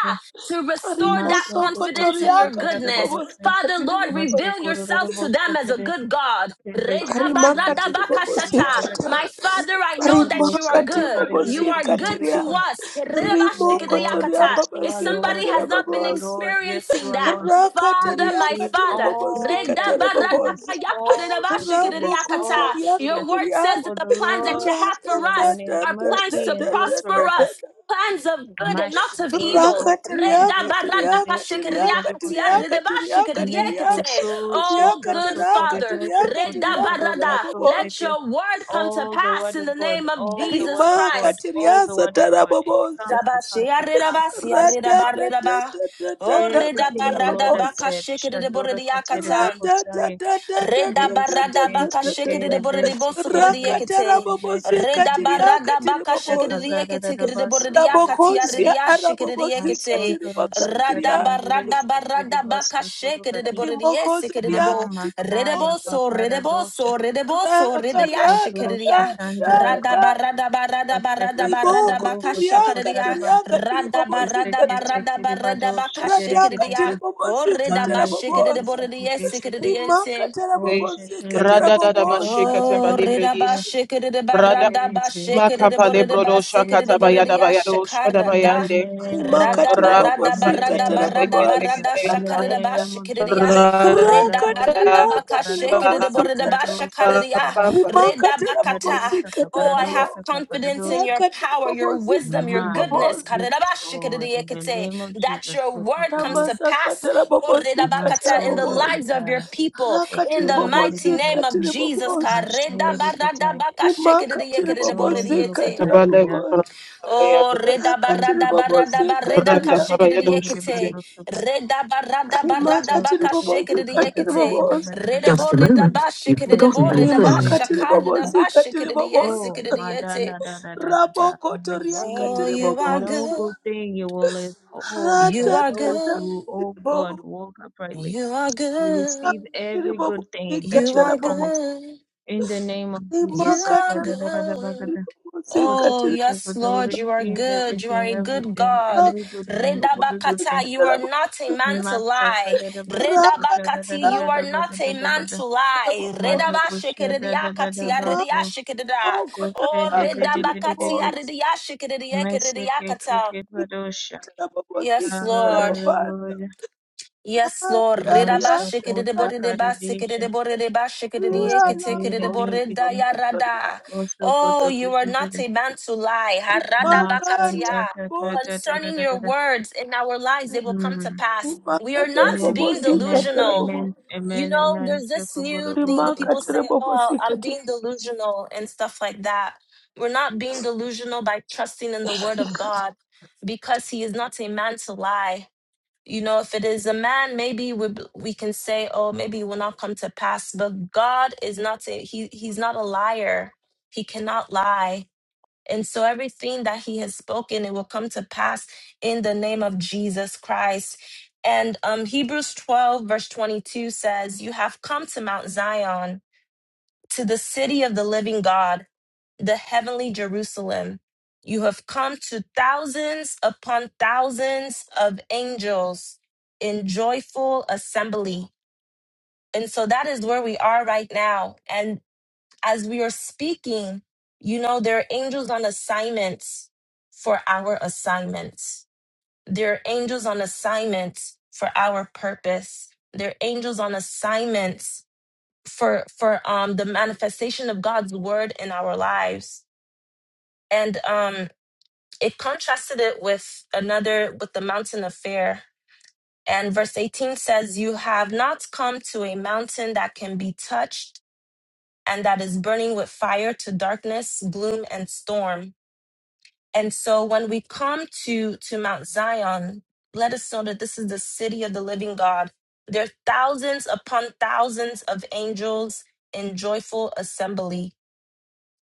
[SPEAKER 3] to restore that
[SPEAKER 1] Master to
[SPEAKER 4] rimosokoto
[SPEAKER 3] confidence in
[SPEAKER 1] Koshiki
[SPEAKER 3] your
[SPEAKER 4] riakati
[SPEAKER 3] goodness.
[SPEAKER 1] Paradabosa,
[SPEAKER 3] Father,
[SPEAKER 4] ribobosikati
[SPEAKER 3] Lord,
[SPEAKER 1] Master
[SPEAKER 3] reveal
[SPEAKER 4] riboboza
[SPEAKER 1] Kororo
[SPEAKER 3] yourself to them
[SPEAKER 1] Bosa,
[SPEAKER 3] as a
[SPEAKER 1] the
[SPEAKER 3] good God.
[SPEAKER 1] Vedic
[SPEAKER 4] rimakati
[SPEAKER 3] Redabaradabakashata.
[SPEAKER 4] ribobosikata
[SPEAKER 3] My Father, I know
[SPEAKER 1] The
[SPEAKER 3] that you
[SPEAKER 1] most
[SPEAKER 3] are
[SPEAKER 1] of
[SPEAKER 4] rimakati
[SPEAKER 3] good.
[SPEAKER 1] Kupariri
[SPEAKER 3] You are
[SPEAKER 4] ribobosikati
[SPEAKER 3] good
[SPEAKER 4] ria
[SPEAKER 3] to
[SPEAKER 1] Kichendri.
[SPEAKER 3] us.
[SPEAKER 1] Yes, you are
[SPEAKER 4] rimokoto
[SPEAKER 1] Lord.
[SPEAKER 3] Redabashtikiriakata.
[SPEAKER 1] Yes, you
[SPEAKER 3] If
[SPEAKER 1] are
[SPEAKER 3] somebody
[SPEAKER 1] Lord.
[SPEAKER 4] riababasikati
[SPEAKER 3] has
[SPEAKER 1] Yes,
[SPEAKER 3] not
[SPEAKER 1] you
[SPEAKER 3] been
[SPEAKER 1] are
[SPEAKER 4] rababoza
[SPEAKER 1] Lord. Yes, you
[SPEAKER 3] experiencing
[SPEAKER 1] are
[SPEAKER 3] that,
[SPEAKER 1] Lord. We
[SPEAKER 3] Father, my
[SPEAKER 1] receive
[SPEAKER 4] Rakatariakatiri
[SPEAKER 3] Father,
[SPEAKER 1] all the
[SPEAKER 4] babosikatari
[SPEAKER 1] goodness,
[SPEAKER 4] babosa.
[SPEAKER 1] all the goodness, all
[SPEAKER 3] redabaradakayakaridabashtikiriakata.
[SPEAKER 1] the
[SPEAKER 3] your
[SPEAKER 1] goodness.
[SPEAKER 3] word says
[SPEAKER 4] Rabokosoriakatiria.
[SPEAKER 3] that
[SPEAKER 1] For
[SPEAKER 3] the
[SPEAKER 1] the
[SPEAKER 3] plans that
[SPEAKER 1] Lord
[SPEAKER 3] you have
[SPEAKER 1] is
[SPEAKER 3] for
[SPEAKER 1] good
[SPEAKER 3] us
[SPEAKER 1] and his
[SPEAKER 3] are plans
[SPEAKER 1] mercy
[SPEAKER 3] to
[SPEAKER 1] endures
[SPEAKER 3] prosper
[SPEAKER 1] forever.
[SPEAKER 3] us
[SPEAKER 4] Ratatatatatatatatata.
[SPEAKER 3] plans of good and
[SPEAKER 1] Mash
[SPEAKER 3] not
[SPEAKER 1] the
[SPEAKER 3] of
[SPEAKER 1] day, the
[SPEAKER 3] evil.
[SPEAKER 1] boat, the for the day, so for the day, so for the body,
[SPEAKER 4] Rakatariakatariakatariakatariakatariakatiria.
[SPEAKER 1] Neko so so
[SPEAKER 3] Oh,
[SPEAKER 1] shoto
[SPEAKER 3] good
[SPEAKER 1] korodo
[SPEAKER 3] Father,
[SPEAKER 1] shokoto
[SPEAKER 4] Kiriakatarakatariakatariakatara
[SPEAKER 1] korodo so
[SPEAKER 3] let
[SPEAKER 4] babosa.
[SPEAKER 1] teke.
[SPEAKER 3] your word come to
[SPEAKER 1] All the
[SPEAKER 3] pass
[SPEAKER 1] word
[SPEAKER 3] in the
[SPEAKER 1] of God,
[SPEAKER 3] name of
[SPEAKER 1] all the
[SPEAKER 3] Jesus
[SPEAKER 1] word of God,
[SPEAKER 3] Christ.
[SPEAKER 1] all the word of
[SPEAKER 4] Rimakatiriasatara
[SPEAKER 1] God. It
[SPEAKER 4] babosa.
[SPEAKER 1] comes to pass, it comes to pass, it comes to pass.
[SPEAKER 3] Oh,
[SPEAKER 1] Everything
[SPEAKER 4] Ratatatatatatatatara
[SPEAKER 1] the Lord has
[SPEAKER 4] babosa.
[SPEAKER 1] said. Shadora kotere bakosaye.
[SPEAKER 3] Reda
[SPEAKER 1] Bese
[SPEAKER 3] barada baka
[SPEAKER 1] kese
[SPEAKER 3] shikere
[SPEAKER 4] Ra-ta-ta-ta-ta-ta-ta-ta-ta-ta.
[SPEAKER 1] kere
[SPEAKER 3] de bore de
[SPEAKER 1] bese
[SPEAKER 3] bosu kore
[SPEAKER 1] kere
[SPEAKER 3] de
[SPEAKER 1] bese
[SPEAKER 3] yekete.
[SPEAKER 1] kere bese
[SPEAKER 4] Rakatarabobosika
[SPEAKER 1] kere
[SPEAKER 3] Reda
[SPEAKER 1] bese.
[SPEAKER 4] tiriaka
[SPEAKER 3] barada baka shikere de
[SPEAKER 4] tiribobosa.
[SPEAKER 1] Takazara
[SPEAKER 3] yekete kere de bore
[SPEAKER 1] darabaso
[SPEAKER 3] de
[SPEAKER 1] durubu
[SPEAKER 3] yakati are de
[SPEAKER 4] Rabokonsia
[SPEAKER 1] sese.
[SPEAKER 3] yashikere de
[SPEAKER 4] arabobosika
[SPEAKER 3] yekete.
[SPEAKER 1] Masonto rosi kare
[SPEAKER 3] Rada
[SPEAKER 4] tiribakandria.
[SPEAKER 3] barada
[SPEAKER 1] yendirese kere
[SPEAKER 3] barada baka
[SPEAKER 1] basontoro
[SPEAKER 3] shikere de bore de
[SPEAKER 4] Rimokozo
[SPEAKER 3] yesikere de
[SPEAKER 1] Ma
[SPEAKER 4] riaka
[SPEAKER 3] bo. Rede
[SPEAKER 1] Masaya
[SPEAKER 4] tiribobosa.
[SPEAKER 3] boso, rede
[SPEAKER 1] Paparadosha
[SPEAKER 3] boso, rede boso, rede yashikere de
[SPEAKER 1] Sokotosha
[SPEAKER 3] ya.
[SPEAKER 1] Chandara
[SPEAKER 3] Rada
[SPEAKER 4] Rakararadarada.
[SPEAKER 1] Koto
[SPEAKER 3] barada barada barada
[SPEAKER 1] Kaseka
[SPEAKER 3] barada
[SPEAKER 4] Riboko
[SPEAKER 1] Saporo
[SPEAKER 3] baka shakere
[SPEAKER 1] Kotoko
[SPEAKER 4] zuriaka
[SPEAKER 3] de ya.
[SPEAKER 1] Taraba
[SPEAKER 4] tiriaka
[SPEAKER 3] Rada barada
[SPEAKER 4] tiribobosika
[SPEAKER 1] Keseke
[SPEAKER 4] ta.
[SPEAKER 3] barada barada
[SPEAKER 1] Chekiribadosha
[SPEAKER 3] baka shikere
[SPEAKER 4] Radaka
[SPEAKER 3] de ya.
[SPEAKER 1] Terekideke
[SPEAKER 3] Orre
[SPEAKER 4] tiribobosika
[SPEAKER 3] da ba
[SPEAKER 1] Mande
[SPEAKER 3] shikere de
[SPEAKER 1] Tete
[SPEAKER 4] tarabobosa.
[SPEAKER 3] bore de
[SPEAKER 1] Tete
[SPEAKER 3] yesikere de
[SPEAKER 1] Keseke
[SPEAKER 4] Rimaka
[SPEAKER 3] yente.
[SPEAKER 5] Brede,
[SPEAKER 1] Gosha
[SPEAKER 4] tarabobosika
[SPEAKER 1] Tereke
[SPEAKER 5] Rada da da
[SPEAKER 1] Tete
[SPEAKER 5] ba
[SPEAKER 1] Tete
[SPEAKER 4] tarabobosa.
[SPEAKER 5] shikata ba
[SPEAKER 3] Oh,
[SPEAKER 1] Tete
[SPEAKER 3] rida ba
[SPEAKER 1] Tete
[SPEAKER 3] shikida de
[SPEAKER 5] Rada
[SPEAKER 3] barada ba
[SPEAKER 1] Kese
[SPEAKER 3] shikida de
[SPEAKER 5] makapa
[SPEAKER 1] Kese
[SPEAKER 3] borida ba
[SPEAKER 5] librodo
[SPEAKER 3] sikida de
[SPEAKER 5] shakata ba
[SPEAKER 3] borida
[SPEAKER 1] Kese
[SPEAKER 5] yada
[SPEAKER 3] ya
[SPEAKER 5] shkada ba
[SPEAKER 3] shakara
[SPEAKER 1] In
[SPEAKER 3] da.
[SPEAKER 1] the
[SPEAKER 5] yande.
[SPEAKER 1] name of
[SPEAKER 3] Rada
[SPEAKER 4] rimakatiri
[SPEAKER 1] Jesus,
[SPEAKER 3] barada
[SPEAKER 1] in
[SPEAKER 5] Rakapa
[SPEAKER 1] the
[SPEAKER 3] barada
[SPEAKER 4] mabosikatara
[SPEAKER 1] name
[SPEAKER 3] barada
[SPEAKER 1] of Jesus,
[SPEAKER 4] mabasa
[SPEAKER 3] barada
[SPEAKER 1] in the
[SPEAKER 3] shakara de ba
[SPEAKER 4] arata
[SPEAKER 1] name of
[SPEAKER 3] shikida de ya.
[SPEAKER 1] Jesus.
[SPEAKER 5] Rada
[SPEAKER 3] Reda
[SPEAKER 4] rakatiri
[SPEAKER 3] barada
[SPEAKER 1] Paradosaka,
[SPEAKER 3] ba ka
[SPEAKER 4] akatiri
[SPEAKER 3] shikida de
[SPEAKER 5] ba
[SPEAKER 1] paradosaka,
[SPEAKER 3] borida ba
[SPEAKER 4] mabosikata
[SPEAKER 3] shakara
[SPEAKER 1] paradosaka,
[SPEAKER 3] de
[SPEAKER 5] ba
[SPEAKER 3] ya.
[SPEAKER 1] paradosaka,
[SPEAKER 3] Reda
[SPEAKER 4] rimakatara
[SPEAKER 3] bakata ta.
[SPEAKER 1] paradosaka,
[SPEAKER 4] mabosikata
[SPEAKER 3] Oh, I have
[SPEAKER 4] mabo
[SPEAKER 1] paradosaka,
[SPEAKER 3] confidence in your
[SPEAKER 1] paradosaka.
[SPEAKER 4] rakatiri
[SPEAKER 3] power, your wisdom, your
[SPEAKER 4] mabosikatiri
[SPEAKER 1] Maya,
[SPEAKER 3] goodness.
[SPEAKER 4] mabosa
[SPEAKER 1] yes, Lord, in the
[SPEAKER 3] Karirabashikiridiekete.
[SPEAKER 1] name of
[SPEAKER 3] That
[SPEAKER 1] Jesus,
[SPEAKER 3] your word comes
[SPEAKER 1] Kotukuri,
[SPEAKER 3] to pass
[SPEAKER 4] ramasakatara
[SPEAKER 3] Oh,
[SPEAKER 4] mabosikatara
[SPEAKER 3] redabakata, in the
[SPEAKER 1] Masora
[SPEAKER 4] mabosa
[SPEAKER 3] lives of your
[SPEAKER 1] Kataya,
[SPEAKER 3] people. In
[SPEAKER 4] rakatiri
[SPEAKER 3] the
[SPEAKER 1] Kotore
[SPEAKER 3] mighty
[SPEAKER 1] Dede,
[SPEAKER 3] name of
[SPEAKER 4] mabosikatiri
[SPEAKER 3] Jesus.
[SPEAKER 4] mabosa
[SPEAKER 1] Mashere Katai,
[SPEAKER 4] rimakatiri
[SPEAKER 1] Kotsondoro
[SPEAKER 3] Karedabaradabakashikiridiekiridiboridiyete.
[SPEAKER 4] mabosikatara
[SPEAKER 1] Kotai Gada.
[SPEAKER 4] mabosa
[SPEAKER 5] rakata ba
[SPEAKER 3] Oh, reda
[SPEAKER 1] Thank
[SPEAKER 4] rakatiri
[SPEAKER 1] you,
[SPEAKER 3] barada barada
[SPEAKER 1] Jesus.
[SPEAKER 3] barada
[SPEAKER 1] Kotora
[SPEAKER 4] mabosikatiri
[SPEAKER 5] Rakata ba yado
[SPEAKER 3] kashikiriekete.
[SPEAKER 1] Katai
[SPEAKER 3] Reda barada
[SPEAKER 1] Kutsu
[SPEAKER 3] barada
[SPEAKER 4] rimakatiri
[SPEAKER 3] baka
[SPEAKER 1] kutsu kutsu
[SPEAKER 4] mabosikatiri
[SPEAKER 3] shikiriekete.
[SPEAKER 4] mabosa
[SPEAKER 3] Reda bo reda bashikiride bo
[SPEAKER 1] kese
[SPEAKER 3] reda
[SPEAKER 4] Rimaka
[SPEAKER 1] kese
[SPEAKER 3] bashakada
[SPEAKER 1] kese
[SPEAKER 3] da
[SPEAKER 1] kese.
[SPEAKER 4] tiribobosi katiribobosa.
[SPEAKER 1] Oh,
[SPEAKER 3] bashikiriekete.
[SPEAKER 1] madana da da da da da. da da.
[SPEAKER 4] Raboko toriaka
[SPEAKER 1] Receive.
[SPEAKER 3] Oh, you
[SPEAKER 1] There's
[SPEAKER 3] are
[SPEAKER 1] no
[SPEAKER 4] tiribobosa.
[SPEAKER 3] good.
[SPEAKER 1] good thing you will withhold
[SPEAKER 3] You
[SPEAKER 1] from
[SPEAKER 3] are
[SPEAKER 1] those
[SPEAKER 4] Ratatata
[SPEAKER 3] good.
[SPEAKER 1] who, oh God,
[SPEAKER 4] katiribo.
[SPEAKER 1] walk uprightly.
[SPEAKER 3] You are
[SPEAKER 1] We receive
[SPEAKER 3] good.
[SPEAKER 1] every good
[SPEAKER 4] Tiribobosi
[SPEAKER 1] thing that
[SPEAKER 3] You
[SPEAKER 1] you are
[SPEAKER 3] are
[SPEAKER 4] katiribobo.
[SPEAKER 1] promised
[SPEAKER 3] good.
[SPEAKER 1] in the name of
[SPEAKER 3] You
[SPEAKER 1] Jesus.
[SPEAKER 4] Rimaka
[SPEAKER 3] are
[SPEAKER 1] Saka da da
[SPEAKER 4] toriaka
[SPEAKER 1] da da ba ga
[SPEAKER 3] good.
[SPEAKER 1] da.
[SPEAKER 4] tiribobosi
[SPEAKER 1] Kutsu
[SPEAKER 3] Oh,
[SPEAKER 4] katiribobosa.
[SPEAKER 1] kutsu
[SPEAKER 3] yes,
[SPEAKER 1] kutsu.
[SPEAKER 3] Lord,
[SPEAKER 1] We
[SPEAKER 3] you are
[SPEAKER 1] receive
[SPEAKER 3] good. You are
[SPEAKER 1] everything,
[SPEAKER 3] a good
[SPEAKER 1] everything,
[SPEAKER 3] God.
[SPEAKER 1] every good thing, every
[SPEAKER 4] Bobosi
[SPEAKER 1] good
[SPEAKER 3] Redabakata,
[SPEAKER 1] thing.
[SPEAKER 3] you are not a
[SPEAKER 4] katiribobosa.
[SPEAKER 3] man to
[SPEAKER 1] Maso
[SPEAKER 3] lie.
[SPEAKER 1] kada da baso
[SPEAKER 4] Raka
[SPEAKER 1] kuta da da
[SPEAKER 3] Redabakati,
[SPEAKER 1] da
[SPEAKER 3] you
[SPEAKER 1] da
[SPEAKER 4] toriaka
[SPEAKER 3] are
[SPEAKER 1] da ba da
[SPEAKER 3] not a
[SPEAKER 1] da da ba
[SPEAKER 3] man
[SPEAKER 1] da
[SPEAKER 3] to lie.
[SPEAKER 1] Mando
[SPEAKER 4] tiribobosa.
[SPEAKER 1] kosha da da da
[SPEAKER 3] Redabashikiriakati,
[SPEAKER 1] da ba
[SPEAKER 4] Rimaboko
[SPEAKER 1] ko
[SPEAKER 3] aridiashikirida.
[SPEAKER 1] ko fe
[SPEAKER 3] Oh,
[SPEAKER 1] de
[SPEAKER 4] toriaka
[SPEAKER 1] de de de de de
[SPEAKER 3] redabakati,
[SPEAKER 1] de
[SPEAKER 4] tiribobosa.
[SPEAKER 1] mese ke te
[SPEAKER 3] aridiashikiriakata.
[SPEAKER 1] ke
[SPEAKER 4] Rimaka
[SPEAKER 1] padosha
[SPEAKER 4] tiribobosi
[SPEAKER 3] Yes, Lord.
[SPEAKER 4] katiribobosa.
[SPEAKER 1] hallelujah
[SPEAKER 3] Yes, Lord.
[SPEAKER 4] Rati
[SPEAKER 1] maso
[SPEAKER 4] ariata.
[SPEAKER 1] kota karidisha kose
[SPEAKER 4] Rihanna
[SPEAKER 1] de de de de
[SPEAKER 4] bozo
[SPEAKER 1] de
[SPEAKER 4] kataria
[SPEAKER 1] koso
[SPEAKER 3] Oh,
[SPEAKER 1] koto
[SPEAKER 3] you are
[SPEAKER 1] kosha de
[SPEAKER 3] not
[SPEAKER 1] de
[SPEAKER 3] a man to lie.
[SPEAKER 1] masan
[SPEAKER 4] rimakaria
[SPEAKER 1] ta ta ta ta
[SPEAKER 4] bozo
[SPEAKER 1] ta da
[SPEAKER 3] Concerning
[SPEAKER 1] da da
[SPEAKER 3] your
[SPEAKER 1] da
[SPEAKER 3] words in our lives, they will come to
[SPEAKER 1] mm
[SPEAKER 3] pass. We are
[SPEAKER 4] makatera
[SPEAKER 3] not
[SPEAKER 1] amen
[SPEAKER 4] bobo
[SPEAKER 3] being
[SPEAKER 1] amen
[SPEAKER 4] sikatera
[SPEAKER 3] delusional.
[SPEAKER 4] bobo
[SPEAKER 1] amen
[SPEAKER 3] You
[SPEAKER 1] amen
[SPEAKER 3] know,
[SPEAKER 1] amen
[SPEAKER 3] there's this
[SPEAKER 1] shoko
[SPEAKER 3] new
[SPEAKER 1] guru
[SPEAKER 3] thing
[SPEAKER 1] guru
[SPEAKER 3] that people
[SPEAKER 1] kosha
[SPEAKER 4] rimakatera
[SPEAKER 3] say,
[SPEAKER 4] bobo
[SPEAKER 3] oh, I'm
[SPEAKER 4] sikatera
[SPEAKER 3] being delusional and stuff like that. We're not being delusional by trusting in the word of God because he is not a man to lie you know if it is a man maybe we b- we can say oh maybe it will not come to pass but god is not a, he he's not a liar he cannot lie and so everything that he has spoken it will come to pass in the name of jesus christ and um hebrews 12 verse 22 says you have come to mount zion to the city of the living God, the heavenly Jerusalem. You have come to thousands upon thousands of angels in joyful assembly. And so that is where we are right now. And as we are speaking, you know, there are angels on assignments for our assignments. There are angels on assignments for our purpose. There are angels on assignments for for um the manifestation of God's word in our lives. And um it contrasted it with another with the mountain of fear. And verse 18 says, You have not come to a mountain that can be touched and that is burning with fire to darkness, gloom, and storm. And so when we come to to Mount Zion, let us know that this is the city of the living God. There are thousands upon thousands of angels in joyful assembly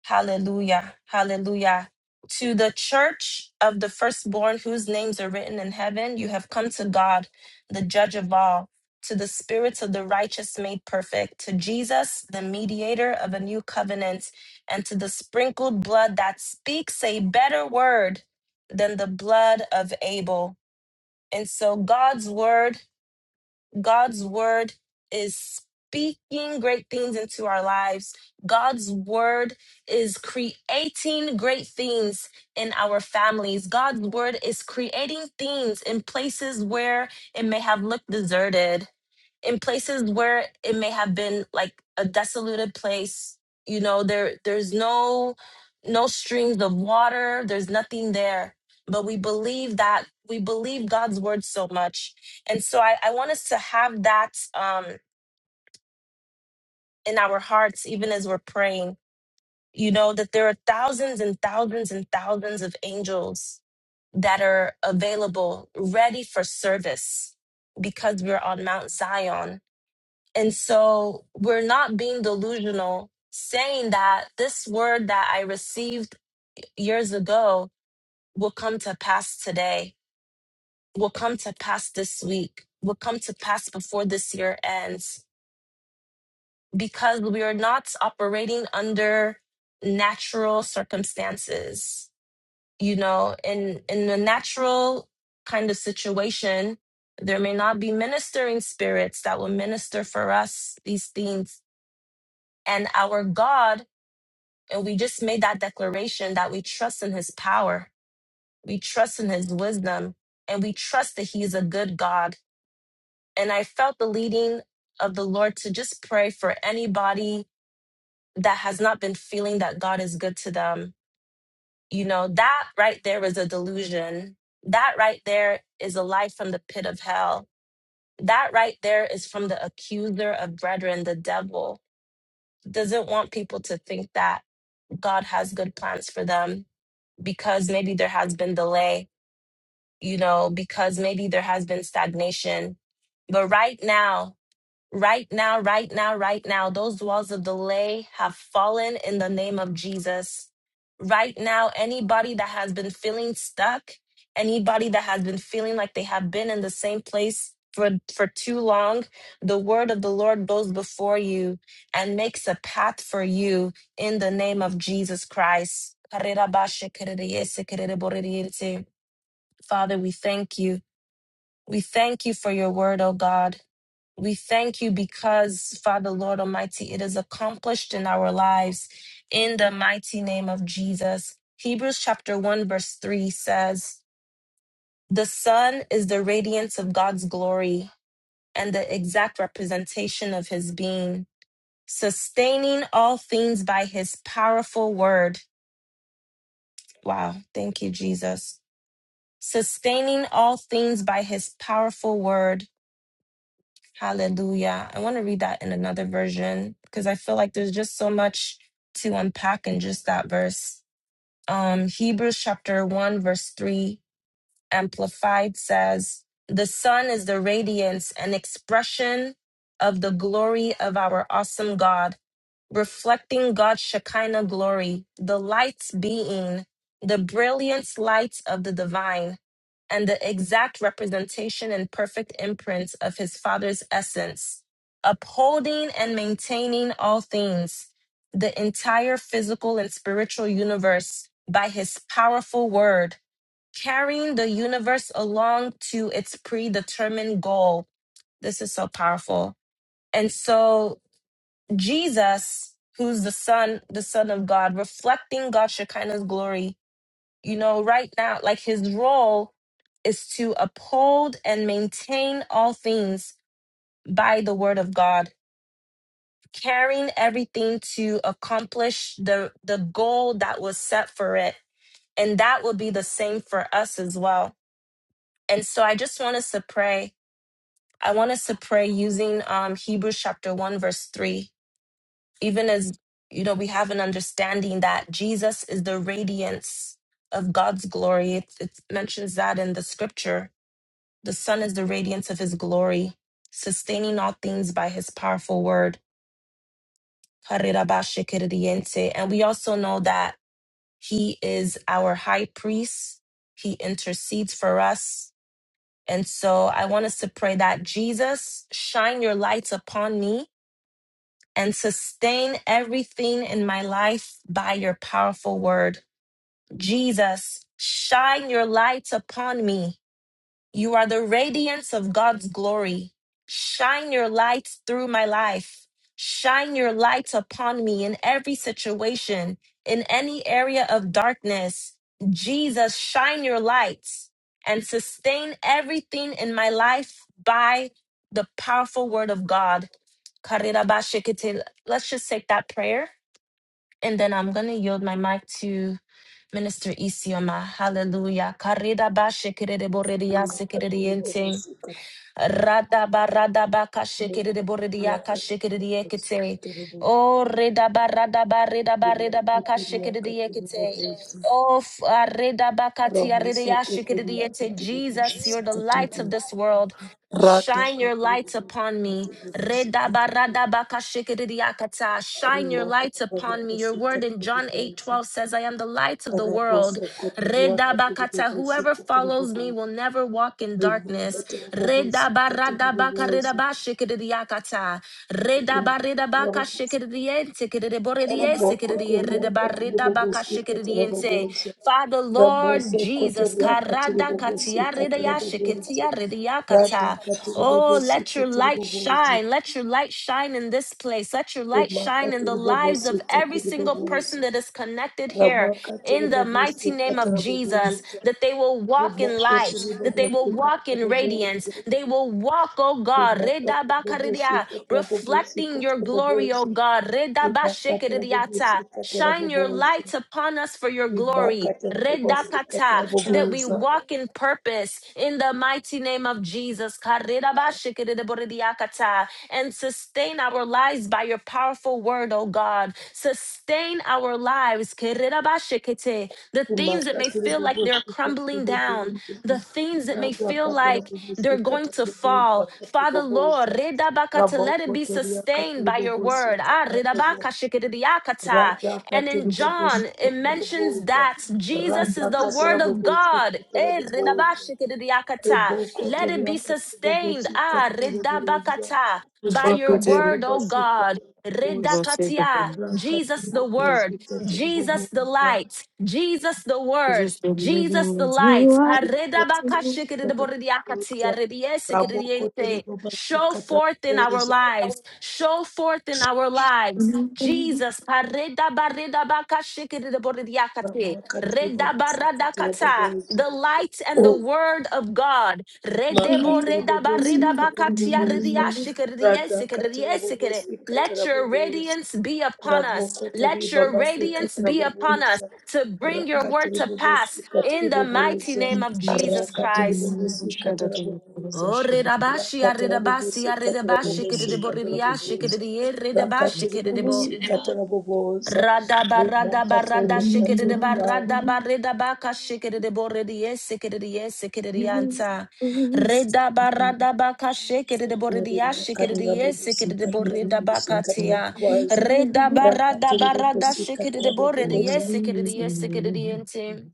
[SPEAKER 3] Hallelujah. Hallelujah. To the church of the firstborn whose names are written in heaven, you have come to God, the judge of all, to the spirits of the righteous made perfect, to Jesus, the mediator of a new covenant, and to the sprinkled blood that speaks a better word than the blood of Abel. And so God's word God's word is speaking great things into our lives. God's word is creating great things in our families. God's word is creating things in places where it may have looked deserted in places where it may have been like a desolated place you know there there's no no streams of water there's nothing there but we believe that we believe god's word so much and so i, I want us to have that um in our hearts even as we're praying you know that there are thousands and thousands and thousands of angels that are available ready for service because we're on mount zion And so we're not being delusional saying that this word that I received years ago will come to pass today, will come to pass this week, will come to pass before this year ends, because we are not operating under natural circumstances. You know, in, in a natural kind of situation, there may not be ministering spirits that will minister for us these things. And our God And we just made that declaration that we trust in his power, we trust in his wisdom, and we trust that he is a good God. And I felt the leading of the Lord to just pray for anybody that has not been feeling that God is good to them. You know, that right there is a delusion. That right there is a lie from the pit of hell. That right there is from the accuser of brethren, the devil. Doesn't want people to think that God has good plans for them because maybe there has been delay, you know, because maybe there has been stagnation. But right now, Right now, right now, right now, those walls of delay have fallen in the name of Jesus. Right now, anybody that has been feeling stuck, anybody that has been feeling like they have been in the same place for, for too long, the word of the Lord goes before you and makes a path for you in the name of Jesus Christ. Father, we thank you. We thank you for your word, oh God. We thank you because, Father, Lord Almighty, it is accomplished in our lives in the mighty name of Jesus. Hebrews chapter 1, verse 3 says, The sun is the radiance of God's glory and the exact representation of his being, sustaining all things by his powerful word. Wow. Thank you, Jesus. Sustaining all things by his powerful word. Hallelujah. I want to read that in another version because I feel like there's just so much to unpack in just that verse. Um, Hebrews chapter 1, verse 3, Amplified says, The sun is the radiance and expression of the glory of our awesome God reflecting God's Shekinah glory, the lights being the brilliant lights of the divine and the exact representation and perfect imprint of his Father's essence, upholding and maintaining all things, the entire physical and spiritual universe by his powerful word, carrying the universe along to its predetermined goal. This is so powerful. And so Jesus, who's the Son, the Son of God, reflecting God's Shekinah's glory, you know, right now, like his role is to uphold and maintain all things by the word of God, carrying everything to accomplish the, the goal that was set for it. And that will be the same for us as well. And so I just want us to pray. I want us to pray using um, Hebrews chapter 1, verse 3 even as you know we have an understanding that jesus is the radiance of god's glory it, it mentions that in the scripture the sun is the radiance of his glory sustaining all things by his powerful word Harirabashikiridiense. and we also know that he is our high priest he intercedes for us and so i want us to pray that jesus shine your lights upon me and sustain everything in my life by your powerful word. Jesus, shine your light upon me you are the radiance of God's glory. Shine your light through my life. Shine your light upon me in every situation, in any area of darkness. Jesus, shine your light and sustain everything in my life by the powerful word of God. Karirabashikite. Let's just take that prayer and then I'm going to yield my mic to. Minister Isioma, hallelujah. Karida ba shekere de boredia sekere de
[SPEAKER 4] rimakatera bobo
[SPEAKER 3] yente.
[SPEAKER 4] sikatera
[SPEAKER 3] Rada ba rada ba ka shekere de boredia ka
[SPEAKER 4] rimakatera
[SPEAKER 3] shekere de
[SPEAKER 4] bobo
[SPEAKER 3] yekete.
[SPEAKER 4] sikatera bobo
[SPEAKER 3] Oh, reda ba rada ba reda ba reda ba ka
[SPEAKER 4] rimakatera
[SPEAKER 3] shekere de
[SPEAKER 4] katera bobo si
[SPEAKER 3] Oh, f- ah, reda ba ka tia
[SPEAKER 4] ramoso
[SPEAKER 3] ya shekere de
[SPEAKER 4] kotoria
[SPEAKER 3] yete.
[SPEAKER 4] katera bobo
[SPEAKER 3] Jesus, you're the
[SPEAKER 4] sikatera
[SPEAKER 3] light of
[SPEAKER 4] bobo
[SPEAKER 3] this world.
[SPEAKER 4] rata
[SPEAKER 3] Shine your
[SPEAKER 4] katera
[SPEAKER 3] light
[SPEAKER 4] bobo sikatera
[SPEAKER 3] upon me.
[SPEAKER 4] bobo sikatera
[SPEAKER 3] Redabaradabakashikiriakata. Shine your lights
[SPEAKER 4] rimakatera
[SPEAKER 3] upon me.
[SPEAKER 4] bobo
[SPEAKER 3] Your word in
[SPEAKER 4] sikatera
[SPEAKER 3] John 8
[SPEAKER 4] bobo
[SPEAKER 3] 12 says, I am the light of the
[SPEAKER 4] Ramaka to
[SPEAKER 3] world.
[SPEAKER 4] the
[SPEAKER 3] Redabakata.
[SPEAKER 4] bobosi
[SPEAKER 3] Whoever follows me
[SPEAKER 4] Catarabosa,
[SPEAKER 3] will never walk in
[SPEAKER 4] Ramaka
[SPEAKER 3] darkness.
[SPEAKER 4] to
[SPEAKER 3] Redabaradabakaridabashikiriakata. Redabaridabakashikirientikiriborediesikirie. Redabaridabakashikiriente. Father, Lord Jesus. karadakatiaridayashikitiaridiakata. Oh, let your light shine
[SPEAKER 4] the
[SPEAKER 3] shine. Let your light shine in this place. Let your light shine in the lives of every single person that is connected here in the mighty name of Jesus. That they will walk in light, that they
[SPEAKER 4] bobosi
[SPEAKER 3] will walk in radiance.
[SPEAKER 4] Ramoka
[SPEAKER 3] They will walk, oh God,
[SPEAKER 4] Rimakata
[SPEAKER 3] redabakaridia,
[SPEAKER 4] bobosikata
[SPEAKER 3] reflecting
[SPEAKER 4] bobosikata
[SPEAKER 3] your glory, oh
[SPEAKER 4] bobosi.
[SPEAKER 3] God.
[SPEAKER 4] Rimakata
[SPEAKER 3] redabashikiridiata.
[SPEAKER 4] bobosikata
[SPEAKER 3] Shine your
[SPEAKER 4] bobosi.
[SPEAKER 3] light upon us for your glory.
[SPEAKER 4] Rimakata bobosikata
[SPEAKER 3] Redakata, that we
[SPEAKER 4] bobosa.
[SPEAKER 3] walk in purpose in the mighty name of Jesus. Karirabashikiridiboridiyakata and sustain our lives by your powerful word, oh God. Sustain our lives. The things that may
[SPEAKER 4] Rimakata
[SPEAKER 3] feel like they're
[SPEAKER 4] bobosikata
[SPEAKER 3] crumbling down,
[SPEAKER 4] bobosa.
[SPEAKER 3] the things that may feel
[SPEAKER 4] Radakata
[SPEAKER 3] like they're going
[SPEAKER 4] bobosikata
[SPEAKER 3] to
[SPEAKER 4] bobosa
[SPEAKER 3] fall.
[SPEAKER 4] kata
[SPEAKER 3] Father Lord,
[SPEAKER 4] bobosa.
[SPEAKER 3] let it be
[SPEAKER 4] Rabokotoria kata
[SPEAKER 3] sustained by your word. Ah,
[SPEAKER 4] bobosikata bobosa. Rada
[SPEAKER 3] And
[SPEAKER 4] katiri
[SPEAKER 3] in
[SPEAKER 4] bobosi
[SPEAKER 3] John, it
[SPEAKER 4] katara
[SPEAKER 3] mentions
[SPEAKER 4] boboza.
[SPEAKER 3] that Jesus
[SPEAKER 4] Rada
[SPEAKER 3] is the
[SPEAKER 4] katara
[SPEAKER 3] word of
[SPEAKER 4] bobosi
[SPEAKER 3] God.
[SPEAKER 4] katara
[SPEAKER 3] Eh,
[SPEAKER 4] boboza.
[SPEAKER 3] Let it
[SPEAKER 4] Ribokotoria
[SPEAKER 3] be sustained.
[SPEAKER 4] katobobosika
[SPEAKER 3] Ah,
[SPEAKER 4] tabobozwa.
[SPEAKER 3] by
[SPEAKER 4] Ribaka
[SPEAKER 3] your word, oh
[SPEAKER 4] tabobosika
[SPEAKER 3] God.
[SPEAKER 4] tabobozo.
[SPEAKER 3] Redakatia,
[SPEAKER 4] Rakati
[SPEAKER 3] Jesus the word,
[SPEAKER 4] bobosika
[SPEAKER 3] Jesus the
[SPEAKER 4] tabobozwa.
[SPEAKER 3] light, Jesus the word,
[SPEAKER 5] Just do.
[SPEAKER 3] Jesus the light.
[SPEAKER 4] Rabobosika
[SPEAKER 3] Haredabakashikidiboridiakatia,
[SPEAKER 4] tabobozwa. Rabokotori
[SPEAKER 3] rediesikididiente. Show
[SPEAKER 4] bobosika
[SPEAKER 3] forth in our
[SPEAKER 4] tabobozwa.
[SPEAKER 3] lives, show forth in our lives. Jesus, pareda bareda baka shikida borediakate,
[SPEAKER 4] Ramakati
[SPEAKER 3] reda
[SPEAKER 4] bobosika
[SPEAKER 3] barada kata,
[SPEAKER 4] tabobozwa.
[SPEAKER 3] the light
[SPEAKER 4] O
[SPEAKER 3] and the word of God. Rede
[SPEAKER 4] makati
[SPEAKER 3] boreda bareda
[SPEAKER 4] bobosika
[SPEAKER 3] bakatia
[SPEAKER 4] tabobozwa.
[SPEAKER 3] redia shikida die sikida
[SPEAKER 4] Radakati
[SPEAKER 3] die sikida.
[SPEAKER 4] bobosika
[SPEAKER 3] Let your
[SPEAKER 4] tabobozwa.
[SPEAKER 3] radiance be upon us.
[SPEAKER 4] Rabokotori
[SPEAKER 3] Let your radiance
[SPEAKER 4] babasikati
[SPEAKER 3] be upon us
[SPEAKER 4] raboboza
[SPEAKER 3] to bring your
[SPEAKER 4] rakati
[SPEAKER 3] word to pass
[SPEAKER 4] ribobosikati
[SPEAKER 3] in the mighty
[SPEAKER 4] riboboza
[SPEAKER 3] name of Jesus
[SPEAKER 4] rakati
[SPEAKER 3] Christ.
[SPEAKER 4] ribobosikati raboboza
[SPEAKER 3] Oh, reda bashi,
[SPEAKER 4] rakati
[SPEAKER 3] areda basi,
[SPEAKER 4] rabobosikati
[SPEAKER 3] areda bashi, kede
[SPEAKER 4] rabobosikati raboboza rakati ribobosikati raboboza
[SPEAKER 3] Rada barada
[SPEAKER 4] rimakati
[SPEAKER 3] barada
[SPEAKER 4] ribobosikati
[SPEAKER 3] shikere de
[SPEAKER 4] raboboza
[SPEAKER 3] barada barada baka shikere de borre de yes shikere de yes shikere de yanta. Reda barada baka shikere de borre de yes shikere
[SPEAKER 4] rimakati
[SPEAKER 3] de yes shikere de
[SPEAKER 4] rabobosikati
[SPEAKER 3] borre da baka
[SPEAKER 4] rabobosikati
[SPEAKER 3] tia.
[SPEAKER 4] raboboza
[SPEAKER 3] Reda barada
[SPEAKER 4] rakati
[SPEAKER 3] barada
[SPEAKER 4] ribobosikati
[SPEAKER 3] shikere de borre
[SPEAKER 5] Thank
[SPEAKER 3] de
[SPEAKER 4] raboboza
[SPEAKER 3] yes shikere de yes shikere de yente.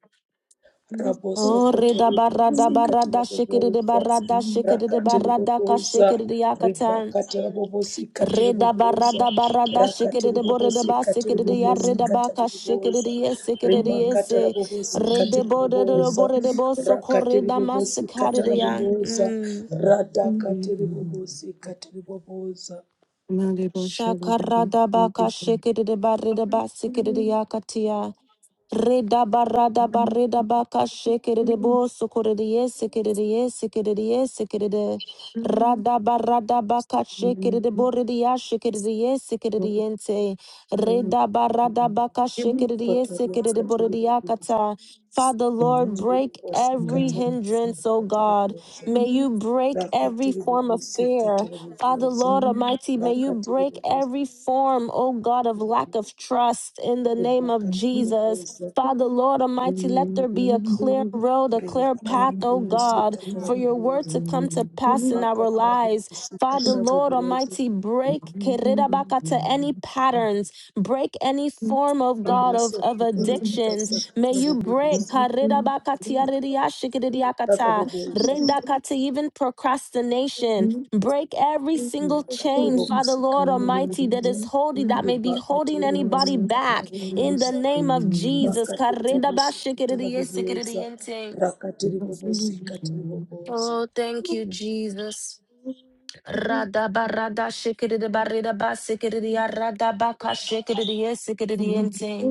[SPEAKER 5] you.
[SPEAKER 3] Oh,
[SPEAKER 4] rabosokoto
[SPEAKER 3] reda barada
[SPEAKER 4] ribakata
[SPEAKER 3] barada shikere de
[SPEAKER 4] raboboza
[SPEAKER 3] barada shikere de
[SPEAKER 4] rakati
[SPEAKER 3] barada ka
[SPEAKER 4] riboboza
[SPEAKER 3] shikere de yakatan.
[SPEAKER 4] ribakata rabobosikati
[SPEAKER 3] Reda
[SPEAKER 4] riboboza
[SPEAKER 3] barada barada
[SPEAKER 4] rakati
[SPEAKER 3] shikere de bore de ba
[SPEAKER 4] ribobosikati
[SPEAKER 3] sikere de ya reda
[SPEAKER 4] ribobosikata
[SPEAKER 3] ba ka shikere
[SPEAKER 4] riboboza
[SPEAKER 3] de ye sikere de ye
[SPEAKER 4] ribakata
[SPEAKER 3] se
[SPEAKER 4] rabobosikati
[SPEAKER 3] rede bore de de
[SPEAKER 4] riboboza
[SPEAKER 3] bore de bo so
[SPEAKER 4] rakati
[SPEAKER 3] kore da
[SPEAKER 4] ribobosikata
[SPEAKER 3] masikare de ya.
[SPEAKER 4] raboboza
[SPEAKER 3] Mm.
[SPEAKER 4] radakati ribobosikati riboboza
[SPEAKER 3] Shakarada baka shikiri barida basikiri yakatia. Rida barada barida baka shikiri de bo sukuri de yesikiri de yesikiri de yesikiri de. Rada barada baka shikiri de bori de yashikiri de yesikiri de yente. Rida barada baka shikiri de
[SPEAKER 4] kotoriakati
[SPEAKER 3] shikidibaridiba sikidiyakatia. Redabaradabaka shikidibo sukuridie sikidie sikidie sikidide. Radabaradabaka shikidiboridia shikidie sikidiente. Redabaradabaka shikidie
[SPEAKER 4] riboboza
[SPEAKER 3] sikidiboridiakata. Father Lord,
[SPEAKER 4] rakati
[SPEAKER 3] break every
[SPEAKER 4] ribobosikati
[SPEAKER 3] hindrance, O
[SPEAKER 4] ribobosikati
[SPEAKER 3] God.
[SPEAKER 4] riboboza
[SPEAKER 3] May you break every
[SPEAKER 4] rakatiri
[SPEAKER 3] form of
[SPEAKER 4] vovosika
[SPEAKER 3] fear.
[SPEAKER 4] tiri
[SPEAKER 3] Father,
[SPEAKER 4] vovoza
[SPEAKER 3] Lord
[SPEAKER 5] Thank
[SPEAKER 3] Almighty, may you
[SPEAKER 4] rakatiri
[SPEAKER 3] break
[SPEAKER 4] vovosika
[SPEAKER 3] every form, oh God, of lack of trust in the name of
[SPEAKER 4] rebhakatiri
[SPEAKER 3] Jesus.
[SPEAKER 4] vovoza
[SPEAKER 3] Father, Lord Almighty, let there be a clear road, a clear path,
[SPEAKER 4] rebhakatiri
[SPEAKER 3] oh
[SPEAKER 4] vovosika
[SPEAKER 3] God,
[SPEAKER 4] tiri
[SPEAKER 3] for your word
[SPEAKER 4] vovoza
[SPEAKER 3] to come to pass in our
[SPEAKER 4] rebhakatiri
[SPEAKER 3] lives.
[SPEAKER 4] vovosika
[SPEAKER 3] Father,
[SPEAKER 4] tiri
[SPEAKER 3] Lord
[SPEAKER 4] vovoza
[SPEAKER 3] Almighty, break kerirabaka to any patterns, break any form of God of,
[SPEAKER 4] ramosoko
[SPEAKER 3] of
[SPEAKER 4] tori
[SPEAKER 3] addictions.
[SPEAKER 4] vovosika
[SPEAKER 3] May
[SPEAKER 4] tiri
[SPEAKER 3] you break
[SPEAKER 4] vovoza
[SPEAKER 3] karirabaka
[SPEAKER 4] tiri
[SPEAKER 3] tiaririashikiriakata,
[SPEAKER 4] vovoza
[SPEAKER 3] redakata, even procrastination. Break every single
[SPEAKER 4] Wakati
[SPEAKER 3] chain, Father
[SPEAKER 4] wabusika
[SPEAKER 3] Lord Almighty, that
[SPEAKER 4] tiribubuza
[SPEAKER 3] is holding, that may be
[SPEAKER 4] ibakati
[SPEAKER 3] holding anybody
[SPEAKER 4] ribubusika
[SPEAKER 3] back in the
[SPEAKER 4] tiribubuza
[SPEAKER 3] name of Jesus.
[SPEAKER 4] ibakati ribubusika tiribubuza
[SPEAKER 3] Karedabashikiridiyesikiridiyente.
[SPEAKER 4] rakati ribubusika tiribubuza
[SPEAKER 3] Oh, thank you, Jesus.
[SPEAKER 5] you. Thank you, Jesus.
[SPEAKER 3] Radabaradashikiridibaridabasikiridiyaradabakas-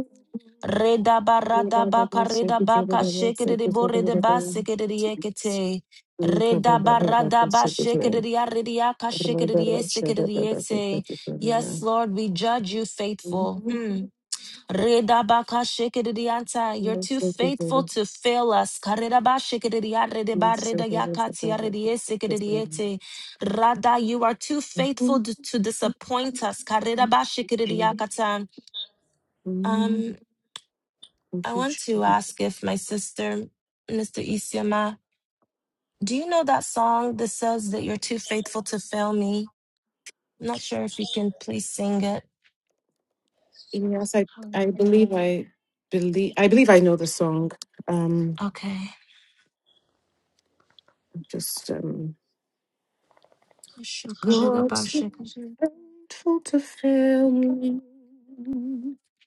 [SPEAKER 3] Reda barada baka reda baka shikiri bore de ba sikiri ekete. Reda barada ba shikiri aridiaka shikiri sikiri ete. Yes, Lord, we judge you faithful. Hmm. Reda baka shikiri anta. You're too faithful to fail us. Kareda ba shikiri arede ba reda yakati aridi sikiri ete. Rada, you are too faithful to, to disappoint us. Kareda ba shikiri um. I want to ask if my sister, Mr. Isioma, do you know that song that says that you're too faithful to fail me? I'm not sure if you can please sing it.
[SPEAKER 5] Yes, I,
[SPEAKER 3] Hold
[SPEAKER 5] I
[SPEAKER 3] on.
[SPEAKER 5] believe I believe I believe I know the song. Um,
[SPEAKER 3] Okay.
[SPEAKER 5] just um. You're too faithful to fail me.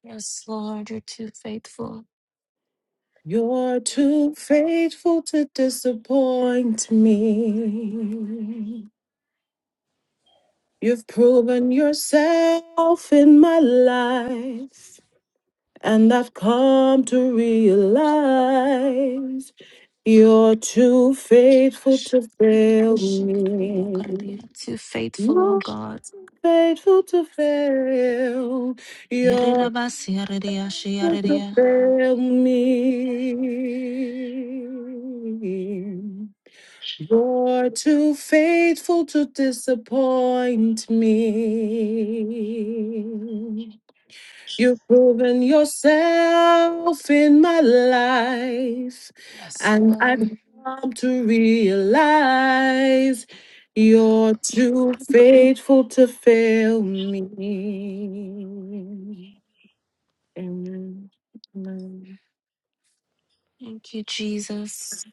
[SPEAKER 3] Yes, Lord, you're too faithful.
[SPEAKER 5] You're too faithful to disappoint me. You've proven yourself in my life, and I've come to realize you're too faithful to fail me.
[SPEAKER 3] Too faithful, oh
[SPEAKER 5] You're
[SPEAKER 3] God.
[SPEAKER 5] too faithful to fail.
[SPEAKER 3] Yes,
[SPEAKER 5] to fail me. You're too faithful to disappoint me. You've proven yourself in my life, and
[SPEAKER 3] Lord.
[SPEAKER 5] I've come to realize you're too faithful to fail me. Amen. Amen.
[SPEAKER 3] Thank you, Jesus.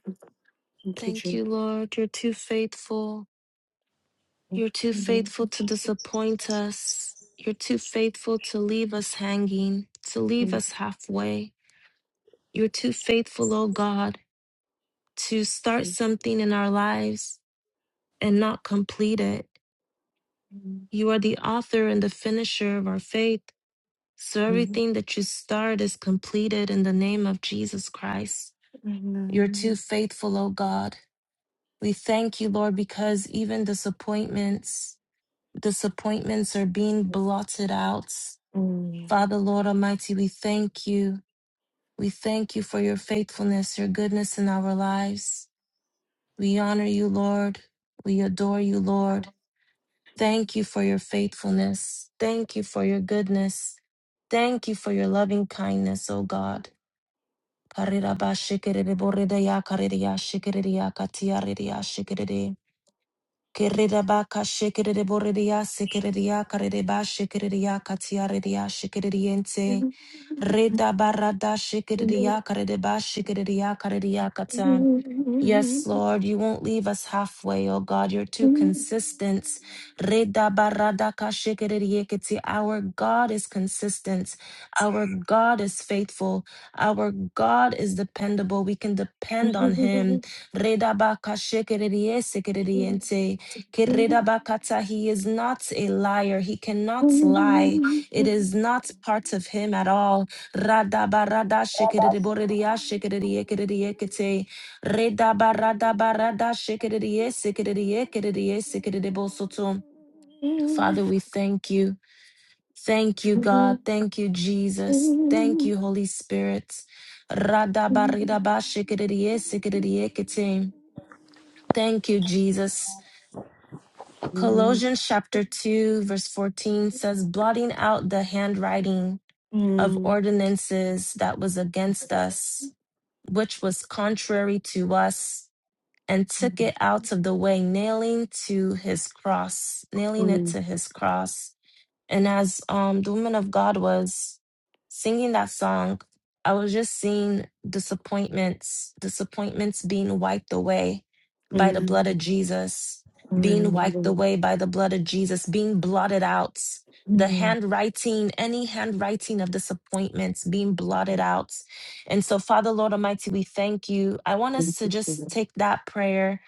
[SPEAKER 5] Thank you,
[SPEAKER 3] Thank
[SPEAKER 5] Jesus.
[SPEAKER 3] you, Lord. You're too faithful. You're too
[SPEAKER 5] Mhm.
[SPEAKER 3] faithful to disappoint us. You're too faithful to leave us hanging, to leave
[SPEAKER 5] Thank you,
[SPEAKER 3] us halfway. You're too faithful, O God, to start
[SPEAKER 5] Jesus.
[SPEAKER 3] something in our lives and not complete it. You are the author and the finisher of our faith. So
[SPEAKER 5] Mhm.
[SPEAKER 3] everything that you start is completed in the name of Jesus Christ. You're too faithful, O God. We thank you, Lord, because even disappointments, disappointments are being blotted out
[SPEAKER 5] Oh, yeah.
[SPEAKER 3] Father, Lord Almighty, we thank you. We thank you for your faithfulness, your goodness in our lives. We honor you, Lord. We adore you, Lord. Thank you for your faithfulness. Thank you for your goodness. Thank you for your loving kindness, O God. Karirabashikiriborida ya kariria shikiriria katia riria shikiriri. Keredabaka shekereboredia sekeredia kareba shekeredia katiaredia shekerediente. Redabarada shekeredia karedeba shekeredia karedia kata. Yes, Lord, you won't leave us halfway, oh God. You're too consistent. Reda barada kashikiririekiti. Our God is consistent. Our God is faithful. Our God is dependable. We can depend on Him. Reda bakashikiririyesikiririente. Kireda bakata. He is not a liar. He cannot lie. It is not part of Him at all. Rada barada shikiririboririashikiririekiririekite. Reda barada barada shikiriye sikiriye kiriye sikiriye Father, we thank you. Thank you, God. Thank you, Jesus. Thank you, Holy Spirit. Rada barida ba shikiriye sikiriye kitim. Thank you, Jesus. Colossians chapter 2, verse 14 says, blotting out the handwriting of ordinances that was against us, which was contrary to us and took it out of the way, nailing to his cross, nailing it to his cross. And as um, the woman of God was singing that song, I was just seeing disappointments, disappointments being wiped away by the blood of Jesus, being wiped away by the blood of Jesus, being blotted out. The handwriting, any handwriting of disappointments being blotted out. And so, Father, Lord Almighty, we thank you. I want us to just take that prayer.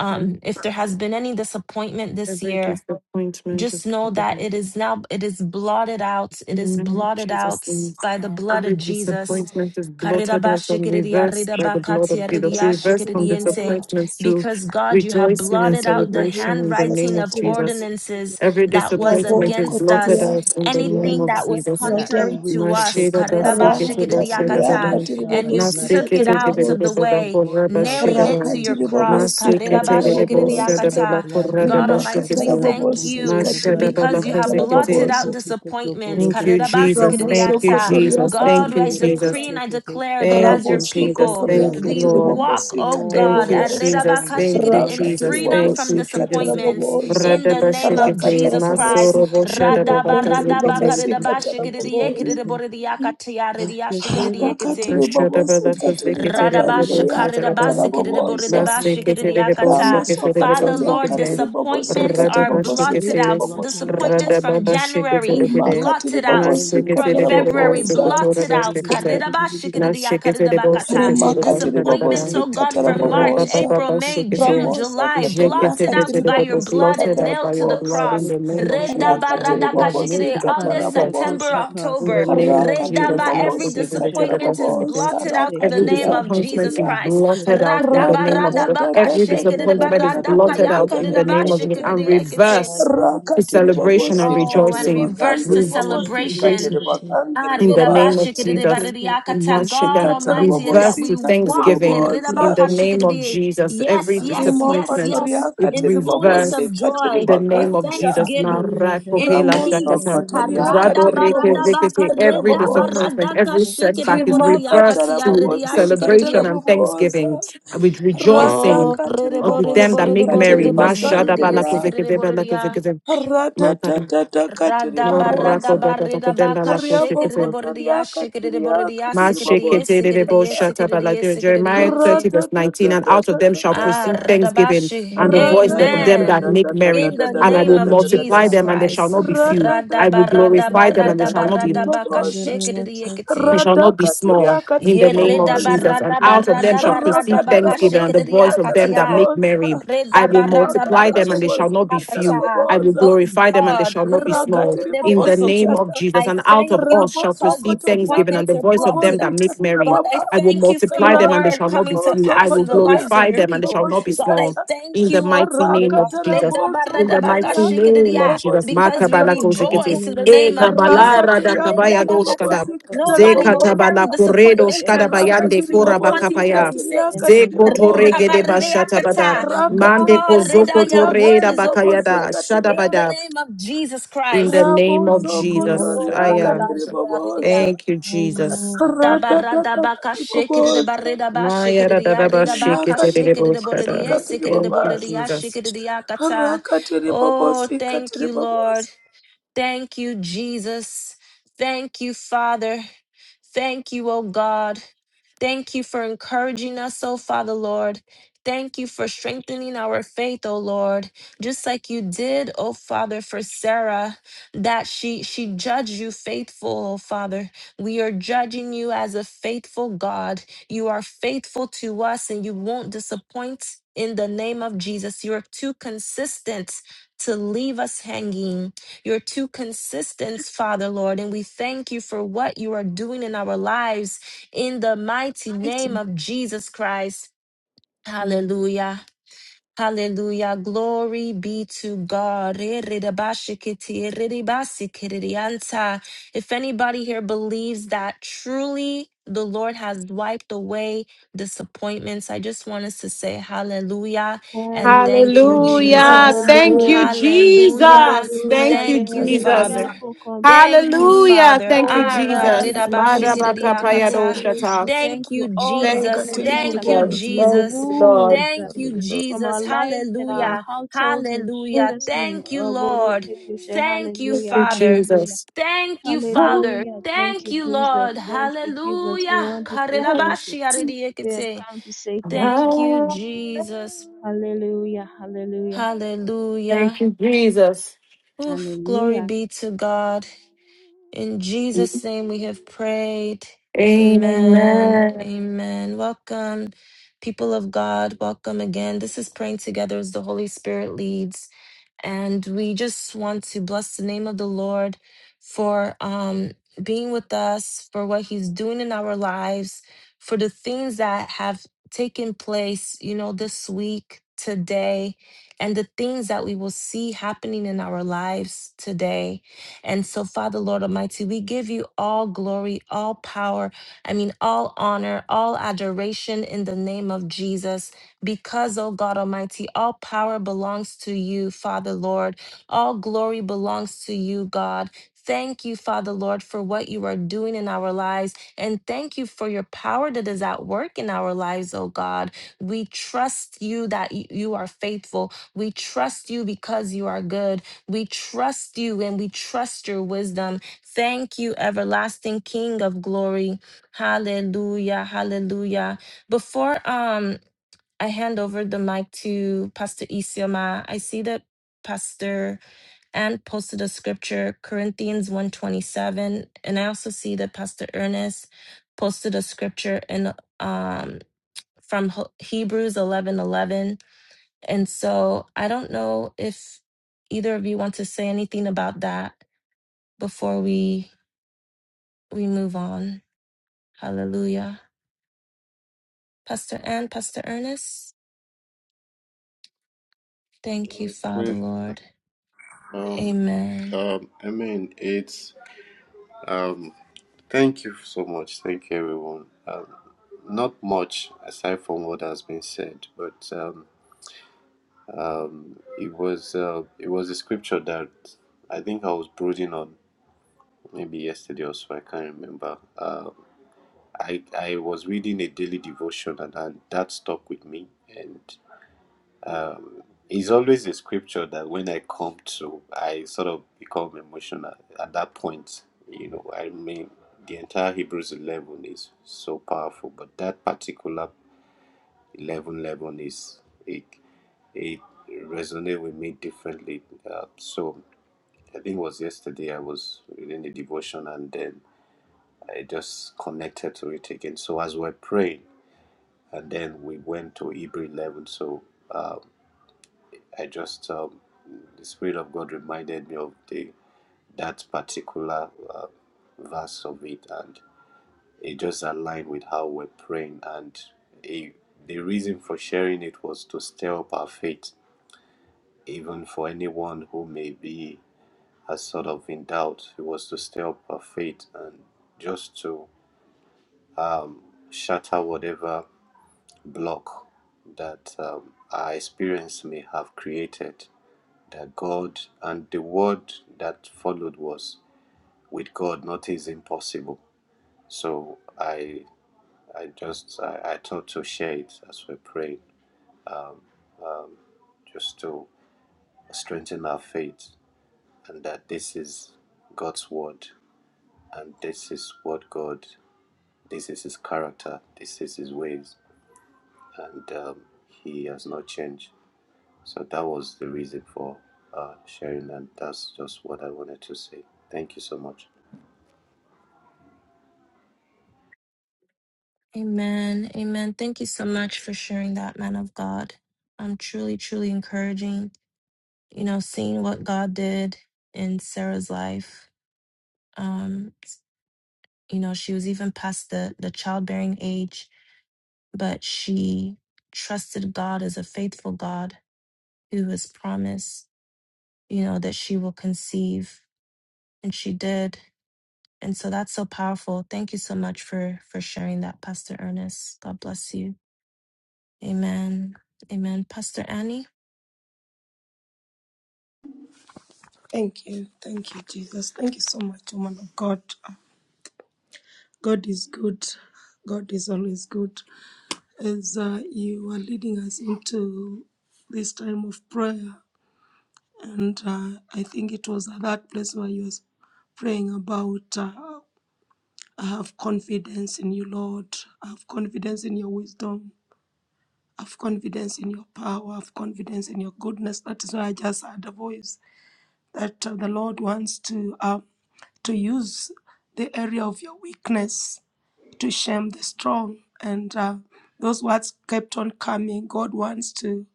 [SPEAKER 3] Um, if there has been any disappointment this
[SPEAKER 5] Every
[SPEAKER 3] year,
[SPEAKER 5] disappointment is
[SPEAKER 3] just know
[SPEAKER 5] perfect.
[SPEAKER 3] that it is now it is blotted out it is
[SPEAKER 5] In
[SPEAKER 3] blotted
[SPEAKER 5] Jesus'
[SPEAKER 3] out
[SPEAKER 5] name.
[SPEAKER 3] by the blood of
[SPEAKER 5] Every
[SPEAKER 3] jesus
[SPEAKER 5] disappointment is blotted
[SPEAKER 3] because
[SPEAKER 5] out and reversed by the blood of Jesus. Reversed from disappointments to
[SPEAKER 3] God, you have
[SPEAKER 5] rejoicing and
[SPEAKER 3] blotted
[SPEAKER 4] rakati
[SPEAKER 3] out the
[SPEAKER 5] celebration in the
[SPEAKER 4] ribubuza
[SPEAKER 5] name
[SPEAKER 3] handwriting
[SPEAKER 5] of
[SPEAKER 3] of
[SPEAKER 4] katiria
[SPEAKER 5] Jesus.
[SPEAKER 3] ordinances
[SPEAKER 5] Every
[SPEAKER 3] that was
[SPEAKER 5] disappointment is
[SPEAKER 4] raboko
[SPEAKER 3] against
[SPEAKER 5] blotted
[SPEAKER 4] toria
[SPEAKER 3] us,
[SPEAKER 5] out in the
[SPEAKER 4] katiria
[SPEAKER 5] name
[SPEAKER 3] anything
[SPEAKER 5] of
[SPEAKER 3] that was
[SPEAKER 5] Jesus.
[SPEAKER 4] rada
[SPEAKER 3] contrary to us,
[SPEAKER 1] Father,
[SPEAKER 4] araha
[SPEAKER 1] I'm grateful to have
[SPEAKER 4] katiria
[SPEAKER 5] Mashibatasikitibashidabada.
[SPEAKER 4] kati
[SPEAKER 1] blotted out
[SPEAKER 3] and
[SPEAKER 1] by the
[SPEAKER 3] you
[SPEAKER 1] blood
[SPEAKER 4] ribubusika
[SPEAKER 1] of
[SPEAKER 3] took it
[SPEAKER 1] Jesus
[SPEAKER 3] out of
[SPEAKER 1] every
[SPEAKER 3] the
[SPEAKER 4] tiribubuza
[SPEAKER 5] Masikitibidibidibada.
[SPEAKER 1] delay,
[SPEAKER 3] way,
[SPEAKER 1] blotted out in
[SPEAKER 3] nailing
[SPEAKER 1] the
[SPEAKER 3] it
[SPEAKER 5] Korabashidada.
[SPEAKER 1] name
[SPEAKER 3] to
[SPEAKER 1] of
[SPEAKER 3] your
[SPEAKER 4] rakatiri
[SPEAKER 1] Jesus.
[SPEAKER 3] cross.
[SPEAKER 4] bobosi
[SPEAKER 1] by the
[SPEAKER 4] katara
[SPEAKER 1] blood of Jesus,
[SPEAKER 4] bobosa
[SPEAKER 1] by the
[SPEAKER 5] Masikitibidibidibada.
[SPEAKER 1] blood of
[SPEAKER 3] God
[SPEAKER 1] Jesus, by
[SPEAKER 3] Almighty,
[SPEAKER 1] the
[SPEAKER 3] we
[SPEAKER 4] rimakatara
[SPEAKER 5] Korabashikisi.
[SPEAKER 1] blood of
[SPEAKER 3] thank
[SPEAKER 4] bobosi
[SPEAKER 1] Jesus, by
[SPEAKER 3] you
[SPEAKER 1] the blood
[SPEAKER 4] katiri
[SPEAKER 1] of
[SPEAKER 3] because you
[SPEAKER 1] Jesus.
[SPEAKER 3] have
[SPEAKER 4] katara
[SPEAKER 5] Mashadabadakazikiti.
[SPEAKER 3] blotted
[SPEAKER 4] bobosa
[SPEAKER 3] out disappointments.
[SPEAKER 5] Thank you, Jesus.
[SPEAKER 1] Rikutukutukurudukushikete,
[SPEAKER 5] Thank
[SPEAKER 4] ramoso
[SPEAKER 5] you,
[SPEAKER 3] Karirabasikiririyanta.
[SPEAKER 4] kotoria
[SPEAKER 5] Jesus.
[SPEAKER 3] God,
[SPEAKER 4] katiri
[SPEAKER 5] Thank you,
[SPEAKER 3] I
[SPEAKER 5] Jesus.
[SPEAKER 4] bobosa
[SPEAKER 3] decree and I
[SPEAKER 1] rikutukuturukushikete,
[SPEAKER 3] declare that
[SPEAKER 5] Thank
[SPEAKER 3] as
[SPEAKER 5] you,
[SPEAKER 3] your
[SPEAKER 4] ramoso
[SPEAKER 5] Jesus.
[SPEAKER 3] people,
[SPEAKER 1] rikushikete.
[SPEAKER 4] kotoria
[SPEAKER 1] We
[SPEAKER 5] Thank you,
[SPEAKER 3] we
[SPEAKER 4] katiri
[SPEAKER 1] receive
[SPEAKER 5] Lord.
[SPEAKER 3] walk,
[SPEAKER 4] bobosi
[SPEAKER 3] oh
[SPEAKER 4] katara
[SPEAKER 5] Thank
[SPEAKER 3] God,
[SPEAKER 5] you,
[SPEAKER 1] all,
[SPEAKER 4] bobosa
[SPEAKER 1] all
[SPEAKER 5] Jesus.
[SPEAKER 1] that the
[SPEAKER 5] Thank you,
[SPEAKER 3] arirabakashikiri,
[SPEAKER 1] Lord
[SPEAKER 3] in
[SPEAKER 1] has
[SPEAKER 4] rakatiri
[SPEAKER 5] Jesus.
[SPEAKER 1] said
[SPEAKER 3] freedom
[SPEAKER 5] Thank
[SPEAKER 3] from
[SPEAKER 5] you,
[SPEAKER 4] bobosi
[SPEAKER 5] Jesus.
[SPEAKER 1] in
[SPEAKER 4] katara
[SPEAKER 1] the
[SPEAKER 3] disappointments
[SPEAKER 1] name of
[SPEAKER 4] bobosa
[SPEAKER 3] in the
[SPEAKER 1] Jesus
[SPEAKER 3] name of
[SPEAKER 1] and so
[SPEAKER 5] Radabashikite,
[SPEAKER 4] rakatara
[SPEAKER 1] the
[SPEAKER 3] Jesus
[SPEAKER 1] Christian.
[SPEAKER 3] Christ.
[SPEAKER 4] bobosi
[SPEAKER 5] Masorobo
[SPEAKER 4] katiri bokonziri
[SPEAKER 5] Shadabakazikite,
[SPEAKER 4] babasi katara bobosa
[SPEAKER 3] Radabaradabakarirabashikiririyekiriboririyakatiyariyashikiriyekiti.
[SPEAKER 4] ratakatiri bobosi katiri bakandria
[SPEAKER 1] Jesus,
[SPEAKER 5] Shadabakazikite,
[SPEAKER 4] katara
[SPEAKER 1] Kabodo
[SPEAKER 4] bobosa
[SPEAKER 5] Blotted
[SPEAKER 1] Shekete, complete,
[SPEAKER 3] Radabashakaridabasikiridiboridibasikiridiakata.
[SPEAKER 1] O Father,
[SPEAKER 3] Father,
[SPEAKER 4] Ramosokotoria
[SPEAKER 3] Lord,
[SPEAKER 1] blessing
[SPEAKER 4] katiribobosi
[SPEAKER 3] disappointments are
[SPEAKER 4] katibobosi
[SPEAKER 3] blotted
[SPEAKER 1] complete
[SPEAKER 3] out.
[SPEAKER 1] blotting
[SPEAKER 4] katibobosi
[SPEAKER 1] out in
[SPEAKER 3] Disappointments
[SPEAKER 4] kata.
[SPEAKER 1] the
[SPEAKER 3] from
[SPEAKER 1] name of Jesus.
[SPEAKER 3] January,
[SPEAKER 4] Rimaka
[SPEAKER 3] blotted out.
[SPEAKER 4] tiribobosi
[SPEAKER 3] From February,
[SPEAKER 4] katarabobosa.
[SPEAKER 3] blotted out. Karidabashikiridiakaridabakata.
[SPEAKER 4] Rimaka
[SPEAKER 3] Disappointments,
[SPEAKER 4] tiribobosi
[SPEAKER 3] oh God, from March,
[SPEAKER 4] katarabobosa.
[SPEAKER 3] April, May, June, July,
[SPEAKER 4] Ramosokotoria
[SPEAKER 3] blotted out by your
[SPEAKER 4] katiribobosi
[SPEAKER 3] blood and
[SPEAKER 5] out
[SPEAKER 3] nailed
[SPEAKER 5] by
[SPEAKER 3] to
[SPEAKER 5] your
[SPEAKER 3] the
[SPEAKER 5] blood
[SPEAKER 4] katarabobosa.
[SPEAKER 5] in
[SPEAKER 3] cross.
[SPEAKER 5] the name of Jesus,
[SPEAKER 4] Haraka
[SPEAKER 5] by your blood, and
[SPEAKER 4] tiribobosi
[SPEAKER 3] Redabaradakashikiri,
[SPEAKER 5] into the
[SPEAKER 3] August,
[SPEAKER 5] flood.
[SPEAKER 3] September,
[SPEAKER 4] katarabobosa.
[SPEAKER 1] Paratakoshaka,
[SPEAKER 5] In the
[SPEAKER 3] October.
[SPEAKER 5] name
[SPEAKER 1] Poroko,
[SPEAKER 5] of
[SPEAKER 4] Haraka
[SPEAKER 5] Jesus,
[SPEAKER 1] Sokora,
[SPEAKER 3] Redaba,
[SPEAKER 5] mercy,
[SPEAKER 3] every
[SPEAKER 4] tiribobosi
[SPEAKER 5] give me the
[SPEAKER 1] Desatokosha,
[SPEAKER 5] good of our
[SPEAKER 3] disappointment is
[SPEAKER 4] katarabobosa.
[SPEAKER 3] blotted
[SPEAKER 5] tribulations.
[SPEAKER 3] out in
[SPEAKER 4] Raka
[SPEAKER 3] the
[SPEAKER 5] every
[SPEAKER 3] name
[SPEAKER 4] tiria
[SPEAKER 3] of
[SPEAKER 5] disappointment
[SPEAKER 3] Jesus
[SPEAKER 5] is
[SPEAKER 4] katiria.
[SPEAKER 3] Christ.
[SPEAKER 5] blotted out in the
[SPEAKER 3] Radaba,
[SPEAKER 4] Rata
[SPEAKER 5] name of Jesus.
[SPEAKER 3] radaba,
[SPEAKER 4] tata
[SPEAKER 3] ka,
[SPEAKER 4] tata
[SPEAKER 5] Every
[SPEAKER 4] tata
[SPEAKER 1] And we
[SPEAKER 3] shekididaba,
[SPEAKER 5] disappointment is
[SPEAKER 4] tata
[SPEAKER 3] radaka,
[SPEAKER 4] tata
[SPEAKER 5] blotted
[SPEAKER 1] recommend
[SPEAKER 5] out
[SPEAKER 1] to
[SPEAKER 4] tata
[SPEAKER 5] in the
[SPEAKER 4] tata
[SPEAKER 3] yakadidaba,
[SPEAKER 5] name
[SPEAKER 4] tata
[SPEAKER 5] of Jesus
[SPEAKER 4] tata.
[SPEAKER 5] and
[SPEAKER 1] up the
[SPEAKER 3] shekididiyekete.
[SPEAKER 1] blood
[SPEAKER 5] reversed
[SPEAKER 1] and
[SPEAKER 5] to
[SPEAKER 1] the
[SPEAKER 4] Rakatiri
[SPEAKER 1] Jesus.
[SPEAKER 4] baba
[SPEAKER 5] celebration and
[SPEAKER 1] So,
[SPEAKER 3] Oh,
[SPEAKER 1] to
[SPEAKER 4] sikatiri
[SPEAKER 3] and
[SPEAKER 1] the
[SPEAKER 5] rejoicing.
[SPEAKER 3] reverse to
[SPEAKER 4] bagandiri baba
[SPEAKER 5] Re-
[SPEAKER 3] celebration.
[SPEAKER 4] sikatiri
[SPEAKER 3] Ah,
[SPEAKER 4] bagandiri
[SPEAKER 5] in the name
[SPEAKER 1] Yes,
[SPEAKER 5] of
[SPEAKER 4] babaza.
[SPEAKER 1] yes, yes,
[SPEAKER 5] Jesus.
[SPEAKER 1] yes, yes,
[SPEAKER 3] rirabashikiribaririakata.
[SPEAKER 1] yes,
[SPEAKER 3] God
[SPEAKER 5] Mashiach,
[SPEAKER 1] yes,
[SPEAKER 5] to
[SPEAKER 4] Katara
[SPEAKER 1] yes,
[SPEAKER 3] Almighty,
[SPEAKER 4] baba
[SPEAKER 3] that
[SPEAKER 5] reverse
[SPEAKER 3] we
[SPEAKER 5] to
[SPEAKER 4] sikatiri
[SPEAKER 3] walk.
[SPEAKER 5] thanksgiving
[SPEAKER 1] yes, yes, yes, yes, yes,
[SPEAKER 4] babaza.
[SPEAKER 5] in the
[SPEAKER 1] yes,
[SPEAKER 5] name of
[SPEAKER 3] Rirabakashikiriri.
[SPEAKER 1] yes,
[SPEAKER 5] Jesus.
[SPEAKER 1] yes,
[SPEAKER 3] Yes,
[SPEAKER 5] Every
[SPEAKER 1] yes.
[SPEAKER 3] yes, yes,
[SPEAKER 5] disappointment
[SPEAKER 3] yes.
[SPEAKER 4] Imokotoria
[SPEAKER 5] is
[SPEAKER 3] In
[SPEAKER 4] katiri baba
[SPEAKER 3] fullness
[SPEAKER 5] reversed
[SPEAKER 3] of
[SPEAKER 4] sikatiri
[SPEAKER 5] in
[SPEAKER 3] joy,
[SPEAKER 5] the
[SPEAKER 3] with
[SPEAKER 5] name of
[SPEAKER 4] bagandria.
[SPEAKER 5] Jesus.
[SPEAKER 3] thanksgiving,
[SPEAKER 1] Manda da
[SPEAKER 3] in
[SPEAKER 1] da
[SPEAKER 5] Marakopela
[SPEAKER 1] da da
[SPEAKER 4] Ramoso
[SPEAKER 1] da
[SPEAKER 3] peace.
[SPEAKER 5] shakata.
[SPEAKER 1] da da da da
[SPEAKER 4] kotoria
[SPEAKER 1] da.
[SPEAKER 4] katiri baba
[SPEAKER 5] Zadoreke
[SPEAKER 4] babosa
[SPEAKER 5] zekete. Every
[SPEAKER 4] babaza.
[SPEAKER 1] Amen.
[SPEAKER 5] disappointment,
[SPEAKER 1] Yes,
[SPEAKER 5] every
[SPEAKER 1] yes, yes,
[SPEAKER 5] setback
[SPEAKER 1] yes,
[SPEAKER 5] is
[SPEAKER 1] yes, yes.
[SPEAKER 5] reversed
[SPEAKER 4] Rimakatara
[SPEAKER 5] to
[SPEAKER 4] baba
[SPEAKER 3] Haradabaradabakaradabaradakashikiriboridiakatiaririyashikiriri.
[SPEAKER 4] sikatara
[SPEAKER 5] celebration and thanksgiving
[SPEAKER 4] babosa
[SPEAKER 5] with
[SPEAKER 4] Rata
[SPEAKER 5] rejoicing
[SPEAKER 3] Oh,
[SPEAKER 4] katiri
[SPEAKER 5] of
[SPEAKER 4] baba
[SPEAKER 5] them that make
[SPEAKER 1] In the
[SPEAKER 4] sikatiri
[SPEAKER 5] merry.
[SPEAKER 1] name of Jesus,
[SPEAKER 4] bagandria.
[SPEAKER 1] yes, yes, yes.
[SPEAKER 3] ririboridiboridiboridibosokoridiyesikiririboridiya.
[SPEAKER 5] Mashadabalakozekezebalakozekezem.
[SPEAKER 4] Rata
[SPEAKER 5] Matada.
[SPEAKER 4] tata katiri babosa.
[SPEAKER 3] Radabaragabaridabaka
[SPEAKER 5] Marakodabalakodebalakoshekezem.
[SPEAKER 4] Kariaboko Zoria
[SPEAKER 3] shikiridibordia
[SPEAKER 4] Katiria
[SPEAKER 3] shikiridibordia sikiridiye
[SPEAKER 4] Katiribabos
[SPEAKER 3] sikiridiye
[SPEAKER 4] Kata
[SPEAKER 3] sikiridiye
[SPEAKER 5] Mashiketerebo-shatabalake. Jeremiah 30,
[SPEAKER 3] sikiridiyense.
[SPEAKER 5] verse 19, and out of them shall
[SPEAKER 3] Ah,
[SPEAKER 4] Kariabokozoriakatiriakatiribobosikata.
[SPEAKER 5] proceed thanksgiving
[SPEAKER 3] Radabashi.
[SPEAKER 5] and
[SPEAKER 1] In
[SPEAKER 5] the
[SPEAKER 1] the
[SPEAKER 5] voice that- of
[SPEAKER 1] name of
[SPEAKER 5] them that
[SPEAKER 3] Amen.
[SPEAKER 5] make
[SPEAKER 1] Jesus, in
[SPEAKER 5] merry,
[SPEAKER 3] In
[SPEAKER 1] the
[SPEAKER 3] the
[SPEAKER 1] name
[SPEAKER 5] and I
[SPEAKER 1] of
[SPEAKER 3] name
[SPEAKER 5] will
[SPEAKER 3] of
[SPEAKER 1] Jesus, in
[SPEAKER 4] Ratatatatatatatata.
[SPEAKER 5] multiply
[SPEAKER 3] Jesus
[SPEAKER 1] the
[SPEAKER 5] them, and they
[SPEAKER 1] name of
[SPEAKER 5] shall
[SPEAKER 4] Ratatatatatatatatatatata.
[SPEAKER 3] Christ.
[SPEAKER 5] not be
[SPEAKER 1] Jesus.
[SPEAKER 5] few. I will
[SPEAKER 1] Thank
[SPEAKER 5] glorify them,
[SPEAKER 1] you
[SPEAKER 5] and they shall not
[SPEAKER 1] very
[SPEAKER 5] be
[SPEAKER 1] much,
[SPEAKER 3] Radabaradabaradabaradabaka
[SPEAKER 1] and the
[SPEAKER 4] Ratatatatatatatatatatiribobosa.
[SPEAKER 1] levels are
[SPEAKER 3] shikiriyekiti.
[SPEAKER 5] it shall
[SPEAKER 1] present
[SPEAKER 5] not be small in the
[SPEAKER 1] in
[SPEAKER 5] name
[SPEAKER 1] the
[SPEAKER 5] of
[SPEAKER 3] Yereda
[SPEAKER 1] name of
[SPEAKER 5] Jesus.
[SPEAKER 4] Ratakatiriakatiribobosa.
[SPEAKER 5] And
[SPEAKER 3] barada
[SPEAKER 5] out of
[SPEAKER 1] Jesus.
[SPEAKER 5] them
[SPEAKER 3] barada
[SPEAKER 5] shall
[SPEAKER 3] barada
[SPEAKER 5] proceed
[SPEAKER 3] baka
[SPEAKER 5] thanksgiving and the
[SPEAKER 3] shikiriya
[SPEAKER 5] voice of them that
[SPEAKER 3] katia.
[SPEAKER 5] make
[SPEAKER 4] Rakatarabobosikatarabobosa.
[SPEAKER 5] merry. I
[SPEAKER 3] Reda
[SPEAKER 5] will
[SPEAKER 3] barada
[SPEAKER 5] multiply
[SPEAKER 3] baka
[SPEAKER 5] them and they shall not be
[SPEAKER 3] shikiriya
[SPEAKER 5] few.
[SPEAKER 3] kata.
[SPEAKER 5] I will
[SPEAKER 4] Rimakatarabobosikatarabobosa.
[SPEAKER 3] Oh
[SPEAKER 5] glorify them and they
[SPEAKER 3] God,
[SPEAKER 5] shall not be
[SPEAKER 3] redebo
[SPEAKER 5] small in
[SPEAKER 3] redebo
[SPEAKER 5] the
[SPEAKER 3] soto.
[SPEAKER 5] name of
[SPEAKER 4] Rakatiribobosikata.
[SPEAKER 5] Jesus.
[SPEAKER 3] I
[SPEAKER 5] And out
[SPEAKER 3] thank
[SPEAKER 5] of
[SPEAKER 3] you
[SPEAKER 5] us shall
[SPEAKER 4] Raboso
[SPEAKER 3] because
[SPEAKER 5] proceed
[SPEAKER 4] Kotoria
[SPEAKER 5] thanksgiving and
[SPEAKER 3] disappointments
[SPEAKER 5] the
[SPEAKER 3] are
[SPEAKER 5] voice of them
[SPEAKER 3] blotted
[SPEAKER 5] that
[SPEAKER 4] Katiribobosi
[SPEAKER 5] make merry.
[SPEAKER 3] God, I
[SPEAKER 4] Katirababa
[SPEAKER 5] I will
[SPEAKER 3] thank you for
[SPEAKER 5] multiply
[SPEAKER 3] your
[SPEAKER 5] them and they
[SPEAKER 3] word
[SPEAKER 5] shall not be
[SPEAKER 3] coming to
[SPEAKER 5] few.
[SPEAKER 4] Rakatiriboso
[SPEAKER 5] I
[SPEAKER 3] pass in
[SPEAKER 5] will
[SPEAKER 3] the
[SPEAKER 4] Kotoria
[SPEAKER 3] lives of
[SPEAKER 5] glorify
[SPEAKER 3] your
[SPEAKER 5] them and they
[SPEAKER 3] people.
[SPEAKER 5] shall not be
[SPEAKER 4] Katiribobosi
[SPEAKER 3] God, I
[SPEAKER 5] small
[SPEAKER 4] Kata
[SPEAKER 3] thank
[SPEAKER 5] in the
[SPEAKER 3] you, oh
[SPEAKER 5] mighty
[SPEAKER 3] Father
[SPEAKER 5] name of
[SPEAKER 3] God.
[SPEAKER 5] Jesus.
[SPEAKER 4] Rakataraboso
[SPEAKER 5] In the mighty
[SPEAKER 4] Kotoria
[SPEAKER 5] name of Jesus.
[SPEAKER 4] Katiribobosi
[SPEAKER 3] Because we
[SPEAKER 1] In the
[SPEAKER 4] Katarabobosa
[SPEAKER 5] Makabalatosikete.
[SPEAKER 3] rejoice in
[SPEAKER 1] name
[SPEAKER 3] the
[SPEAKER 1] of
[SPEAKER 3] name of
[SPEAKER 1] Jesus, in the
[SPEAKER 3] Jesus.
[SPEAKER 1] name of
[SPEAKER 5] Ekabalarada
[SPEAKER 4] Rakatiria
[SPEAKER 1] Jesus, praise the
[SPEAKER 5] kabayadoshkada.
[SPEAKER 1] Jesus
[SPEAKER 4] Katiribobosi
[SPEAKER 1] of
[SPEAKER 3] Nobody will
[SPEAKER 1] Bodogodegode.
[SPEAKER 5] Zekatabala
[SPEAKER 3] carry
[SPEAKER 4] Katarabobosa
[SPEAKER 5] Kuredo
[SPEAKER 1] we
[SPEAKER 3] disappointment
[SPEAKER 1] enter into
[SPEAKER 5] Shkadabayande
[SPEAKER 1] the
[SPEAKER 3] into
[SPEAKER 5] Kora
[SPEAKER 1] joy of
[SPEAKER 4] Rakatiribobosi
[SPEAKER 1] the
[SPEAKER 5] Bakapaya.
[SPEAKER 1] Lord. We
[SPEAKER 4] Katiria
[SPEAKER 1] enter
[SPEAKER 3] 2026.
[SPEAKER 1] into the joy
[SPEAKER 5] Zekotorege
[SPEAKER 1] of
[SPEAKER 5] de
[SPEAKER 4] Katiribobosa
[SPEAKER 1] the Lord because
[SPEAKER 5] Bashatabada.
[SPEAKER 1] the Lord is
[SPEAKER 5] Mande
[SPEAKER 1] faithful.
[SPEAKER 4] Rakatiriboko
[SPEAKER 3] God,
[SPEAKER 5] Kozoko
[SPEAKER 4] Zoria
[SPEAKER 3] your word
[SPEAKER 5] Toreda
[SPEAKER 3] is
[SPEAKER 4] Katiribobosi
[SPEAKER 5] Bakayada.
[SPEAKER 3] accomplished in
[SPEAKER 4] Katiria
[SPEAKER 3] the
[SPEAKER 5] Shadabada.
[SPEAKER 3] name of Jesus
[SPEAKER 5] In the
[SPEAKER 3] Christ.
[SPEAKER 5] name of
[SPEAKER 1] In the
[SPEAKER 4] Raboso
[SPEAKER 3] Oh,
[SPEAKER 1] name
[SPEAKER 5] Jesus.
[SPEAKER 1] of
[SPEAKER 4] Kotoria
[SPEAKER 5] Aya.
[SPEAKER 1] Jesus,
[SPEAKER 4] Katiribobosa
[SPEAKER 5] Thank you,
[SPEAKER 1] no
[SPEAKER 5] Jesus.
[SPEAKER 1] more.
[SPEAKER 3] Da
[SPEAKER 4] Rata
[SPEAKER 1] sickness.
[SPEAKER 3] barra da
[SPEAKER 4] tata
[SPEAKER 3] baka
[SPEAKER 4] kati
[SPEAKER 3] shake it the barre
[SPEAKER 4] babosa.
[SPEAKER 3] da ba shake
[SPEAKER 5] Maya
[SPEAKER 3] it
[SPEAKER 5] da
[SPEAKER 3] the
[SPEAKER 5] da da
[SPEAKER 3] yare
[SPEAKER 5] ba
[SPEAKER 3] da
[SPEAKER 5] shake
[SPEAKER 3] baka
[SPEAKER 4] Rimaka
[SPEAKER 5] it, it, it,
[SPEAKER 3] shake
[SPEAKER 4] tiri
[SPEAKER 5] it,
[SPEAKER 3] it
[SPEAKER 5] oh,
[SPEAKER 3] the borre the
[SPEAKER 5] shada.
[SPEAKER 4] babosika
[SPEAKER 3] yes shake
[SPEAKER 4] tiri
[SPEAKER 3] it the
[SPEAKER 5] Thank you,
[SPEAKER 3] borre the ya
[SPEAKER 4] babaza.
[SPEAKER 3] shake it
[SPEAKER 5] Jesus.
[SPEAKER 3] the yakata.
[SPEAKER 4] Raka tiri
[SPEAKER 3] Oh,
[SPEAKER 4] babosika
[SPEAKER 3] thank
[SPEAKER 4] tiri
[SPEAKER 3] you, Lord.
[SPEAKER 4] babosa.
[SPEAKER 3] Thank you, Jesus. Thank you, Father. Thank you, oh God. Thank you for encouraging us, oh Father Lord. Thank you for strengthening our faith, oh Lord, just like you did, oh Father, for Sarah, that she she judged you faithful, oh Father. We are judging you as a faithful God. You are faithful to us and you won't disappoint in the name of Jesus. You are too consistent to leave us hanging. You're too consistent, Father, Lord. And we thank you for what you are doing in our lives in the mighty name of Jesus Christ. Hallelujah. Hallelujah. Glory be to God. Eridabashikiti, eridibasikirianta. If anybody here believes that truly the Lord has wiped away disappointments, I just want us to say hallelujah and thank you,
[SPEAKER 5] Hallelujah.
[SPEAKER 3] Jesus.
[SPEAKER 5] Thank
[SPEAKER 1] Hallelujah.
[SPEAKER 5] you,
[SPEAKER 4] Hallelujah.
[SPEAKER 3] Hallelujah.
[SPEAKER 5] Jesus.
[SPEAKER 4] Hallelujah.
[SPEAKER 5] Thank you,
[SPEAKER 3] Thank you,
[SPEAKER 5] Jesus.
[SPEAKER 1] Hallelujah
[SPEAKER 4] Hallelujah.
[SPEAKER 3] Father.
[SPEAKER 1] for
[SPEAKER 3] Thank you,
[SPEAKER 1] complete.
[SPEAKER 5] Hallelujah.
[SPEAKER 3] Father.
[SPEAKER 5] Thank you,
[SPEAKER 1] Oh,
[SPEAKER 4] Rimaka
[SPEAKER 3] Ara
[SPEAKER 4] tiri
[SPEAKER 5] Jesus.
[SPEAKER 1] Father Jesus,
[SPEAKER 4] babosika tiri
[SPEAKER 1] thank you,
[SPEAKER 3] ridabashikiriakata.
[SPEAKER 1] thank you,
[SPEAKER 4] babosa.
[SPEAKER 5] Marabakapayadoshatas.
[SPEAKER 1] thank
[SPEAKER 3] Thank
[SPEAKER 1] you.
[SPEAKER 3] you,
[SPEAKER 1] All
[SPEAKER 5] Thank
[SPEAKER 4] Raka
[SPEAKER 3] Jesus.
[SPEAKER 5] you,
[SPEAKER 4] tiri
[SPEAKER 1] disappointment has
[SPEAKER 3] Thank you,
[SPEAKER 5] Jesus.
[SPEAKER 1] been
[SPEAKER 4] babosa.
[SPEAKER 5] Thank
[SPEAKER 3] Jesus.
[SPEAKER 5] you, Lord.
[SPEAKER 1] removed
[SPEAKER 3] Thank you,
[SPEAKER 6] Hallelujah.
[SPEAKER 1] from
[SPEAKER 3] Jesus.
[SPEAKER 1] our lives and our
[SPEAKER 3] Hallelujah.
[SPEAKER 1] households in
[SPEAKER 5] Thank
[SPEAKER 3] Hallelujah.
[SPEAKER 1] Jesus' name.
[SPEAKER 3] Thank you,
[SPEAKER 1] Oh, Lord,
[SPEAKER 3] Lord.
[SPEAKER 1] thank you, Lord.
[SPEAKER 3] Thank you,
[SPEAKER 1] Hallelujah,
[SPEAKER 5] you,
[SPEAKER 3] Father.
[SPEAKER 1] hallelujah,
[SPEAKER 5] Jesus.
[SPEAKER 3] Thank you,
[SPEAKER 5] Thank
[SPEAKER 3] Father.
[SPEAKER 1] hallelujah. Thank
[SPEAKER 3] Thank
[SPEAKER 1] you,
[SPEAKER 3] you,
[SPEAKER 1] Jesus.
[SPEAKER 3] Lord.
[SPEAKER 1] Thank you, Jesus. We
[SPEAKER 3] Hallelujah.
[SPEAKER 1] want to say
[SPEAKER 5] you,
[SPEAKER 1] thank you.
[SPEAKER 3] Karelabashi
[SPEAKER 5] Jesus.
[SPEAKER 1] We have
[SPEAKER 3] aridiekete.
[SPEAKER 1] come to say thank you,
[SPEAKER 3] Thank you,
[SPEAKER 1] thank you.
[SPEAKER 3] Jesus.
[SPEAKER 1] Hallelujah, hallelujah,
[SPEAKER 3] Hallelujah. Oof, glory
[SPEAKER 1] hallelujah.
[SPEAKER 3] be to God. In Jesus' name we have prayed. Amen.
[SPEAKER 5] Amen.
[SPEAKER 3] Amen. Welcome, people of God. Welcome again. This is praying together as the Holy Spirit leads. And we just want to bless the name of the Lord for um, being with us, for what He's doing in our lives, for the things that have taken place, you know, this week, today, and the things that we will see happening in our lives today. And so, Father, Lord Almighty, we give you all glory, all power, I mean, all honor, all adoration in the name of Jesus. Because, oh God Almighty, all power belongs to you, Father, Lord. All glory belongs to you, God. Thank you, Father Lord, for what you are doing in our lives. And thank you for your power that is at work in our lives, oh God. We trust you that y- you are faithful. We trust you because you are good. We trust you and we trust your wisdom. Thank you, everlasting King of glory. Hallelujah. Hallelujah. Before um I hand over the mic to Pastor Isioma, I see that Pastor Ann posted a scripture, Corinthians 127. And I also see that Pastor Ernest posted a scripture in um from Ho- Hebrews eleven eleven. And so I don't know if either of you want to say anything about that before we we move on. Hallelujah. Pastor Ann, Pastor Ernest, thank you, Father
[SPEAKER 6] Praise
[SPEAKER 3] Lord.
[SPEAKER 6] um
[SPEAKER 3] Amen.
[SPEAKER 6] um Amen. It's um thank you so much. Thank you everyone. Um not much aside from what has been said, but um um it was uh it was a scripture that I think I was brooding on maybe yesterday or so, I can't remember. Um I I was reading a daily devotion and that, that stuck with me and. Um, it's always a scripture that when I come to, I sort of become emotional at that point. You know, I mean, the entire Hebrews 11 is so powerful, but that particular 11 11 is, it, it resonated with me differently. Uh, so I think it was yesterday I was reading the devotion and then I just connected to it again. So as we're praying, and then we went to Hebrew 11. So uh, I just um, the spirit of God reminded me of the that particular uh, verse of it, and it just aligned with how we're praying. And a, the reason for sharing it was to stir up our faith, even for anyone who may be a sort of in doubt. It was to stir up our faith and just to um, shatter whatever block that um, our experience may have created that God and the word that followed was with God nothing is impossible. So I I just I, I thought to share it as we prayed, um, um, just to strengthen our faith and that this is God's word and this is what God this is His character, this is His ways, and um, He has not changed. So that was the reason for uh, sharing, and that's just what I wanted to say. Thank you so much.
[SPEAKER 3] Amen. Amen. Thank you so much for sharing that, man of God. I'm truly, truly encouraging, you know, seeing what God did in Sarah's life. Um, you know, she was even past the the childbearing age but she trusted God as a faithful God who has promised, you know, that she will conceive, and she did. And so that's so powerful. Thank you so much for for sharing that, Pastor Ernest. God bless you. Amen. Amen. Pastor Annie.
[SPEAKER 4] Thank you. Thank you, Jesus. Thank you so much, woman of God. God is good. God is always good. As uh, you are leading us into this time of prayer, and uh, I think it was at that place where you was praying about uh, I have confidence in you, Lord. I have confidence in your wisdom. I have confidence in your power. I have confidence in your goodness. That is why I just had a voice that uh, the Lord wants to uh, to use the area of your weakness to shame the strong. And uh, those words kept on coming. God wants to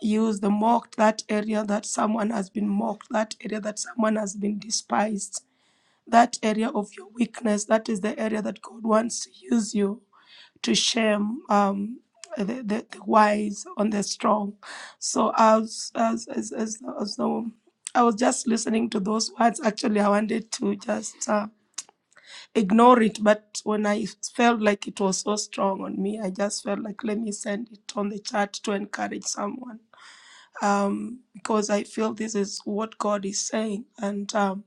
[SPEAKER 4] Use the mocked, that area that someone has been mocked, that area that someone has been despised, that area of your weakness, that is the area that God wants to use you to shame um, the, the, the wise on the strong. So as as as as, as the I was just listening to those words. Actually, I wanted to just uh, ignore it, but when I felt like it was so strong on me, I just felt like let me send it on the chat to encourage someone um, because I feel this is what God is saying, and um,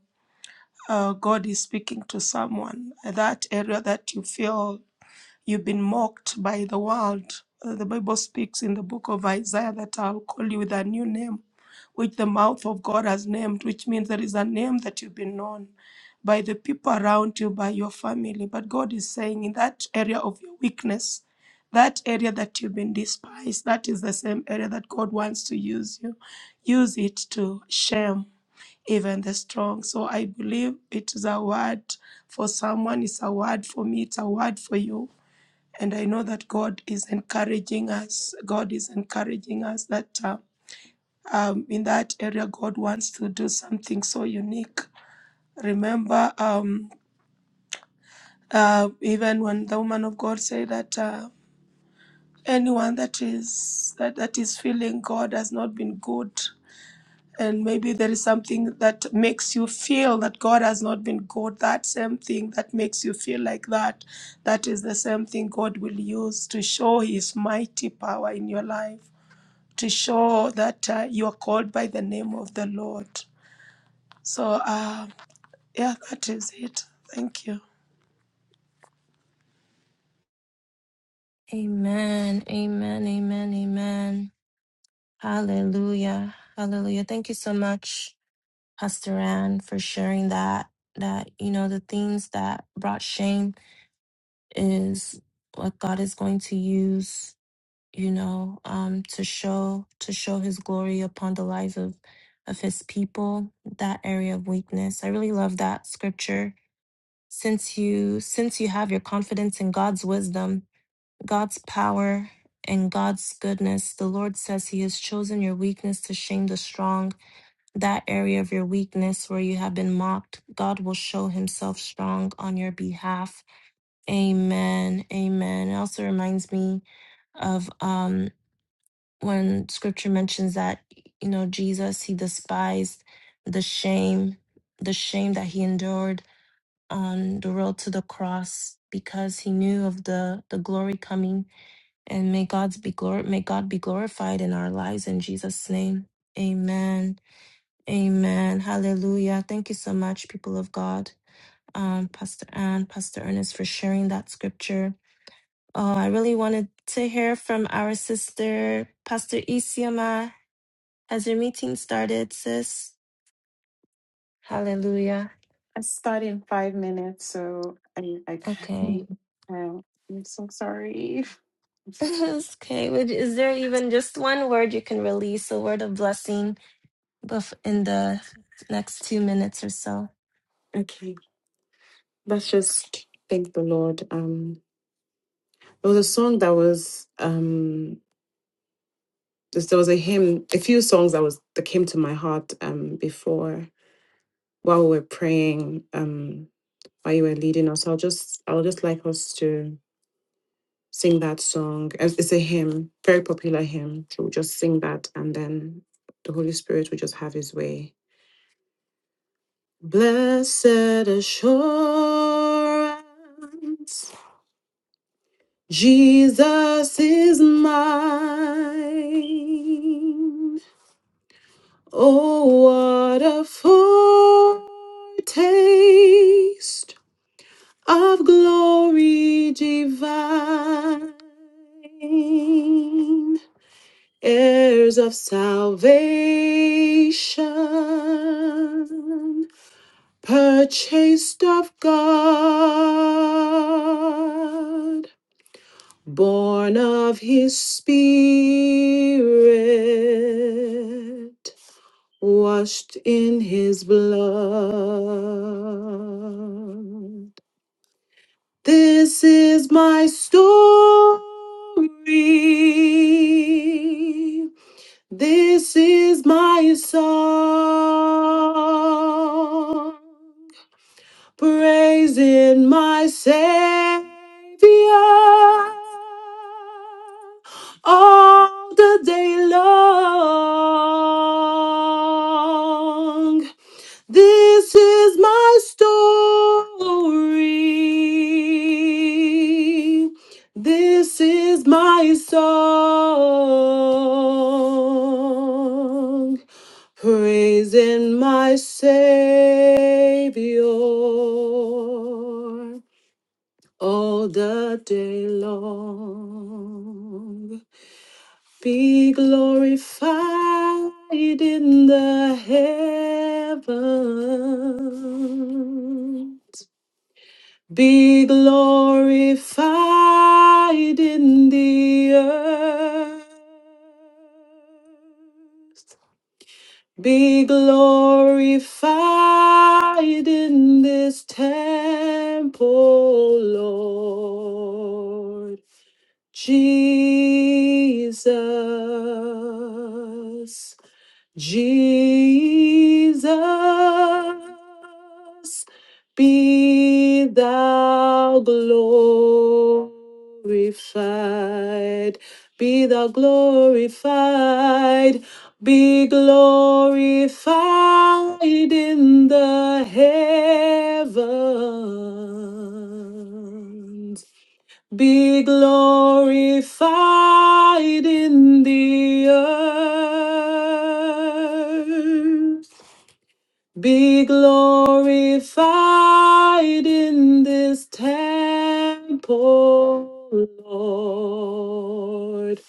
[SPEAKER 4] uh, God is speaking to someone. That area that you feel you've been mocked by the world, uh, the Bible speaks in the book of Isaiah that I'll call you with a new name which the mouth of God has named, which means there is a name that you've been known by the people around you, by your family. But God is saying, in that area of your weakness, that area that you've been despised, that is the same area that God wants to use you. Use it to shame even the strong. So I believe it is a word for someone, it's a word for me, it's a word for you. And I know that God is encouraging us. God is encouraging us that. uh, um, in that area, God wants to do something so unique. Remember, um, uh, even when the woman of God said that uh, anyone that is that, that is feeling God has not been good, and maybe there is something that makes you feel that God has not been good. That same thing that makes you feel like that, that is the same thing God will use to show His mighty power in your life, to show that uh, you are called by the name of the Lord. So. Um, Yeah, that is it. Thank you.
[SPEAKER 3] Amen. Amen. Amen. Amen. Hallelujah. Hallelujah. Thank you so much, Pastor Ann, for sharing that. That you know the things that brought shame is what God is going to use, you know, um, to show to show His glory upon the lives of of His people. That area of weakness, I really love that scripture. Since you since you have your confidence in God's wisdom, God's power, and God's goodness, the Lord says He has chosen your weakness to shame the strong. That area of your weakness where you have been mocked, God will show Himself strong on your behalf Amen. Amen. It also reminds me of um when scripture mentions that you know Jesus he despised the shame, the shame that he endured on the road to the cross because he knew of the the glory coming and may God's be glor- may God be glorified in our lives in Jesus name. Amen. Amen. Hallelujah. Thank you so much people of God. Um Pastor Ann, Pastor Ernest for sharing that scripture Oh, I really wanted to hear from our sister, Pastor Isioma. Has your meeting started, sis? Hallelujah.
[SPEAKER 5] I start in five minutes, so I, I can't.
[SPEAKER 3] Okay.
[SPEAKER 5] Um, I'm so sorry.
[SPEAKER 3] *laughs* okay. would- Is there even just one word you can release, a word of blessing, bef- in the next two minutes or so?
[SPEAKER 5] Okay, let's just thank the Lord. Um, there was a song that was um, this, there was a hymn, a few songs that was that came to my heart um before while we were praying um while you were leading us. I'll just I'll just like us to sing that song. It's it's a hymn, very popular hymn. So we'll just sing that, and then the Holy Spirit will just have His way. Blessed assurance. Jesus is mine. Oh, what a foretaste of glory divine, heirs of salvation, purchased of God. born of his spirit, washed in his blood. This is my story. This is my song praising my Savior all the day long. This is my story. This is my song. Praising my Savior all the day long. Be glorified in the heavens. Be glorified in the earth. Be glorified in this temple, Lord. Jesus, Jesus, be thou glorified, be thou glorified, be glorified in the heavens be glorified in the earth. Be glorified in this temple, Lord.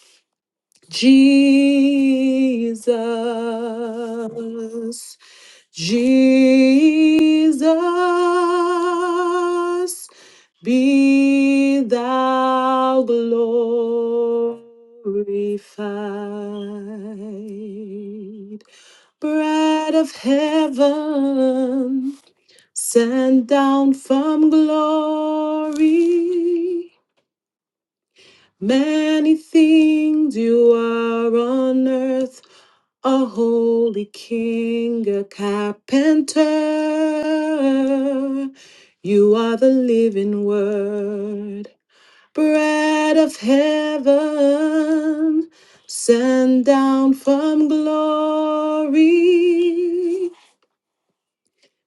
[SPEAKER 5] Jesus, Jesus, be thou glorified, bread of heaven, sent down from glory. Many things you are on earth, a holy king, a carpenter. You are the living word, bread of heaven, sent down from glory.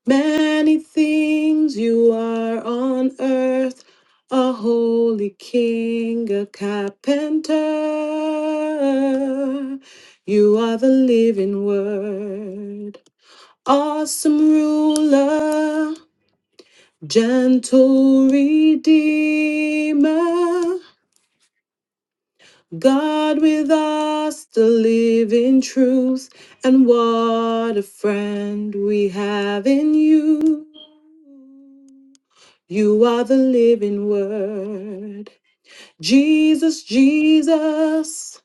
[SPEAKER 5] Many things you are on earth, a holy king, a carpenter. You are the living word, awesome ruler, gentle redeemer. God with us, the living truth, and what a friend we have in you. You are the living word. Jesus, Jesus,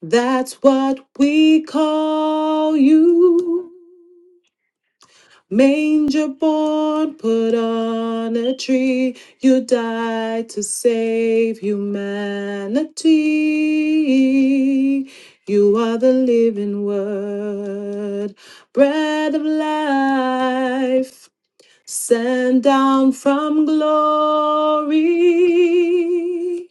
[SPEAKER 5] that's what we call you. Manger born, put on a tree. You died to save humanity. You are the living word, bread of life sent down from glory.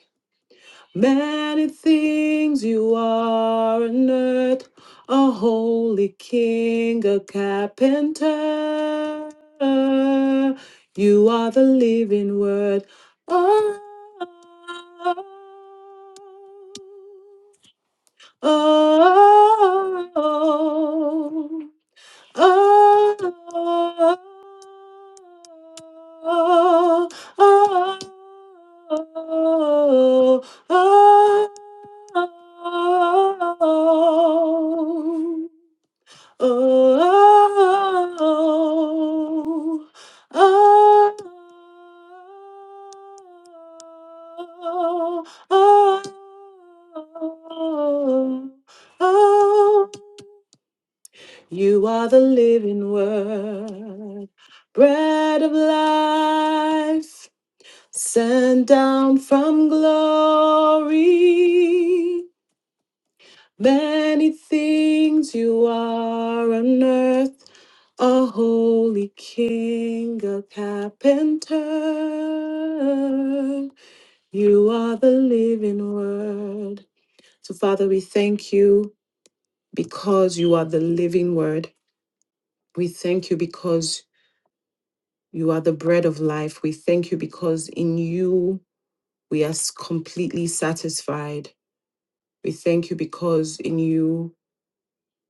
[SPEAKER 5] Many things you are on earth, a holy king, a carpenter. You are the living word. Oh, oh, oh, oh. You are the living word, bread of life, sent down from glory. Many things you are on earth, a holy king, a carpenter. You are the living word. So, Father, we thank you because you are the living word. We thank you because You are the bread of life. We thank you because in you we are s- completely satisfied. We thank you because in you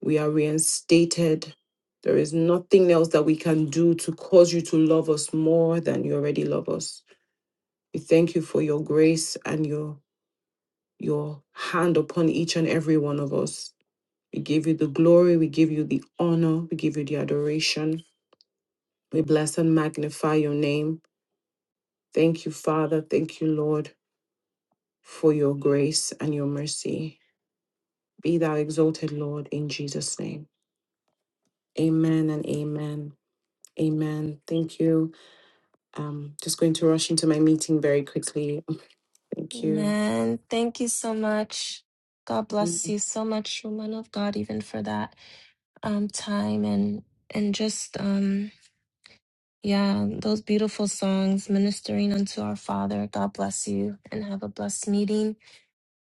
[SPEAKER 5] we are reinstated. There is nothing else that we can do to cause you to love us more than you already love us. We thank you for your grace and your your hand upon each and every one of us. We give you the glory, we give you the honor, we give you the adoration. We bless and magnify your name. Thank you, Father. Thank you, Lord. for your grace and your mercy. Be thou exalted, Lord, in Jesus' name. Amen and amen. Amen. Thank you. Um, just going to rush into my meeting very quickly. Thank you.
[SPEAKER 3] Man, thank you so much. God bless you so much, woman of God, even for that um, time and and just um Yeah, those beautiful songs ministering unto our Father. God bless you and have a blessed meeting.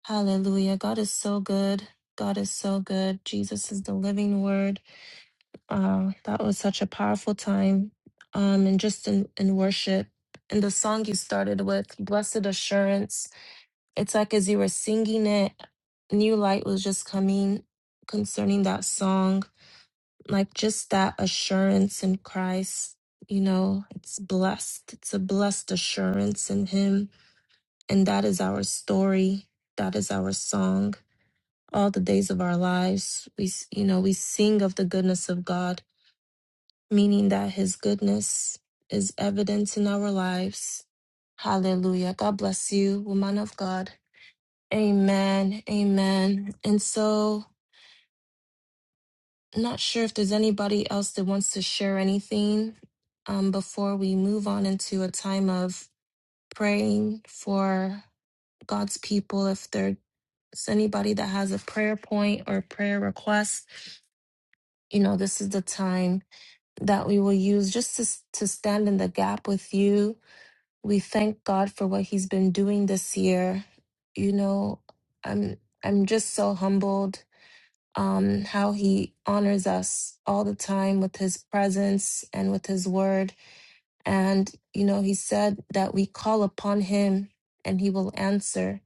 [SPEAKER 3] Hallelujah. God is so good. God is so good. Jesus is the living word. Uh, that was such a powerful time. Um, and just in, in worship. And the song you started with, Blessed Assurance, it's like as you were singing it, new light was just coming concerning that song like just that assurance in Christ, you know, it's blessed. It's a blessed assurance in Him. And that is our story. That is our song. All the days of our lives, we, s- you know, we sing of the goodness of God, meaning that His goodness is evident in our lives. Hallelujah. God bless you, woman of God. Amen. Amen. And so, Not sure if there's anybody else that wants to share anything um, before we move on into a time of praying for God's people. If there's anybody that has a prayer point or a prayer request, you know, this is the time that we will use just to, to stand in the gap with you. We thank God for what He's been doing this year. You know, I'm I'm just so humbled um, how he honors us all the time with his presence and with his word. And, you know, he said that we call upon him and he will answer.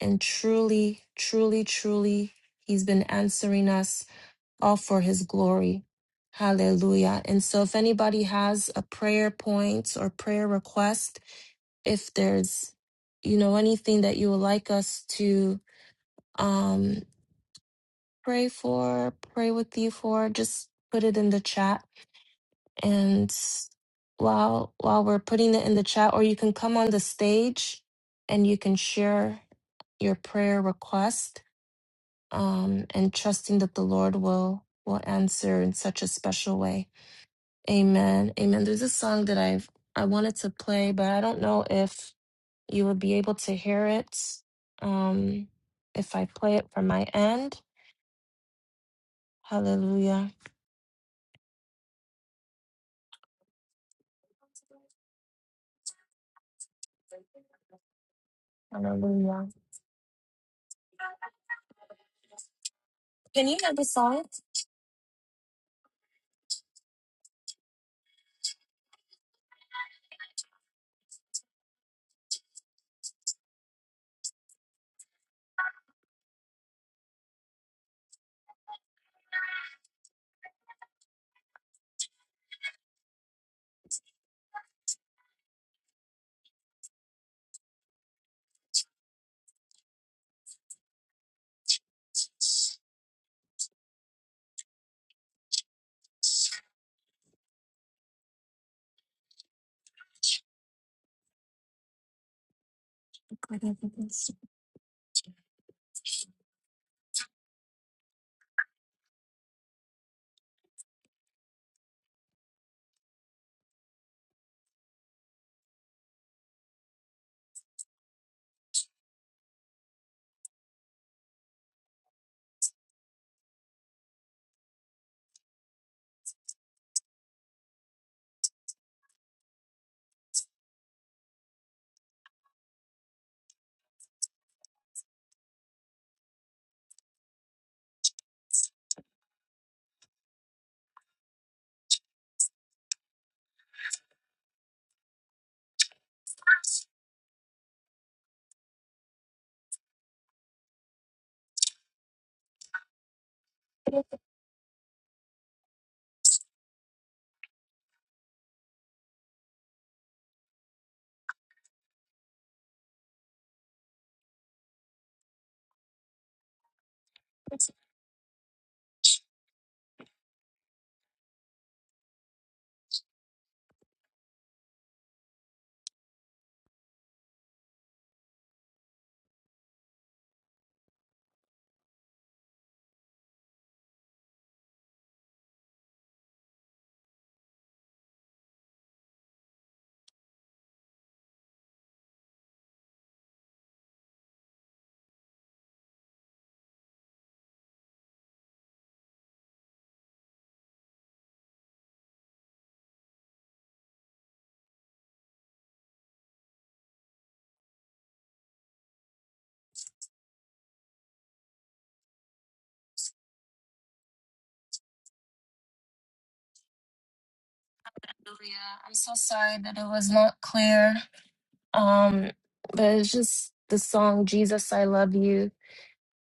[SPEAKER 3] And truly, truly, truly, he's been answering us all for his glory. Hallelujah. And so, if anybody has a prayer point or prayer request, if there's, you know, anything that you would like us to, um. pray for, pray with you for, just put it in the chat. And while while we're putting it in the chat, or you can come on the stage and you can share your prayer request, um, and trusting that the Lord will will answer in such a special way. Amen. Amen. There's a song that I've I wanted to play, but I don't know if you will be able to hear it. Um, if I play it from my end. Hallelujah. Hallelujah. Can you hear the song? Hallelujah. I'm so sorry that it was not clear. Um, but it's just the song Jesus, I Love You.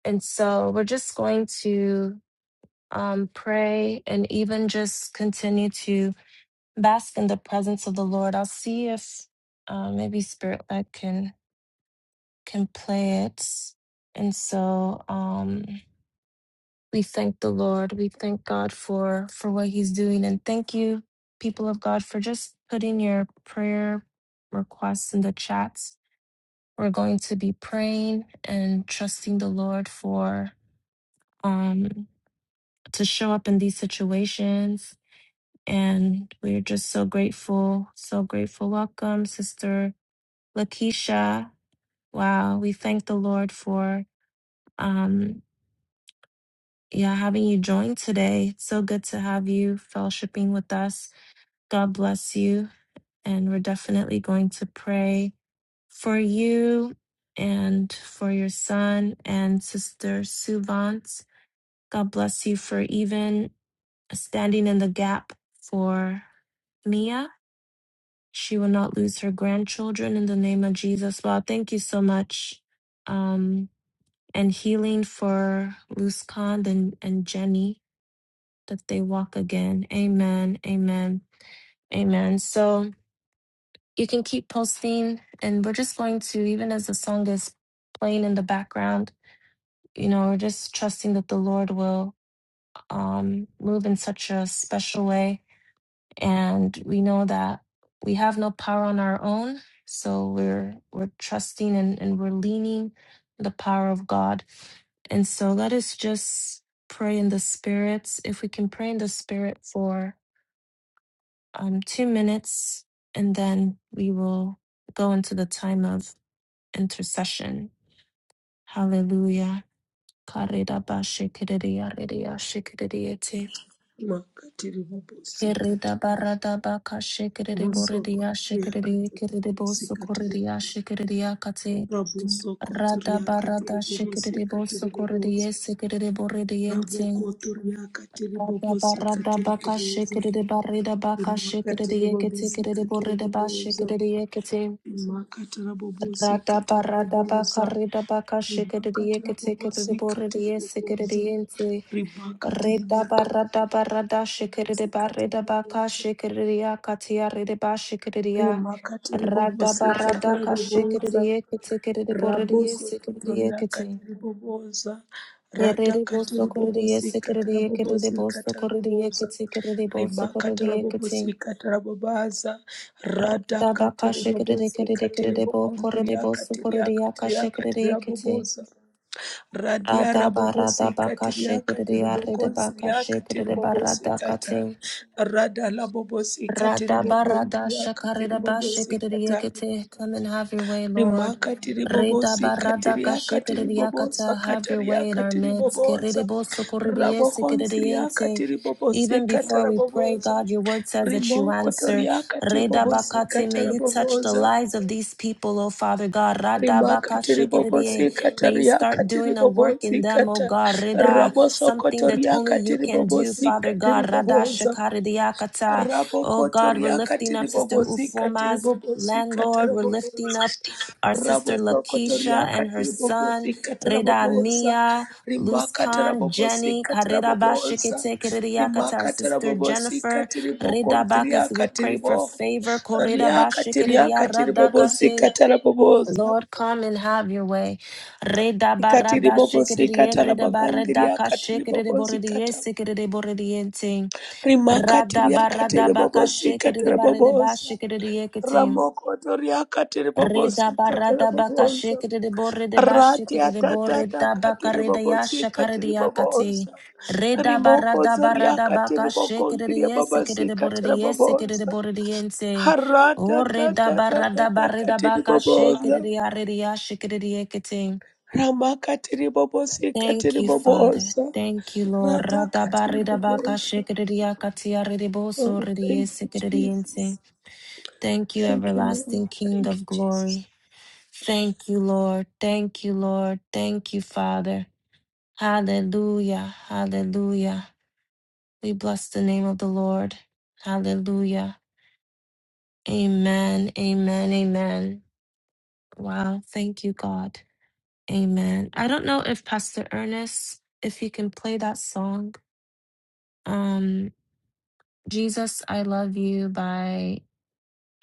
[SPEAKER 3] And so we're just going to um, pray and even just continue to bask in the presence of the Lord. I'll see if uh, maybe Spirit Led can can play it. And so um We thank the Lord. We thank God for for what He's doing, and thank you, people of God, for just putting your prayer requests in the chats. We're going to be praying and trusting the Lord for um to show up in these situations, and we're just so grateful, so grateful. Welcome, Sister Lakeisha. Wow, we thank the Lord for um yeah having you join today. It's so good to have you fellowshipping with us God bless you. And we're definitely going to pray for you and for your son and sister Suvant. God bless you for even standing in the gap for Mia. She will not lose her grandchildren in the name of Jesus. Lord, thank you so much. Um, and healing for Luskan and, and Jenny that they walk again. Amen. Amen. Amen. So, You can keep posting, and we're just going to, even as the song is playing in the background, you know, we're just trusting that the Lord will um, move in such a special way. And we know that we have no power on our own. So we're we're trusting and, and we're leaning the power of God. And so let us just pray in the spirits. If we can pray in the spirit for um, two minutes, and then we will go into the time of intercession. Hallelujah. Karida ba shikiriya ridiya shikiriyete.
[SPEAKER 4] makatiri bobosikati
[SPEAKER 3] Kirida barada baka shikiri boridiya shikiri
[SPEAKER 4] bosokotiriakatiri
[SPEAKER 3] kiridi bosu
[SPEAKER 4] bobosikatiri
[SPEAKER 3] koridiya shikiriya kati. Rada
[SPEAKER 4] rabosokotiriakatiri
[SPEAKER 3] barada shikiri
[SPEAKER 4] bobosikatiri
[SPEAKER 3] bosu koridiye
[SPEAKER 4] boboza
[SPEAKER 3] sikiri boridiyente.
[SPEAKER 4] rabokotoriakatiri
[SPEAKER 3] Rada barada
[SPEAKER 4] bobosikatiri
[SPEAKER 3] baka
[SPEAKER 4] boboza
[SPEAKER 3] shikiri barida baka shikiri
[SPEAKER 4] imakatiri
[SPEAKER 3] yekiti kiridi
[SPEAKER 4] bobosikatiri
[SPEAKER 3] borida ba
[SPEAKER 4] boboza
[SPEAKER 3] shikiri
[SPEAKER 4] imakatara
[SPEAKER 3] Rada
[SPEAKER 4] bobosikatara
[SPEAKER 3] barada
[SPEAKER 4] boboza
[SPEAKER 3] bakarida bakashikiriye
[SPEAKER 4] rimakatara
[SPEAKER 3] ketekiride
[SPEAKER 4] bobosikatiri
[SPEAKER 3] boride
[SPEAKER 4] boboza
[SPEAKER 3] sekiridiente.
[SPEAKER 4] ribakatiri
[SPEAKER 3] Reda barada barada shikiride
[SPEAKER 4] bobosikatiri
[SPEAKER 3] barida
[SPEAKER 4] boboza
[SPEAKER 3] bakashikiriya katia ride bashikiriya. Rada
[SPEAKER 4] rimakatiribobosi
[SPEAKER 3] barada
[SPEAKER 4] katiribobosa
[SPEAKER 3] kashikiriye ketekiride boride sekiridiye
[SPEAKER 4] rabosokotoria
[SPEAKER 3] kete.
[SPEAKER 4] katiribobosa Rada
[SPEAKER 3] Erede boso koridiye
[SPEAKER 4] katiribobosi
[SPEAKER 3] sekiridiye kiride
[SPEAKER 4] katiribobosi
[SPEAKER 3] boso koridiye
[SPEAKER 4] katiribobosa
[SPEAKER 3] ketekiride boso koridiye kete.
[SPEAKER 4] rimakatiribobosi katiribobosa Rada rimakatiribobosikatarabobosa rabosokotoriakatiribobosa radakatiribobosikatarabobosikatarabobosa rimakatarabobosikatarabobaza
[SPEAKER 3] Rada bakashikiride kiride kiride bo koride boso koridiya kashikiriye kete.
[SPEAKER 4] radakatiribobosikatiribokontriakatiriakatiriakatiriabobosa Radia
[SPEAKER 3] Radaba
[SPEAKER 4] rabobosi
[SPEAKER 3] radaba
[SPEAKER 4] katiria
[SPEAKER 3] kashikiri aridaba
[SPEAKER 4] katiribokonsiria
[SPEAKER 3] kashikiri
[SPEAKER 4] katiribobosi
[SPEAKER 3] barada
[SPEAKER 4] kata.
[SPEAKER 3] kate.
[SPEAKER 4] Rada labobosi
[SPEAKER 3] Radaba rada
[SPEAKER 4] katiribokonsiria
[SPEAKER 3] shakarida
[SPEAKER 4] katiribobosi
[SPEAKER 3] bashikiri
[SPEAKER 4] kata.
[SPEAKER 3] yekete. Come and have your way,
[SPEAKER 4] Rima
[SPEAKER 3] Lord. Reda
[SPEAKER 4] katiribobosi
[SPEAKER 3] barada
[SPEAKER 4] katiria katiribobosa
[SPEAKER 3] kashikiriakata, have your
[SPEAKER 4] kataria
[SPEAKER 3] way in our midst.
[SPEAKER 4] katiribobosa.
[SPEAKER 3] Kiridiboso koridiese
[SPEAKER 4] Rabokonsiria
[SPEAKER 3] kiridiente.
[SPEAKER 4] katiribobosi
[SPEAKER 3] Even before we pray,
[SPEAKER 4] katarabobosa.
[SPEAKER 3] God, your word says that you
[SPEAKER 4] Rimoko
[SPEAKER 3] answer.
[SPEAKER 4] toria
[SPEAKER 3] Reda
[SPEAKER 4] katiribobosi
[SPEAKER 3] bakate, may you touch the
[SPEAKER 4] katarabobosa
[SPEAKER 3] lives of these people, oh Father God. Rada
[SPEAKER 4] rimakatiri
[SPEAKER 3] bakashikiririe. May you start
[SPEAKER 4] bobosikatariakatiri
[SPEAKER 3] doing a work in them, oh
[SPEAKER 4] bobosikata
[SPEAKER 3] God. Reda, something that only you
[SPEAKER 4] rabosokotoriakatiri
[SPEAKER 3] can do, Father
[SPEAKER 4] bobosikatiri
[SPEAKER 3] God. Rada
[SPEAKER 4] bobosa
[SPEAKER 3] shikaridiakata. Oh God, we're lifting
[SPEAKER 4] rabokotoriakatiri
[SPEAKER 3] up Sister
[SPEAKER 4] bobosikatiri
[SPEAKER 3] Ufoma's.
[SPEAKER 4] bobosikatara
[SPEAKER 3] Landlord, we're lifting
[SPEAKER 4] bobosa
[SPEAKER 3] up our sister Lakeisha and her
[SPEAKER 4] rabosokotoriakatiri
[SPEAKER 3] son,
[SPEAKER 4] bobosikatara
[SPEAKER 3] Reda
[SPEAKER 4] bobosa
[SPEAKER 3] Mia, Luz
[SPEAKER 4] rimakatara
[SPEAKER 3] Khan, Jenny,
[SPEAKER 4] bobosikatara
[SPEAKER 3] Kareda
[SPEAKER 4] bobosa
[SPEAKER 3] Bashikete, Kiriakata, our
[SPEAKER 4] rimakatara
[SPEAKER 3] sister Jennifer,
[SPEAKER 4] bobosikatiri
[SPEAKER 3] Reda Bakas, we
[SPEAKER 4] bogontriakatiri
[SPEAKER 3] pray
[SPEAKER 4] bo
[SPEAKER 3] for favor, Korida Bashikiriya
[SPEAKER 4] riakatiriakatiri
[SPEAKER 3] Radakate.
[SPEAKER 4] bobosikatara bobosa
[SPEAKER 3] Lord, come and have your way. Reda
[SPEAKER 4] Ikatiri
[SPEAKER 3] barada
[SPEAKER 4] bobo sikata
[SPEAKER 3] shikiriye,
[SPEAKER 4] la
[SPEAKER 3] reda
[SPEAKER 4] bagandiri
[SPEAKER 3] barada ka
[SPEAKER 4] akatiri
[SPEAKER 3] shikiride
[SPEAKER 4] bobo
[SPEAKER 3] borediye,
[SPEAKER 4] sikata.
[SPEAKER 3] sikiride borediye ting. Rada
[SPEAKER 4] Rimakatiri akatiri
[SPEAKER 3] barada baka
[SPEAKER 4] bobo sikata
[SPEAKER 3] shikiride
[SPEAKER 4] la
[SPEAKER 3] barede ba
[SPEAKER 4] boboza.
[SPEAKER 3] shikiride
[SPEAKER 4] Ramoko tori akatiri bobo
[SPEAKER 3] Reda
[SPEAKER 4] sikata la
[SPEAKER 3] barada baka
[SPEAKER 4] boboza.
[SPEAKER 3] shikere de borre de
[SPEAKER 4] Rati
[SPEAKER 3] bashikere de borre
[SPEAKER 4] atatata
[SPEAKER 3] da baka
[SPEAKER 4] akatiri
[SPEAKER 3] reda
[SPEAKER 4] bobo
[SPEAKER 3] yasha kare
[SPEAKER 4] sikata
[SPEAKER 3] de
[SPEAKER 4] la
[SPEAKER 3] yakati.
[SPEAKER 4] boboza.
[SPEAKER 3] Reda
[SPEAKER 4] Rimoko
[SPEAKER 3] barada
[SPEAKER 4] zori
[SPEAKER 3] barada baka
[SPEAKER 4] akatiri
[SPEAKER 3] shikere de
[SPEAKER 4] bogondiri baba
[SPEAKER 3] yesikere de borre
[SPEAKER 4] sikata
[SPEAKER 3] de
[SPEAKER 4] la
[SPEAKER 3] yesikere de
[SPEAKER 4] boboza.
[SPEAKER 3] borre de yense.
[SPEAKER 4] Harata
[SPEAKER 3] O reda
[SPEAKER 4] tatata
[SPEAKER 3] barada barada
[SPEAKER 4] akatiri
[SPEAKER 3] baka
[SPEAKER 4] boboza.
[SPEAKER 3] shikere de yare de yashikere de yekete.
[SPEAKER 4] Ramakatiri bobo
[SPEAKER 3] Thank
[SPEAKER 4] sikatiri
[SPEAKER 3] you, Father.
[SPEAKER 4] boboza.
[SPEAKER 3] Thank you, Lord. Rada barada baka
[SPEAKER 4] Radakatiribobosa.
[SPEAKER 3] shikere de yakati yare de boso
[SPEAKER 4] Oh,
[SPEAKER 3] re de
[SPEAKER 4] thank you,
[SPEAKER 3] yesikere de yense.
[SPEAKER 4] Jesus.
[SPEAKER 3] Thank you,
[SPEAKER 4] Thank you, Lord.
[SPEAKER 3] everlasting King
[SPEAKER 4] Thank you,
[SPEAKER 3] of glory.
[SPEAKER 4] Jesus.
[SPEAKER 3] Thank you, Lord. Thank you, Lord. Thank you, Father. Hallelujah. Hallelujah. We bless the name of the Lord. Hallelujah. Amen. Amen. Amen. Wow. Thank you, God. Amen. I don't know if Pastor Ernest, if you can play that song. Um, Jesus, I Love You by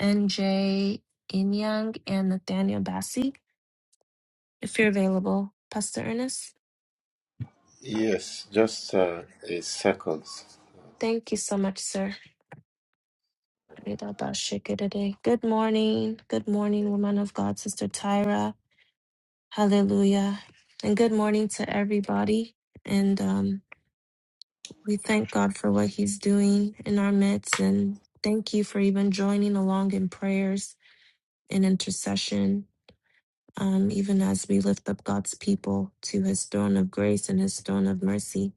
[SPEAKER 3] NJ Inyang and Nathaniel Bassey, if you're available. Pastor Ernest,
[SPEAKER 6] Yes, just uh, a second.
[SPEAKER 3] thank you so much, sir. Good morning. Good morning, woman of God, Sister Tyra. Hallelujah. And good morning to everybody. And um, we thank God for what He's doing in our midst. And thank you for even joining along in prayers and intercession, um, even as we lift up God's people to His throne of grace and His throne of mercy.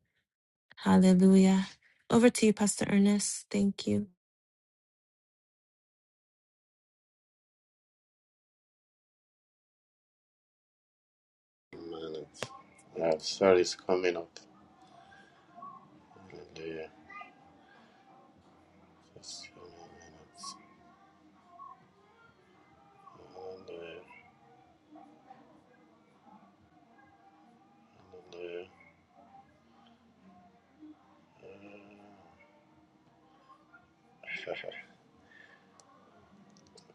[SPEAKER 3] Hallelujah. Over to you, Pastor Ernest. Thank you.
[SPEAKER 6] A minute. Uh, sorry, it's coming up. Hallelujah. Just a minute. Hallelujah. Hallelujah. *laughs* I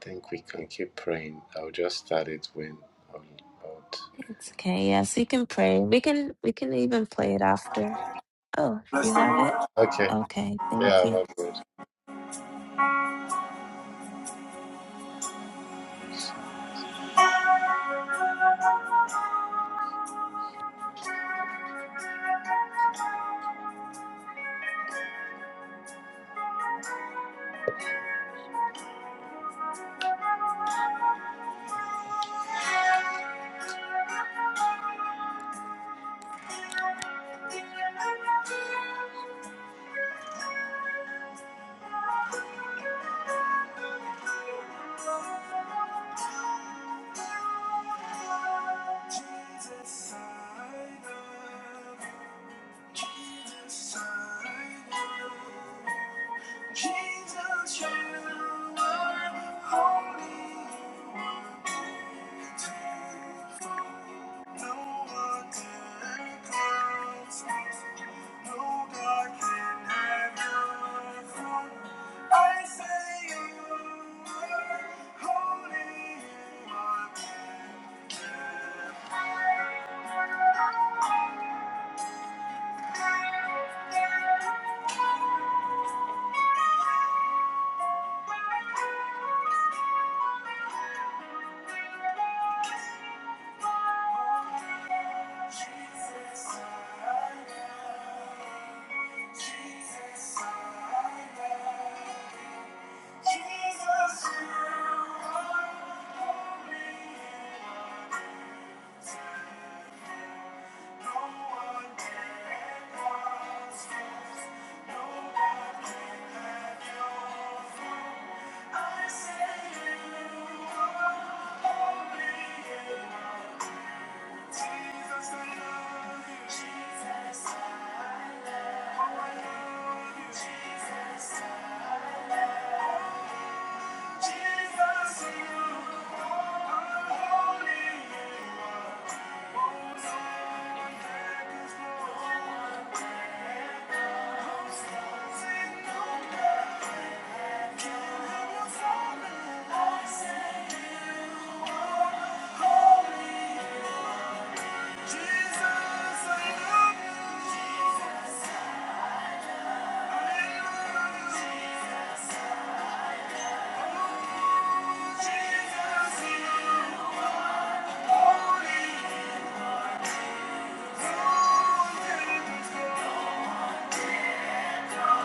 [SPEAKER 6] think we can keep praying. I'll just start it when I'm out.
[SPEAKER 3] It's okay. Yes, you can pray. We can we can even play it after. Oh, you have it?
[SPEAKER 6] Okay.
[SPEAKER 3] Okay, thank you.
[SPEAKER 6] Yeah, we good. Jesus, you are holy. No No one can can cleanse me. No God can have your throne. I say you are holy. You are good. Oh, Jesus, I am. Jesus, I love you. Jesus, I love you. Jesus, you are holy. You are holy. Thank you.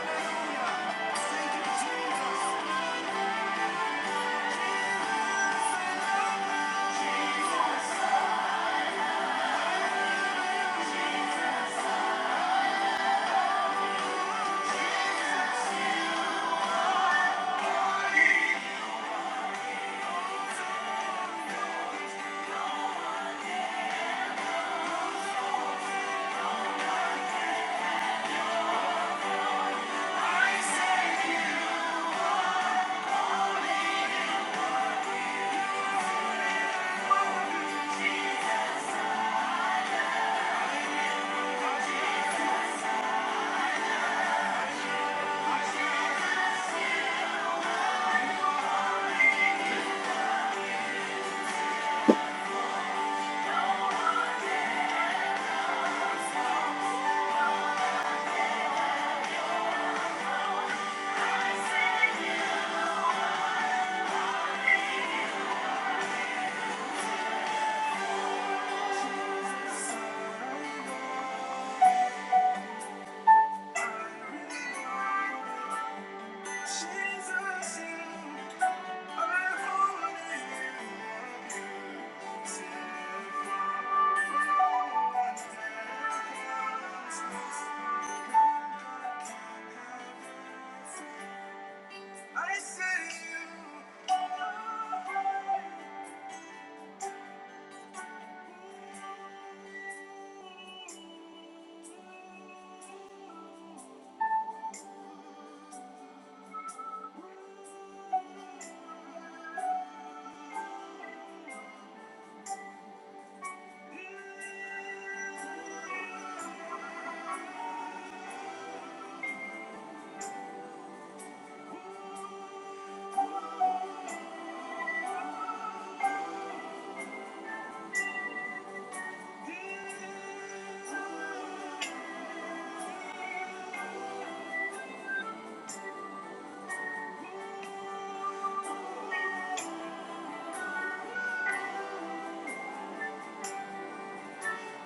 [SPEAKER 6] Jesus. Jesus, you, I only you. I say you,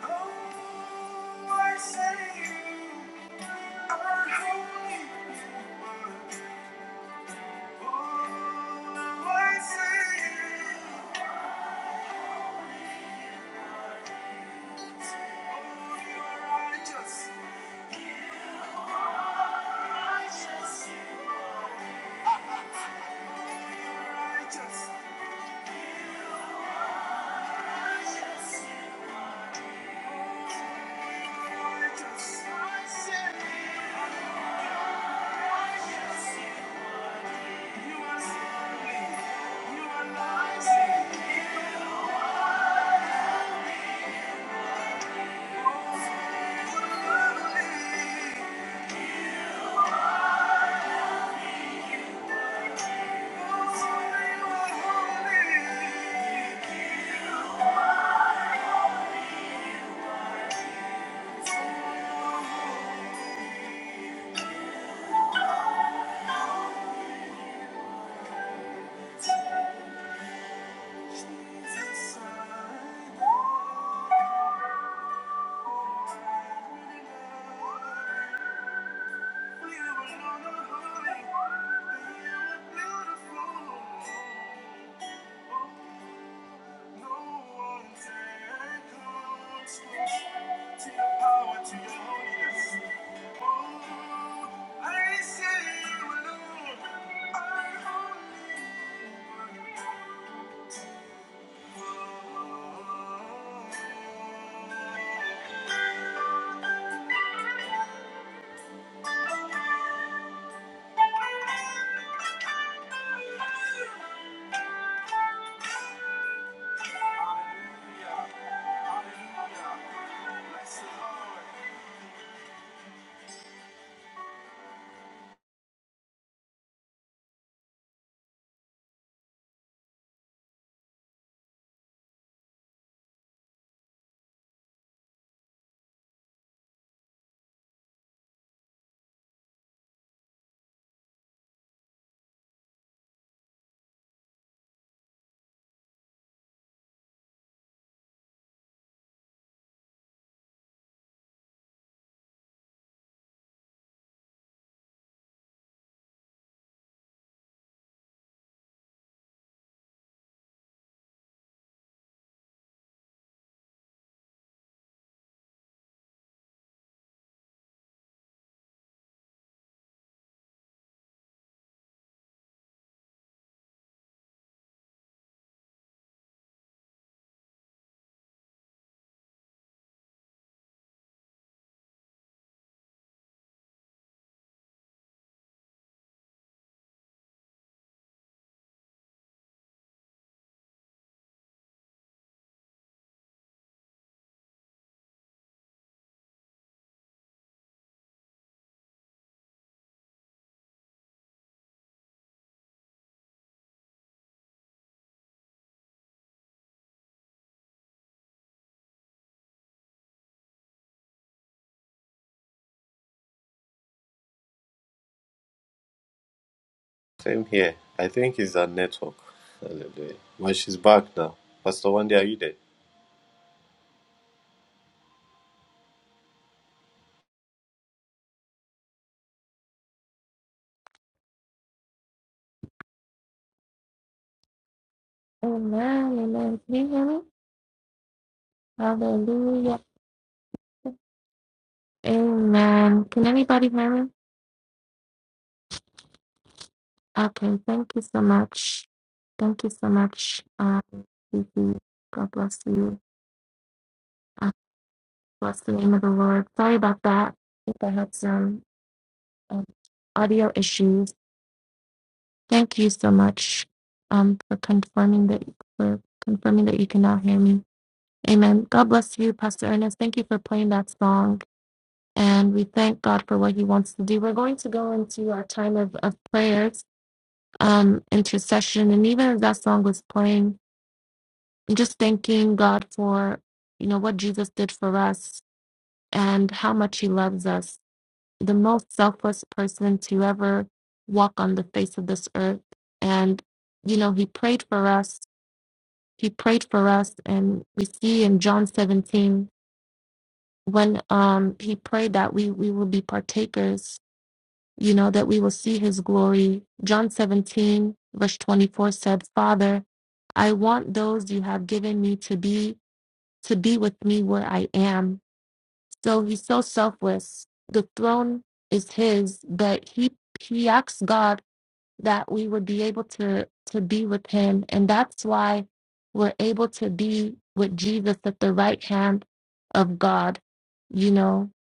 [SPEAKER 6] oh, I say you Oh, I say you, oh, you are righteous. You are beautiful. Hallelujah. Hallelujah. Bless the Lord. Same here. I think it's our network. Hallelujah. But she's back now. Pastor Wendy, are you there?
[SPEAKER 3] Amen. Amen. Can you hear me? Hallelujah. Amen. Can anybody hear me? Okay. Thank you so much. Thank you so much. Um, Kiki. God bless you. Uh, bless the name of the Lord. Sorry about that. I think I had some um, audio issues. Thank you so much um, for confirming that for confirming that you can now hear me. Amen. God bless you, Pastor Ernest. Thank you for playing that song. and we thank God for what He wants to do. We're going to go into our time of, of prayers, um, intercession, and even as that song was playing, and just thanking God for you know what Jesus did for us and how much He loves us. The most selfless person to ever walk on the face of this earth, and you know He prayed for us. He prayed for us, and we see in John 17 when um, He prayed that we we will be partakers you know, that we will see his glory. John 17, verse 24 said, Father, I want those you have given me to be, to be with me where I am. So he's so selfless. The throne is his, but he, he asked God that we would be able to, to be with him. And that's why we're able to be with Jesus at the right hand of God, you know,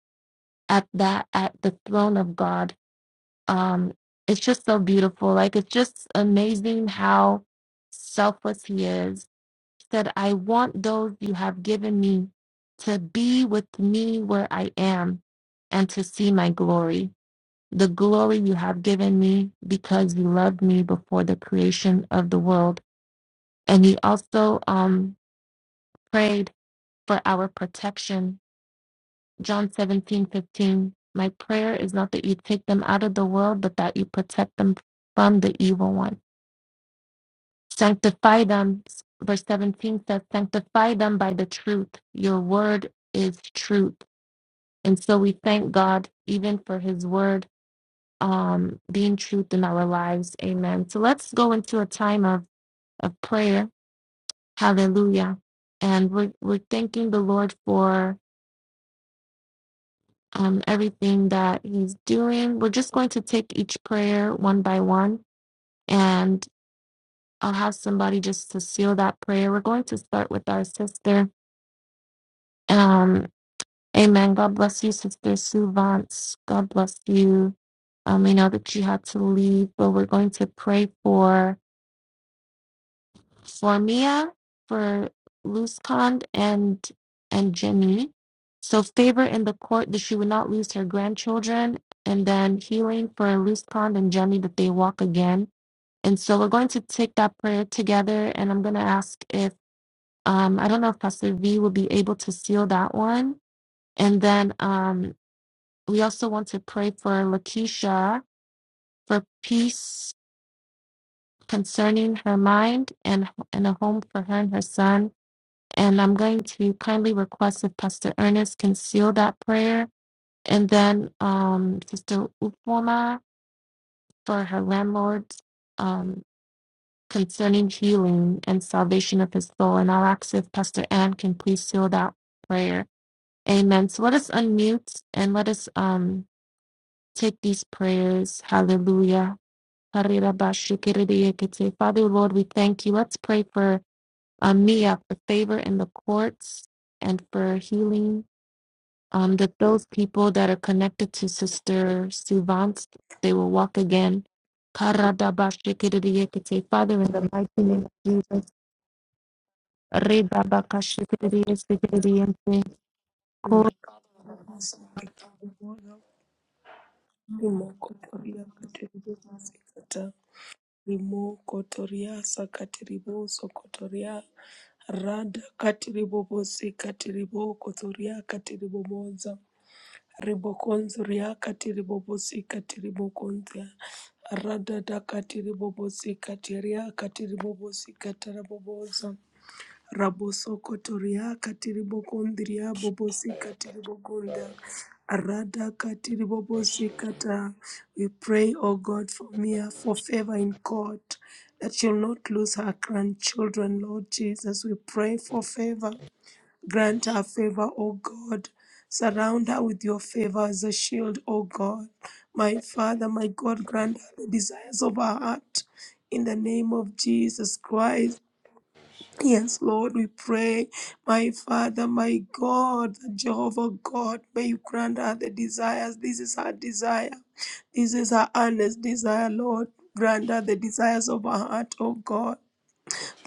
[SPEAKER 3] at that, at the throne of God um it's just so beautiful like it's just amazing how selfless he is he said i want those you have given me to be with me where i am and to see my glory the glory you have given me because you loved me before the creation of the world and he also um prayed for our protection john 17 15. my prayer is not that you take them out of the world but that you protect them from the evil one Sanctify them, verse 17 says, Sanctify them by the truth. Your word is truth. And so we thank God even for his word um, being truth in our lives. Amen. So let's go into a time of, of prayer. Hallelujah. And we're, we're thanking the Lord for um, everything that he's doing. We're just going to take each prayer one by one. And I'll have somebody just to seal that prayer. We're going to start with our sister. Um, Amen. God bless you, Sister Sue Vance. God bless you. Um, we know that you had to leave, but we're going to pray for for Mia, for Luzcond and and Jenny. So favor in the court that she would not lose her grandchildren, and then healing for Luzcond and Jenny that they walk again. And so we're going to take that prayer together, and I'm going to ask if um I don't know if Pastor V will be able to seal that one, and then um We also want to pray for Lakeisha for peace concerning her mind and, and a home for her and her son. And I'm going to kindly request if Pastor Ernest can seal that prayer. And then um, Sister Upoma for her landlord um, concerning healing and salvation of his soul. And I'll ask if Pastor Ann can please seal that prayer. Amen. So let us unmute and let us um, take these prayers. Hallelujah. Karirabashikiridiekete. Father, Lord, we thank you. Let's pray for um, Mia for favor in the courts and for healing. Um, that those people that are connected to Sister Suvance, they will walk again. Karadabashikiridiekete. Father, in the mighty name of Jesus. Redabakashikiridiekete.
[SPEAKER 4] Imakatiribobosa. Imokotoriakatiribobosikata. Imokotoriasa katiriboso kotoria. Rada katiribobosi katiribokotoria katiribobosa. Ribokonzo riakati ribobosika tiribokonza radada kati ribobosika tiriakati ribobosika tarabobosa rabosoko toriaka tiribokondria bobosika tiribokonda rada kati ribobosika ta we pray O God for Mia for favor in court that she'll not lose her grandchildren Lord Jesus we pray for favor Grant her favor, O God. Surround her with your favor as a shield, O God. My Father, my God, grant her the desires of her heart. In the name of Jesus Christ. Yes, Lord, we pray, my Father, my God, Jehovah God, may you grant her the desires. This is her desire. This is her earnest desire, Lord. Grant her the desires of her heart, O God.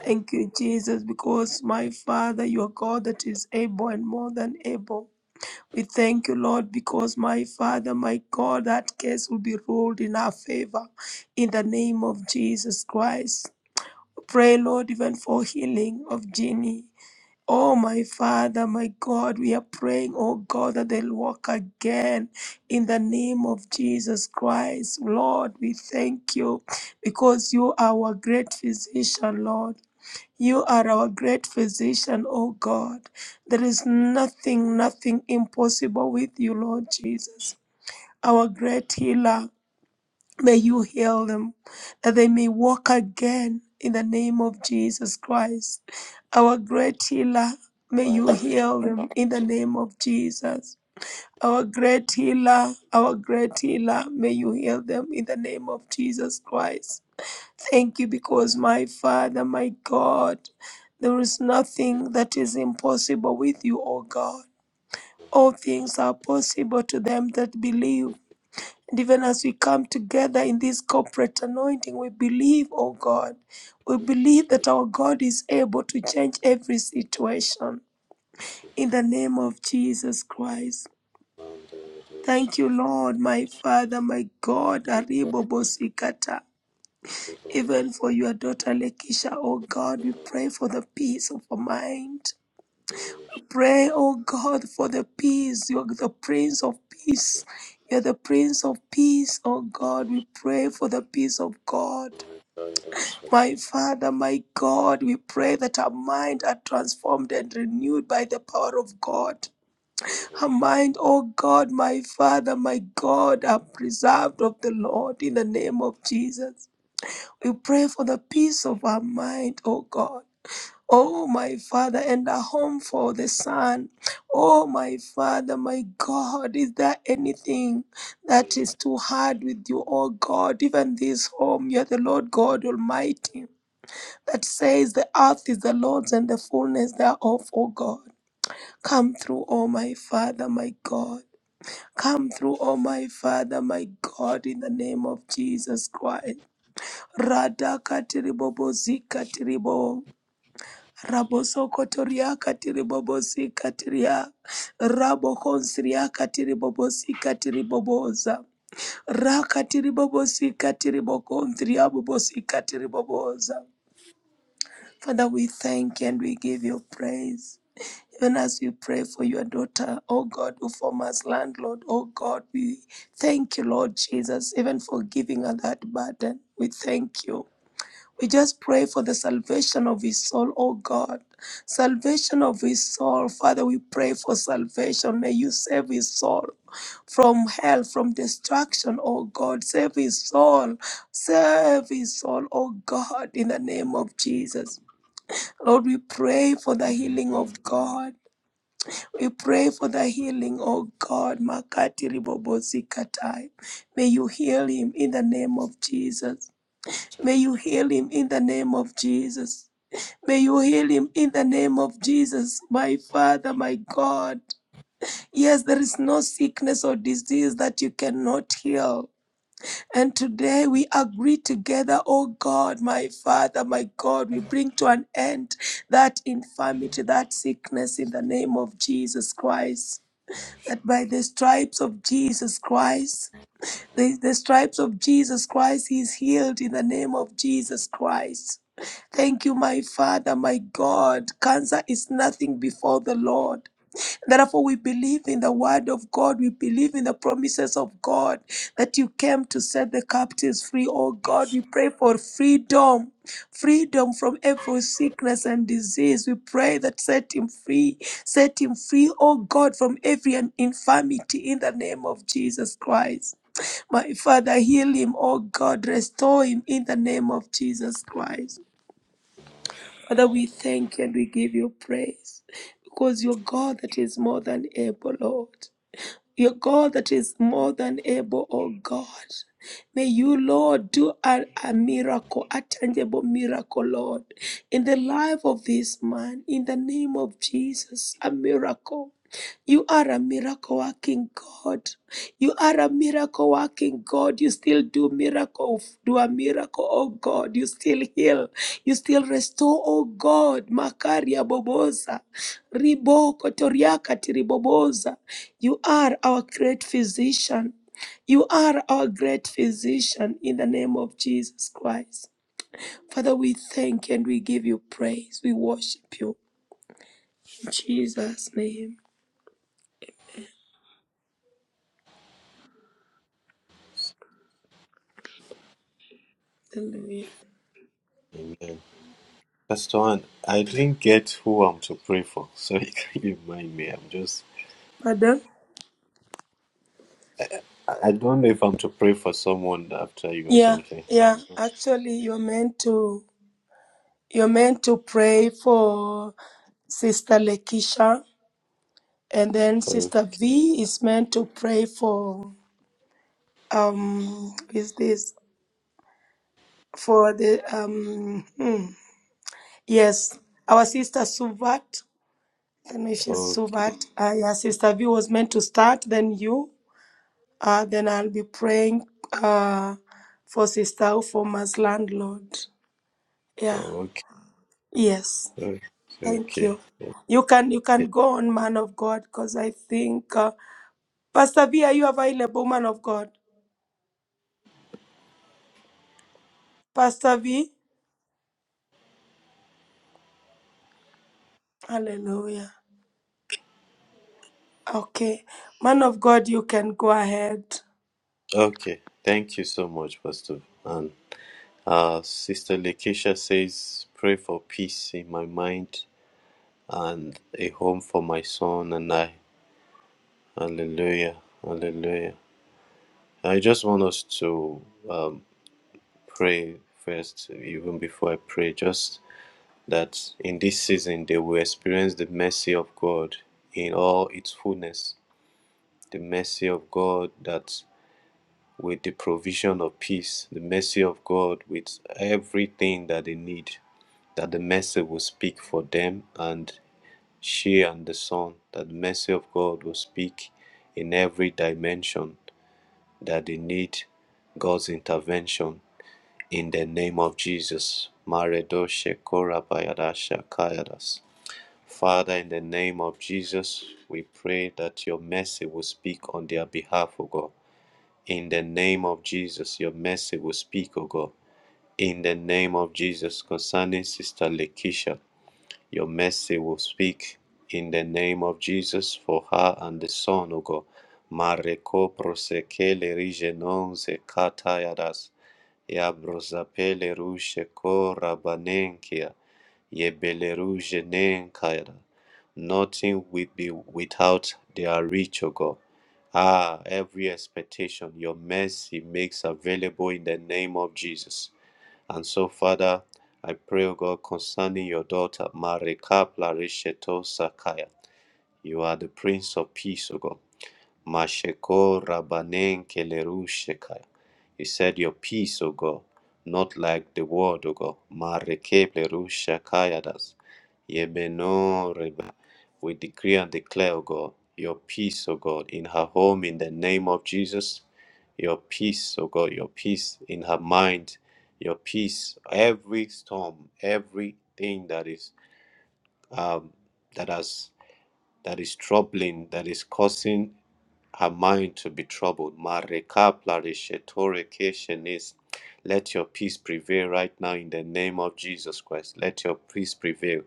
[SPEAKER 4] Thank you, Jesus, because my Father, you are God that is able and more than able. We thank you, Lord, because my Father, my God, that case will be ruled in our favor in the name of Jesus Christ. Pray, Lord, even for healing of Jeannie. Oh, my Father, my God, we are praying, oh God, that they'll walk again in the name of Jesus Christ. Lord, we thank you because you are our great physician, Lord. You are our great physician, O God. There is nothing, nothing impossible with you, Lord Jesus. Our great healer, may you heal them that they may walk again in the name of Jesus Christ. Our great healer, may you heal them in the name of Jesus. Our great healer, our great healer, may you heal them in the name of Jesus Christ. Thank you because my Father, my God, there is nothing that is impossible with you, O God. All things are possible to them that believe. And even as we come together in this corporate anointing, we believe, O God. We believe that our God is able to change every situation. In the name of Jesus Christ. Thank you, Lord, my Father, my God. Aribo Bosikata. Even for your daughter Lekisha, oh God, we pray for the peace of her mind. Pray, oh God, for the peace. You're the Prince of Peace. You're the Prince of Peace, oh God. We pray for the peace of God. My Father, my God, we pray that our mind are transformed and renewed by the power of God. Her mind, oh God, my Father, my God, are preserved of the Lord in the name of Jesus. We pray for the peace of our mind, oh God. Oh, my Father, and a home for the Son. Oh, my Father, my God, is there anything that is too hard with you, oh God? Even this home, you are the Lord God Almighty, that says the earth is the Lord's and the fullness thereof, O God. Come through, O my Father, my God. Come through, O my Father, my God, in the name of Jesus Christ. Rada katiribobo zikatiribo. Raboso kotoria katiribobo zikatiria. Rabo konsiria katiribobo zikatiriboboza. Rakatiribobo zikatiribo konsiria bobo zikatiriboboza. Father, we thank you and we give you praise. Even as we pray for your daughter, oh God, who form us landlord, oh God, we thank you, Lord Jesus, even for giving her that burden. We thank you. We just pray for the salvation of his soul, oh God. Salvation of his soul. Father, we pray for salvation. May you save his soul from hell, from destruction, oh God. Save his soul. Save his soul, oh God, in the name of Jesus. Lord, we pray for the healing of God. We pray for the healing, oh God. Makati ribobosi katai. May you heal him in the name of Jesus. May you heal him in the name of Jesus. May you heal him in the name of Jesus, my Father, my God. Yes, there is no sickness or disease that you cannot heal. And today we agree together, oh God, my Father, my God, we bring to an end that infirmity, that sickness in the name of Jesus Christ. That by the stripes of Jesus Christ, the, the stripes of Jesus Christ, he is healed in the name of Jesus Christ. Thank you, my Father, my God. Cancer is nothing before the Lord. Therefore, we believe in the word of God. We believe in the promises of God that you came to set the captives free. Oh God, we pray for freedom. Freedom from every sickness and disease. We pray that set him free. Set him free, oh God, from every infirmity in the name of Jesus Christ. My Father, heal him, oh God. Restore him in the name of Jesus Christ. Father, we thank you and we give you praise because you're God that is more than able, Lord. Your God that is more than able, oh God. May you, Lord, do a, a miracle, a tangible miracle, Lord, in the life of this man, in the name of Jesus, a miracle. You are a miracle working God. You are a miracle working God. You still do miracle, do a miracle, oh God. You still heal. You still restore, oh God. Makaria boboza. Riboko toriaka tiriboboza. You are our great physician. You are our great physician in the name of Jesus Christ. Father, we thank and we give you praise. We worship you. In Jesus' name. Hallelujah.
[SPEAKER 6] Amen. Pastor One, I didn't get who I'm to pray for. *laughs* So can you remind me? I'm just
[SPEAKER 4] Pardon?
[SPEAKER 6] I I don't know if I'm to pray for someone after you or
[SPEAKER 4] Yeah,
[SPEAKER 6] something. I'm
[SPEAKER 4] yeah.
[SPEAKER 6] not
[SPEAKER 4] Actually, you're meant to you're meant to pray for Sister Lekisha, and then Sister
[SPEAKER 6] okay.
[SPEAKER 4] V is meant to pray for um is this for the um hmm, Yes, our sister Suvat. I don't know if she's
[SPEAKER 6] Okay.
[SPEAKER 4] Suvat. Uh, yeah, sister V was meant to start, then you. Uh, then I'll be praying uh, for sister for as landlord. Yeah.
[SPEAKER 6] Okay.
[SPEAKER 4] Yes.
[SPEAKER 6] Okay.
[SPEAKER 4] Thank
[SPEAKER 6] Okay.
[SPEAKER 4] you. You can you
[SPEAKER 6] Yeah.
[SPEAKER 4] can go on, man of God, because I think uh, Pastor V, are you available, man of God? Pastor V. Hallelujah. Okay, man of God, you can go ahead.
[SPEAKER 6] Okay. Thank you so much, Pastor. And uh Sister Lakeisha says, Pray for peace in my mind and a home for my son and I. Hallelujah. Hallelujah. I just want us to um, pray first, even before I pray, just that in this season they will experience the mercy of God in all its fullness. The mercy of God that with the provision of peace, the mercy of God with everything that they need, that the mercy will speak for them and she and the son, that the mercy of God will speak in every dimension that they need God's intervention in the name of Jesus. Maredoshe korabayadasha kayadas. Father, in the name of Jesus, we pray that your mercy will speak on their behalf, O God. In the name of Jesus, your mercy will speak, O God. In the name of Jesus, concerning Sister Lekisha, your mercy will speak in the name of Jesus for her and the son, O God. Mareko prosekele rigenonze katayadas. Yabrozapele rushe kora banenkia. Yebeleru jenen kayada. Nothing will be without their reach, O God. Ah, every expectation, your mercy makes available in the name of Jesus. And so, Father, I pray, O God, concerning your daughter, Marika Plarisheto Sakaya. You are the Prince of Peace, O God. Masheko Rabanen Kelerushekaya. You said your peace, O God, not like the world, O God. Marekeblerushakayadas. Yemeno Reba. We decree and declare, O God, your peace, O God, in her home in the name of Jesus. Your peace, O God, your peace in her mind, your peace, every storm, everything that is um, that has that is troubling, that is causing her mind to be troubled. Marekapla reshetore keshenis. Let your peace prevail right now in the name of Jesus Christ. Let your peace prevail.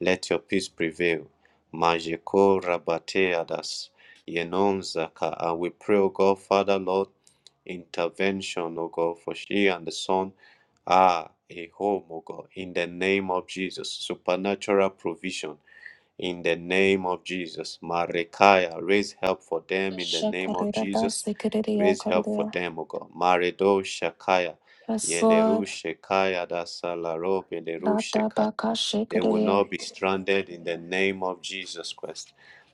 [SPEAKER 6] Let your peace prevail. Majeko rabateadas. Yenon zaka. And we pray, O God, Father, Lord, intervention, O God, for she and the son are a home, O God, in the name of Jesus. Supernatural provision in the name of Jesus. Marekaya, raise help for them in the
[SPEAKER 3] Kasha
[SPEAKER 6] name of
[SPEAKER 3] korida ba
[SPEAKER 6] Jesus.
[SPEAKER 3] sekeridia
[SPEAKER 6] Raise help for
[SPEAKER 3] koridia.
[SPEAKER 6] them, O God. Maredo Shakaya,
[SPEAKER 3] Yes,
[SPEAKER 6] Yeleru
[SPEAKER 3] Lord.
[SPEAKER 6] Shekaya, Dasalaro, Beleru
[SPEAKER 3] Rada
[SPEAKER 6] Shekaya.
[SPEAKER 3] ba
[SPEAKER 6] They will
[SPEAKER 3] kasha
[SPEAKER 6] not be stranded in the name of Jesus Christ.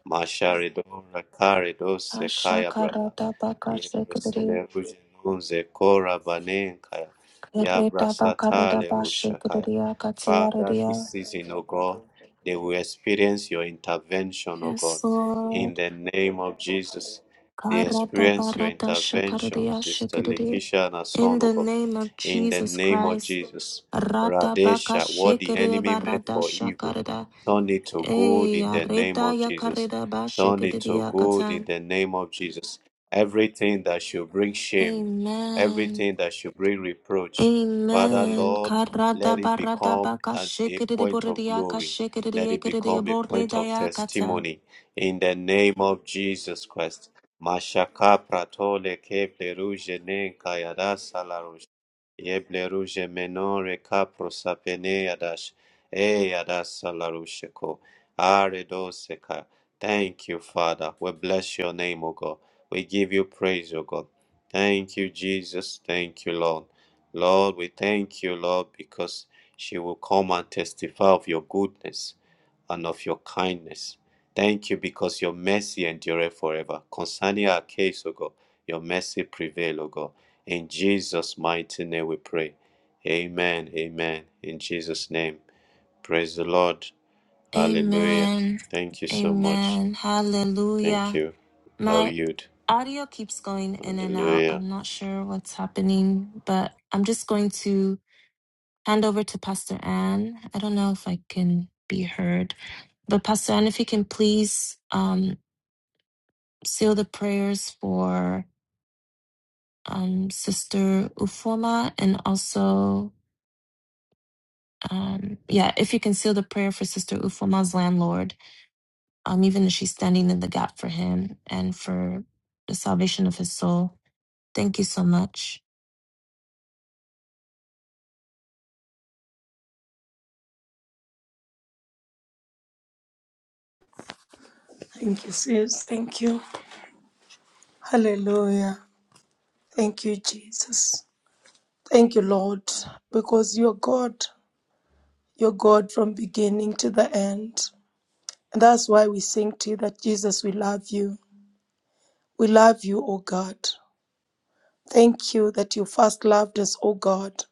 [SPEAKER 6] Masharedo rakaredo sekaya brana.
[SPEAKER 3] Ashakarada baka shikriya,
[SPEAKER 6] Yebrasele rujenunze kora banenkaya.
[SPEAKER 3] kereta baka reda
[SPEAKER 6] Yabrasatale
[SPEAKER 3] ba
[SPEAKER 6] rushakaya.
[SPEAKER 3] shikriya, katsiya
[SPEAKER 6] Father, this season, O God, they will experience your intervention, O
[SPEAKER 3] Yes,
[SPEAKER 6] God. In
[SPEAKER 3] Lord.
[SPEAKER 6] the name of Jesus, they
[SPEAKER 3] Karada
[SPEAKER 6] experience your
[SPEAKER 3] barada
[SPEAKER 6] intervention,
[SPEAKER 3] shakariya
[SPEAKER 6] Sister
[SPEAKER 3] shikriya.
[SPEAKER 6] Lekisha and her
[SPEAKER 3] In
[SPEAKER 6] son, O
[SPEAKER 3] the
[SPEAKER 6] God
[SPEAKER 3] name of
[SPEAKER 6] in the
[SPEAKER 3] Jesus
[SPEAKER 6] name of
[SPEAKER 3] Christ.
[SPEAKER 6] Jesus.
[SPEAKER 3] Rada baka
[SPEAKER 6] Radesha, what the
[SPEAKER 3] shikriya
[SPEAKER 6] enemy meant
[SPEAKER 3] barada
[SPEAKER 6] for evil,
[SPEAKER 3] shakarada.
[SPEAKER 6] turn it to good
[SPEAKER 3] Ey,
[SPEAKER 6] in the name
[SPEAKER 3] areda
[SPEAKER 6] of Jesus.
[SPEAKER 3] yakareda ba
[SPEAKER 6] Turn it to
[SPEAKER 3] shikriya
[SPEAKER 6] good in
[SPEAKER 3] katan.
[SPEAKER 6] the name of Jesus. Everything that should bring shame,
[SPEAKER 3] Amen.
[SPEAKER 6] everything that should bring reproach, Father
[SPEAKER 3] Amen.
[SPEAKER 6] Lord, let
[SPEAKER 3] Karada
[SPEAKER 6] it
[SPEAKER 3] barada
[SPEAKER 6] become
[SPEAKER 3] baka
[SPEAKER 6] an- a
[SPEAKER 3] shikriya
[SPEAKER 6] point of
[SPEAKER 3] boridiya ka
[SPEAKER 6] glory. Let
[SPEAKER 3] shikriya
[SPEAKER 6] it
[SPEAKER 3] kiriya
[SPEAKER 6] become a point of
[SPEAKER 3] boridaya katan.
[SPEAKER 6] testimony in the name of Jesus Christ. Mashaka pratole keple ruje ne kayada Yeble ruje menore capro prosapene adash e adas alarusheko are doseka. Thank you, Father. We bless your name, O God. We give you praise, O God. Thank you, Jesus. Thank you, Lord. Lord, we thank you, Lord, because she will come and testify of your goodness and of your kindness. Thank you because your mercy endureth forever. Concerning our case, O God, your mercy prevail, O God. In Jesus' mighty name we pray. Amen. Amen. In Jesus' name. Praise the Lord. Hallelujah.
[SPEAKER 3] Amen.
[SPEAKER 6] Thank you so much.
[SPEAKER 3] Amen.
[SPEAKER 6] Thank
[SPEAKER 3] Hallelujah.
[SPEAKER 6] you. How
[SPEAKER 3] My
[SPEAKER 6] you
[SPEAKER 3] audio keeps going in and out.
[SPEAKER 6] Hallelujah.
[SPEAKER 3] I'm not sure what's happening, but I'm just going to hand over to Pastor Ann. I don't know if I can be heard, but Pastor Ann, if you can please um, seal the prayers for um, Sister Ufoma and also. Um, yeah, if you can seal the prayer for Sister Ufoma's landlord um, even as she's standing in the gap for him and for the salvation of his soul. Thank you so much.
[SPEAKER 4] Thank you, sis. Thank you. Hallelujah. Thank you, Jesus. Thank you, Lord, because you're God. You're God from beginning to the end. And that's why we sing to you that Jesus, we love you. We love you, O God. Thank you that you first loved us, O God.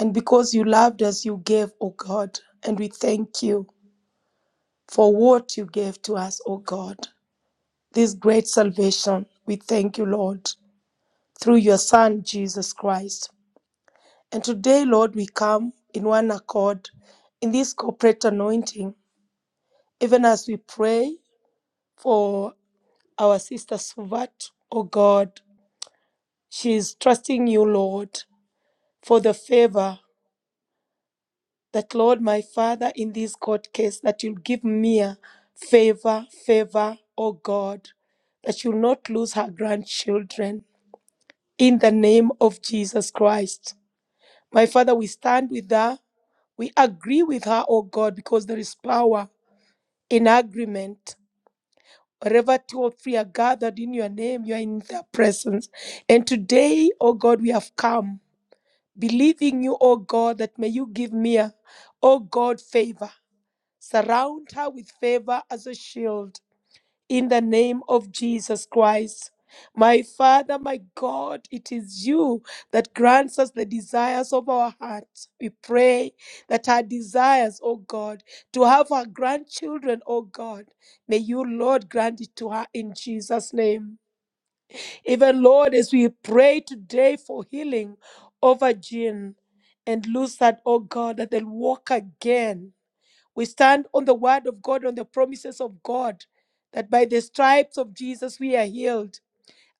[SPEAKER 4] And because you loved us, you gave, O God. And we thank you for what you gave to us, O God. This great salvation, we thank you, Lord, through your Son, Jesus Christ. And today, Lord, we come in one accord in this corporate anointing, even as we pray for our sister Suvat. Oh God, she is trusting you, Lord, for the favor that, Lord, my Father, in this court case, that you'll give me a favor, favor, oh God, that you'll not lose her grandchildren. In the name of Jesus Christ. My Father, we stand with her. We agree with her, oh God, because there is power in agreement. Wherever two or three are gathered in your name, you are in their presence. And today, oh God, we have come believing you, oh God, that may you give me, a, oh God, favor. Surround her with favor as a shield in the name of Jesus Christ. My Father, my God, it is you that grants us the desires of our hearts. We pray that our desires, O God, to have our grandchildren, O God, may you, Lord, grant it to her in Jesus' name. Even, Lord, as we pray today for healing over Jean and Lucid, O God, that they'll walk again we stand on the word of God, on the promises of God, that by the stripes of Jesus we are healed.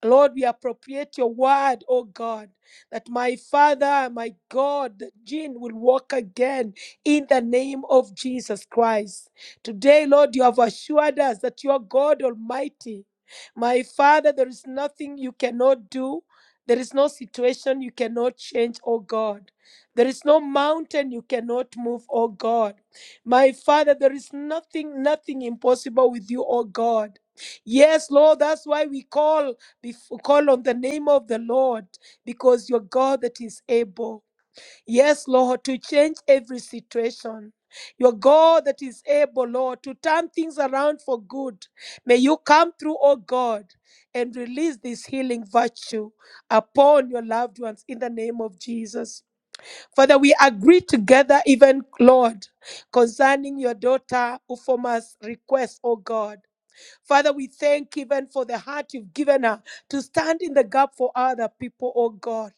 [SPEAKER 4] Lord, we appropriate your word, oh God, that my Father, my God, Jean will walk again in the name of Jesus Christ. Today, Lord, you have assured us that you are God Almighty. My Father, there is nothing you cannot do. There is no situation you cannot change, oh God. There is no mountain you cannot move, oh God. My Father, there is nothing, nothing impossible with you, oh God. Yes, Lord, that's why we call before, call on the name of the Lord because you're God that is able. Yes, Lord, to change every situation. You're God that is able, Lord, to turn things around for good. May you come through, oh God, and release this healing virtue upon your loved ones in the name of Jesus. Father, we agree together, even Lord, concerning your daughter Ufoma's request, oh God. Father, we thank you even for the heart you've given her to stand in the gap for other people, oh God.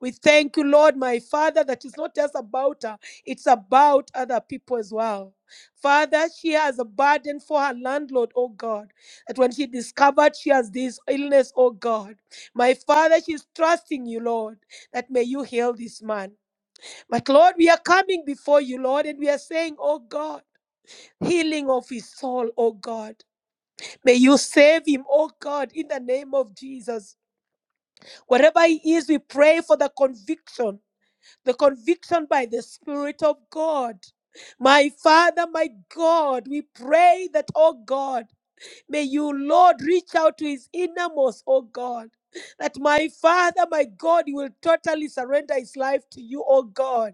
[SPEAKER 4] We thank you, Lord, my Father, that it's not just about her, it's about other people as well. Father, she has a burden for her landlord, oh God, that when she discovered she has this illness, oh God, my Father, she's trusting you, Lord, that may you heal this man. But Lord, we are coming before you, Lord, and we are saying, oh God, healing of his soul, oh God. May you save him, oh God, in the name of Jesus. Wherever he is, we pray for the conviction, the conviction by the Spirit of God. My Father, my God, we pray that, oh God, may you, Lord, reach out to his innermost, oh God. That my Father, my God, he will totally surrender his life to you, oh God.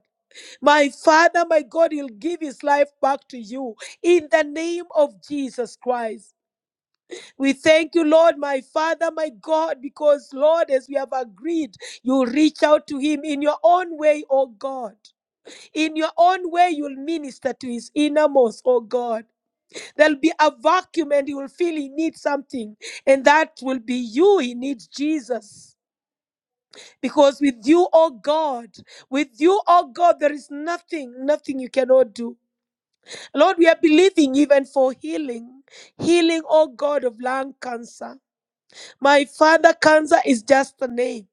[SPEAKER 4] My Father, my God, he'll give his life back to you in the name of Jesus Christ. We thank you, Lord, my Father, my God, because, Lord, as we have agreed, you reach out to him in your own way, oh God. In your own way, you'll minister to his innermost, oh God. There'll be a vacuum and he will feel he needs something, and that will be you. He needs Jesus. Because with you, oh God, with you, oh God, there is nothing, nothing you cannot do. Lord, we are believing even for healing, healing, oh God, of lung cancer. My father, cancer is just a name,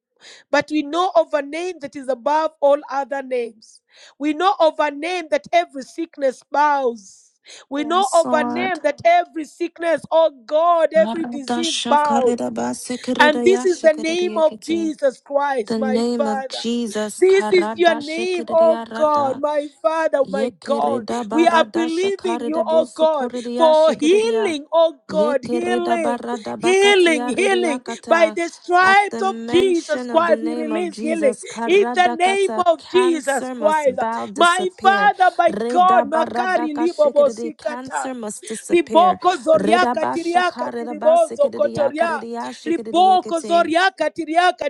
[SPEAKER 4] but we know of a name that is above all other names. We know of a name that every sickness bows. We know
[SPEAKER 3] Yes,
[SPEAKER 4] of a name
[SPEAKER 3] Lord.
[SPEAKER 4] that every sickness, oh God, every disease bows. And this is the name of Jesus Christ,
[SPEAKER 3] The
[SPEAKER 4] my
[SPEAKER 3] name of
[SPEAKER 4] Father.
[SPEAKER 3] Jesus.
[SPEAKER 4] This is your name, oh God, my Father, my God. We are believing you, oh God, for healing, oh God,
[SPEAKER 3] Yekereda
[SPEAKER 4] healing,
[SPEAKER 3] barada
[SPEAKER 4] healing,
[SPEAKER 3] bakatia
[SPEAKER 4] healing. By
[SPEAKER 3] redeyakata.
[SPEAKER 4] the
[SPEAKER 3] At the
[SPEAKER 4] stripes of Jesus
[SPEAKER 3] mention of the
[SPEAKER 4] Christ, we
[SPEAKER 3] name of
[SPEAKER 4] release healing
[SPEAKER 3] Jesus,
[SPEAKER 4] in the name
[SPEAKER 3] karadakata,
[SPEAKER 4] of Jesus
[SPEAKER 3] cancer must
[SPEAKER 4] Christ.
[SPEAKER 3] bow,
[SPEAKER 4] My
[SPEAKER 3] disappear.
[SPEAKER 4] Father, my
[SPEAKER 3] Reda
[SPEAKER 4] God, Makari
[SPEAKER 3] baradaka
[SPEAKER 4] Libobo
[SPEAKER 3] shikididi, cancer
[SPEAKER 4] Sikata
[SPEAKER 3] must disappear.
[SPEAKER 4] riboko
[SPEAKER 3] Reda
[SPEAKER 4] zoriaka tiriaka
[SPEAKER 3] bashaka, reda
[SPEAKER 4] tiribozo
[SPEAKER 3] basikididi,
[SPEAKER 4] kotoria
[SPEAKER 3] yakarediya,
[SPEAKER 4] riboko
[SPEAKER 3] shikididi,
[SPEAKER 4] zoriaka tiriaka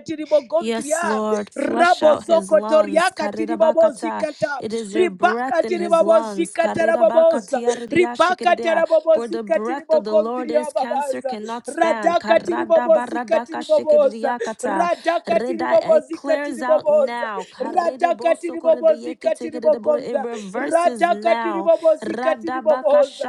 [SPEAKER 3] Yes,
[SPEAKER 4] tiribogondria
[SPEAKER 3] Lord, flush out his
[SPEAKER 4] rabozoko
[SPEAKER 3] lungs.
[SPEAKER 4] toriaka
[SPEAKER 3] Karirabakata.
[SPEAKER 4] tiribobozikata
[SPEAKER 3] It is your
[SPEAKER 4] ribaka
[SPEAKER 3] breath in his lungs.
[SPEAKER 4] tiribobozikata raboboza ribaka
[SPEAKER 3] Karirabakatiaridiashikiridia. Where the
[SPEAKER 4] tarabobozika
[SPEAKER 3] breath of the Lord
[SPEAKER 4] tiribogondria
[SPEAKER 3] is, cancer
[SPEAKER 4] babaza
[SPEAKER 3] cannot stand.
[SPEAKER 4] radaka tiribobozika tiriboboza
[SPEAKER 3] Karadabaradakashikiridiakata.
[SPEAKER 4] radaka
[SPEAKER 3] Reda- It
[SPEAKER 4] tiribobozika
[SPEAKER 3] clears out
[SPEAKER 4] tiriboboza
[SPEAKER 3] now.
[SPEAKER 4] radaka tiribobozika
[SPEAKER 3] Karidebosokoridiyekitikidibor- It
[SPEAKER 4] tiribogonda
[SPEAKER 3] reverses
[SPEAKER 4] radaka
[SPEAKER 3] now.
[SPEAKER 4] tiribobozika tiriboboza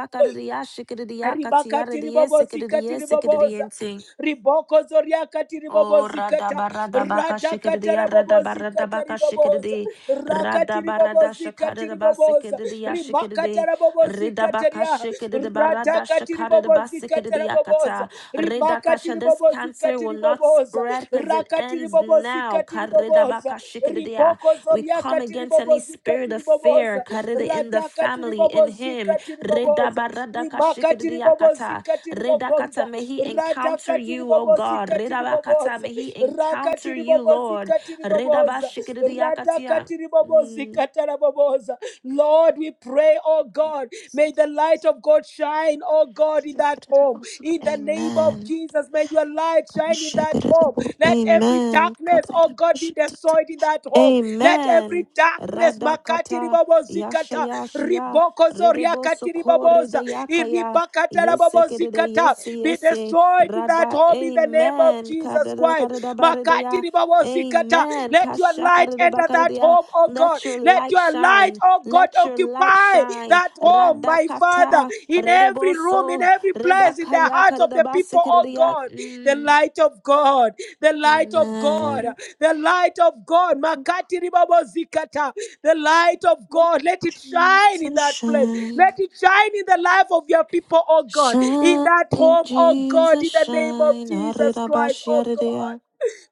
[SPEAKER 4] Ribakati ribobozikati riboboza. Riboko zoriakati
[SPEAKER 3] Oh, rada
[SPEAKER 4] ribobozikata.
[SPEAKER 3] barada baka shikidi
[SPEAKER 4] Radakata
[SPEAKER 3] ya rada barada
[SPEAKER 4] rabobozikata
[SPEAKER 3] baka
[SPEAKER 4] riboboza
[SPEAKER 3] shikidi rada
[SPEAKER 4] rakatiri
[SPEAKER 3] barada
[SPEAKER 4] bobozika
[SPEAKER 3] shakada the
[SPEAKER 4] tiri boboza
[SPEAKER 3] basikidi yashikidi
[SPEAKER 4] rimakatara
[SPEAKER 3] rida
[SPEAKER 4] bobozika
[SPEAKER 3] baka
[SPEAKER 4] teria
[SPEAKER 3] shikidi di barada
[SPEAKER 4] radhakatiri
[SPEAKER 3] shakada the
[SPEAKER 4] bobozika
[SPEAKER 3] basikidi di
[SPEAKER 4] tara boboza
[SPEAKER 3] yakata rida kasha.
[SPEAKER 4] rimakatiri
[SPEAKER 3] This
[SPEAKER 4] bobozika
[SPEAKER 3] cancer will
[SPEAKER 4] tiri
[SPEAKER 3] not
[SPEAKER 4] boboza
[SPEAKER 3] spread because it
[SPEAKER 4] rakatiri
[SPEAKER 3] ends now.
[SPEAKER 4] bobozika tiri
[SPEAKER 3] Karida
[SPEAKER 4] boboza
[SPEAKER 3] baka shikidi di ya.
[SPEAKER 4] riboko
[SPEAKER 3] We come
[SPEAKER 4] zoriaka tiri
[SPEAKER 3] against any
[SPEAKER 4] bobozika
[SPEAKER 3] spirit
[SPEAKER 4] tiri
[SPEAKER 3] of fear
[SPEAKER 4] boboza
[SPEAKER 3] karida in the
[SPEAKER 4] radhakatiri
[SPEAKER 3] family in him.
[SPEAKER 4] bobozika tiri
[SPEAKER 3] Rida
[SPEAKER 4] boboza
[SPEAKER 3] barada kashikidi di
[SPEAKER 4] rimakatiri
[SPEAKER 3] yakata.
[SPEAKER 4] bobozika tiri
[SPEAKER 3] Redakata,
[SPEAKER 4] bogonza
[SPEAKER 3] may he encounter
[SPEAKER 4] radhakatiri
[SPEAKER 3] you, O God.
[SPEAKER 4] bobozika tiri
[SPEAKER 3] Redabakata,
[SPEAKER 4] boboza
[SPEAKER 3] may he encounter
[SPEAKER 4] rakatiri
[SPEAKER 3] you,
[SPEAKER 4] bobozi
[SPEAKER 3] Lord.
[SPEAKER 4] katiri katiriboboza. Rada
[SPEAKER 3] Redabashikiridiakatia.
[SPEAKER 4] katiribobozi
[SPEAKER 3] Mm.
[SPEAKER 4] kataraboboza. Lord, we pray, oh God, may the light of God shine, oh God, in that home. In the name of
[SPEAKER 3] Amen.
[SPEAKER 4] Jesus, may your light shine in that home. Let every
[SPEAKER 3] Amen.
[SPEAKER 4] darkness, oh God, be destroyed in that home. Let every
[SPEAKER 3] Amen.
[SPEAKER 4] darkness, makati
[SPEAKER 3] Radakata
[SPEAKER 4] ribobozikata,
[SPEAKER 3] yashayashia
[SPEAKER 4] riboko
[SPEAKER 3] redebo
[SPEAKER 4] zoriakati
[SPEAKER 3] sokore
[SPEAKER 4] riboboza,
[SPEAKER 3] dayakaya
[SPEAKER 4] iribakata
[SPEAKER 3] yesekedede
[SPEAKER 4] rabobozikata,
[SPEAKER 3] yese
[SPEAKER 4] be
[SPEAKER 3] yese
[SPEAKER 4] destroyed in that
[SPEAKER 3] rada
[SPEAKER 4] home in the name of
[SPEAKER 3] amen
[SPEAKER 4] Jesus
[SPEAKER 3] kadada
[SPEAKER 4] Christ.
[SPEAKER 3] kadada
[SPEAKER 4] Makati
[SPEAKER 3] baredaya
[SPEAKER 4] ribawo zikata.
[SPEAKER 3] amen
[SPEAKER 4] Let your
[SPEAKER 3] kasha
[SPEAKER 4] light
[SPEAKER 3] kadada
[SPEAKER 4] enter that
[SPEAKER 3] bakaredaya
[SPEAKER 4] home, oh God.
[SPEAKER 3] let your
[SPEAKER 4] Let
[SPEAKER 3] light
[SPEAKER 4] your light,
[SPEAKER 3] shine
[SPEAKER 4] oh God,
[SPEAKER 3] let your light
[SPEAKER 4] occupy
[SPEAKER 3] shine
[SPEAKER 4] that home, my Father,
[SPEAKER 3] radakata
[SPEAKER 4] in
[SPEAKER 3] redebo
[SPEAKER 4] every room, in
[SPEAKER 3] so
[SPEAKER 4] every place, in the
[SPEAKER 3] redakaya
[SPEAKER 4] hearts of
[SPEAKER 3] kadada
[SPEAKER 4] the people, oh
[SPEAKER 3] basekedaya
[SPEAKER 4] God. The
[SPEAKER 3] mm.
[SPEAKER 4] light of God, the light of God,
[SPEAKER 3] amen
[SPEAKER 4] the light of God. Makati ribawo zikata. The light of God. Let it shine in
[SPEAKER 3] Jesus
[SPEAKER 4] that place.
[SPEAKER 3] shine
[SPEAKER 4] Let it shine in the life of your people, oh God. In
[SPEAKER 3] Shine,
[SPEAKER 4] that home, oh God,
[SPEAKER 3] Jesus,
[SPEAKER 4] in the name of
[SPEAKER 3] shine.
[SPEAKER 4] Jesus Christ, oh God.
[SPEAKER 3] Arirabashiaridea.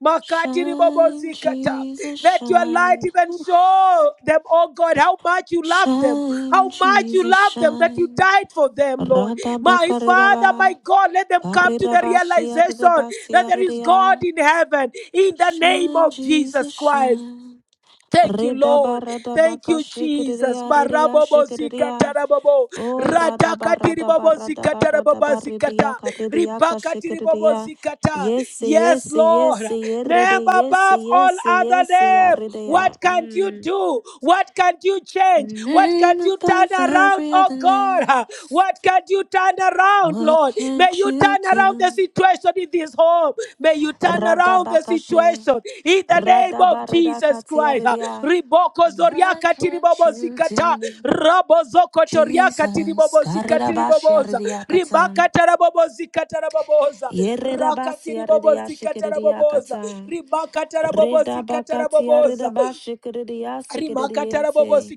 [SPEAKER 4] Makatiri bobo
[SPEAKER 3] Shine,
[SPEAKER 4] zikata.
[SPEAKER 3] Jesus,
[SPEAKER 4] Let your light
[SPEAKER 3] shine.
[SPEAKER 4] even
[SPEAKER 3] Ooh.
[SPEAKER 4] show them, oh God, how much you love them,
[SPEAKER 3] Shine,
[SPEAKER 4] how much you
[SPEAKER 3] Jesus,
[SPEAKER 4] love them, that you
[SPEAKER 3] shine.
[SPEAKER 4] died for them, Lord. My Father, my
[SPEAKER 3] Radabakaridaba.
[SPEAKER 4] God, let them come to the realization that there is God
[SPEAKER 3] Karidabashiaridabasiaridea.
[SPEAKER 4] in heaven in the name
[SPEAKER 3] Shine,
[SPEAKER 4] of Jesus
[SPEAKER 3] Jesus,
[SPEAKER 4] Christ.
[SPEAKER 3] shine.
[SPEAKER 4] Thank you, Lord. Thank you, Jesus. Marabobo
[SPEAKER 3] Redabaradabakashikiridia,
[SPEAKER 4] zikatarabobo.
[SPEAKER 3] Oh, rada ba rada ba
[SPEAKER 4] Radakatiribobo
[SPEAKER 3] rada ba rada
[SPEAKER 4] zikatarababa
[SPEAKER 3] ba ridiya
[SPEAKER 4] zikata.
[SPEAKER 3] ka
[SPEAKER 4] Ribakatiribobo zikata.
[SPEAKER 3] ridiya ka
[SPEAKER 4] Ribakati ribobo
[SPEAKER 3] shikridiya.
[SPEAKER 4] zikata.
[SPEAKER 3] Yes,
[SPEAKER 4] Yes,
[SPEAKER 3] yes, yes,
[SPEAKER 4] Lord.
[SPEAKER 3] yeride,
[SPEAKER 4] Name
[SPEAKER 3] yes,
[SPEAKER 4] above all
[SPEAKER 3] yes,
[SPEAKER 4] other
[SPEAKER 3] yes,
[SPEAKER 4] name.
[SPEAKER 3] yaridiya.
[SPEAKER 4] What can you
[SPEAKER 3] Mm.
[SPEAKER 4] do? What can you change? What can
[SPEAKER 3] Name
[SPEAKER 4] you turn
[SPEAKER 3] above
[SPEAKER 4] around,
[SPEAKER 3] every
[SPEAKER 4] oh
[SPEAKER 3] other
[SPEAKER 4] oh God,
[SPEAKER 3] name.
[SPEAKER 4] uh, what can you turn around,
[SPEAKER 3] What
[SPEAKER 4] Lord? May
[SPEAKER 3] can't
[SPEAKER 4] you
[SPEAKER 3] you
[SPEAKER 4] turn around the
[SPEAKER 3] do?
[SPEAKER 4] situation in this home. May you turn
[SPEAKER 3] Rada
[SPEAKER 4] around
[SPEAKER 3] ba
[SPEAKER 4] the
[SPEAKER 3] she,
[SPEAKER 4] situation in the name
[SPEAKER 3] rada ba
[SPEAKER 4] of
[SPEAKER 3] rada ka
[SPEAKER 4] Jesus Christ. uh,
[SPEAKER 3] tiaridiya.
[SPEAKER 4] Riboko
[SPEAKER 3] What
[SPEAKER 4] zoriaka
[SPEAKER 3] can't
[SPEAKER 4] tiribobo
[SPEAKER 3] you
[SPEAKER 4] zikata,
[SPEAKER 3] do?
[SPEAKER 4] rabo zoko toriaka
[SPEAKER 3] Jesus,
[SPEAKER 4] tiribobo
[SPEAKER 3] karida ba
[SPEAKER 4] zikatiriboboza,
[SPEAKER 3] shiaridiya
[SPEAKER 4] ribaka
[SPEAKER 3] katan.
[SPEAKER 4] tarabobo zikataraboboza,
[SPEAKER 3] Yererabasi
[SPEAKER 4] rakatiribobo zikataraboboza,
[SPEAKER 3] aridiashikiridiakata.
[SPEAKER 4] ribaka tarabobo
[SPEAKER 3] Redabakati
[SPEAKER 4] zikataraboboza.
[SPEAKER 3] aridabashikiridiasikiridiente.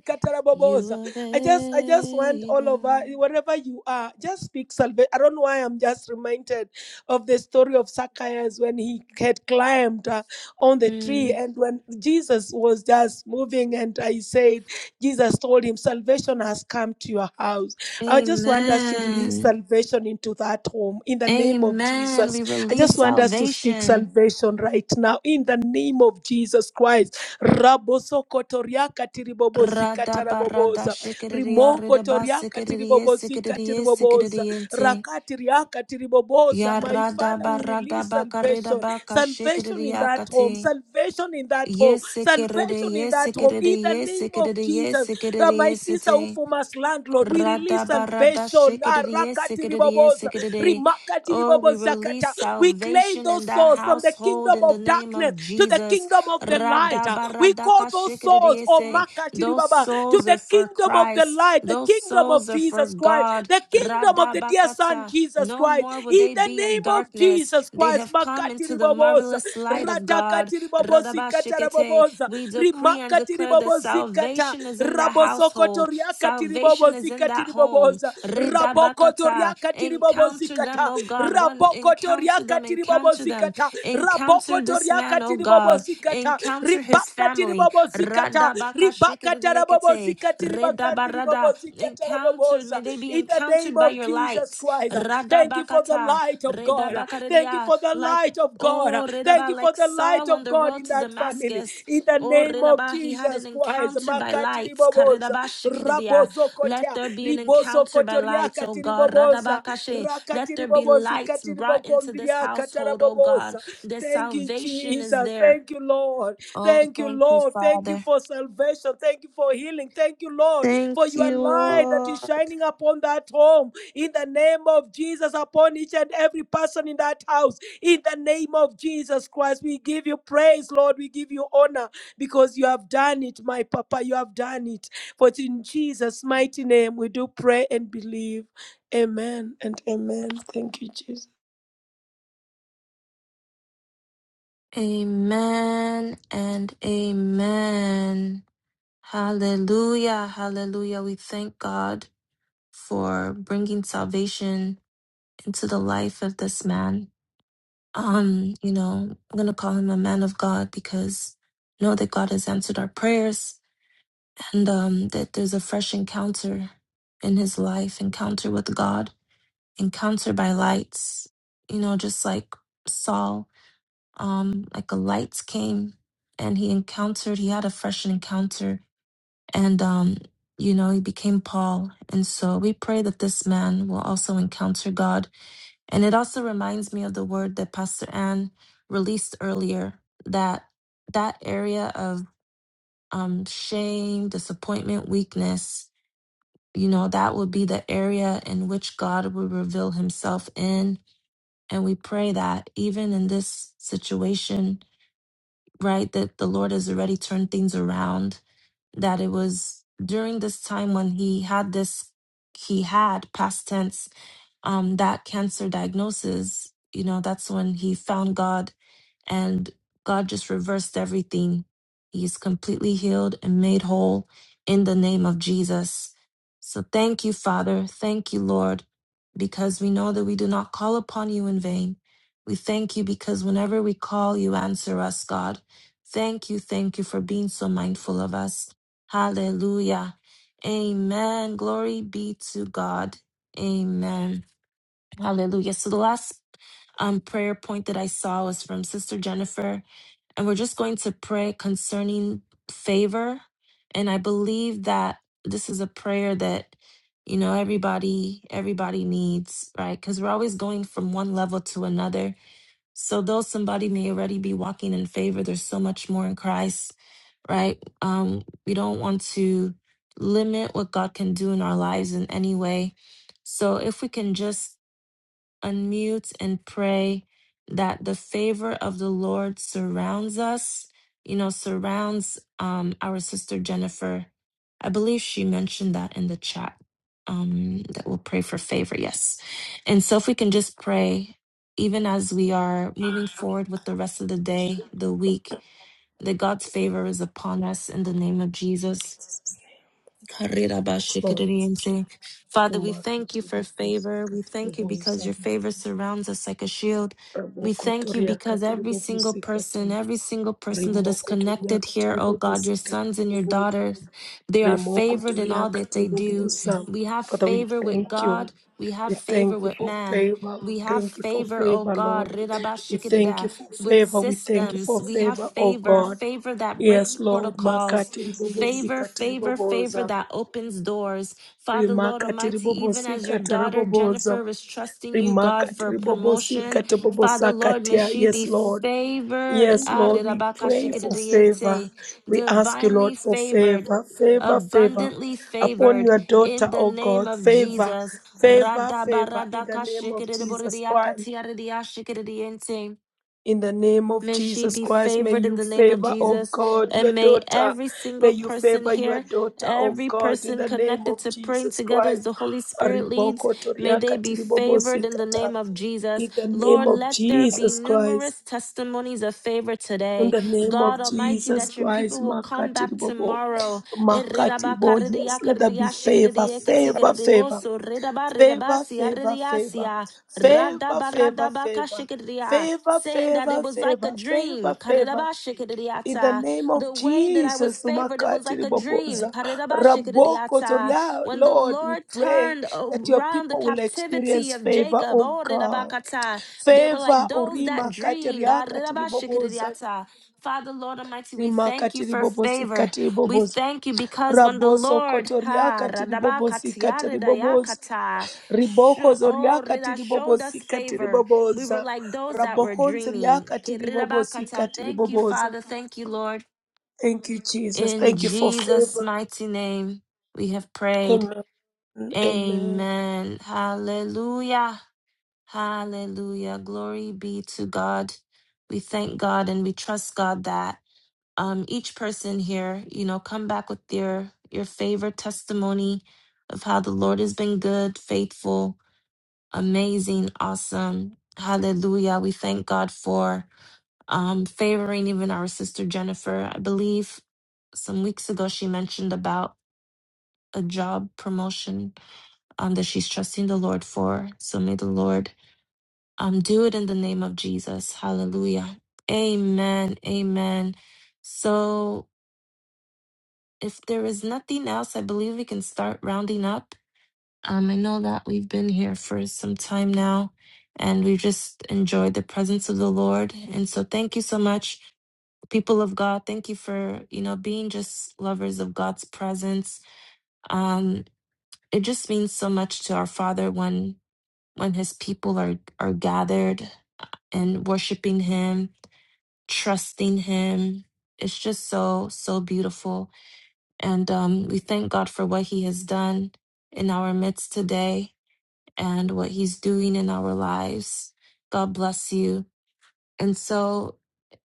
[SPEAKER 3] You are
[SPEAKER 4] I just I just want all of us,
[SPEAKER 3] able.
[SPEAKER 4] wherever you are, just speak salvation. I don't know why I'm just reminded of the story of Zacchaeus when he had climbed uh, on the tree
[SPEAKER 3] Mm.
[SPEAKER 4] and when Jesus was just moving and I said, Jesus told him, Salvation has come to your house. I just want us to release
[SPEAKER 3] Amen.
[SPEAKER 4] salvation into that home in the name of
[SPEAKER 3] Amen. We
[SPEAKER 4] Jesus. I
[SPEAKER 3] release
[SPEAKER 4] just want us to speak
[SPEAKER 3] salvation.
[SPEAKER 4] salvation right now in the name of Jesus Christ. Rabosokotoriaka tiribobozika taraboboza. Rimokotoriaka tiribobozika tiriboboza. Rakatiriaka tiriboboza. My
[SPEAKER 3] Yarada
[SPEAKER 4] Father, we
[SPEAKER 3] barada
[SPEAKER 4] release
[SPEAKER 3] baka rida
[SPEAKER 4] salvation
[SPEAKER 3] baka
[SPEAKER 4] salvation in that home,
[SPEAKER 3] shikiriakati.
[SPEAKER 4] salvation in that home,
[SPEAKER 3] Yes, it
[SPEAKER 4] salvation in
[SPEAKER 3] yes,
[SPEAKER 4] that
[SPEAKER 3] it
[SPEAKER 4] home, in the
[SPEAKER 3] yes,
[SPEAKER 4] name
[SPEAKER 3] it
[SPEAKER 4] of Jesus.
[SPEAKER 3] yes, it
[SPEAKER 4] Uh, My
[SPEAKER 3] yes,
[SPEAKER 4] sister
[SPEAKER 3] it.
[SPEAKER 4] Umas landlord. We release
[SPEAKER 3] Radabarada
[SPEAKER 4] salvation.
[SPEAKER 3] shikadidie, sikadidie, sikadidie. Oh, we release
[SPEAKER 4] We claim
[SPEAKER 3] salvation in
[SPEAKER 4] those
[SPEAKER 3] that
[SPEAKER 4] souls from the
[SPEAKER 3] household
[SPEAKER 4] kingdom
[SPEAKER 3] in the
[SPEAKER 4] of
[SPEAKER 3] name
[SPEAKER 4] darkness
[SPEAKER 3] of
[SPEAKER 4] to the
[SPEAKER 3] Jesus.
[SPEAKER 4] kingdom of the light. Uh, We call
[SPEAKER 3] Radabaradaka
[SPEAKER 4] those souls,
[SPEAKER 3] shikadidie
[SPEAKER 4] oh
[SPEAKER 3] se.
[SPEAKER 4] makati
[SPEAKER 3] Those
[SPEAKER 4] ribaba, to
[SPEAKER 3] souls are
[SPEAKER 4] the
[SPEAKER 3] for
[SPEAKER 4] kingdom of the
[SPEAKER 3] Christ.
[SPEAKER 4] light, the
[SPEAKER 3] Those
[SPEAKER 4] kingdom
[SPEAKER 3] souls
[SPEAKER 4] of
[SPEAKER 3] are for
[SPEAKER 4] Jesus Christ,
[SPEAKER 3] God.
[SPEAKER 4] the kingdom of the dear Son
[SPEAKER 3] Radabakata.
[SPEAKER 4] Jesus
[SPEAKER 3] No
[SPEAKER 4] Christ.
[SPEAKER 3] more will
[SPEAKER 4] In
[SPEAKER 3] they
[SPEAKER 4] the
[SPEAKER 3] be in
[SPEAKER 4] name of
[SPEAKER 3] darkness.
[SPEAKER 4] Jesus
[SPEAKER 3] They
[SPEAKER 4] Christ,
[SPEAKER 3] have come
[SPEAKER 4] makati
[SPEAKER 3] into the
[SPEAKER 4] riboboza,
[SPEAKER 3] marvelous light of God.
[SPEAKER 4] radakati ribobosi kata
[SPEAKER 3] Radabashikete.
[SPEAKER 4] riboboza,
[SPEAKER 3] We decree and
[SPEAKER 4] rimakati
[SPEAKER 3] declare that
[SPEAKER 4] ribobosi
[SPEAKER 3] salvation is
[SPEAKER 4] kata.
[SPEAKER 3] in that
[SPEAKER 4] Rabosoko
[SPEAKER 3] household.
[SPEAKER 4] toriaka
[SPEAKER 3] Salvation is in
[SPEAKER 4] tiribobozika
[SPEAKER 3] that home.
[SPEAKER 4] tiriboboza
[SPEAKER 3] Redabakata.
[SPEAKER 4] rabokotoriaka
[SPEAKER 3] Encounter them,
[SPEAKER 4] tiribobozikata
[SPEAKER 3] oh God. One
[SPEAKER 4] Raboko
[SPEAKER 3] encounter
[SPEAKER 4] toriaka
[SPEAKER 3] them, encounter them.
[SPEAKER 4] tiribobozikata
[SPEAKER 3] Encounter this
[SPEAKER 4] rabokotoriaka
[SPEAKER 3] man, oh God.
[SPEAKER 4] tiribobozikata
[SPEAKER 3] Encounter his
[SPEAKER 4] ribaka
[SPEAKER 3] family.
[SPEAKER 4] tiribobozikata ribaka
[SPEAKER 3] Radabakashikiridiekete.
[SPEAKER 4] tarabobozika tiribagandi
[SPEAKER 3] Redabarada.
[SPEAKER 4] ribobozika
[SPEAKER 3] Encountered. May
[SPEAKER 4] taraboboza
[SPEAKER 3] they be
[SPEAKER 4] in the name
[SPEAKER 3] encountered by
[SPEAKER 4] of
[SPEAKER 3] your
[SPEAKER 4] Jesus
[SPEAKER 3] light.
[SPEAKER 4] Christ thank you for the
[SPEAKER 3] Radabakata.
[SPEAKER 4] light of God thank you
[SPEAKER 3] Redabakaridia.
[SPEAKER 4] for the
[SPEAKER 3] Like
[SPEAKER 4] light of God
[SPEAKER 3] Oh,
[SPEAKER 4] thank
[SPEAKER 3] Redaba,
[SPEAKER 4] you for
[SPEAKER 3] like
[SPEAKER 4] the light
[SPEAKER 3] Saul on
[SPEAKER 4] of
[SPEAKER 3] the
[SPEAKER 4] God
[SPEAKER 3] road
[SPEAKER 4] in
[SPEAKER 3] to
[SPEAKER 4] that family
[SPEAKER 3] Damascus,
[SPEAKER 4] in the
[SPEAKER 3] Oh,
[SPEAKER 4] name of
[SPEAKER 3] Ridaba, he had
[SPEAKER 4] Jesus
[SPEAKER 3] an
[SPEAKER 4] Jesus Christ.
[SPEAKER 3] encounter by
[SPEAKER 4] Makati
[SPEAKER 3] lights.
[SPEAKER 4] ribobosa.
[SPEAKER 3] Karidaba shikiridia. Let
[SPEAKER 4] Rabozokotea.
[SPEAKER 3] there be an encounter by lights,
[SPEAKER 4] Ribosokotoriaka
[SPEAKER 3] oh God. Radaba
[SPEAKER 4] tiribobosa.
[SPEAKER 3] kashe. Let
[SPEAKER 4] Rakati
[SPEAKER 3] there be
[SPEAKER 4] ribobosi
[SPEAKER 3] lights brought into this
[SPEAKER 4] katiribokondriaka
[SPEAKER 3] household, oh God.
[SPEAKER 4] tarabobosa.
[SPEAKER 3] The
[SPEAKER 4] Thank you,
[SPEAKER 3] salvation is
[SPEAKER 4] Jesus.
[SPEAKER 3] there.
[SPEAKER 4] Thank you, Lord.
[SPEAKER 3] Oh,
[SPEAKER 4] Thank you,
[SPEAKER 3] thank you,
[SPEAKER 4] Lord. Thank you
[SPEAKER 3] Father.
[SPEAKER 4] for salvation. Thank you for healing. Thank you, Lord,
[SPEAKER 3] Thank
[SPEAKER 4] for your
[SPEAKER 3] you,
[SPEAKER 4] light that is
[SPEAKER 3] Lord.
[SPEAKER 4] shining upon that home. In the name of Jesus, upon each and every person in that house. In the name of Jesus Christ, we give you praise, Lord. We give you honor because you have done it, my Papa. You have done it. For it's in Jesus' mighty name we do pray and believe. Amen and amen. Thank you, Jesus.
[SPEAKER 3] Amen and amen. Hallelujah. Hallelujah. We thank God for bringing salvation into the life of this man. Um, you know, I'm gonna call him a man of God because I know that God has answered our prayers and um that there's a fresh encounter in his life, encounter with God, encounter by lights, you know, just like Saul, um, like a lights came and he encountered, he had a fresh encounter and um, you know, he became Paul. And so we pray that this man will also encounter God and it also reminds me of the word that Pastor Ann released earlier that that area of um, shame, disappointment, weakness, you know, that would be the area in which God would reveal himself in. And we pray that even in this situation, right, that the Lord has already turned things around that it was during this time when he had this, he had past tense, um, that cancer diagnosis. You know, that's when he found God and God just reversed everything. He is completely healed and made whole in the name of Jesus. So thank you, Father. Thank you, Lord, because we know that we do not call upon you in vain. We thank you because whenever we call, you answer us, God. Thank you, thank you for being so mindful of us. Hallelujah. Amen. Glory be to God. Amen. Hallelujah. So the last um, prayer point that I saw was from Sister Jennifer and we're just going to pray concerning favor. And I believe that this is a prayer that you know everybody everybody needs, right? Because we're always going from one level to another. So though somebody may already be walking in favor, there's so much more in Christ, right? Um, we don't want to limit what God can do in our lives in any way. So if we can just unmute and pray that the favor of the Lord surrounds us, you know, surrounds um, our sister Jennifer. I believe she mentioned that in the chat. Um, that we'll pray for favor, yes. And so, if we can just pray, even as we are moving forward with the rest of the day, the week, that God's favor is upon us in the name of Jesus
[SPEAKER 4] Lord,
[SPEAKER 3] Karirabashikiriyense. Father, we thank you for
[SPEAKER 4] umakatile
[SPEAKER 3] favor. We
[SPEAKER 4] busikatile
[SPEAKER 3] thank you because
[SPEAKER 4] buza,
[SPEAKER 3] your favor surrounds us like a shield. We thank you
[SPEAKER 4] rabokotoria
[SPEAKER 3] because
[SPEAKER 4] katile
[SPEAKER 3] every single person,
[SPEAKER 4] bubusikata,
[SPEAKER 3] every single person that is
[SPEAKER 4] rimokotoria
[SPEAKER 3] connected here,
[SPEAKER 4] katile
[SPEAKER 3] oh God, your
[SPEAKER 4] bubusikatile
[SPEAKER 3] sons and your
[SPEAKER 4] bubuza,
[SPEAKER 3] daughters, they are favored in
[SPEAKER 4] rimokotoria
[SPEAKER 3] all that
[SPEAKER 4] katile
[SPEAKER 3] they do.
[SPEAKER 4] bubuza.
[SPEAKER 3] We have
[SPEAKER 4] Father, we
[SPEAKER 3] favor with
[SPEAKER 4] thank you.
[SPEAKER 3] God. We have
[SPEAKER 4] We
[SPEAKER 3] favor
[SPEAKER 4] thank you
[SPEAKER 3] with
[SPEAKER 4] for
[SPEAKER 3] man.
[SPEAKER 4] favor.
[SPEAKER 3] We have
[SPEAKER 4] Thank you for
[SPEAKER 3] favor, oh
[SPEAKER 4] favor,
[SPEAKER 3] God,
[SPEAKER 4] Lord. We thank
[SPEAKER 3] rirabashikirida,
[SPEAKER 4] you for
[SPEAKER 3] with
[SPEAKER 4] favor. We thank you
[SPEAKER 3] systems.
[SPEAKER 4] for
[SPEAKER 3] We have
[SPEAKER 4] favor, oh
[SPEAKER 3] favor,
[SPEAKER 4] God.
[SPEAKER 3] favor that breaks
[SPEAKER 4] Yes, Lord.
[SPEAKER 3] protocols,
[SPEAKER 4] Makati
[SPEAKER 3] Favor,
[SPEAKER 4] ribobosika
[SPEAKER 3] favor, favor
[SPEAKER 4] tiriboboza.
[SPEAKER 3] that opens doors. Father, Lord
[SPEAKER 4] Rimaka
[SPEAKER 3] Almighty, even as your
[SPEAKER 4] tiribobosika
[SPEAKER 3] daughter
[SPEAKER 4] taraboboza.
[SPEAKER 3] Jennifer is trusting you, God,
[SPEAKER 4] Rimaka
[SPEAKER 3] for
[SPEAKER 4] tiribobosika
[SPEAKER 3] promotion, Father, Lord, may
[SPEAKER 4] tabobosakatia.
[SPEAKER 3] she be
[SPEAKER 4] Yes, Lord.
[SPEAKER 3] favored.
[SPEAKER 4] Yes,
[SPEAKER 3] Ah,
[SPEAKER 4] Lord, we pray for favor.
[SPEAKER 3] re-ra-ba-ka-shi-ki-di-di-yente.
[SPEAKER 4] We ask you, Lord,
[SPEAKER 3] Divinely
[SPEAKER 4] for
[SPEAKER 3] favored.
[SPEAKER 4] favor, favor, favor
[SPEAKER 3] Abundantly
[SPEAKER 4] upon
[SPEAKER 3] favored
[SPEAKER 4] your
[SPEAKER 3] in
[SPEAKER 4] daughter,
[SPEAKER 3] the
[SPEAKER 4] oh
[SPEAKER 3] name
[SPEAKER 4] God.
[SPEAKER 3] of
[SPEAKER 4] Favor,
[SPEAKER 3] Jesus.
[SPEAKER 4] favor, favor in the name of Jesus Christ.
[SPEAKER 3] Radabaradakashikidiboridiakatiaridiashikidiyente.
[SPEAKER 4] In the name of
[SPEAKER 3] May she
[SPEAKER 4] Jesus
[SPEAKER 3] be
[SPEAKER 4] Christ, may
[SPEAKER 3] favored in
[SPEAKER 4] you
[SPEAKER 3] the name of
[SPEAKER 4] favor, oh
[SPEAKER 3] Jesus.
[SPEAKER 4] God, your
[SPEAKER 3] And may
[SPEAKER 4] daughter.
[SPEAKER 3] every
[SPEAKER 4] May
[SPEAKER 3] single
[SPEAKER 4] you
[SPEAKER 3] person
[SPEAKER 4] favor your
[SPEAKER 3] here,
[SPEAKER 4] daughter, oh
[SPEAKER 3] every
[SPEAKER 4] God, in
[SPEAKER 3] person
[SPEAKER 4] the name
[SPEAKER 3] connected
[SPEAKER 4] of
[SPEAKER 3] to praying
[SPEAKER 4] Jesus
[SPEAKER 3] together as
[SPEAKER 4] Christ.
[SPEAKER 3] the Holy Spirit leads,
[SPEAKER 4] Riboko
[SPEAKER 3] may they
[SPEAKER 4] toriaka
[SPEAKER 3] be favored in the
[SPEAKER 4] tiribobosikata.
[SPEAKER 3] name of Jesus.
[SPEAKER 4] In the name
[SPEAKER 3] Lord,
[SPEAKER 4] of
[SPEAKER 3] let there be
[SPEAKER 4] Jesus Christ.
[SPEAKER 3] numerous testimonies of favor
[SPEAKER 4] In
[SPEAKER 3] today.
[SPEAKER 4] the name
[SPEAKER 3] God
[SPEAKER 4] of
[SPEAKER 3] Almighty,
[SPEAKER 4] Jesus
[SPEAKER 3] that your people
[SPEAKER 4] Christ,
[SPEAKER 3] will come
[SPEAKER 4] Makati
[SPEAKER 3] back
[SPEAKER 4] Bobo.
[SPEAKER 3] tomorrow.
[SPEAKER 4] Makati Bo, yes, let there be favor, favor, favor, favor, favor, favor, favor, favor, favor,
[SPEAKER 3] Radabaradabakashikadiya,
[SPEAKER 4] favor,
[SPEAKER 3] saying that it
[SPEAKER 4] favor,
[SPEAKER 3] was like a
[SPEAKER 4] favor,
[SPEAKER 3] dream.
[SPEAKER 4] favor, favor. In the
[SPEAKER 3] Karirabashikadiyata.
[SPEAKER 4] name of
[SPEAKER 3] The way that I was
[SPEAKER 4] Jesus,
[SPEAKER 3] favored, it was
[SPEAKER 4] Umakati
[SPEAKER 3] like a dream.
[SPEAKER 4] Riboboza, Raboko
[SPEAKER 3] Karirabashikadiyata.
[SPEAKER 4] Zoria,
[SPEAKER 3] When the
[SPEAKER 4] Lord, we
[SPEAKER 3] Lord
[SPEAKER 4] pray
[SPEAKER 3] turned
[SPEAKER 4] that your
[SPEAKER 3] around the
[SPEAKER 4] people will
[SPEAKER 3] captivity
[SPEAKER 4] experience
[SPEAKER 3] of
[SPEAKER 4] favor,
[SPEAKER 3] Jacob,
[SPEAKER 4] oh God.
[SPEAKER 3] Orirabakata, they were
[SPEAKER 4] Favor,
[SPEAKER 3] like those that
[SPEAKER 4] Urima
[SPEAKER 3] dreamed.
[SPEAKER 4] Katiria Katiriboboza,
[SPEAKER 3] Arirabashikadiyata. Father, Lord Almighty, we
[SPEAKER 4] Rima
[SPEAKER 3] thank you for
[SPEAKER 4] Katiribobosi
[SPEAKER 3] favor. We
[SPEAKER 4] Katiriboboza,
[SPEAKER 3] thank you because when the
[SPEAKER 4] Raboso
[SPEAKER 3] Lord,
[SPEAKER 4] Kotoria
[SPEAKER 3] ha,
[SPEAKER 4] Katiribobosi Katiriboboza,
[SPEAKER 3] radabakatiyaridayakata,
[SPEAKER 4] Riboko
[SPEAKER 3] Sho-
[SPEAKER 4] Zoria
[SPEAKER 3] Oh, Rida showed us
[SPEAKER 4] Katiribobosi
[SPEAKER 3] favor. We were
[SPEAKER 4] Katiriboboza,
[SPEAKER 3] like those that were
[SPEAKER 4] Rabokon Zoria
[SPEAKER 3] dreaming.
[SPEAKER 4] Katiribobosi
[SPEAKER 3] Kirirabakata. Thank you,
[SPEAKER 4] Katiriboboza.
[SPEAKER 3] Father. Thank you, Lord.
[SPEAKER 4] Thank you, Jesus.
[SPEAKER 3] In
[SPEAKER 4] Thank you for
[SPEAKER 3] Jesus'
[SPEAKER 4] favor.
[SPEAKER 3] mighty name, we have prayed.
[SPEAKER 4] Amen. Amen.
[SPEAKER 3] Amen. Hallelujah. Hallelujah. Glory be to God. We thank God and we trust God that um, each person here, you know, come back with their your favorite testimony of how the Lord has been good, faithful, amazing, awesome. Hallelujah. We thank God for um, favoring even our sister Jennifer. I believe some weeks ago she mentioned about a job promotion um, that she's trusting the Lord for. So may the Lord um, do it in the name of Jesus. Hallelujah. Amen. Amen. So if there is nothing else, I believe we can start rounding up. Um, I know that we've been here for some time now and we've just enjoyed the presence of the Lord. And so thank you so much, people of God. Thank you for, you know, being just lovers of God's presence. Um, it just means so much to our Father when when his people are are gathered and worshiping him, trusting him. It's just so, so beautiful. And um, we thank God for what he has done in our midst today and what he's doing in our lives. God bless you. And so,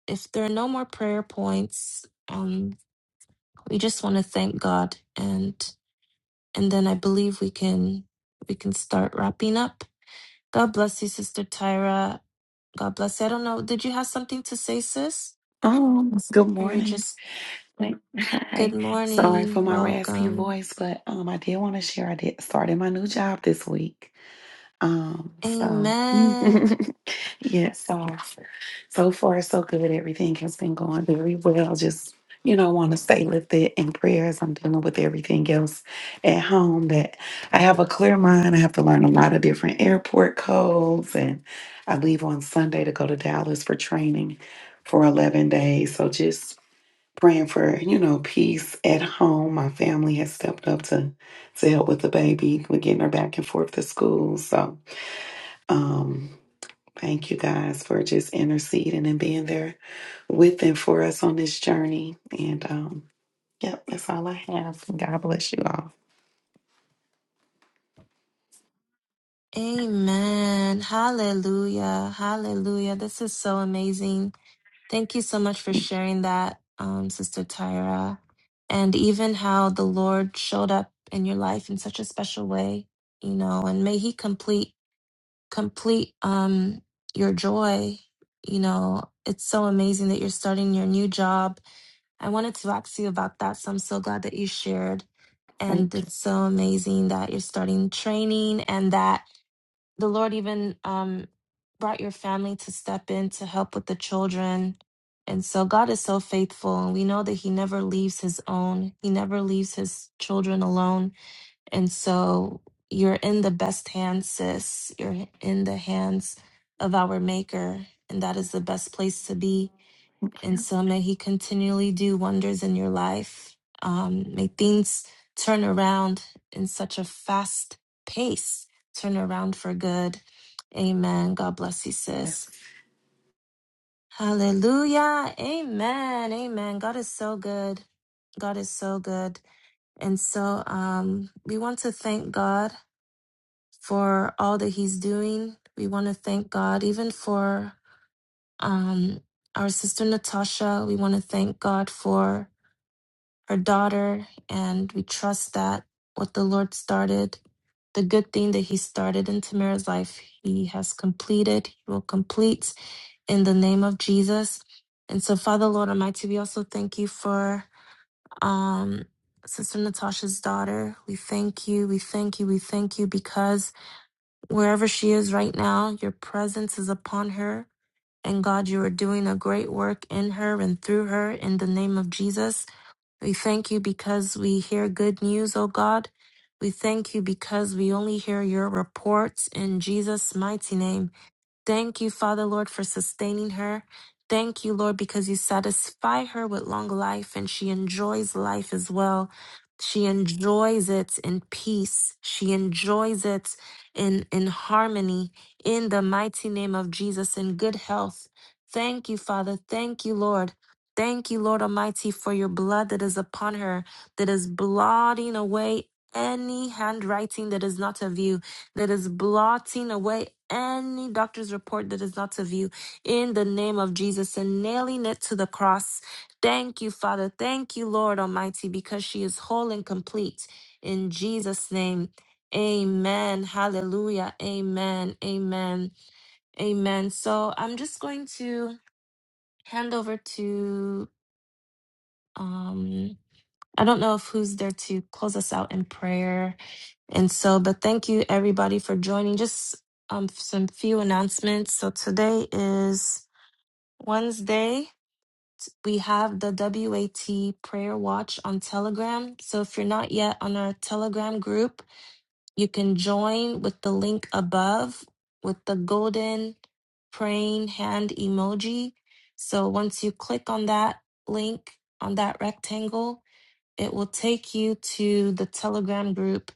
[SPEAKER 3] if there are no more prayer points, um, we just want to thank God, and and then I believe we can we can start wrapping up. God bless you, Sister Tyra. God bless you. I don't know. Did you have something to say, sis?
[SPEAKER 7] Um, good
[SPEAKER 3] Or you're
[SPEAKER 7] morning.
[SPEAKER 3] just good
[SPEAKER 7] Hi. Sorry for
[SPEAKER 3] morning,
[SPEAKER 7] my raspy
[SPEAKER 3] welcome.
[SPEAKER 7] voice, but um I did want to share I did started my new job this week. Um, so
[SPEAKER 3] Amen.
[SPEAKER 7] *laughs* yeah, so so far so good. Everything has been going very well. Just, you know, want to stay lifted in prayers. I'm dealing with everything else at home that I have a clear mind. I have to learn a lot of different airport codes and I leave on Sunday to go to Dallas for training for 11 days. So just praying for you know peace at home. My family has stepped up to to help with the baby. We're getting her back and forth to school. So um, thank you guys for just interceding and being there with and for us on this journey. And um, yep, that's all I have. God bless you all.
[SPEAKER 3] Amen. Hallelujah. Hallelujah. This is so amazing. Thank you so much for
[SPEAKER 7] Thank you.
[SPEAKER 3] sharing that, um, Sister Tyra, and even how the Lord showed up in your life in such a special way, you know, and may He complete complete um, your joy. You know, it's so amazing that you're starting your new job. I wanted to ask you about that, so I'm so glad that you shared. And
[SPEAKER 7] Thank you.
[SPEAKER 3] it's so amazing that you're starting training and that the Lord even um, brought your family to step in to help with the children. And so God is so faithful, and we know that He never leaves His own, He never leaves His children alone. And so you're in the best hands, sis. You're in the hands of our Maker, and that is the best place to be
[SPEAKER 7] Thank
[SPEAKER 3] and
[SPEAKER 7] you.
[SPEAKER 3] so may He continually do wonders in your life. Um, may things turn around in such a fast pace, turn around for good. Amen. God bless you,
[SPEAKER 7] Yes.
[SPEAKER 3] sis. Hallelujah. Amen. Amen. God is so good. God is so good. And so um, we want to thank God for all that He's doing. We want to thank God even for um, our sister Natasha. We want to thank God for our daughter, and we trust that what the Lord started, the good thing that He started in Tamara's life, He has completed, He will complete in the name of Jesus. And so, Father, Lord Almighty, we also thank you for um, Sister Natasha's daughter. We thank you, we thank you, we thank you because wherever she is right now, your presence is upon her. And God, you are doing a great work in her and through her in the name of Jesus. We thank you because we hear good news, O God. We thank you because we only hear your reports in Jesus' mighty name. Thank you, Father Lord, for sustaining her. Thank you, Lord, because you satisfy her with long life and she enjoys life as well. She enjoys it in peace. She enjoys it in, in harmony, in the mighty name of Jesus, in good health. Thank you, Father. Thank you, Lord. Thank you, Lord Almighty, for your blood that is upon her, that is blotting away any handwriting that is not of you that is blotting away any doctor's report that is not of you in the name of Jesus and nailing it to the cross. Thank you, Father. Thank you, Lord Almighty, because she is whole and complete. In Jesus' name, amen. Hallelujah. Amen. Amen. Amen. So I'm just going to hand over to. Um, I don't know if who's there to close us out in prayer. And so, but thank you everybody for joining. Just um, some few announcements. So today is Wednesday. We have the WAT prayer watch on Telegram. So if you're not yet on our Telegram group, you can join with the link above with the golden praying hand emoji. So once you click on that link on that rectangle, it will take you to the Telegram group.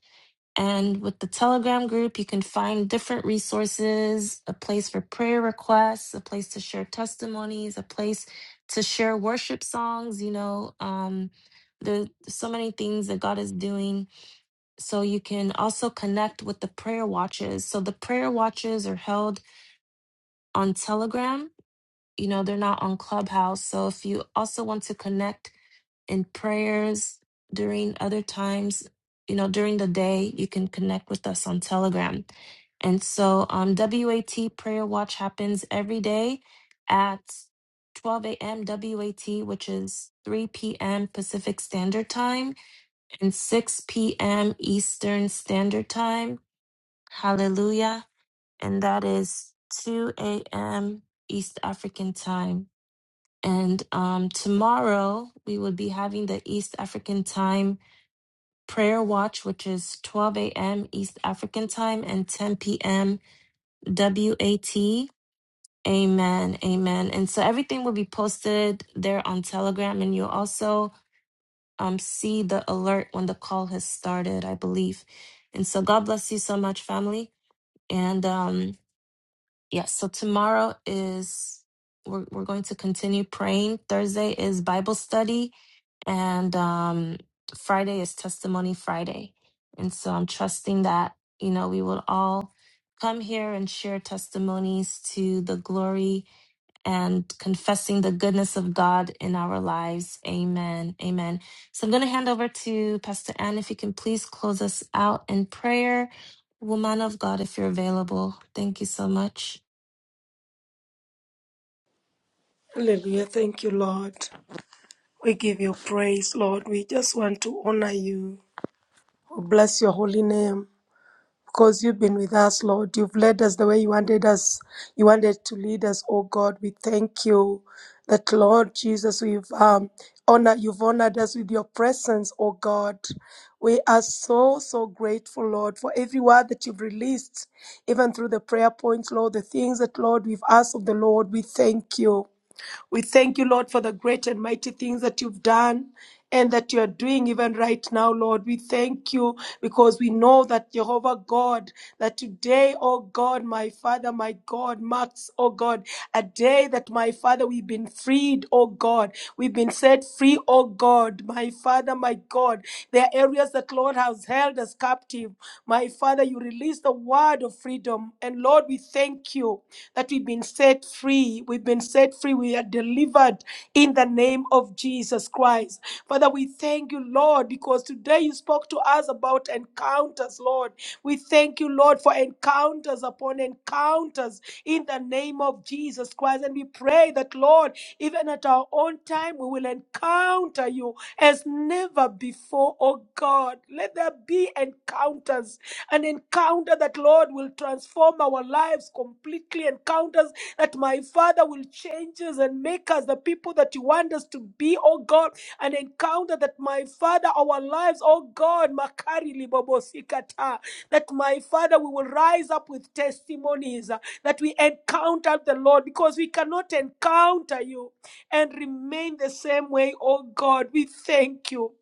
[SPEAKER 3] And with the Telegram group, you can find different resources a place for prayer requests, a place to share testimonies, a place to share worship songs. You know, um, there's so many things that God is doing. So you can also connect with the prayer watches. So the prayer watches are held on Telegram. You know, they're not on Clubhouse. So if you also want to connect, in prayers during other times you know during the day you can connect with us on telegram and so um wat prayer watch happens every day at 12 a.m wat which is 3 p.m pacific standard time and 6 p.m eastern standard time hallelujah and that is 2 a.m east african time and um, tomorrow we will be having the East African time prayer watch, which is 12 a.m. East African time and 10 p.m. WAT. Amen. Amen. And so everything will be posted there on Telegram, and you'll also um, see the alert when the call has started, I believe. And so God bless you so much, family. And um, Yes, so tomorrow is we're we're going to continue praying. Thursday is Bible study and um Friday is testimony Friday. And so I'm trusting that, you know, we will all come here and share testimonies to the glory and confessing the goodness of God in our lives. Amen. Amen. So I'm going to hand over to Pastor Ann if you can please close us out in prayer. Woman of God, if you're available. Thank you so much.
[SPEAKER 4] Hallelujah. Thank you, Lord. We give you praise, Lord. We just want to honor you. We bless your holy name. because you've been with us, Lord. You've led us the way you wanted us. You wanted to lead us, oh God. We thank you that, Lord Jesus, we've um, honored, you've honored us with your presence, oh God. We are so, so grateful, Lord, for every word that you've released, even through the prayer points, Lord, the things that, Lord, we've asked of the Lord. We thank you. We thank you, Lord, for the great and mighty things that you've done and that you are doing even right now, Lord. We thank you because we know that Jehovah God, that today, oh God, my Father, my God, marks, oh God, a day that my Father, we've been freed, oh God. We've been set free, oh God, my Father, my God. There are areas that, Lord, has held us captive. My Father, you released is the word of freedom. And Lord, we thank you that we've been set free. We've been set free. We are delivered in the name of Jesus Christ. Father, we thank you, Lord, because today you spoke to us about encounters, Lord. We thank you, Lord, for encounters upon encounters in the name of Jesus Christ. And we pray that, Lord, even at our own time, we will encounter you as never before, oh God. Let there be encounters an encounter that, Lord, will transform our lives completely. Encounters that, my Father, will change us and make us the people that you want us to be, oh God. An encounter that, my Father, our lives, oh God, Makari libobosikata, that, my Father, we will rise up with testimonies uh, that we encounter the Lord because we cannot encounter you and remain the same way, oh God. We thank you.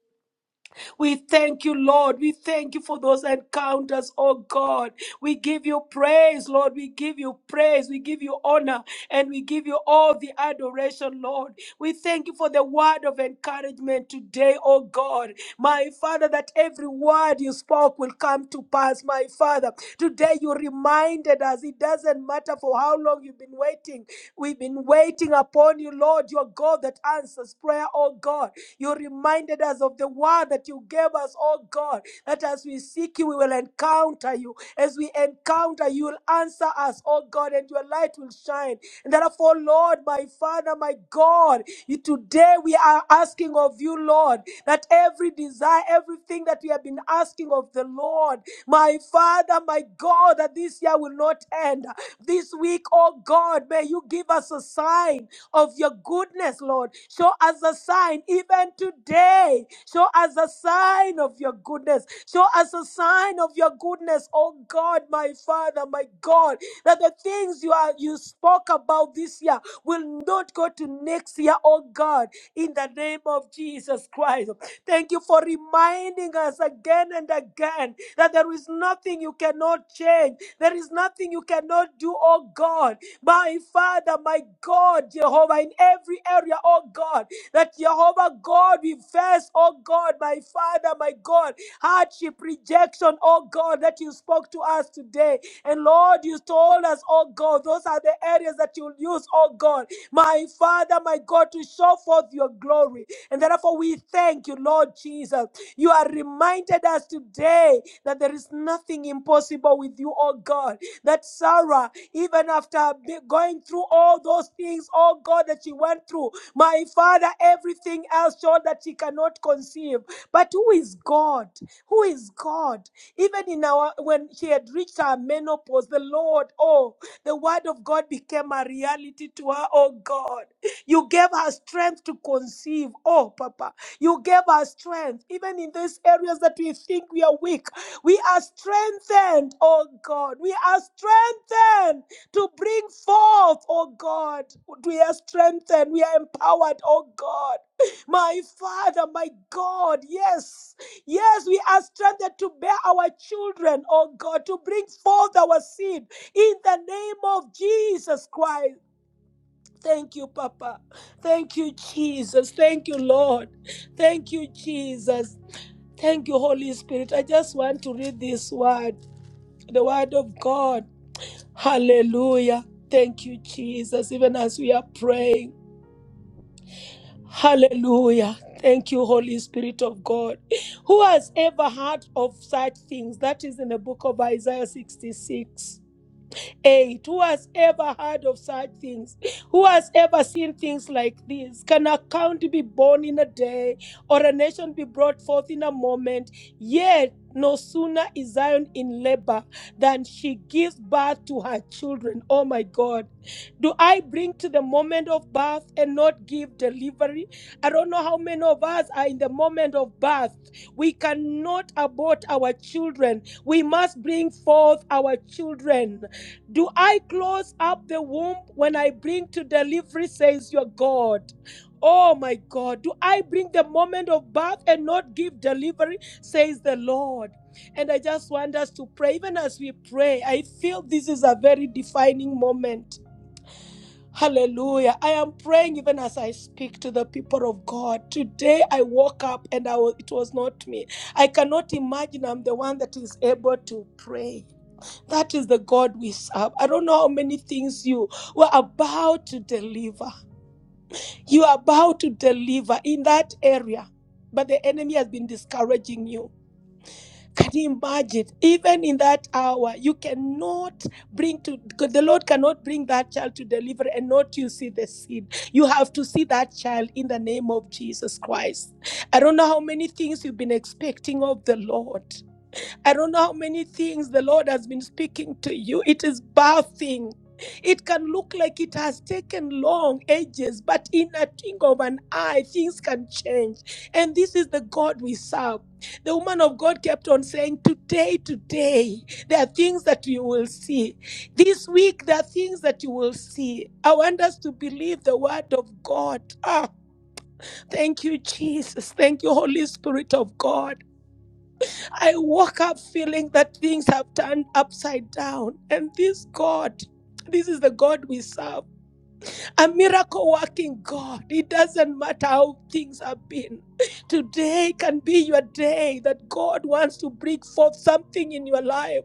[SPEAKER 4] We thank you, Lord. We thank you for those encounters, oh God. We give you praise, Lord. We give you praise. We give you honor and we give you all the adoration, Lord. We thank you for the word of encouragement today, oh God. My Father, that every word you spoke will come to pass. My Father, today you reminded us it doesn't matter for how long you've been waiting. We've been waiting upon you, Lord, your God that answers prayer, oh God. You reminded us of the word that you gave us, oh God, that as we seek you, we will encounter you. As we encounter you, will answer us, oh God, and your life light will shine. And therefore, Lord, my Father, my God, you, today we are asking of you, Lord, that every desire, everything that we have been asking of the Lord, my Father, my God, that this year will not end. This week, oh God, may you give us a sign of your goodness, Lord. Show us a sign even today. Show us a sign of your goodness. Show us a sign of your goodness, oh God, my Father, my God, that the things you are you spoke about this year will not go to next year, oh God, in the name of Jesus Christ. Thank you for reminding us again and again that there is nothing you cannot change. There is nothing you cannot do, oh God. My Father, my God, Jehovah, in every area, oh God. That Jehovah God, we face, oh God, my Father, my God, hardship, rejection, oh God, that you spoke to us today. And Lord, you told us, oh God, those are the areas that you'll use, oh God, my Father, my God, to show forth your glory. And therefore, we thank you, Lord Jesus. You are reminded us today that there is nothing impossible with you, oh God that Sarah, even after be- going through all those things, oh God, that she went through, my Father, everything else showed that she cannot conceive. But who is God? Who is God? Even in our when she had reached her menopause, the Lord, oh, the word of God became a reality to her, oh God. You gave her strength to conceive. Oh, Papa. You gave her strength, even in these areas that we think we are weak. We are strengthened, oh God. We are strengthened to bring forth, oh God. We are strengthened. We are empowered, oh God. My Father, my God, yes. Yes, we are strengthened to bear our children, oh God, to bring forth our seed in the name of Jesus Christ. Thank you, Papa. Thank you, Jesus. Thank you, Lord. Thank you, Jesus. Thank you, Holy Spirit. I just want to read this word, the word of God. Hallelujah. Thank you, Jesus, even as we are praying. Hallelujah. Thank you, Holy Spirit of God. Who has ever heard of such things? That is in the book of Isaiah 66. 8. Who has ever heard of such things? Who has ever seen things like this? Can a county be born in a day or a nation be brought forth in a moment? Yet, no sooner is Zion in labor than she gives birth to her children. Oh my God. Do I bring to the moment of birth and not give delivery? I don't know how many of us are in the moment of birth. We cannot abort our children. We must bring forth our children. Do I close up the womb when I bring to delivery, says your God? Oh my God, do I bring the moment of birth and not give delivery, says the Lord? And I just want us to pray. Even as we pray, I feel this is a very defining moment. Hallelujah. I am praying even as I speak to the people of God. Today I woke up and I was, it was not me. I cannot imagine I'm the one that is able to pray. That is the God we serve. I don't know how many things you were about to deliver. You are about to deliver in that area, but the enemy has been discouraging you. Can you imagine? Even in that hour, you cannot bring to God- the Lord cannot bring that child to deliver and not you see the seed. You have to see that child in the name of Jesus Christ. I don't know how many things you've been expecting of the Lord. I don't know how many things the Lord has been speaking to you. It is bathing. It can look like it has taken long ages, but in a twinkle of an eye, things can change. And this is the God we serve. The woman of God kept on saying, Today, today, there are things that you will see. This week, there are things that you will see. I want us to believe the word of God. Ah, thank you, Jesus. Thank you, Holy Spirit of God. I woke up feeling that things have turned upside down. And this God, this is the God we serve, a miracle working God. It doesn't matter how things have been. Today can be your day that God wants to bring forth something in your life.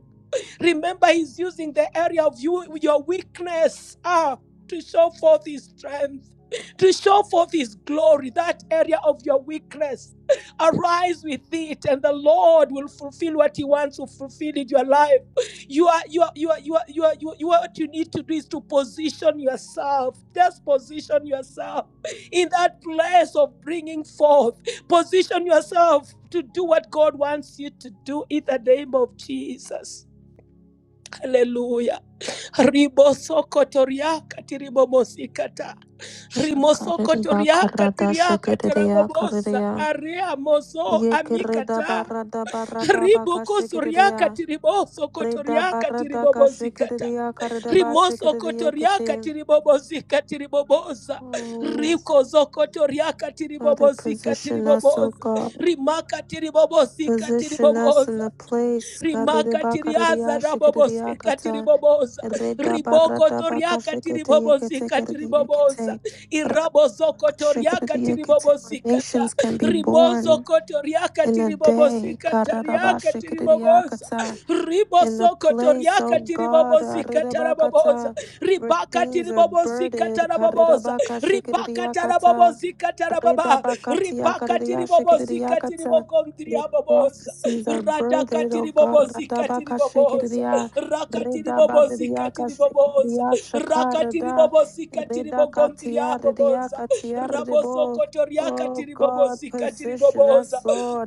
[SPEAKER 4] Remember, He's using the area of you, your weakness ah, to show forth His strength, to show forth His glory, that area of your weakness. Arise with it, and the Lord will fulfill what He wants to fulfill in your life. You are, you are, you are, you are, you are, you are, you are what you need to do is to position yourself. Just position yourself in that place of bringing forth. Position yourself to do what God wants you to do in the name of Jesus. Hallelujah. Ribosokotoriaka tiribobosikata.
[SPEAKER 3] Shakarere
[SPEAKER 4] Rimosokotoriaka
[SPEAKER 3] bakarada
[SPEAKER 4] tiriaka
[SPEAKER 3] shekereya
[SPEAKER 4] terabobosa.
[SPEAKER 3] karereya.
[SPEAKER 4] Area moso
[SPEAKER 3] Yekereda
[SPEAKER 4] amikata.
[SPEAKER 3] barada barada baka
[SPEAKER 4] Ribokosoriaka
[SPEAKER 3] shekereya. Reda
[SPEAKER 4] tiribosokotoriaka
[SPEAKER 3] barada ka
[SPEAKER 4] tiribobosikata.
[SPEAKER 3] shekereya karida ba
[SPEAKER 4] Rimoso
[SPEAKER 3] shekereya
[SPEAKER 4] kotoriaka
[SPEAKER 3] kete.
[SPEAKER 4] tiribobozika tiriboboza.
[SPEAKER 3] Oh,
[SPEAKER 4] Riko zokotoriaka
[SPEAKER 3] Father,
[SPEAKER 4] tiribobozika
[SPEAKER 3] position us, O
[SPEAKER 4] tiriboboza.
[SPEAKER 3] God.
[SPEAKER 4] Rimaka tiribobozika
[SPEAKER 3] Position us in
[SPEAKER 4] tiriboboza.
[SPEAKER 3] the place. karida
[SPEAKER 4] Ribaka
[SPEAKER 3] bakareya shekereya kata. Reda
[SPEAKER 4] Riboko
[SPEAKER 3] barada baka
[SPEAKER 4] toriaka
[SPEAKER 3] shekete
[SPEAKER 4] tiribobosi
[SPEAKER 3] yekete
[SPEAKER 4] kati
[SPEAKER 3] kereya
[SPEAKER 4] riboboza.
[SPEAKER 3] kete. Raka
[SPEAKER 4] Irabozo kotoriaka
[SPEAKER 3] shekereya kete. Where
[SPEAKER 4] tiribobosi kata.
[SPEAKER 3] nations can be
[SPEAKER 4] Ribozo
[SPEAKER 3] born.
[SPEAKER 4] kotoriaka
[SPEAKER 3] in a
[SPEAKER 4] tiribobosi
[SPEAKER 3] day.
[SPEAKER 4] kata riaka rimakatiriaza
[SPEAKER 3] Kararabashikiriakata.
[SPEAKER 4] rabobosikatiriboboza
[SPEAKER 3] In the place, O God,
[SPEAKER 4] ribokotoriakatiribobozikatiriboboza
[SPEAKER 3] Arirabakata, where things are
[SPEAKER 4] irabozokotoriakatiribobozikata
[SPEAKER 3] burdened,
[SPEAKER 4] ribozokotoriakatiribobozikatariakatiriboboza ribozokotoriakatiribobozikataraboboza ribakatiribobozikataraboboza
[SPEAKER 3] Karirabaka Shikiriakata,
[SPEAKER 4] ribakatarabobozikatarababa
[SPEAKER 3] Redabakatia Kariria Shikiriakata, the
[SPEAKER 4] ribakatiribobozikatiribogontriaboboza
[SPEAKER 3] prophecies are burdened,
[SPEAKER 4] Radakati
[SPEAKER 3] O God,
[SPEAKER 4] ribobozi kati
[SPEAKER 3] Radabaka
[SPEAKER 4] riboboza.
[SPEAKER 3] Shikiria,
[SPEAKER 4] Rakati ribobozi kati
[SPEAKER 3] Redabariaka
[SPEAKER 4] riboboza.
[SPEAKER 3] Shikiria
[SPEAKER 4] Rakati
[SPEAKER 3] Shakarada,
[SPEAKER 4] radakatiribobozi katiriboboza rakatiribobozi katiriboboza
[SPEAKER 3] Redakatia
[SPEAKER 4] rakatiribobozi katiribogontriaboboza
[SPEAKER 3] Ridiakatia Ridibo, O God,
[SPEAKER 4] rabosokotoriakatiribobozi
[SPEAKER 3] position us,
[SPEAKER 4] katiriboboza
[SPEAKER 3] O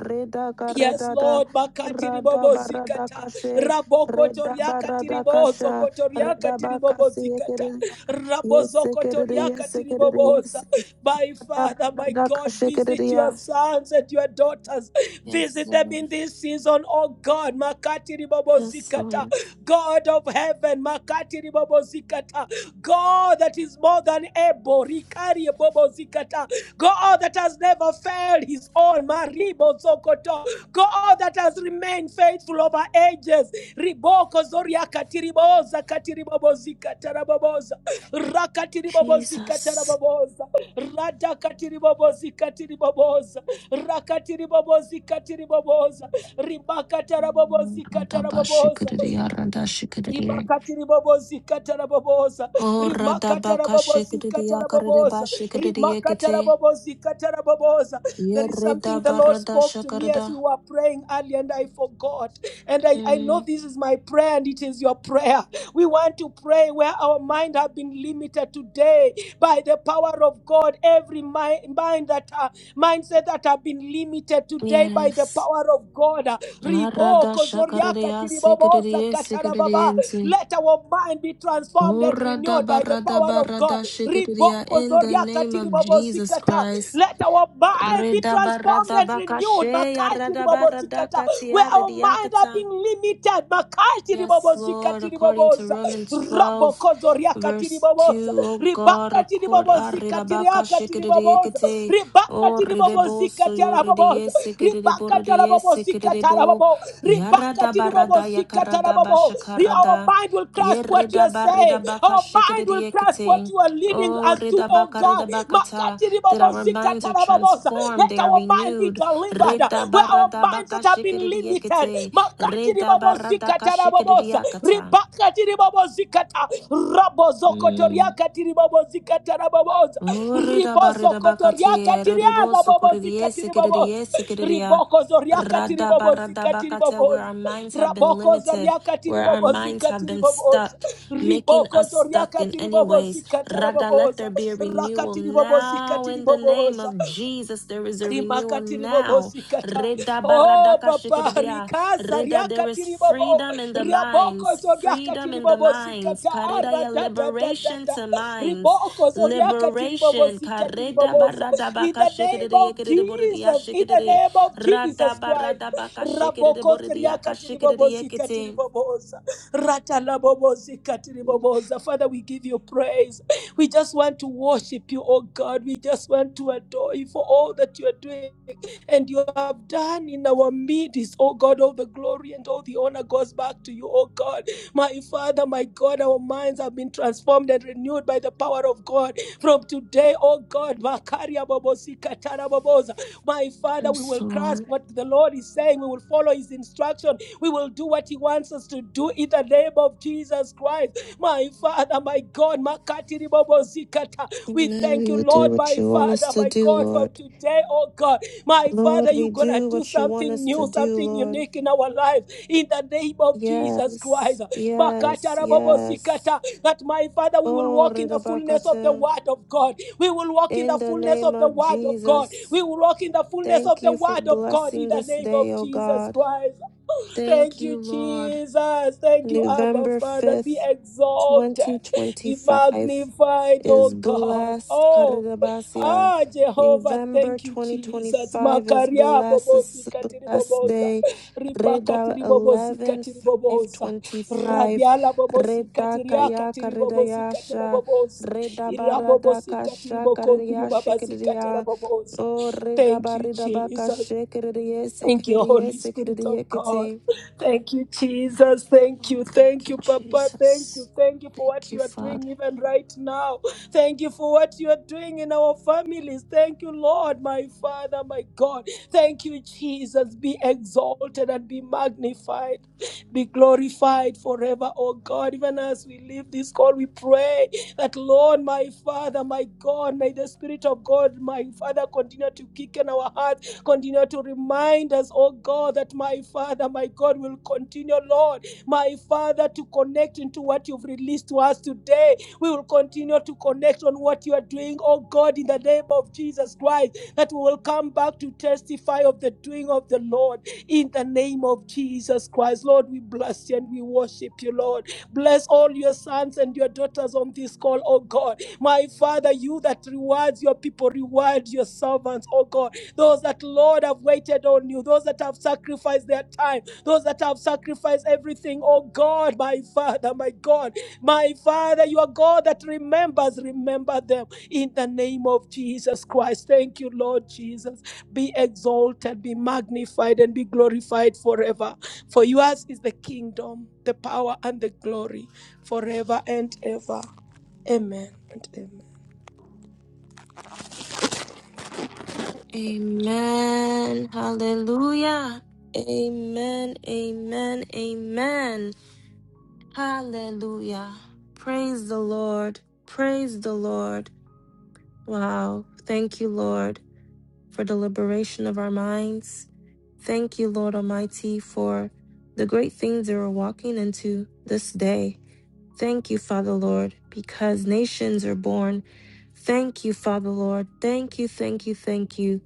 [SPEAKER 4] Yes,
[SPEAKER 3] Redakarada.
[SPEAKER 4] Lord, makati
[SPEAKER 3] Rada barada
[SPEAKER 4] makatiribobozikata
[SPEAKER 3] kashe Reda barada
[SPEAKER 4] rabokotoriakatiribozo
[SPEAKER 3] kasha, reda
[SPEAKER 4] kotoriakatiribobo
[SPEAKER 3] bakasi ekereya, yes ekereya, yes ekereya,
[SPEAKER 4] Rabozokotoriakatiribobosa.
[SPEAKER 3] yes.
[SPEAKER 4] My
[SPEAKER 3] Reda
[SPEAKER 4] Father, my
[SPEAKER 3] barada
[SPEAKER 4] God,
[SPEAKER 3] kasha
[SPEAKER 4] visit your
[SPEAKER 3] ekereya.
[SPEAKER 4] sons and your daughters.
[SPEAKER 3] Yes,
[SPEAKER 4] Visit them in
[SPEAKER 3] Lord.
[SPEAKER 4] this season, oh God.
[SPEAKER 3] Yes,
[SPEAKER 4] Makatiribobozikata.
[SPEAKER 3] Lord.
[SPEAKER 4] God of heaven, Makatiribobozikata. God that is more than able, Rikaribobozikata. God that has never failed his own, Maribozokoto. God that has remained faithful over ages, Riboko Zoria Katiriboza, Katiribobozikata, rakatiribobozi
[SPEAKER 3] Jesus.
[SPEAKER 4] kataraboboza radakatiribobozi katiriboboza rakatiribobozi katiriboboza rimakatarabobozi
[SPEAKER 3] Reda
[SPEAKER 4] kataraboboza
[SPEAKER 3] bashikereya, reda shikereya.
[SPEAKER 4] rimakatiribobozi kataraboboza
[SPEAKER 3] Oh, reda
[SPEAKER 4] rimakatarabobozi
[SPEAKER 3] bakashikereya, karede
[SPEAKER 4] kataraboboza
[SPEAKER 3] bashikereya kete.
[SPEAKER 4] rimakatarabobozi kataraboboza
[SPEAKER 3] Ye
[SPEAKER 4] there is
[SPEAKER 3] reda
[SPEAKER 4] something the lord
[SPEAKER 3] barada
[SPEAKER 4] spoke to me as we
[SPEAKER 3] shakarada.
[SPEAKER 4] were praying earlier and i forgot and I, I know
[SPEAKER 3] Mm,
[SPEAKER 4] this is my prayer and it is your prayer. We want to pray where our mind have been limited today by the power of God. Every mind, mind that uh, mindset that have been limited today by the
[SPEAKER 3] Yes.
[SPEAKER 4] power of God. uh, Ribo
[SPEAKER 3] Arada shakarada
[SPEAKER 4] kozoriaka
[SPEAKER 3] ya
[SPEAKER 4] tiribobosa
[SPEAKER 3] sekereya,
[SPEAKER 4] katarababa.
[SPEAKER 3] sekereya
[SPEAKER 4] Let our mind be transformed and renewed by the power of God.
[SPEAKER 3] Uradabaradabarada
[SPEAKER 4] Ribo
[SPEAKER 3] shikiriya In the
[SPEAKER 4] kozoriaka
[SPEAKER 3] name of Jesus
[SPEAKER 4] tiribobozikata.
[SPEAKER 3] Christ.
[SPEAKER 4] Let our mind be transformed and renewed
[SPEAKER 3] Redabaradabakasheya
[SPEAKER 4] makashi ribobozikata, where
[SPEAKER 3] radabaradakatiya
[SPEAKER 4] our mind are
[SPEAKER 3] ridiakata.
[SPEAKER 4] being limited. Makashi
[SPEAKER 3] Yes, Lord,
[SPEAKER 4] ribobozikati
[SPEAKER 3] according to
[SPEAKER 4] riboboza,
[SPEAKER 3] Romans 12,
[SPEAKER 4] rabokozo riakati
[SPEAKER 3] verse
[SPEAKER 4] riboboza,
[SPEAKER 3] 2, O God,
[SPEAKER 4] ribakati
[SPEAKER 3] according
[SPEAKER 4] ribobozikati riakati
[SPEAKER 3] to
[SPEAKER 4] riboboza,
[SPEAKER 3] O
[SPEAKER 4] ribakati
[SPEAKER 3] ridebo so
[SPEAKER 4] ribobozikati
[SPEAKER 3] yo
[SPEAKER 4] araboboza,
[SPEAKER 3] ridiese keredebo
[SPEAKER 4] ribakati
[SPEAKER 3] ridiese
[SPEAKER 4] arabobozikati arababo, ribakati ribobozikati
[SPEAKER 3] yakarada
[SPEAKER 4] arababo. Our
[SPEAKER 3] bashakarada
[SPEAKER 4] mind will grasp what you
[SPEAKER 3] yerida
[SPEAKER 4] are
[SPEAKER 3] barida
[SPEAKER 4] saying. Our mind will grasp what you are leading
[SPEAKER 3] O
[SPEAKER 4] us to,
[SPEAKER 3] rida
[SPEAKER 4] oh
[SPEAKER 3] baka
[SPEAKER 4] God. Makati
[SPEAKER 3] that our
[SPEAKER 4] ribobozikata
[SPEAKER 3] minds are transformed
[SPEAKER 4] let
[SPEAKER 3] they are
[SPEAKER 4] our mind be
[SPEAKER 3] renewed
[SPEAKER 4] delivered
[SPEAKER 3] rida
[SPEAKER 4] where our
[SPEAKER 3] barada
[SPEAKER 4] minds that have been limited.
[SPEAKER 3] Reda barada
[SPEAKER 4] Makatiribabosikatarababosa.
[SPEAKER 3] kashikiriakata.
[SPEAKER 4] Ribakatiribabosikata.
[SPEAKER 3] Mm.
[SPEAKER 4] Rabozokotoriakatiribabosikatarababosa.
[SPEAKER 3] Urida barida bakati eridibo sukuridiye
[SPEAKER 4] Ribozokotoriakatiriarababosikatiribabosa.
[SPEAKER 3] sikiridiye sikiridiya. Rada barada bakata where
[SPEAKER 4] Ribokozoriakatiribabosikatiribabosa.
[SPEAKER 3] our minds have been limited, where our minds have been
[SPEAKER 4] Rabokozoriakatiribabosikatiribabosa.
[SPEAKER 3] stuck, making us stuck in any ways. Rada, let there
[SPEAKER 4] Ribokozoriakatiribabosikatarababosa.
[SPEAKER 3] be a renewal now in the name
[SPEAKER 4] Rakatiribabosikatiribabosa
[SPEAKER 3] of Jesus. There is a renewal
[SPEAKER 4] rimakatiribobo
[SPEAKER 3] now.
[SPEAKER 4] zikata
[SPEAKER 3] Rida
[SPEAKER 4] oh
[SPEAKER 3] barada
[SPEAKER 4] papa
[SPEAKER 3] kashikiridiya.
[SPEAKER 4] rikaza
[SPEAKER 3] Rida, there is
[SPEAKER 4] riakatiribobo
[SPEAKER 3] freedom in the minds,
[SPEAKER 4] riabokozo
[SPEAKER 3] freedom in the
[SPEAKER 4] riakatiribobo
[SPEAKER 3] minds.
[SPEAKER 4] zikata Ara
[SPEAKER 3] Karidaya
[SPEAKER 4] da da da da
[SPEAKER 3] liberation
[SPEAKER 4] aradadadadada
[SPEAKER 3] to minds.
[SPEAKER 4] ribokozo riakatiribobo
[SPEAKER 3] Liberation. Kareda
[SPEAKER 4] zikatiriboboza
[SPEAKER 3] barada
[SPEAKER 4] in
[SPEAKER 3] baka
[SPEAKER 4] the name
[SPEAKER 3] shikiri
[SPEAKER 4] of
[SPEAKER 3] ekiri boridi ya
[SPEAKER 4] jesus in the name of
[SPEAKER 3] Rada
[SPEAKER 4] jesus christ
[SPEAKER 3] barada baka shikiri
[SPEAKER 4] rabokozo
[SPEAKER 3] boridi ya ka
[SPEAKER 4] riakatiribobo zikatiriboboza ratalabobo zikatiriboboza father we give you praise we just want to worship you, oh God. We just want to adore you for all that you are doing and you have done in our midst, oh God. All the glory and all the honor goes back to you, oh God. My Father, my God, our minds have been transformed and renewed by the power of God. From today, oh God, Makaria Bobosi Katara Boboza, my Father, we
[SPEAKER 3] Yes,
[SPEAKER 4] will grasp
[SPEAKER 3] Lord.
[SPEAKER 4] what the Lord is saying. We will follow His instruction. We will do what He wants us to do in the name of Jesus Christ. My Father, my God, Makati ribobo zikata. we
[SPEAKER 3] Amen.
[SPEAKER 4] thank
[SPEAKER 3] We
[SPEAKER 4] you,
[SPEAKER 3] will do
[SPEAKER 4] Lord,
[SPEAKER 3] what
[SPEAKER 4] my
[SPEAKER 3] you want us
[SPEAKER 4] Father,
[SPEAKER 3] to
[SPEAKER 4] my
[SPEAKER 3] do,
[SPEAKER 4] God, from
[SPEAKER 3] Lord.
[SPEAKER 4] today, oh God. My
[SPEAKER 3] Lord,
[SPEAKER 4] Father, you're
[SPEAKER 3] we
[SPEAKER 4] going to
[SPEAKER 3] do
[SPEAKER 4] do
[SPEAKER 3] what you want
[SPEAKER 4] something
[SPEAKER 3] us to
[SPEAKER 4] new,
[SPEAKER 3] do,
[SPEAKER 4] something
[SPEAKER 3] Lord.
[SPEAKER 4] unique in our lives in the name of Jesus
[SPEAKER 3] Yes,
[SPEAKER 4] Christ. Makata
[SPEAKER 3] yes,
[SPEAKER 4] rabobo
[SPEAKER 3] yes.
[SPEAKER 4] sikata. That my Father, we will
[SPEAKER 3] Oh,
[SPEAKER 4] walk in the fullness of the
[SPEAKER 3] Ridabakata.
[SPEAKER 4] Word of God. We will walk in
[SPEAKER 3] In
[SPEAKER 4] the
[SPEAKER 3] the
[SPEAKER 4] fullness
[SPEAKER 3] name
[SPEAKER 4] of the
[SPEAKER 3] of
[SPEAKER 4] Word of God. We
[SPEAKER 3] Jesus,
[SPEAKER 4] will walk in the fullness of
[SPEAKER 3] thank
[SPEAKER 4] the
[SPEAKER 3] you for
[SPEAKER 4] Word of God in
[SPEAKER 3] blessing
[SPEAKER 4] the
[SPEAKER 3] this
[SPEAKER 4] name
[SPEAKER 3] day,
[SPEAKER 4] of
[SPEAKER 3] O
[SPEAKER 4] Jesus
[SPEAKER 3] God.
[SPEAKER 4] Christ.
[SPEAKER 3] Thank
[SPEAKER 4] Thank you,
[SPEAKER 3] you, Lord.
[SPEAKER 4] Jesus. Thank you, Abba
[SPEAKER 3] November
[SPEAKER 4] Father. Be
[SPEAKER 3] 5th,
[SPEAKER 4] exalted. Be
[SPEAKER 3] 2025
[SPEAKER 4] magnified,
[SPEAKER 3] is
[SPEAKER 4] oh God.
[SPEAKER 3] blessed.
[SPEAKER 4] Oh,
[SPEAKER 3] Karidabasia.
[SPEAKER 4] ah, Jehovah.
[SPEAKER 3] November
[SPEAKER 4] Thank you, Jesus.
[SPEAKER 3] 2025 is
[SPEAKER 4] Makaria
[SPEAKER 3] blessed. This
[SPEAKER 4] bobosi
[SPEAKER 3] is a blessed
[SPEAKER 4] katiriboboza.
[SPEAKER 3] day.
[SPEAKER 4] Ribaka
[SPEAKER 3] Reda
[SPEAKER 4] tiribobosi
[SPEAKER 3] eleven five
[SPEAKER 4] katiriboboza.
[SPEAKER 3] twenty five.
[SPEAKER 4] Radiala bobosi
[SPEAKER 3] Reda
[SPEAKER 4] katiria
[SPEAKER 3] kaya
[SPEAKER 4] katiribobosi
[SPEAKER 3] karidayasha.
[SPEAKER 4] kataraboboza.
[SPEAKER 3] Reda barada
[SPEAKER 4] Irabobosi
[SPEAKER 3] kasha
[SPEAKER 4] katiribokontri
[SPEAKER 3] karidayasha
[SPEAKER 4] babasi
[SPEAKER 3] kiridia.
[SPEAKER 4] kataraboboza.
[SPEAKER 3] Oh, reda
[SPEAKER 4] Thank you,
[SPEAKER 3] barida
[SPEAKER 4] Jesus.
[SPEAKER 3] bakashe kiridiyese
[SPEAKER 4] Thank you, Holy
[SPEAKER 3] kiridiyese
[SPEAKER 4] Spirit of
[SPEAKER 3] kiridiyekiti.
[SPEAKER 4] God. Thank you, Jesus. Thank
[SPEAKER 3] Oh,
[SPEAKER 4] you.
[SPEAKER 3] thank
[SPEAKER 4] Thank
[SPEAKER 3] you,
[SPEAKER 4] you, Papa. Thank
[SPEAKER 3] Jesus.
[SPEAKER 4] you. Thank you for
[SPEAKER 3] Thank
[SPEAKER 4] what
[SPEAKER 3] you,
[SPEAKER 4] you are
[SPEAKER 3] Father.
[SPEAKER 4] doing even right now. Thank you for what you are doing in our families. Thank you, Lord, my Father, my God. Thank you, Jesus. Be exalted and be magnified. Be glorified forever, oh God. Even as we leave this call, we pray that, Lord, my Father, my God, may the Spirit of God, my Father, continue to kick in our hearts continue to remind us, oh God, that my Father, my God, will continue, Lord, my Father, to connect into what you've released to us today. We will continue to connect on what you are doing, oh God, in the name of Jesus Christ, that we will come back to testify of the doing of the Lord in the name of Jesus Christ. Lord, we bless you and we worship you, Lord. Bless all your sons and your daughters on this call, oh God. My Father, you that rewards your people reward your servants, oh God. Those that, Lord, have waited on you, those that have sacrificed their time, those that have sacrificed everything, oh God, my Father, my God, my Father, you are God that remembers, remember them in the name of Jesus Christ. Thank you, Lord Jesus. Be exalted, be magnified, and be glorified forever. For yours is the kingdom, the power, and the glory forever and ever. Amen and amen.
[SPEAKER 3] Amen. Hallelujah. Amen. Amen. Amen. Hallelujah. Praise the Lord. Praise the Lord. Wow. Thank you, Lord, for the liberation of our minds. Thank you, Lord Almighty, for the great things that we're walking into this day. Thank you, Father Lord, because nations are born. Thank you, Father Lord. Thank you, thank you, thank you.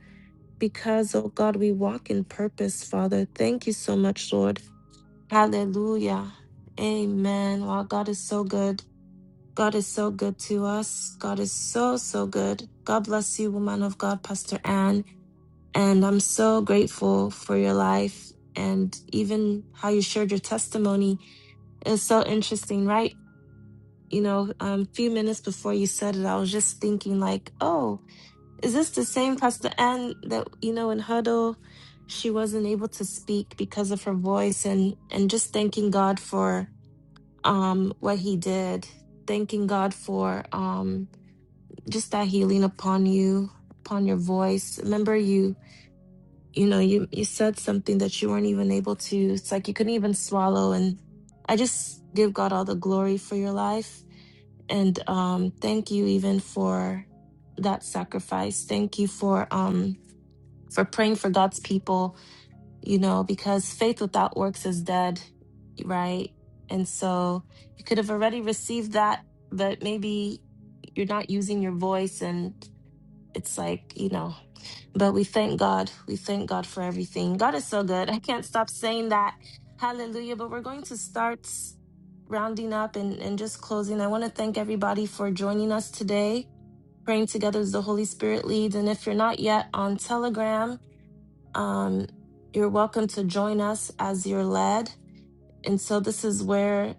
[SPEAKER 3] Because, oh God, we walk in purpose, Father. Thank you so much, Lord. Hallelujah. Amen. Wow, God is so good. God is so good to us. God is so, so good. God bless you, woman of God, Pastor Ann. And I'm so grateful for your life and even how you shared your testimony. It's so interesting, right? you know, um, few minutes before you said it, I was just thinking like, oh, is this the same Pastor Ann that you know in huddle, she wasn't able to speak because of her voice, and and just thanking God for um what He did, thanking God for um just that healing upon you, upon your voice. Remember you. You know, you, you said something that you weren't even able to. It's like you couldn't even swallow. And I just give God all the glory for your life and um, thank you even for that sacrifice. Thank you for um, for praying for God's people. You know, because faith without works is dead, right? And so you could have already received that, but maybe you're not using your voice, and it's like you know but we thank God. We thank God for everything. God is so good. I can't stop saying that. Hallelujah. But we're going to start rounding up and, and just closing. I want to thank everybody for joining us today, praying together as the Holy Spirit leads. And if you're not yet on Telegram, um, you're welcome to join us as you're led. And so this is where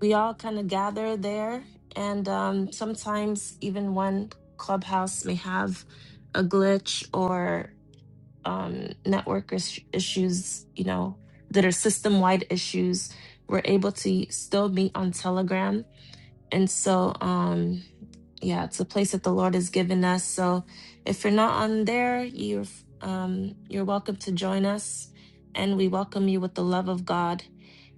[SPEAKER 3] we all kind of gather there. And um, sometimes even one clubhouse may have a glitch or um, network is- issues, you know, that are system wide issues. We're able to still meet on Telegram. And so, um, yeah, it's a place that the Lord has given us. So if you're not on there, you're um, you're welcome to join us, and we welcome you with the love of God.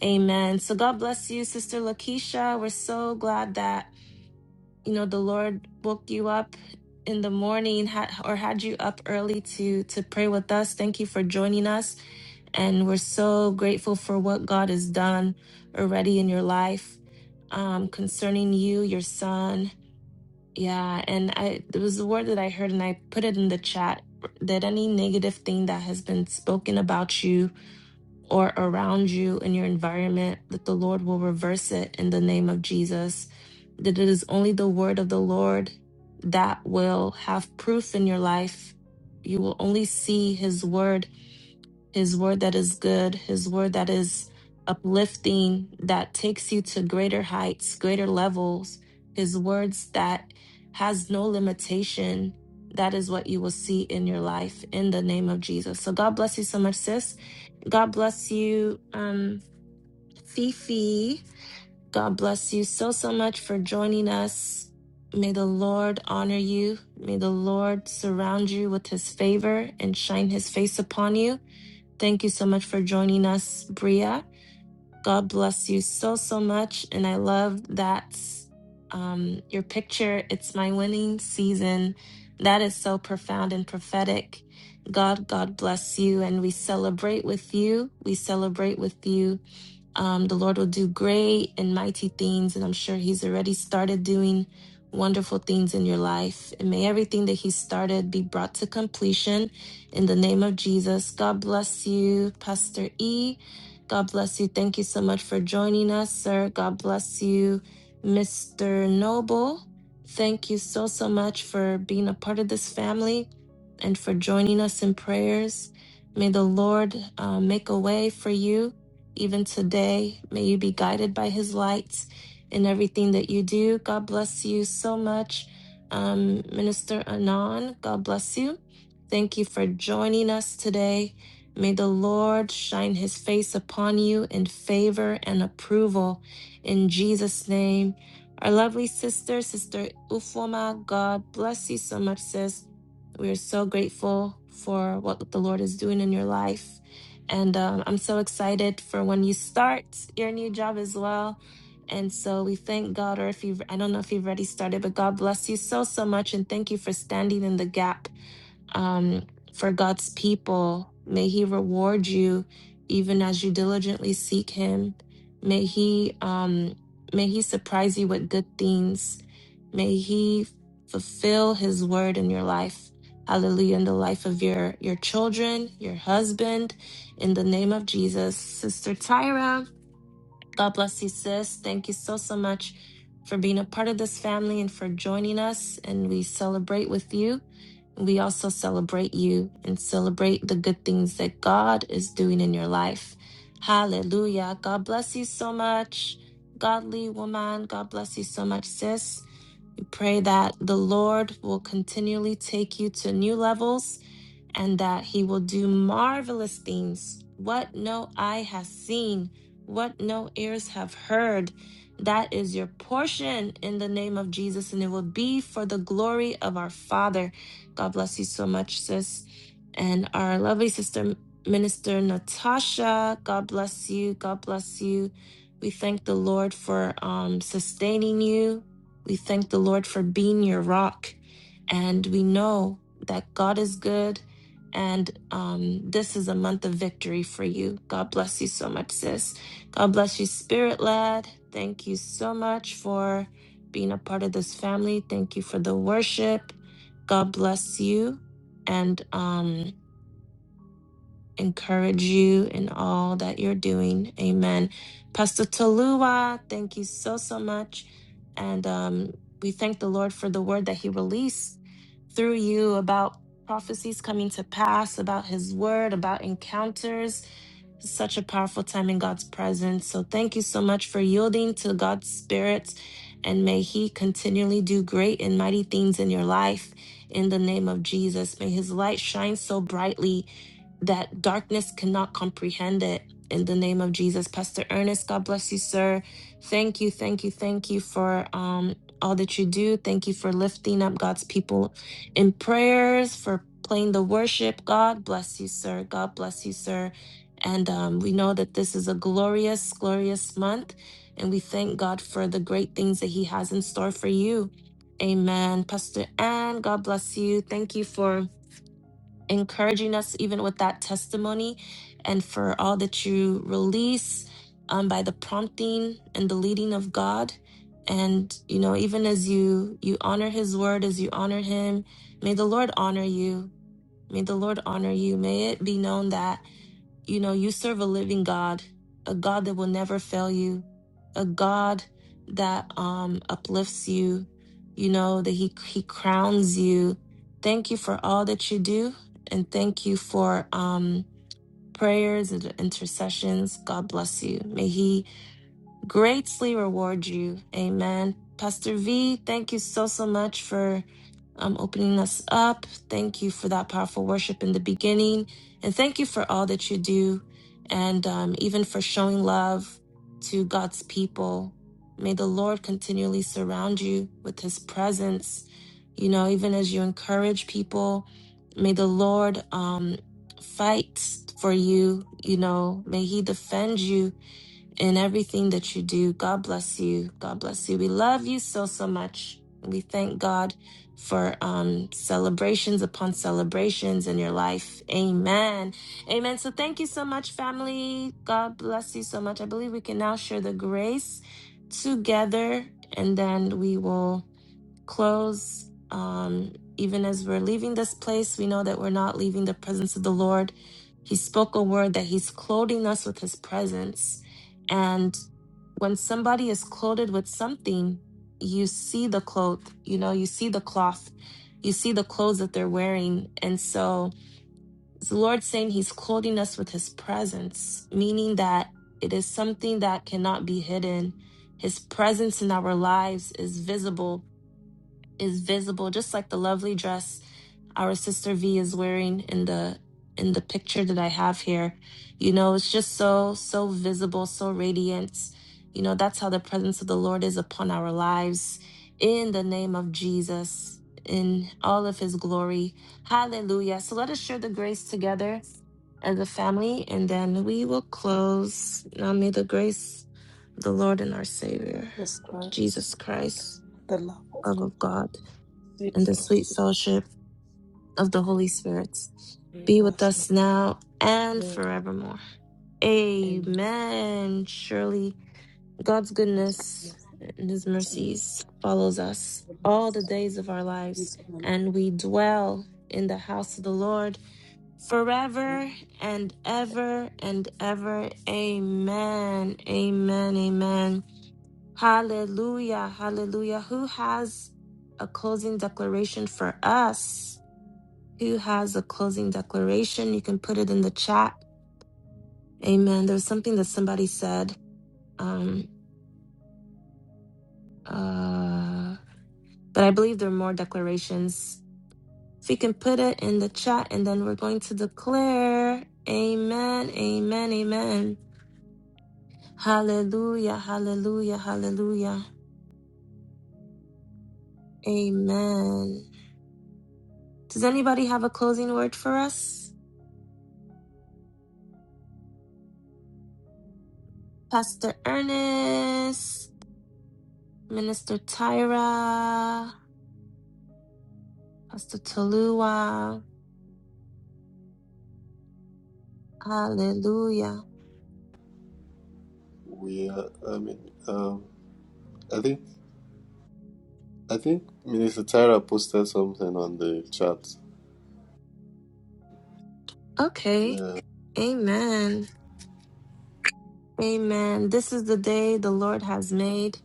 [SPEAKER 3] Amen. So God bless you, Sister Lakeisha. We're so glad that you know the lord woke you up in the morning had, or had you up early to to pray with us thank you for joining us and we're so grateful for what god has done already in your life um concerning you your son yeah and i there was a word that i heard and i put it in the chat that any negative thing that has been spoken about you or around you in your environment, that the Lord will reverse it in the name of Jesus. That it is only the word of the Lord that will have proof in your life. You will only see his word, his word that is good, his word that is uplifting, that takes you to greater heights, greater levels, his words that has no limitation. That is what you will see in your life in the name of Jesus. So God bless you so much, sis. God bless you, um, Fifi. God bless you so, so much for joining us. May the Lord honor you. May the Lord surround you with his favor and shine his face upon you. Thank you so much for joining us, Bria. God bless you so, so much. And I love that um, your picture. It's my winning season. That is so profound and prophetic. God, God bless you. And we celebrate with you. We celebrate with you. Um, the Lord will do great and mighty things, and I'm sure He's already started doing wonderful things in your life. And may everything that He started be brought to completion in the name of Jesus. God bless you, Pastor E. God bless you. Thank you so much for joining us, sir. God bless you, Mr. Noble. Thank you so, so much for being a part of this family and for joining us in prayers. May the Lord uh, make a way for you even today. May you be guided by his lights in everything that you do. God bless you so much, um, Minister Anon. God bless you. Thank you for joining us today. May the Lord shine his face upon you in favor and approval in Jesus' name. Our lovely sister, Sister Ufoma, God bless you so much, sis. We are so grateful for what the Lord is doing in your life and um, I'm so excited for when you start your new job as well. And so we thank God, or if you've, I don't know if you've already started, but God bless you so, so much. And thank you for standing in the gap um, for God's people. May He reward you even as you diligently seek Him. May He um, may He surprise you with good things. May He fulfill His word in your life. Hallelujah! In the life of your your children, your husband, in the name of Jesus, Sister Tyra. God bless you, sis. Thank you so, so much for being a part of this family and for joining us. And we celebrate with you. We also celebrate you and celebrate the good things that God is doing in your life. Hallelujah. God bless you so much, godly woman. God bless you so much, sis. We pray that the Lord will continually take you to new levels and that he will do marvelous things, what no eye has seen, what no ears have heard. That is your portion in the name of Jesus, and it will be for the glory of our Father. God bless you so much, sis. And our lovely sister, Minister Natasha, God bless you. God bless you. We thank the Lord for um, sustaining you. We thank the Lord for being your rock. And we know that God is good and um, this is a month of victory for you. God bless you so much, sis. God bless you, spirit led. Thank you so much for being a part of this family. Thank you for the worship. God bless you. And um, encourage you in all that you're doing. Amen. Pastor Tolua, thank you so, so much. And um, we thank the Lord for the word that he released through you about prophecies coming to pass, about his word, about encounters. Such a powerful time in God's presence. So thank you so much for yielding to God's spirit. And may he continually do great and mighty things in your life. In the name of Jesus, may his light shine so brightly that darkness cannot comprehend it. In the name of Jesus, Pastor Ernest, God bless you, sir. Thank you, thank you, thank you for um, all that you do. Thank you for lifting up God's people in prayers, for playing the worship. God bless you, sir. God bless you, sir. And um, we know that this is a glorious, glorious month, and we thank God for the great things that He has in store for you. Amen. Pastor Ann, God bless you. Thank you for encouraging us even with that testimony and for all that you release um, by the prompting and the leading of god and you know even as you you honor his word as you honor him may the lord honor you may the lord honor you may it be known that you know, you serve a living God, a God that will never fail you, a God that um, uplifts you, you know, that he, he crowns you. Thank you for all that you do. And thank you for um, prayers and intercessions. God bless you. May He greatly reward you. Amen. Pastor V, thank you so, so much for um, opening us up. Thank you for that powerful worship in the beginning. And thank you for all that you do and um, even for showing love to God's people. May the Lord continually surround you with his presence. You know, even as you encourage people, may the Lord um, fight for you. You know, may he defend you in everything that you do. God bless you. God bless you. We love you so, so much. And we thank God for um, celebrations upon celebrations in your life. Amen. Amen. So thank you so much, family. God bless you so much. I believe we can now share the grace together and then we will close. Um, even as we're leaving this place, we know that we're not leaving the presence of the Lord. He spoke a word that He's clothing us with His presence. And when somebody is clothed with something, you see the cloth, you know, you see the cloth, you see the clothes that they're wearing. And so it's the Lord saying He's clothing us with His presence, meaning that it is something that cannot be hidden. His presence in our lives is visible is visible, just like the lovely dress our sister V is wearing in the in the picture that I have here. You know, it's just so so visible, so radiant. You know, that's how the presence of the Lord is upon our lives in the name of Jesus in all of his glory. Hallelujah. So let us share the grace together as a family and then we will close. Now may the grace of the Lord and our Savior,
[SPEAKER 4] Jesus Christ.
[SPEAKER 3] Jesus Christ,
[SPEAKER 4] The love of
[SPEAKER 3] love
[SPEAKER 4] God
[SPEAKER 3] of God
[SPEAKER 4] it
[SPEAKER 3] and the sweet
[SPEAKER 4] fellowship
[SPEAKER 3] fellowship of the Holy Spirit
[SPEAKER 4] with
[SPEAKER 3] be with
[SPEAKER 4] us now
[SPEAKER 3] us now and
[SPEAKER 4] forever.
[SPEAKER 3] forevermore.
[SPEAKER 4] Amen.
[SPEAKER 3] Amen. Surely God's
[SPEAKER 4] God's
[SPEAKER 3] goodness
[SPEAKER 4] goodness,
[SPEAKER 3] and his
[SPEAKER 4] save
[SPEAKER 3] mercies follows us
[SPEAKER 4] for
[SPEAKER 3] all the
[SPEAKER 4] us,
[SPEAKER 3] days of our lives,
[SPEAKER 4] peace of our life
[SPEAKER 3] and we dwell in the house of the Lord
[SPEAKER 4] on
[SPEAKER 3] forever and ever and ever. Amen. Amen. Amen. Hallelujah. Hallelujah. Who has a closing declaration for us? Who has a closing declaration? You can put it in the chat. Amen. There's something that somebody said, um, uh, but I believe there are more declarations. If you can put it in the chat, and then we're going to declare. Amen. Amen. Amen. Hallelujah. Hallelujah. Hallelujah. Amen. Does anybody have a closing word for us? Pastor Ernest, Minister Tyra, Pastor Tolua. Hallelujah.
[SPEAKER 6] We are, I mean, um, I think, I think Minister Tyra posted something on the chat.
[SPEAKER 3] Okay.
[SPEAKER 6] Yeah,
[SPEAKER 3] Amen. Amen. This is the day the Lord has made.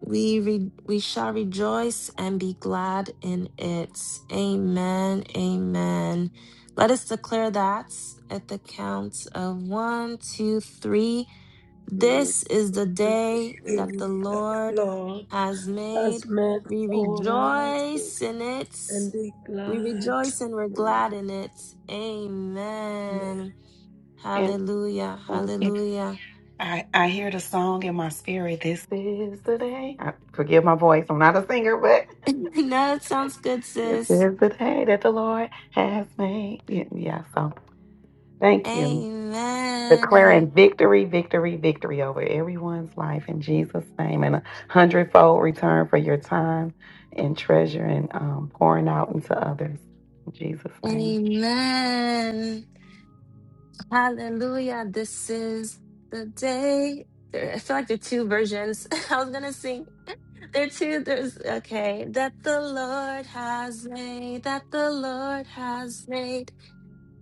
[SPEAKER 3] We re- we shall rejoice and be glad in it. Amen. Amen. Let us declare that at the count of one, two, three.
[SPEAKER 6] very,
[SPEAKER 3] This is the day
[SPEAKER 6] very,
[SPEAKER 3] that the
[SPEAKER 4] thee.
[SPEAKER 3] Lord
[SPEAKER 4] Lord
[SPEAKER 3] has
[SPEAKER 4] has
[SPEAKER 3] made.
[SPEAKER 4] made
[SPEAKER 3] We
[SPEAKER 4] for us
[SPEAKER 6] very,
[SPEAKER 3] rejoice in it.
[SPEAKER 4] and be
[SPEAKER 3] We
[SPEAKER 4] glad.
[SPEAKER 3] rejoice and we're
[SPEAKER 6] very
[SPEAKER 3] glad in it. Amen.
[SPEAKER 7] And
[SPEAKER 3] Hallelujah.
[SPEAKER 7] thank you.
[SPEAKER 3] Hallelujah.
[SPEAKER 7] I, I hear the song in my spirit. This is the day. I, forgive my voice. I'm not a singer, but. *laughs*
[SPEAKER 3] *laughs* no, it sounds good,
[SPEAKER 7] This
[SPEAKER 3] sis.
[SPEAKER 7] is the day that the Lord has made. Yeah, yeah, so thank you.
[SPEAKER 3] Amen.
[SPEAKER 7] Declaring victory, victory, victory over everyone's life in Jesus' name and a hundredfold return for your time and treasure and um, pouring out into others. In Jesus' name.
[SPEAKER 3] Amen. Hallelujah. This is the day. I feel like the two versions. *laughs* I was going to sing There too, there's okay. That the Lord has made, that the Lord has made.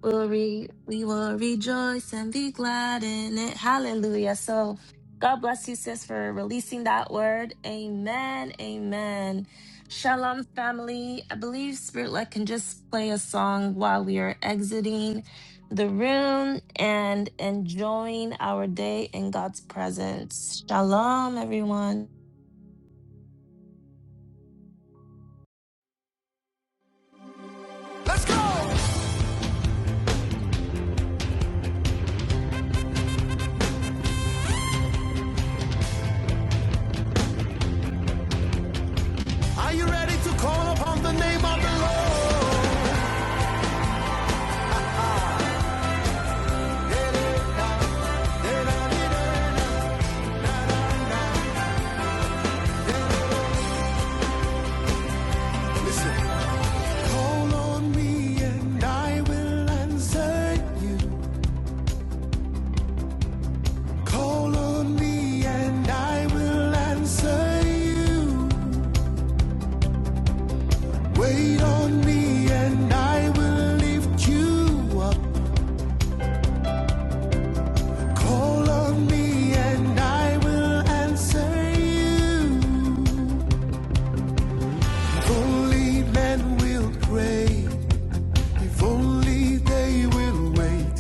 [SPEAKER 3] We'll re, we will rejoice and be glad in it. Hallelujah. So God bless you, sis, for releasing that word. Amen. Amen. Shalom, family. I believe Spirit Led can just play a song while we are exiting the room and enjoying our day in God's presence. Shalom, everyone.
[SPEAKER 8] Let's go! Are you ready to call upon the name of the Lord? Listen. Call on me and I will answer you. Call on me and I will answer you. Wait on me and I will lift you up. Call on me and I will answer you. Only men will pray. If only they will wait.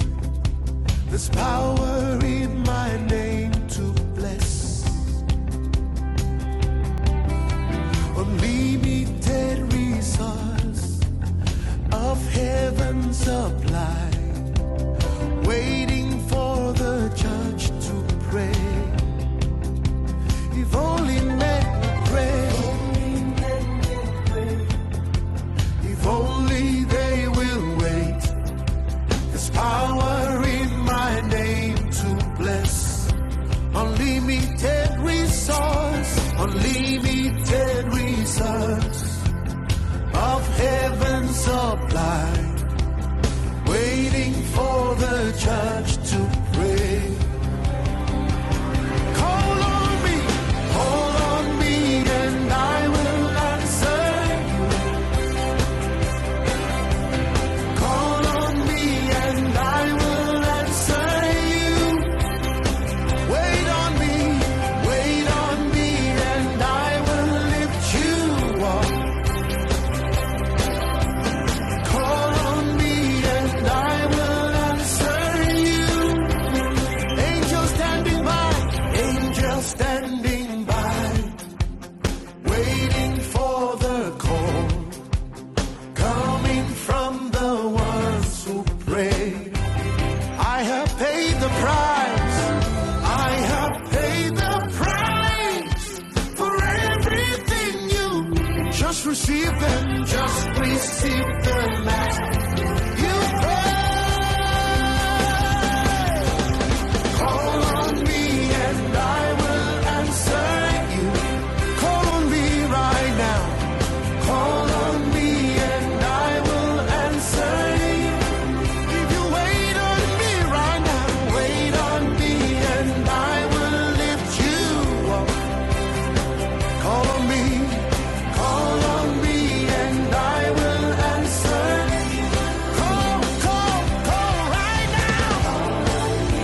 [SPEAKER 8] There's power in my name to bless. Unlimited resource of heaven's supply. Waiting for the church to pray. If only men would pray. If only they will wait. There's power in my name to bless. Unlimited resource, unlimited resource of heaven's supply, waiting for the church to pray. Call on me, call on me, and I will answer you. Call on me, and I will answer you. Wait on me, wait on me, and I will lift you up. Call on me and I will answer you. Angel standing by, angel standing by, waiting for the call coming from the ones who pray. I have paid the price. I have paid the price for everything you just receive them, just receive them as you pray.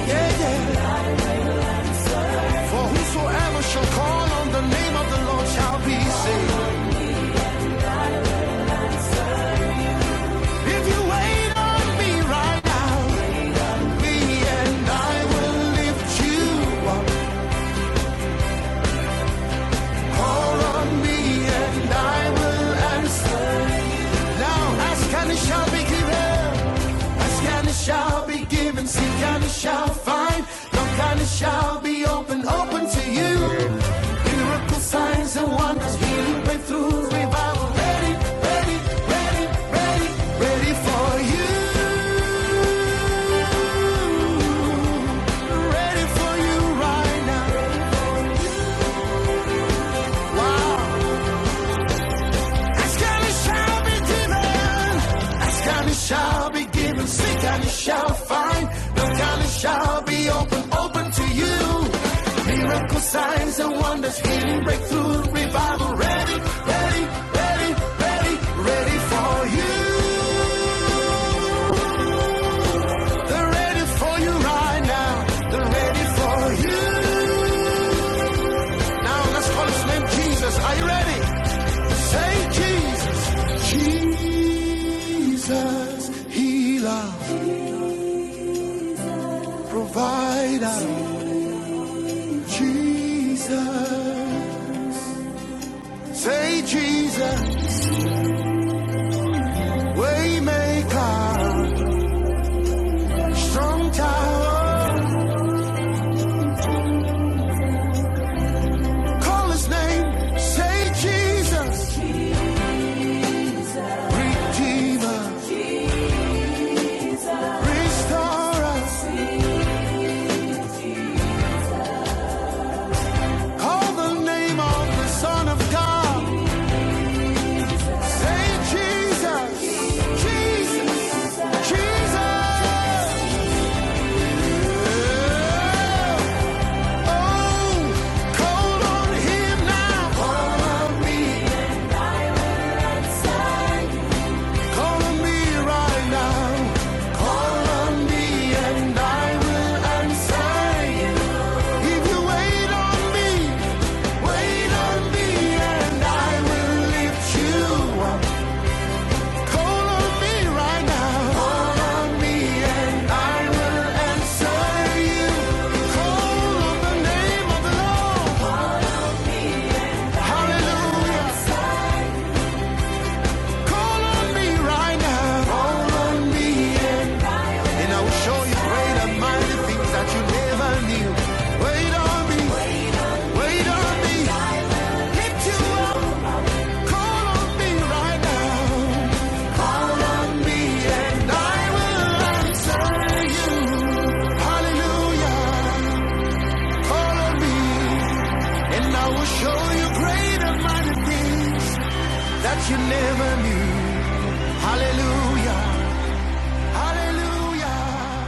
[SPEAKER 8] Yeah, yeah. For whosoever shall call on the name of the Lord shall be saved. If you wait on me right now, me and I will lift you up. Call on me and I will answer. Now ask and it shall be given. Ask and it shall be given. Seek and it shall find. Look and it shall be open, open to you. Miracle signs and wonders, healing breakthroughs, revival. Ready, ready, ready, ready, ready for you. Ready for you right now. Wow. Askerlig shall be given. Askerlig shall be given. Seek and you shall find. Look and it shall be open, open to you. Miracle signs and wonders, healing, breakthrough, revival. Ready, ready, ready, ready, ready for you. They're ready for you right now. They're ready for you. Now let's call his name Jesus. Are you ready? Say Jesus. Jesus, healer, provider. Jesus. Say Jesus, waymaker, strong tower. Call his name. Say Jesus, redeemer, restorer. Call the name of the Son of God. Say Jesus, Jesus, Jesus. Yeah. Oh, call on Him now. Call on me tonight. Call on me right now. Call on me and I will answer you. If you wait on me, wait on me and I will lift you up. Show you great and mighty things that you never knew. Wait on me. Wait on me, hit you up, call on me right now. Call on me and I will answer you. Hallelujah, call on me and I will show you great and that you never knew. Hallelujah, hallelujah.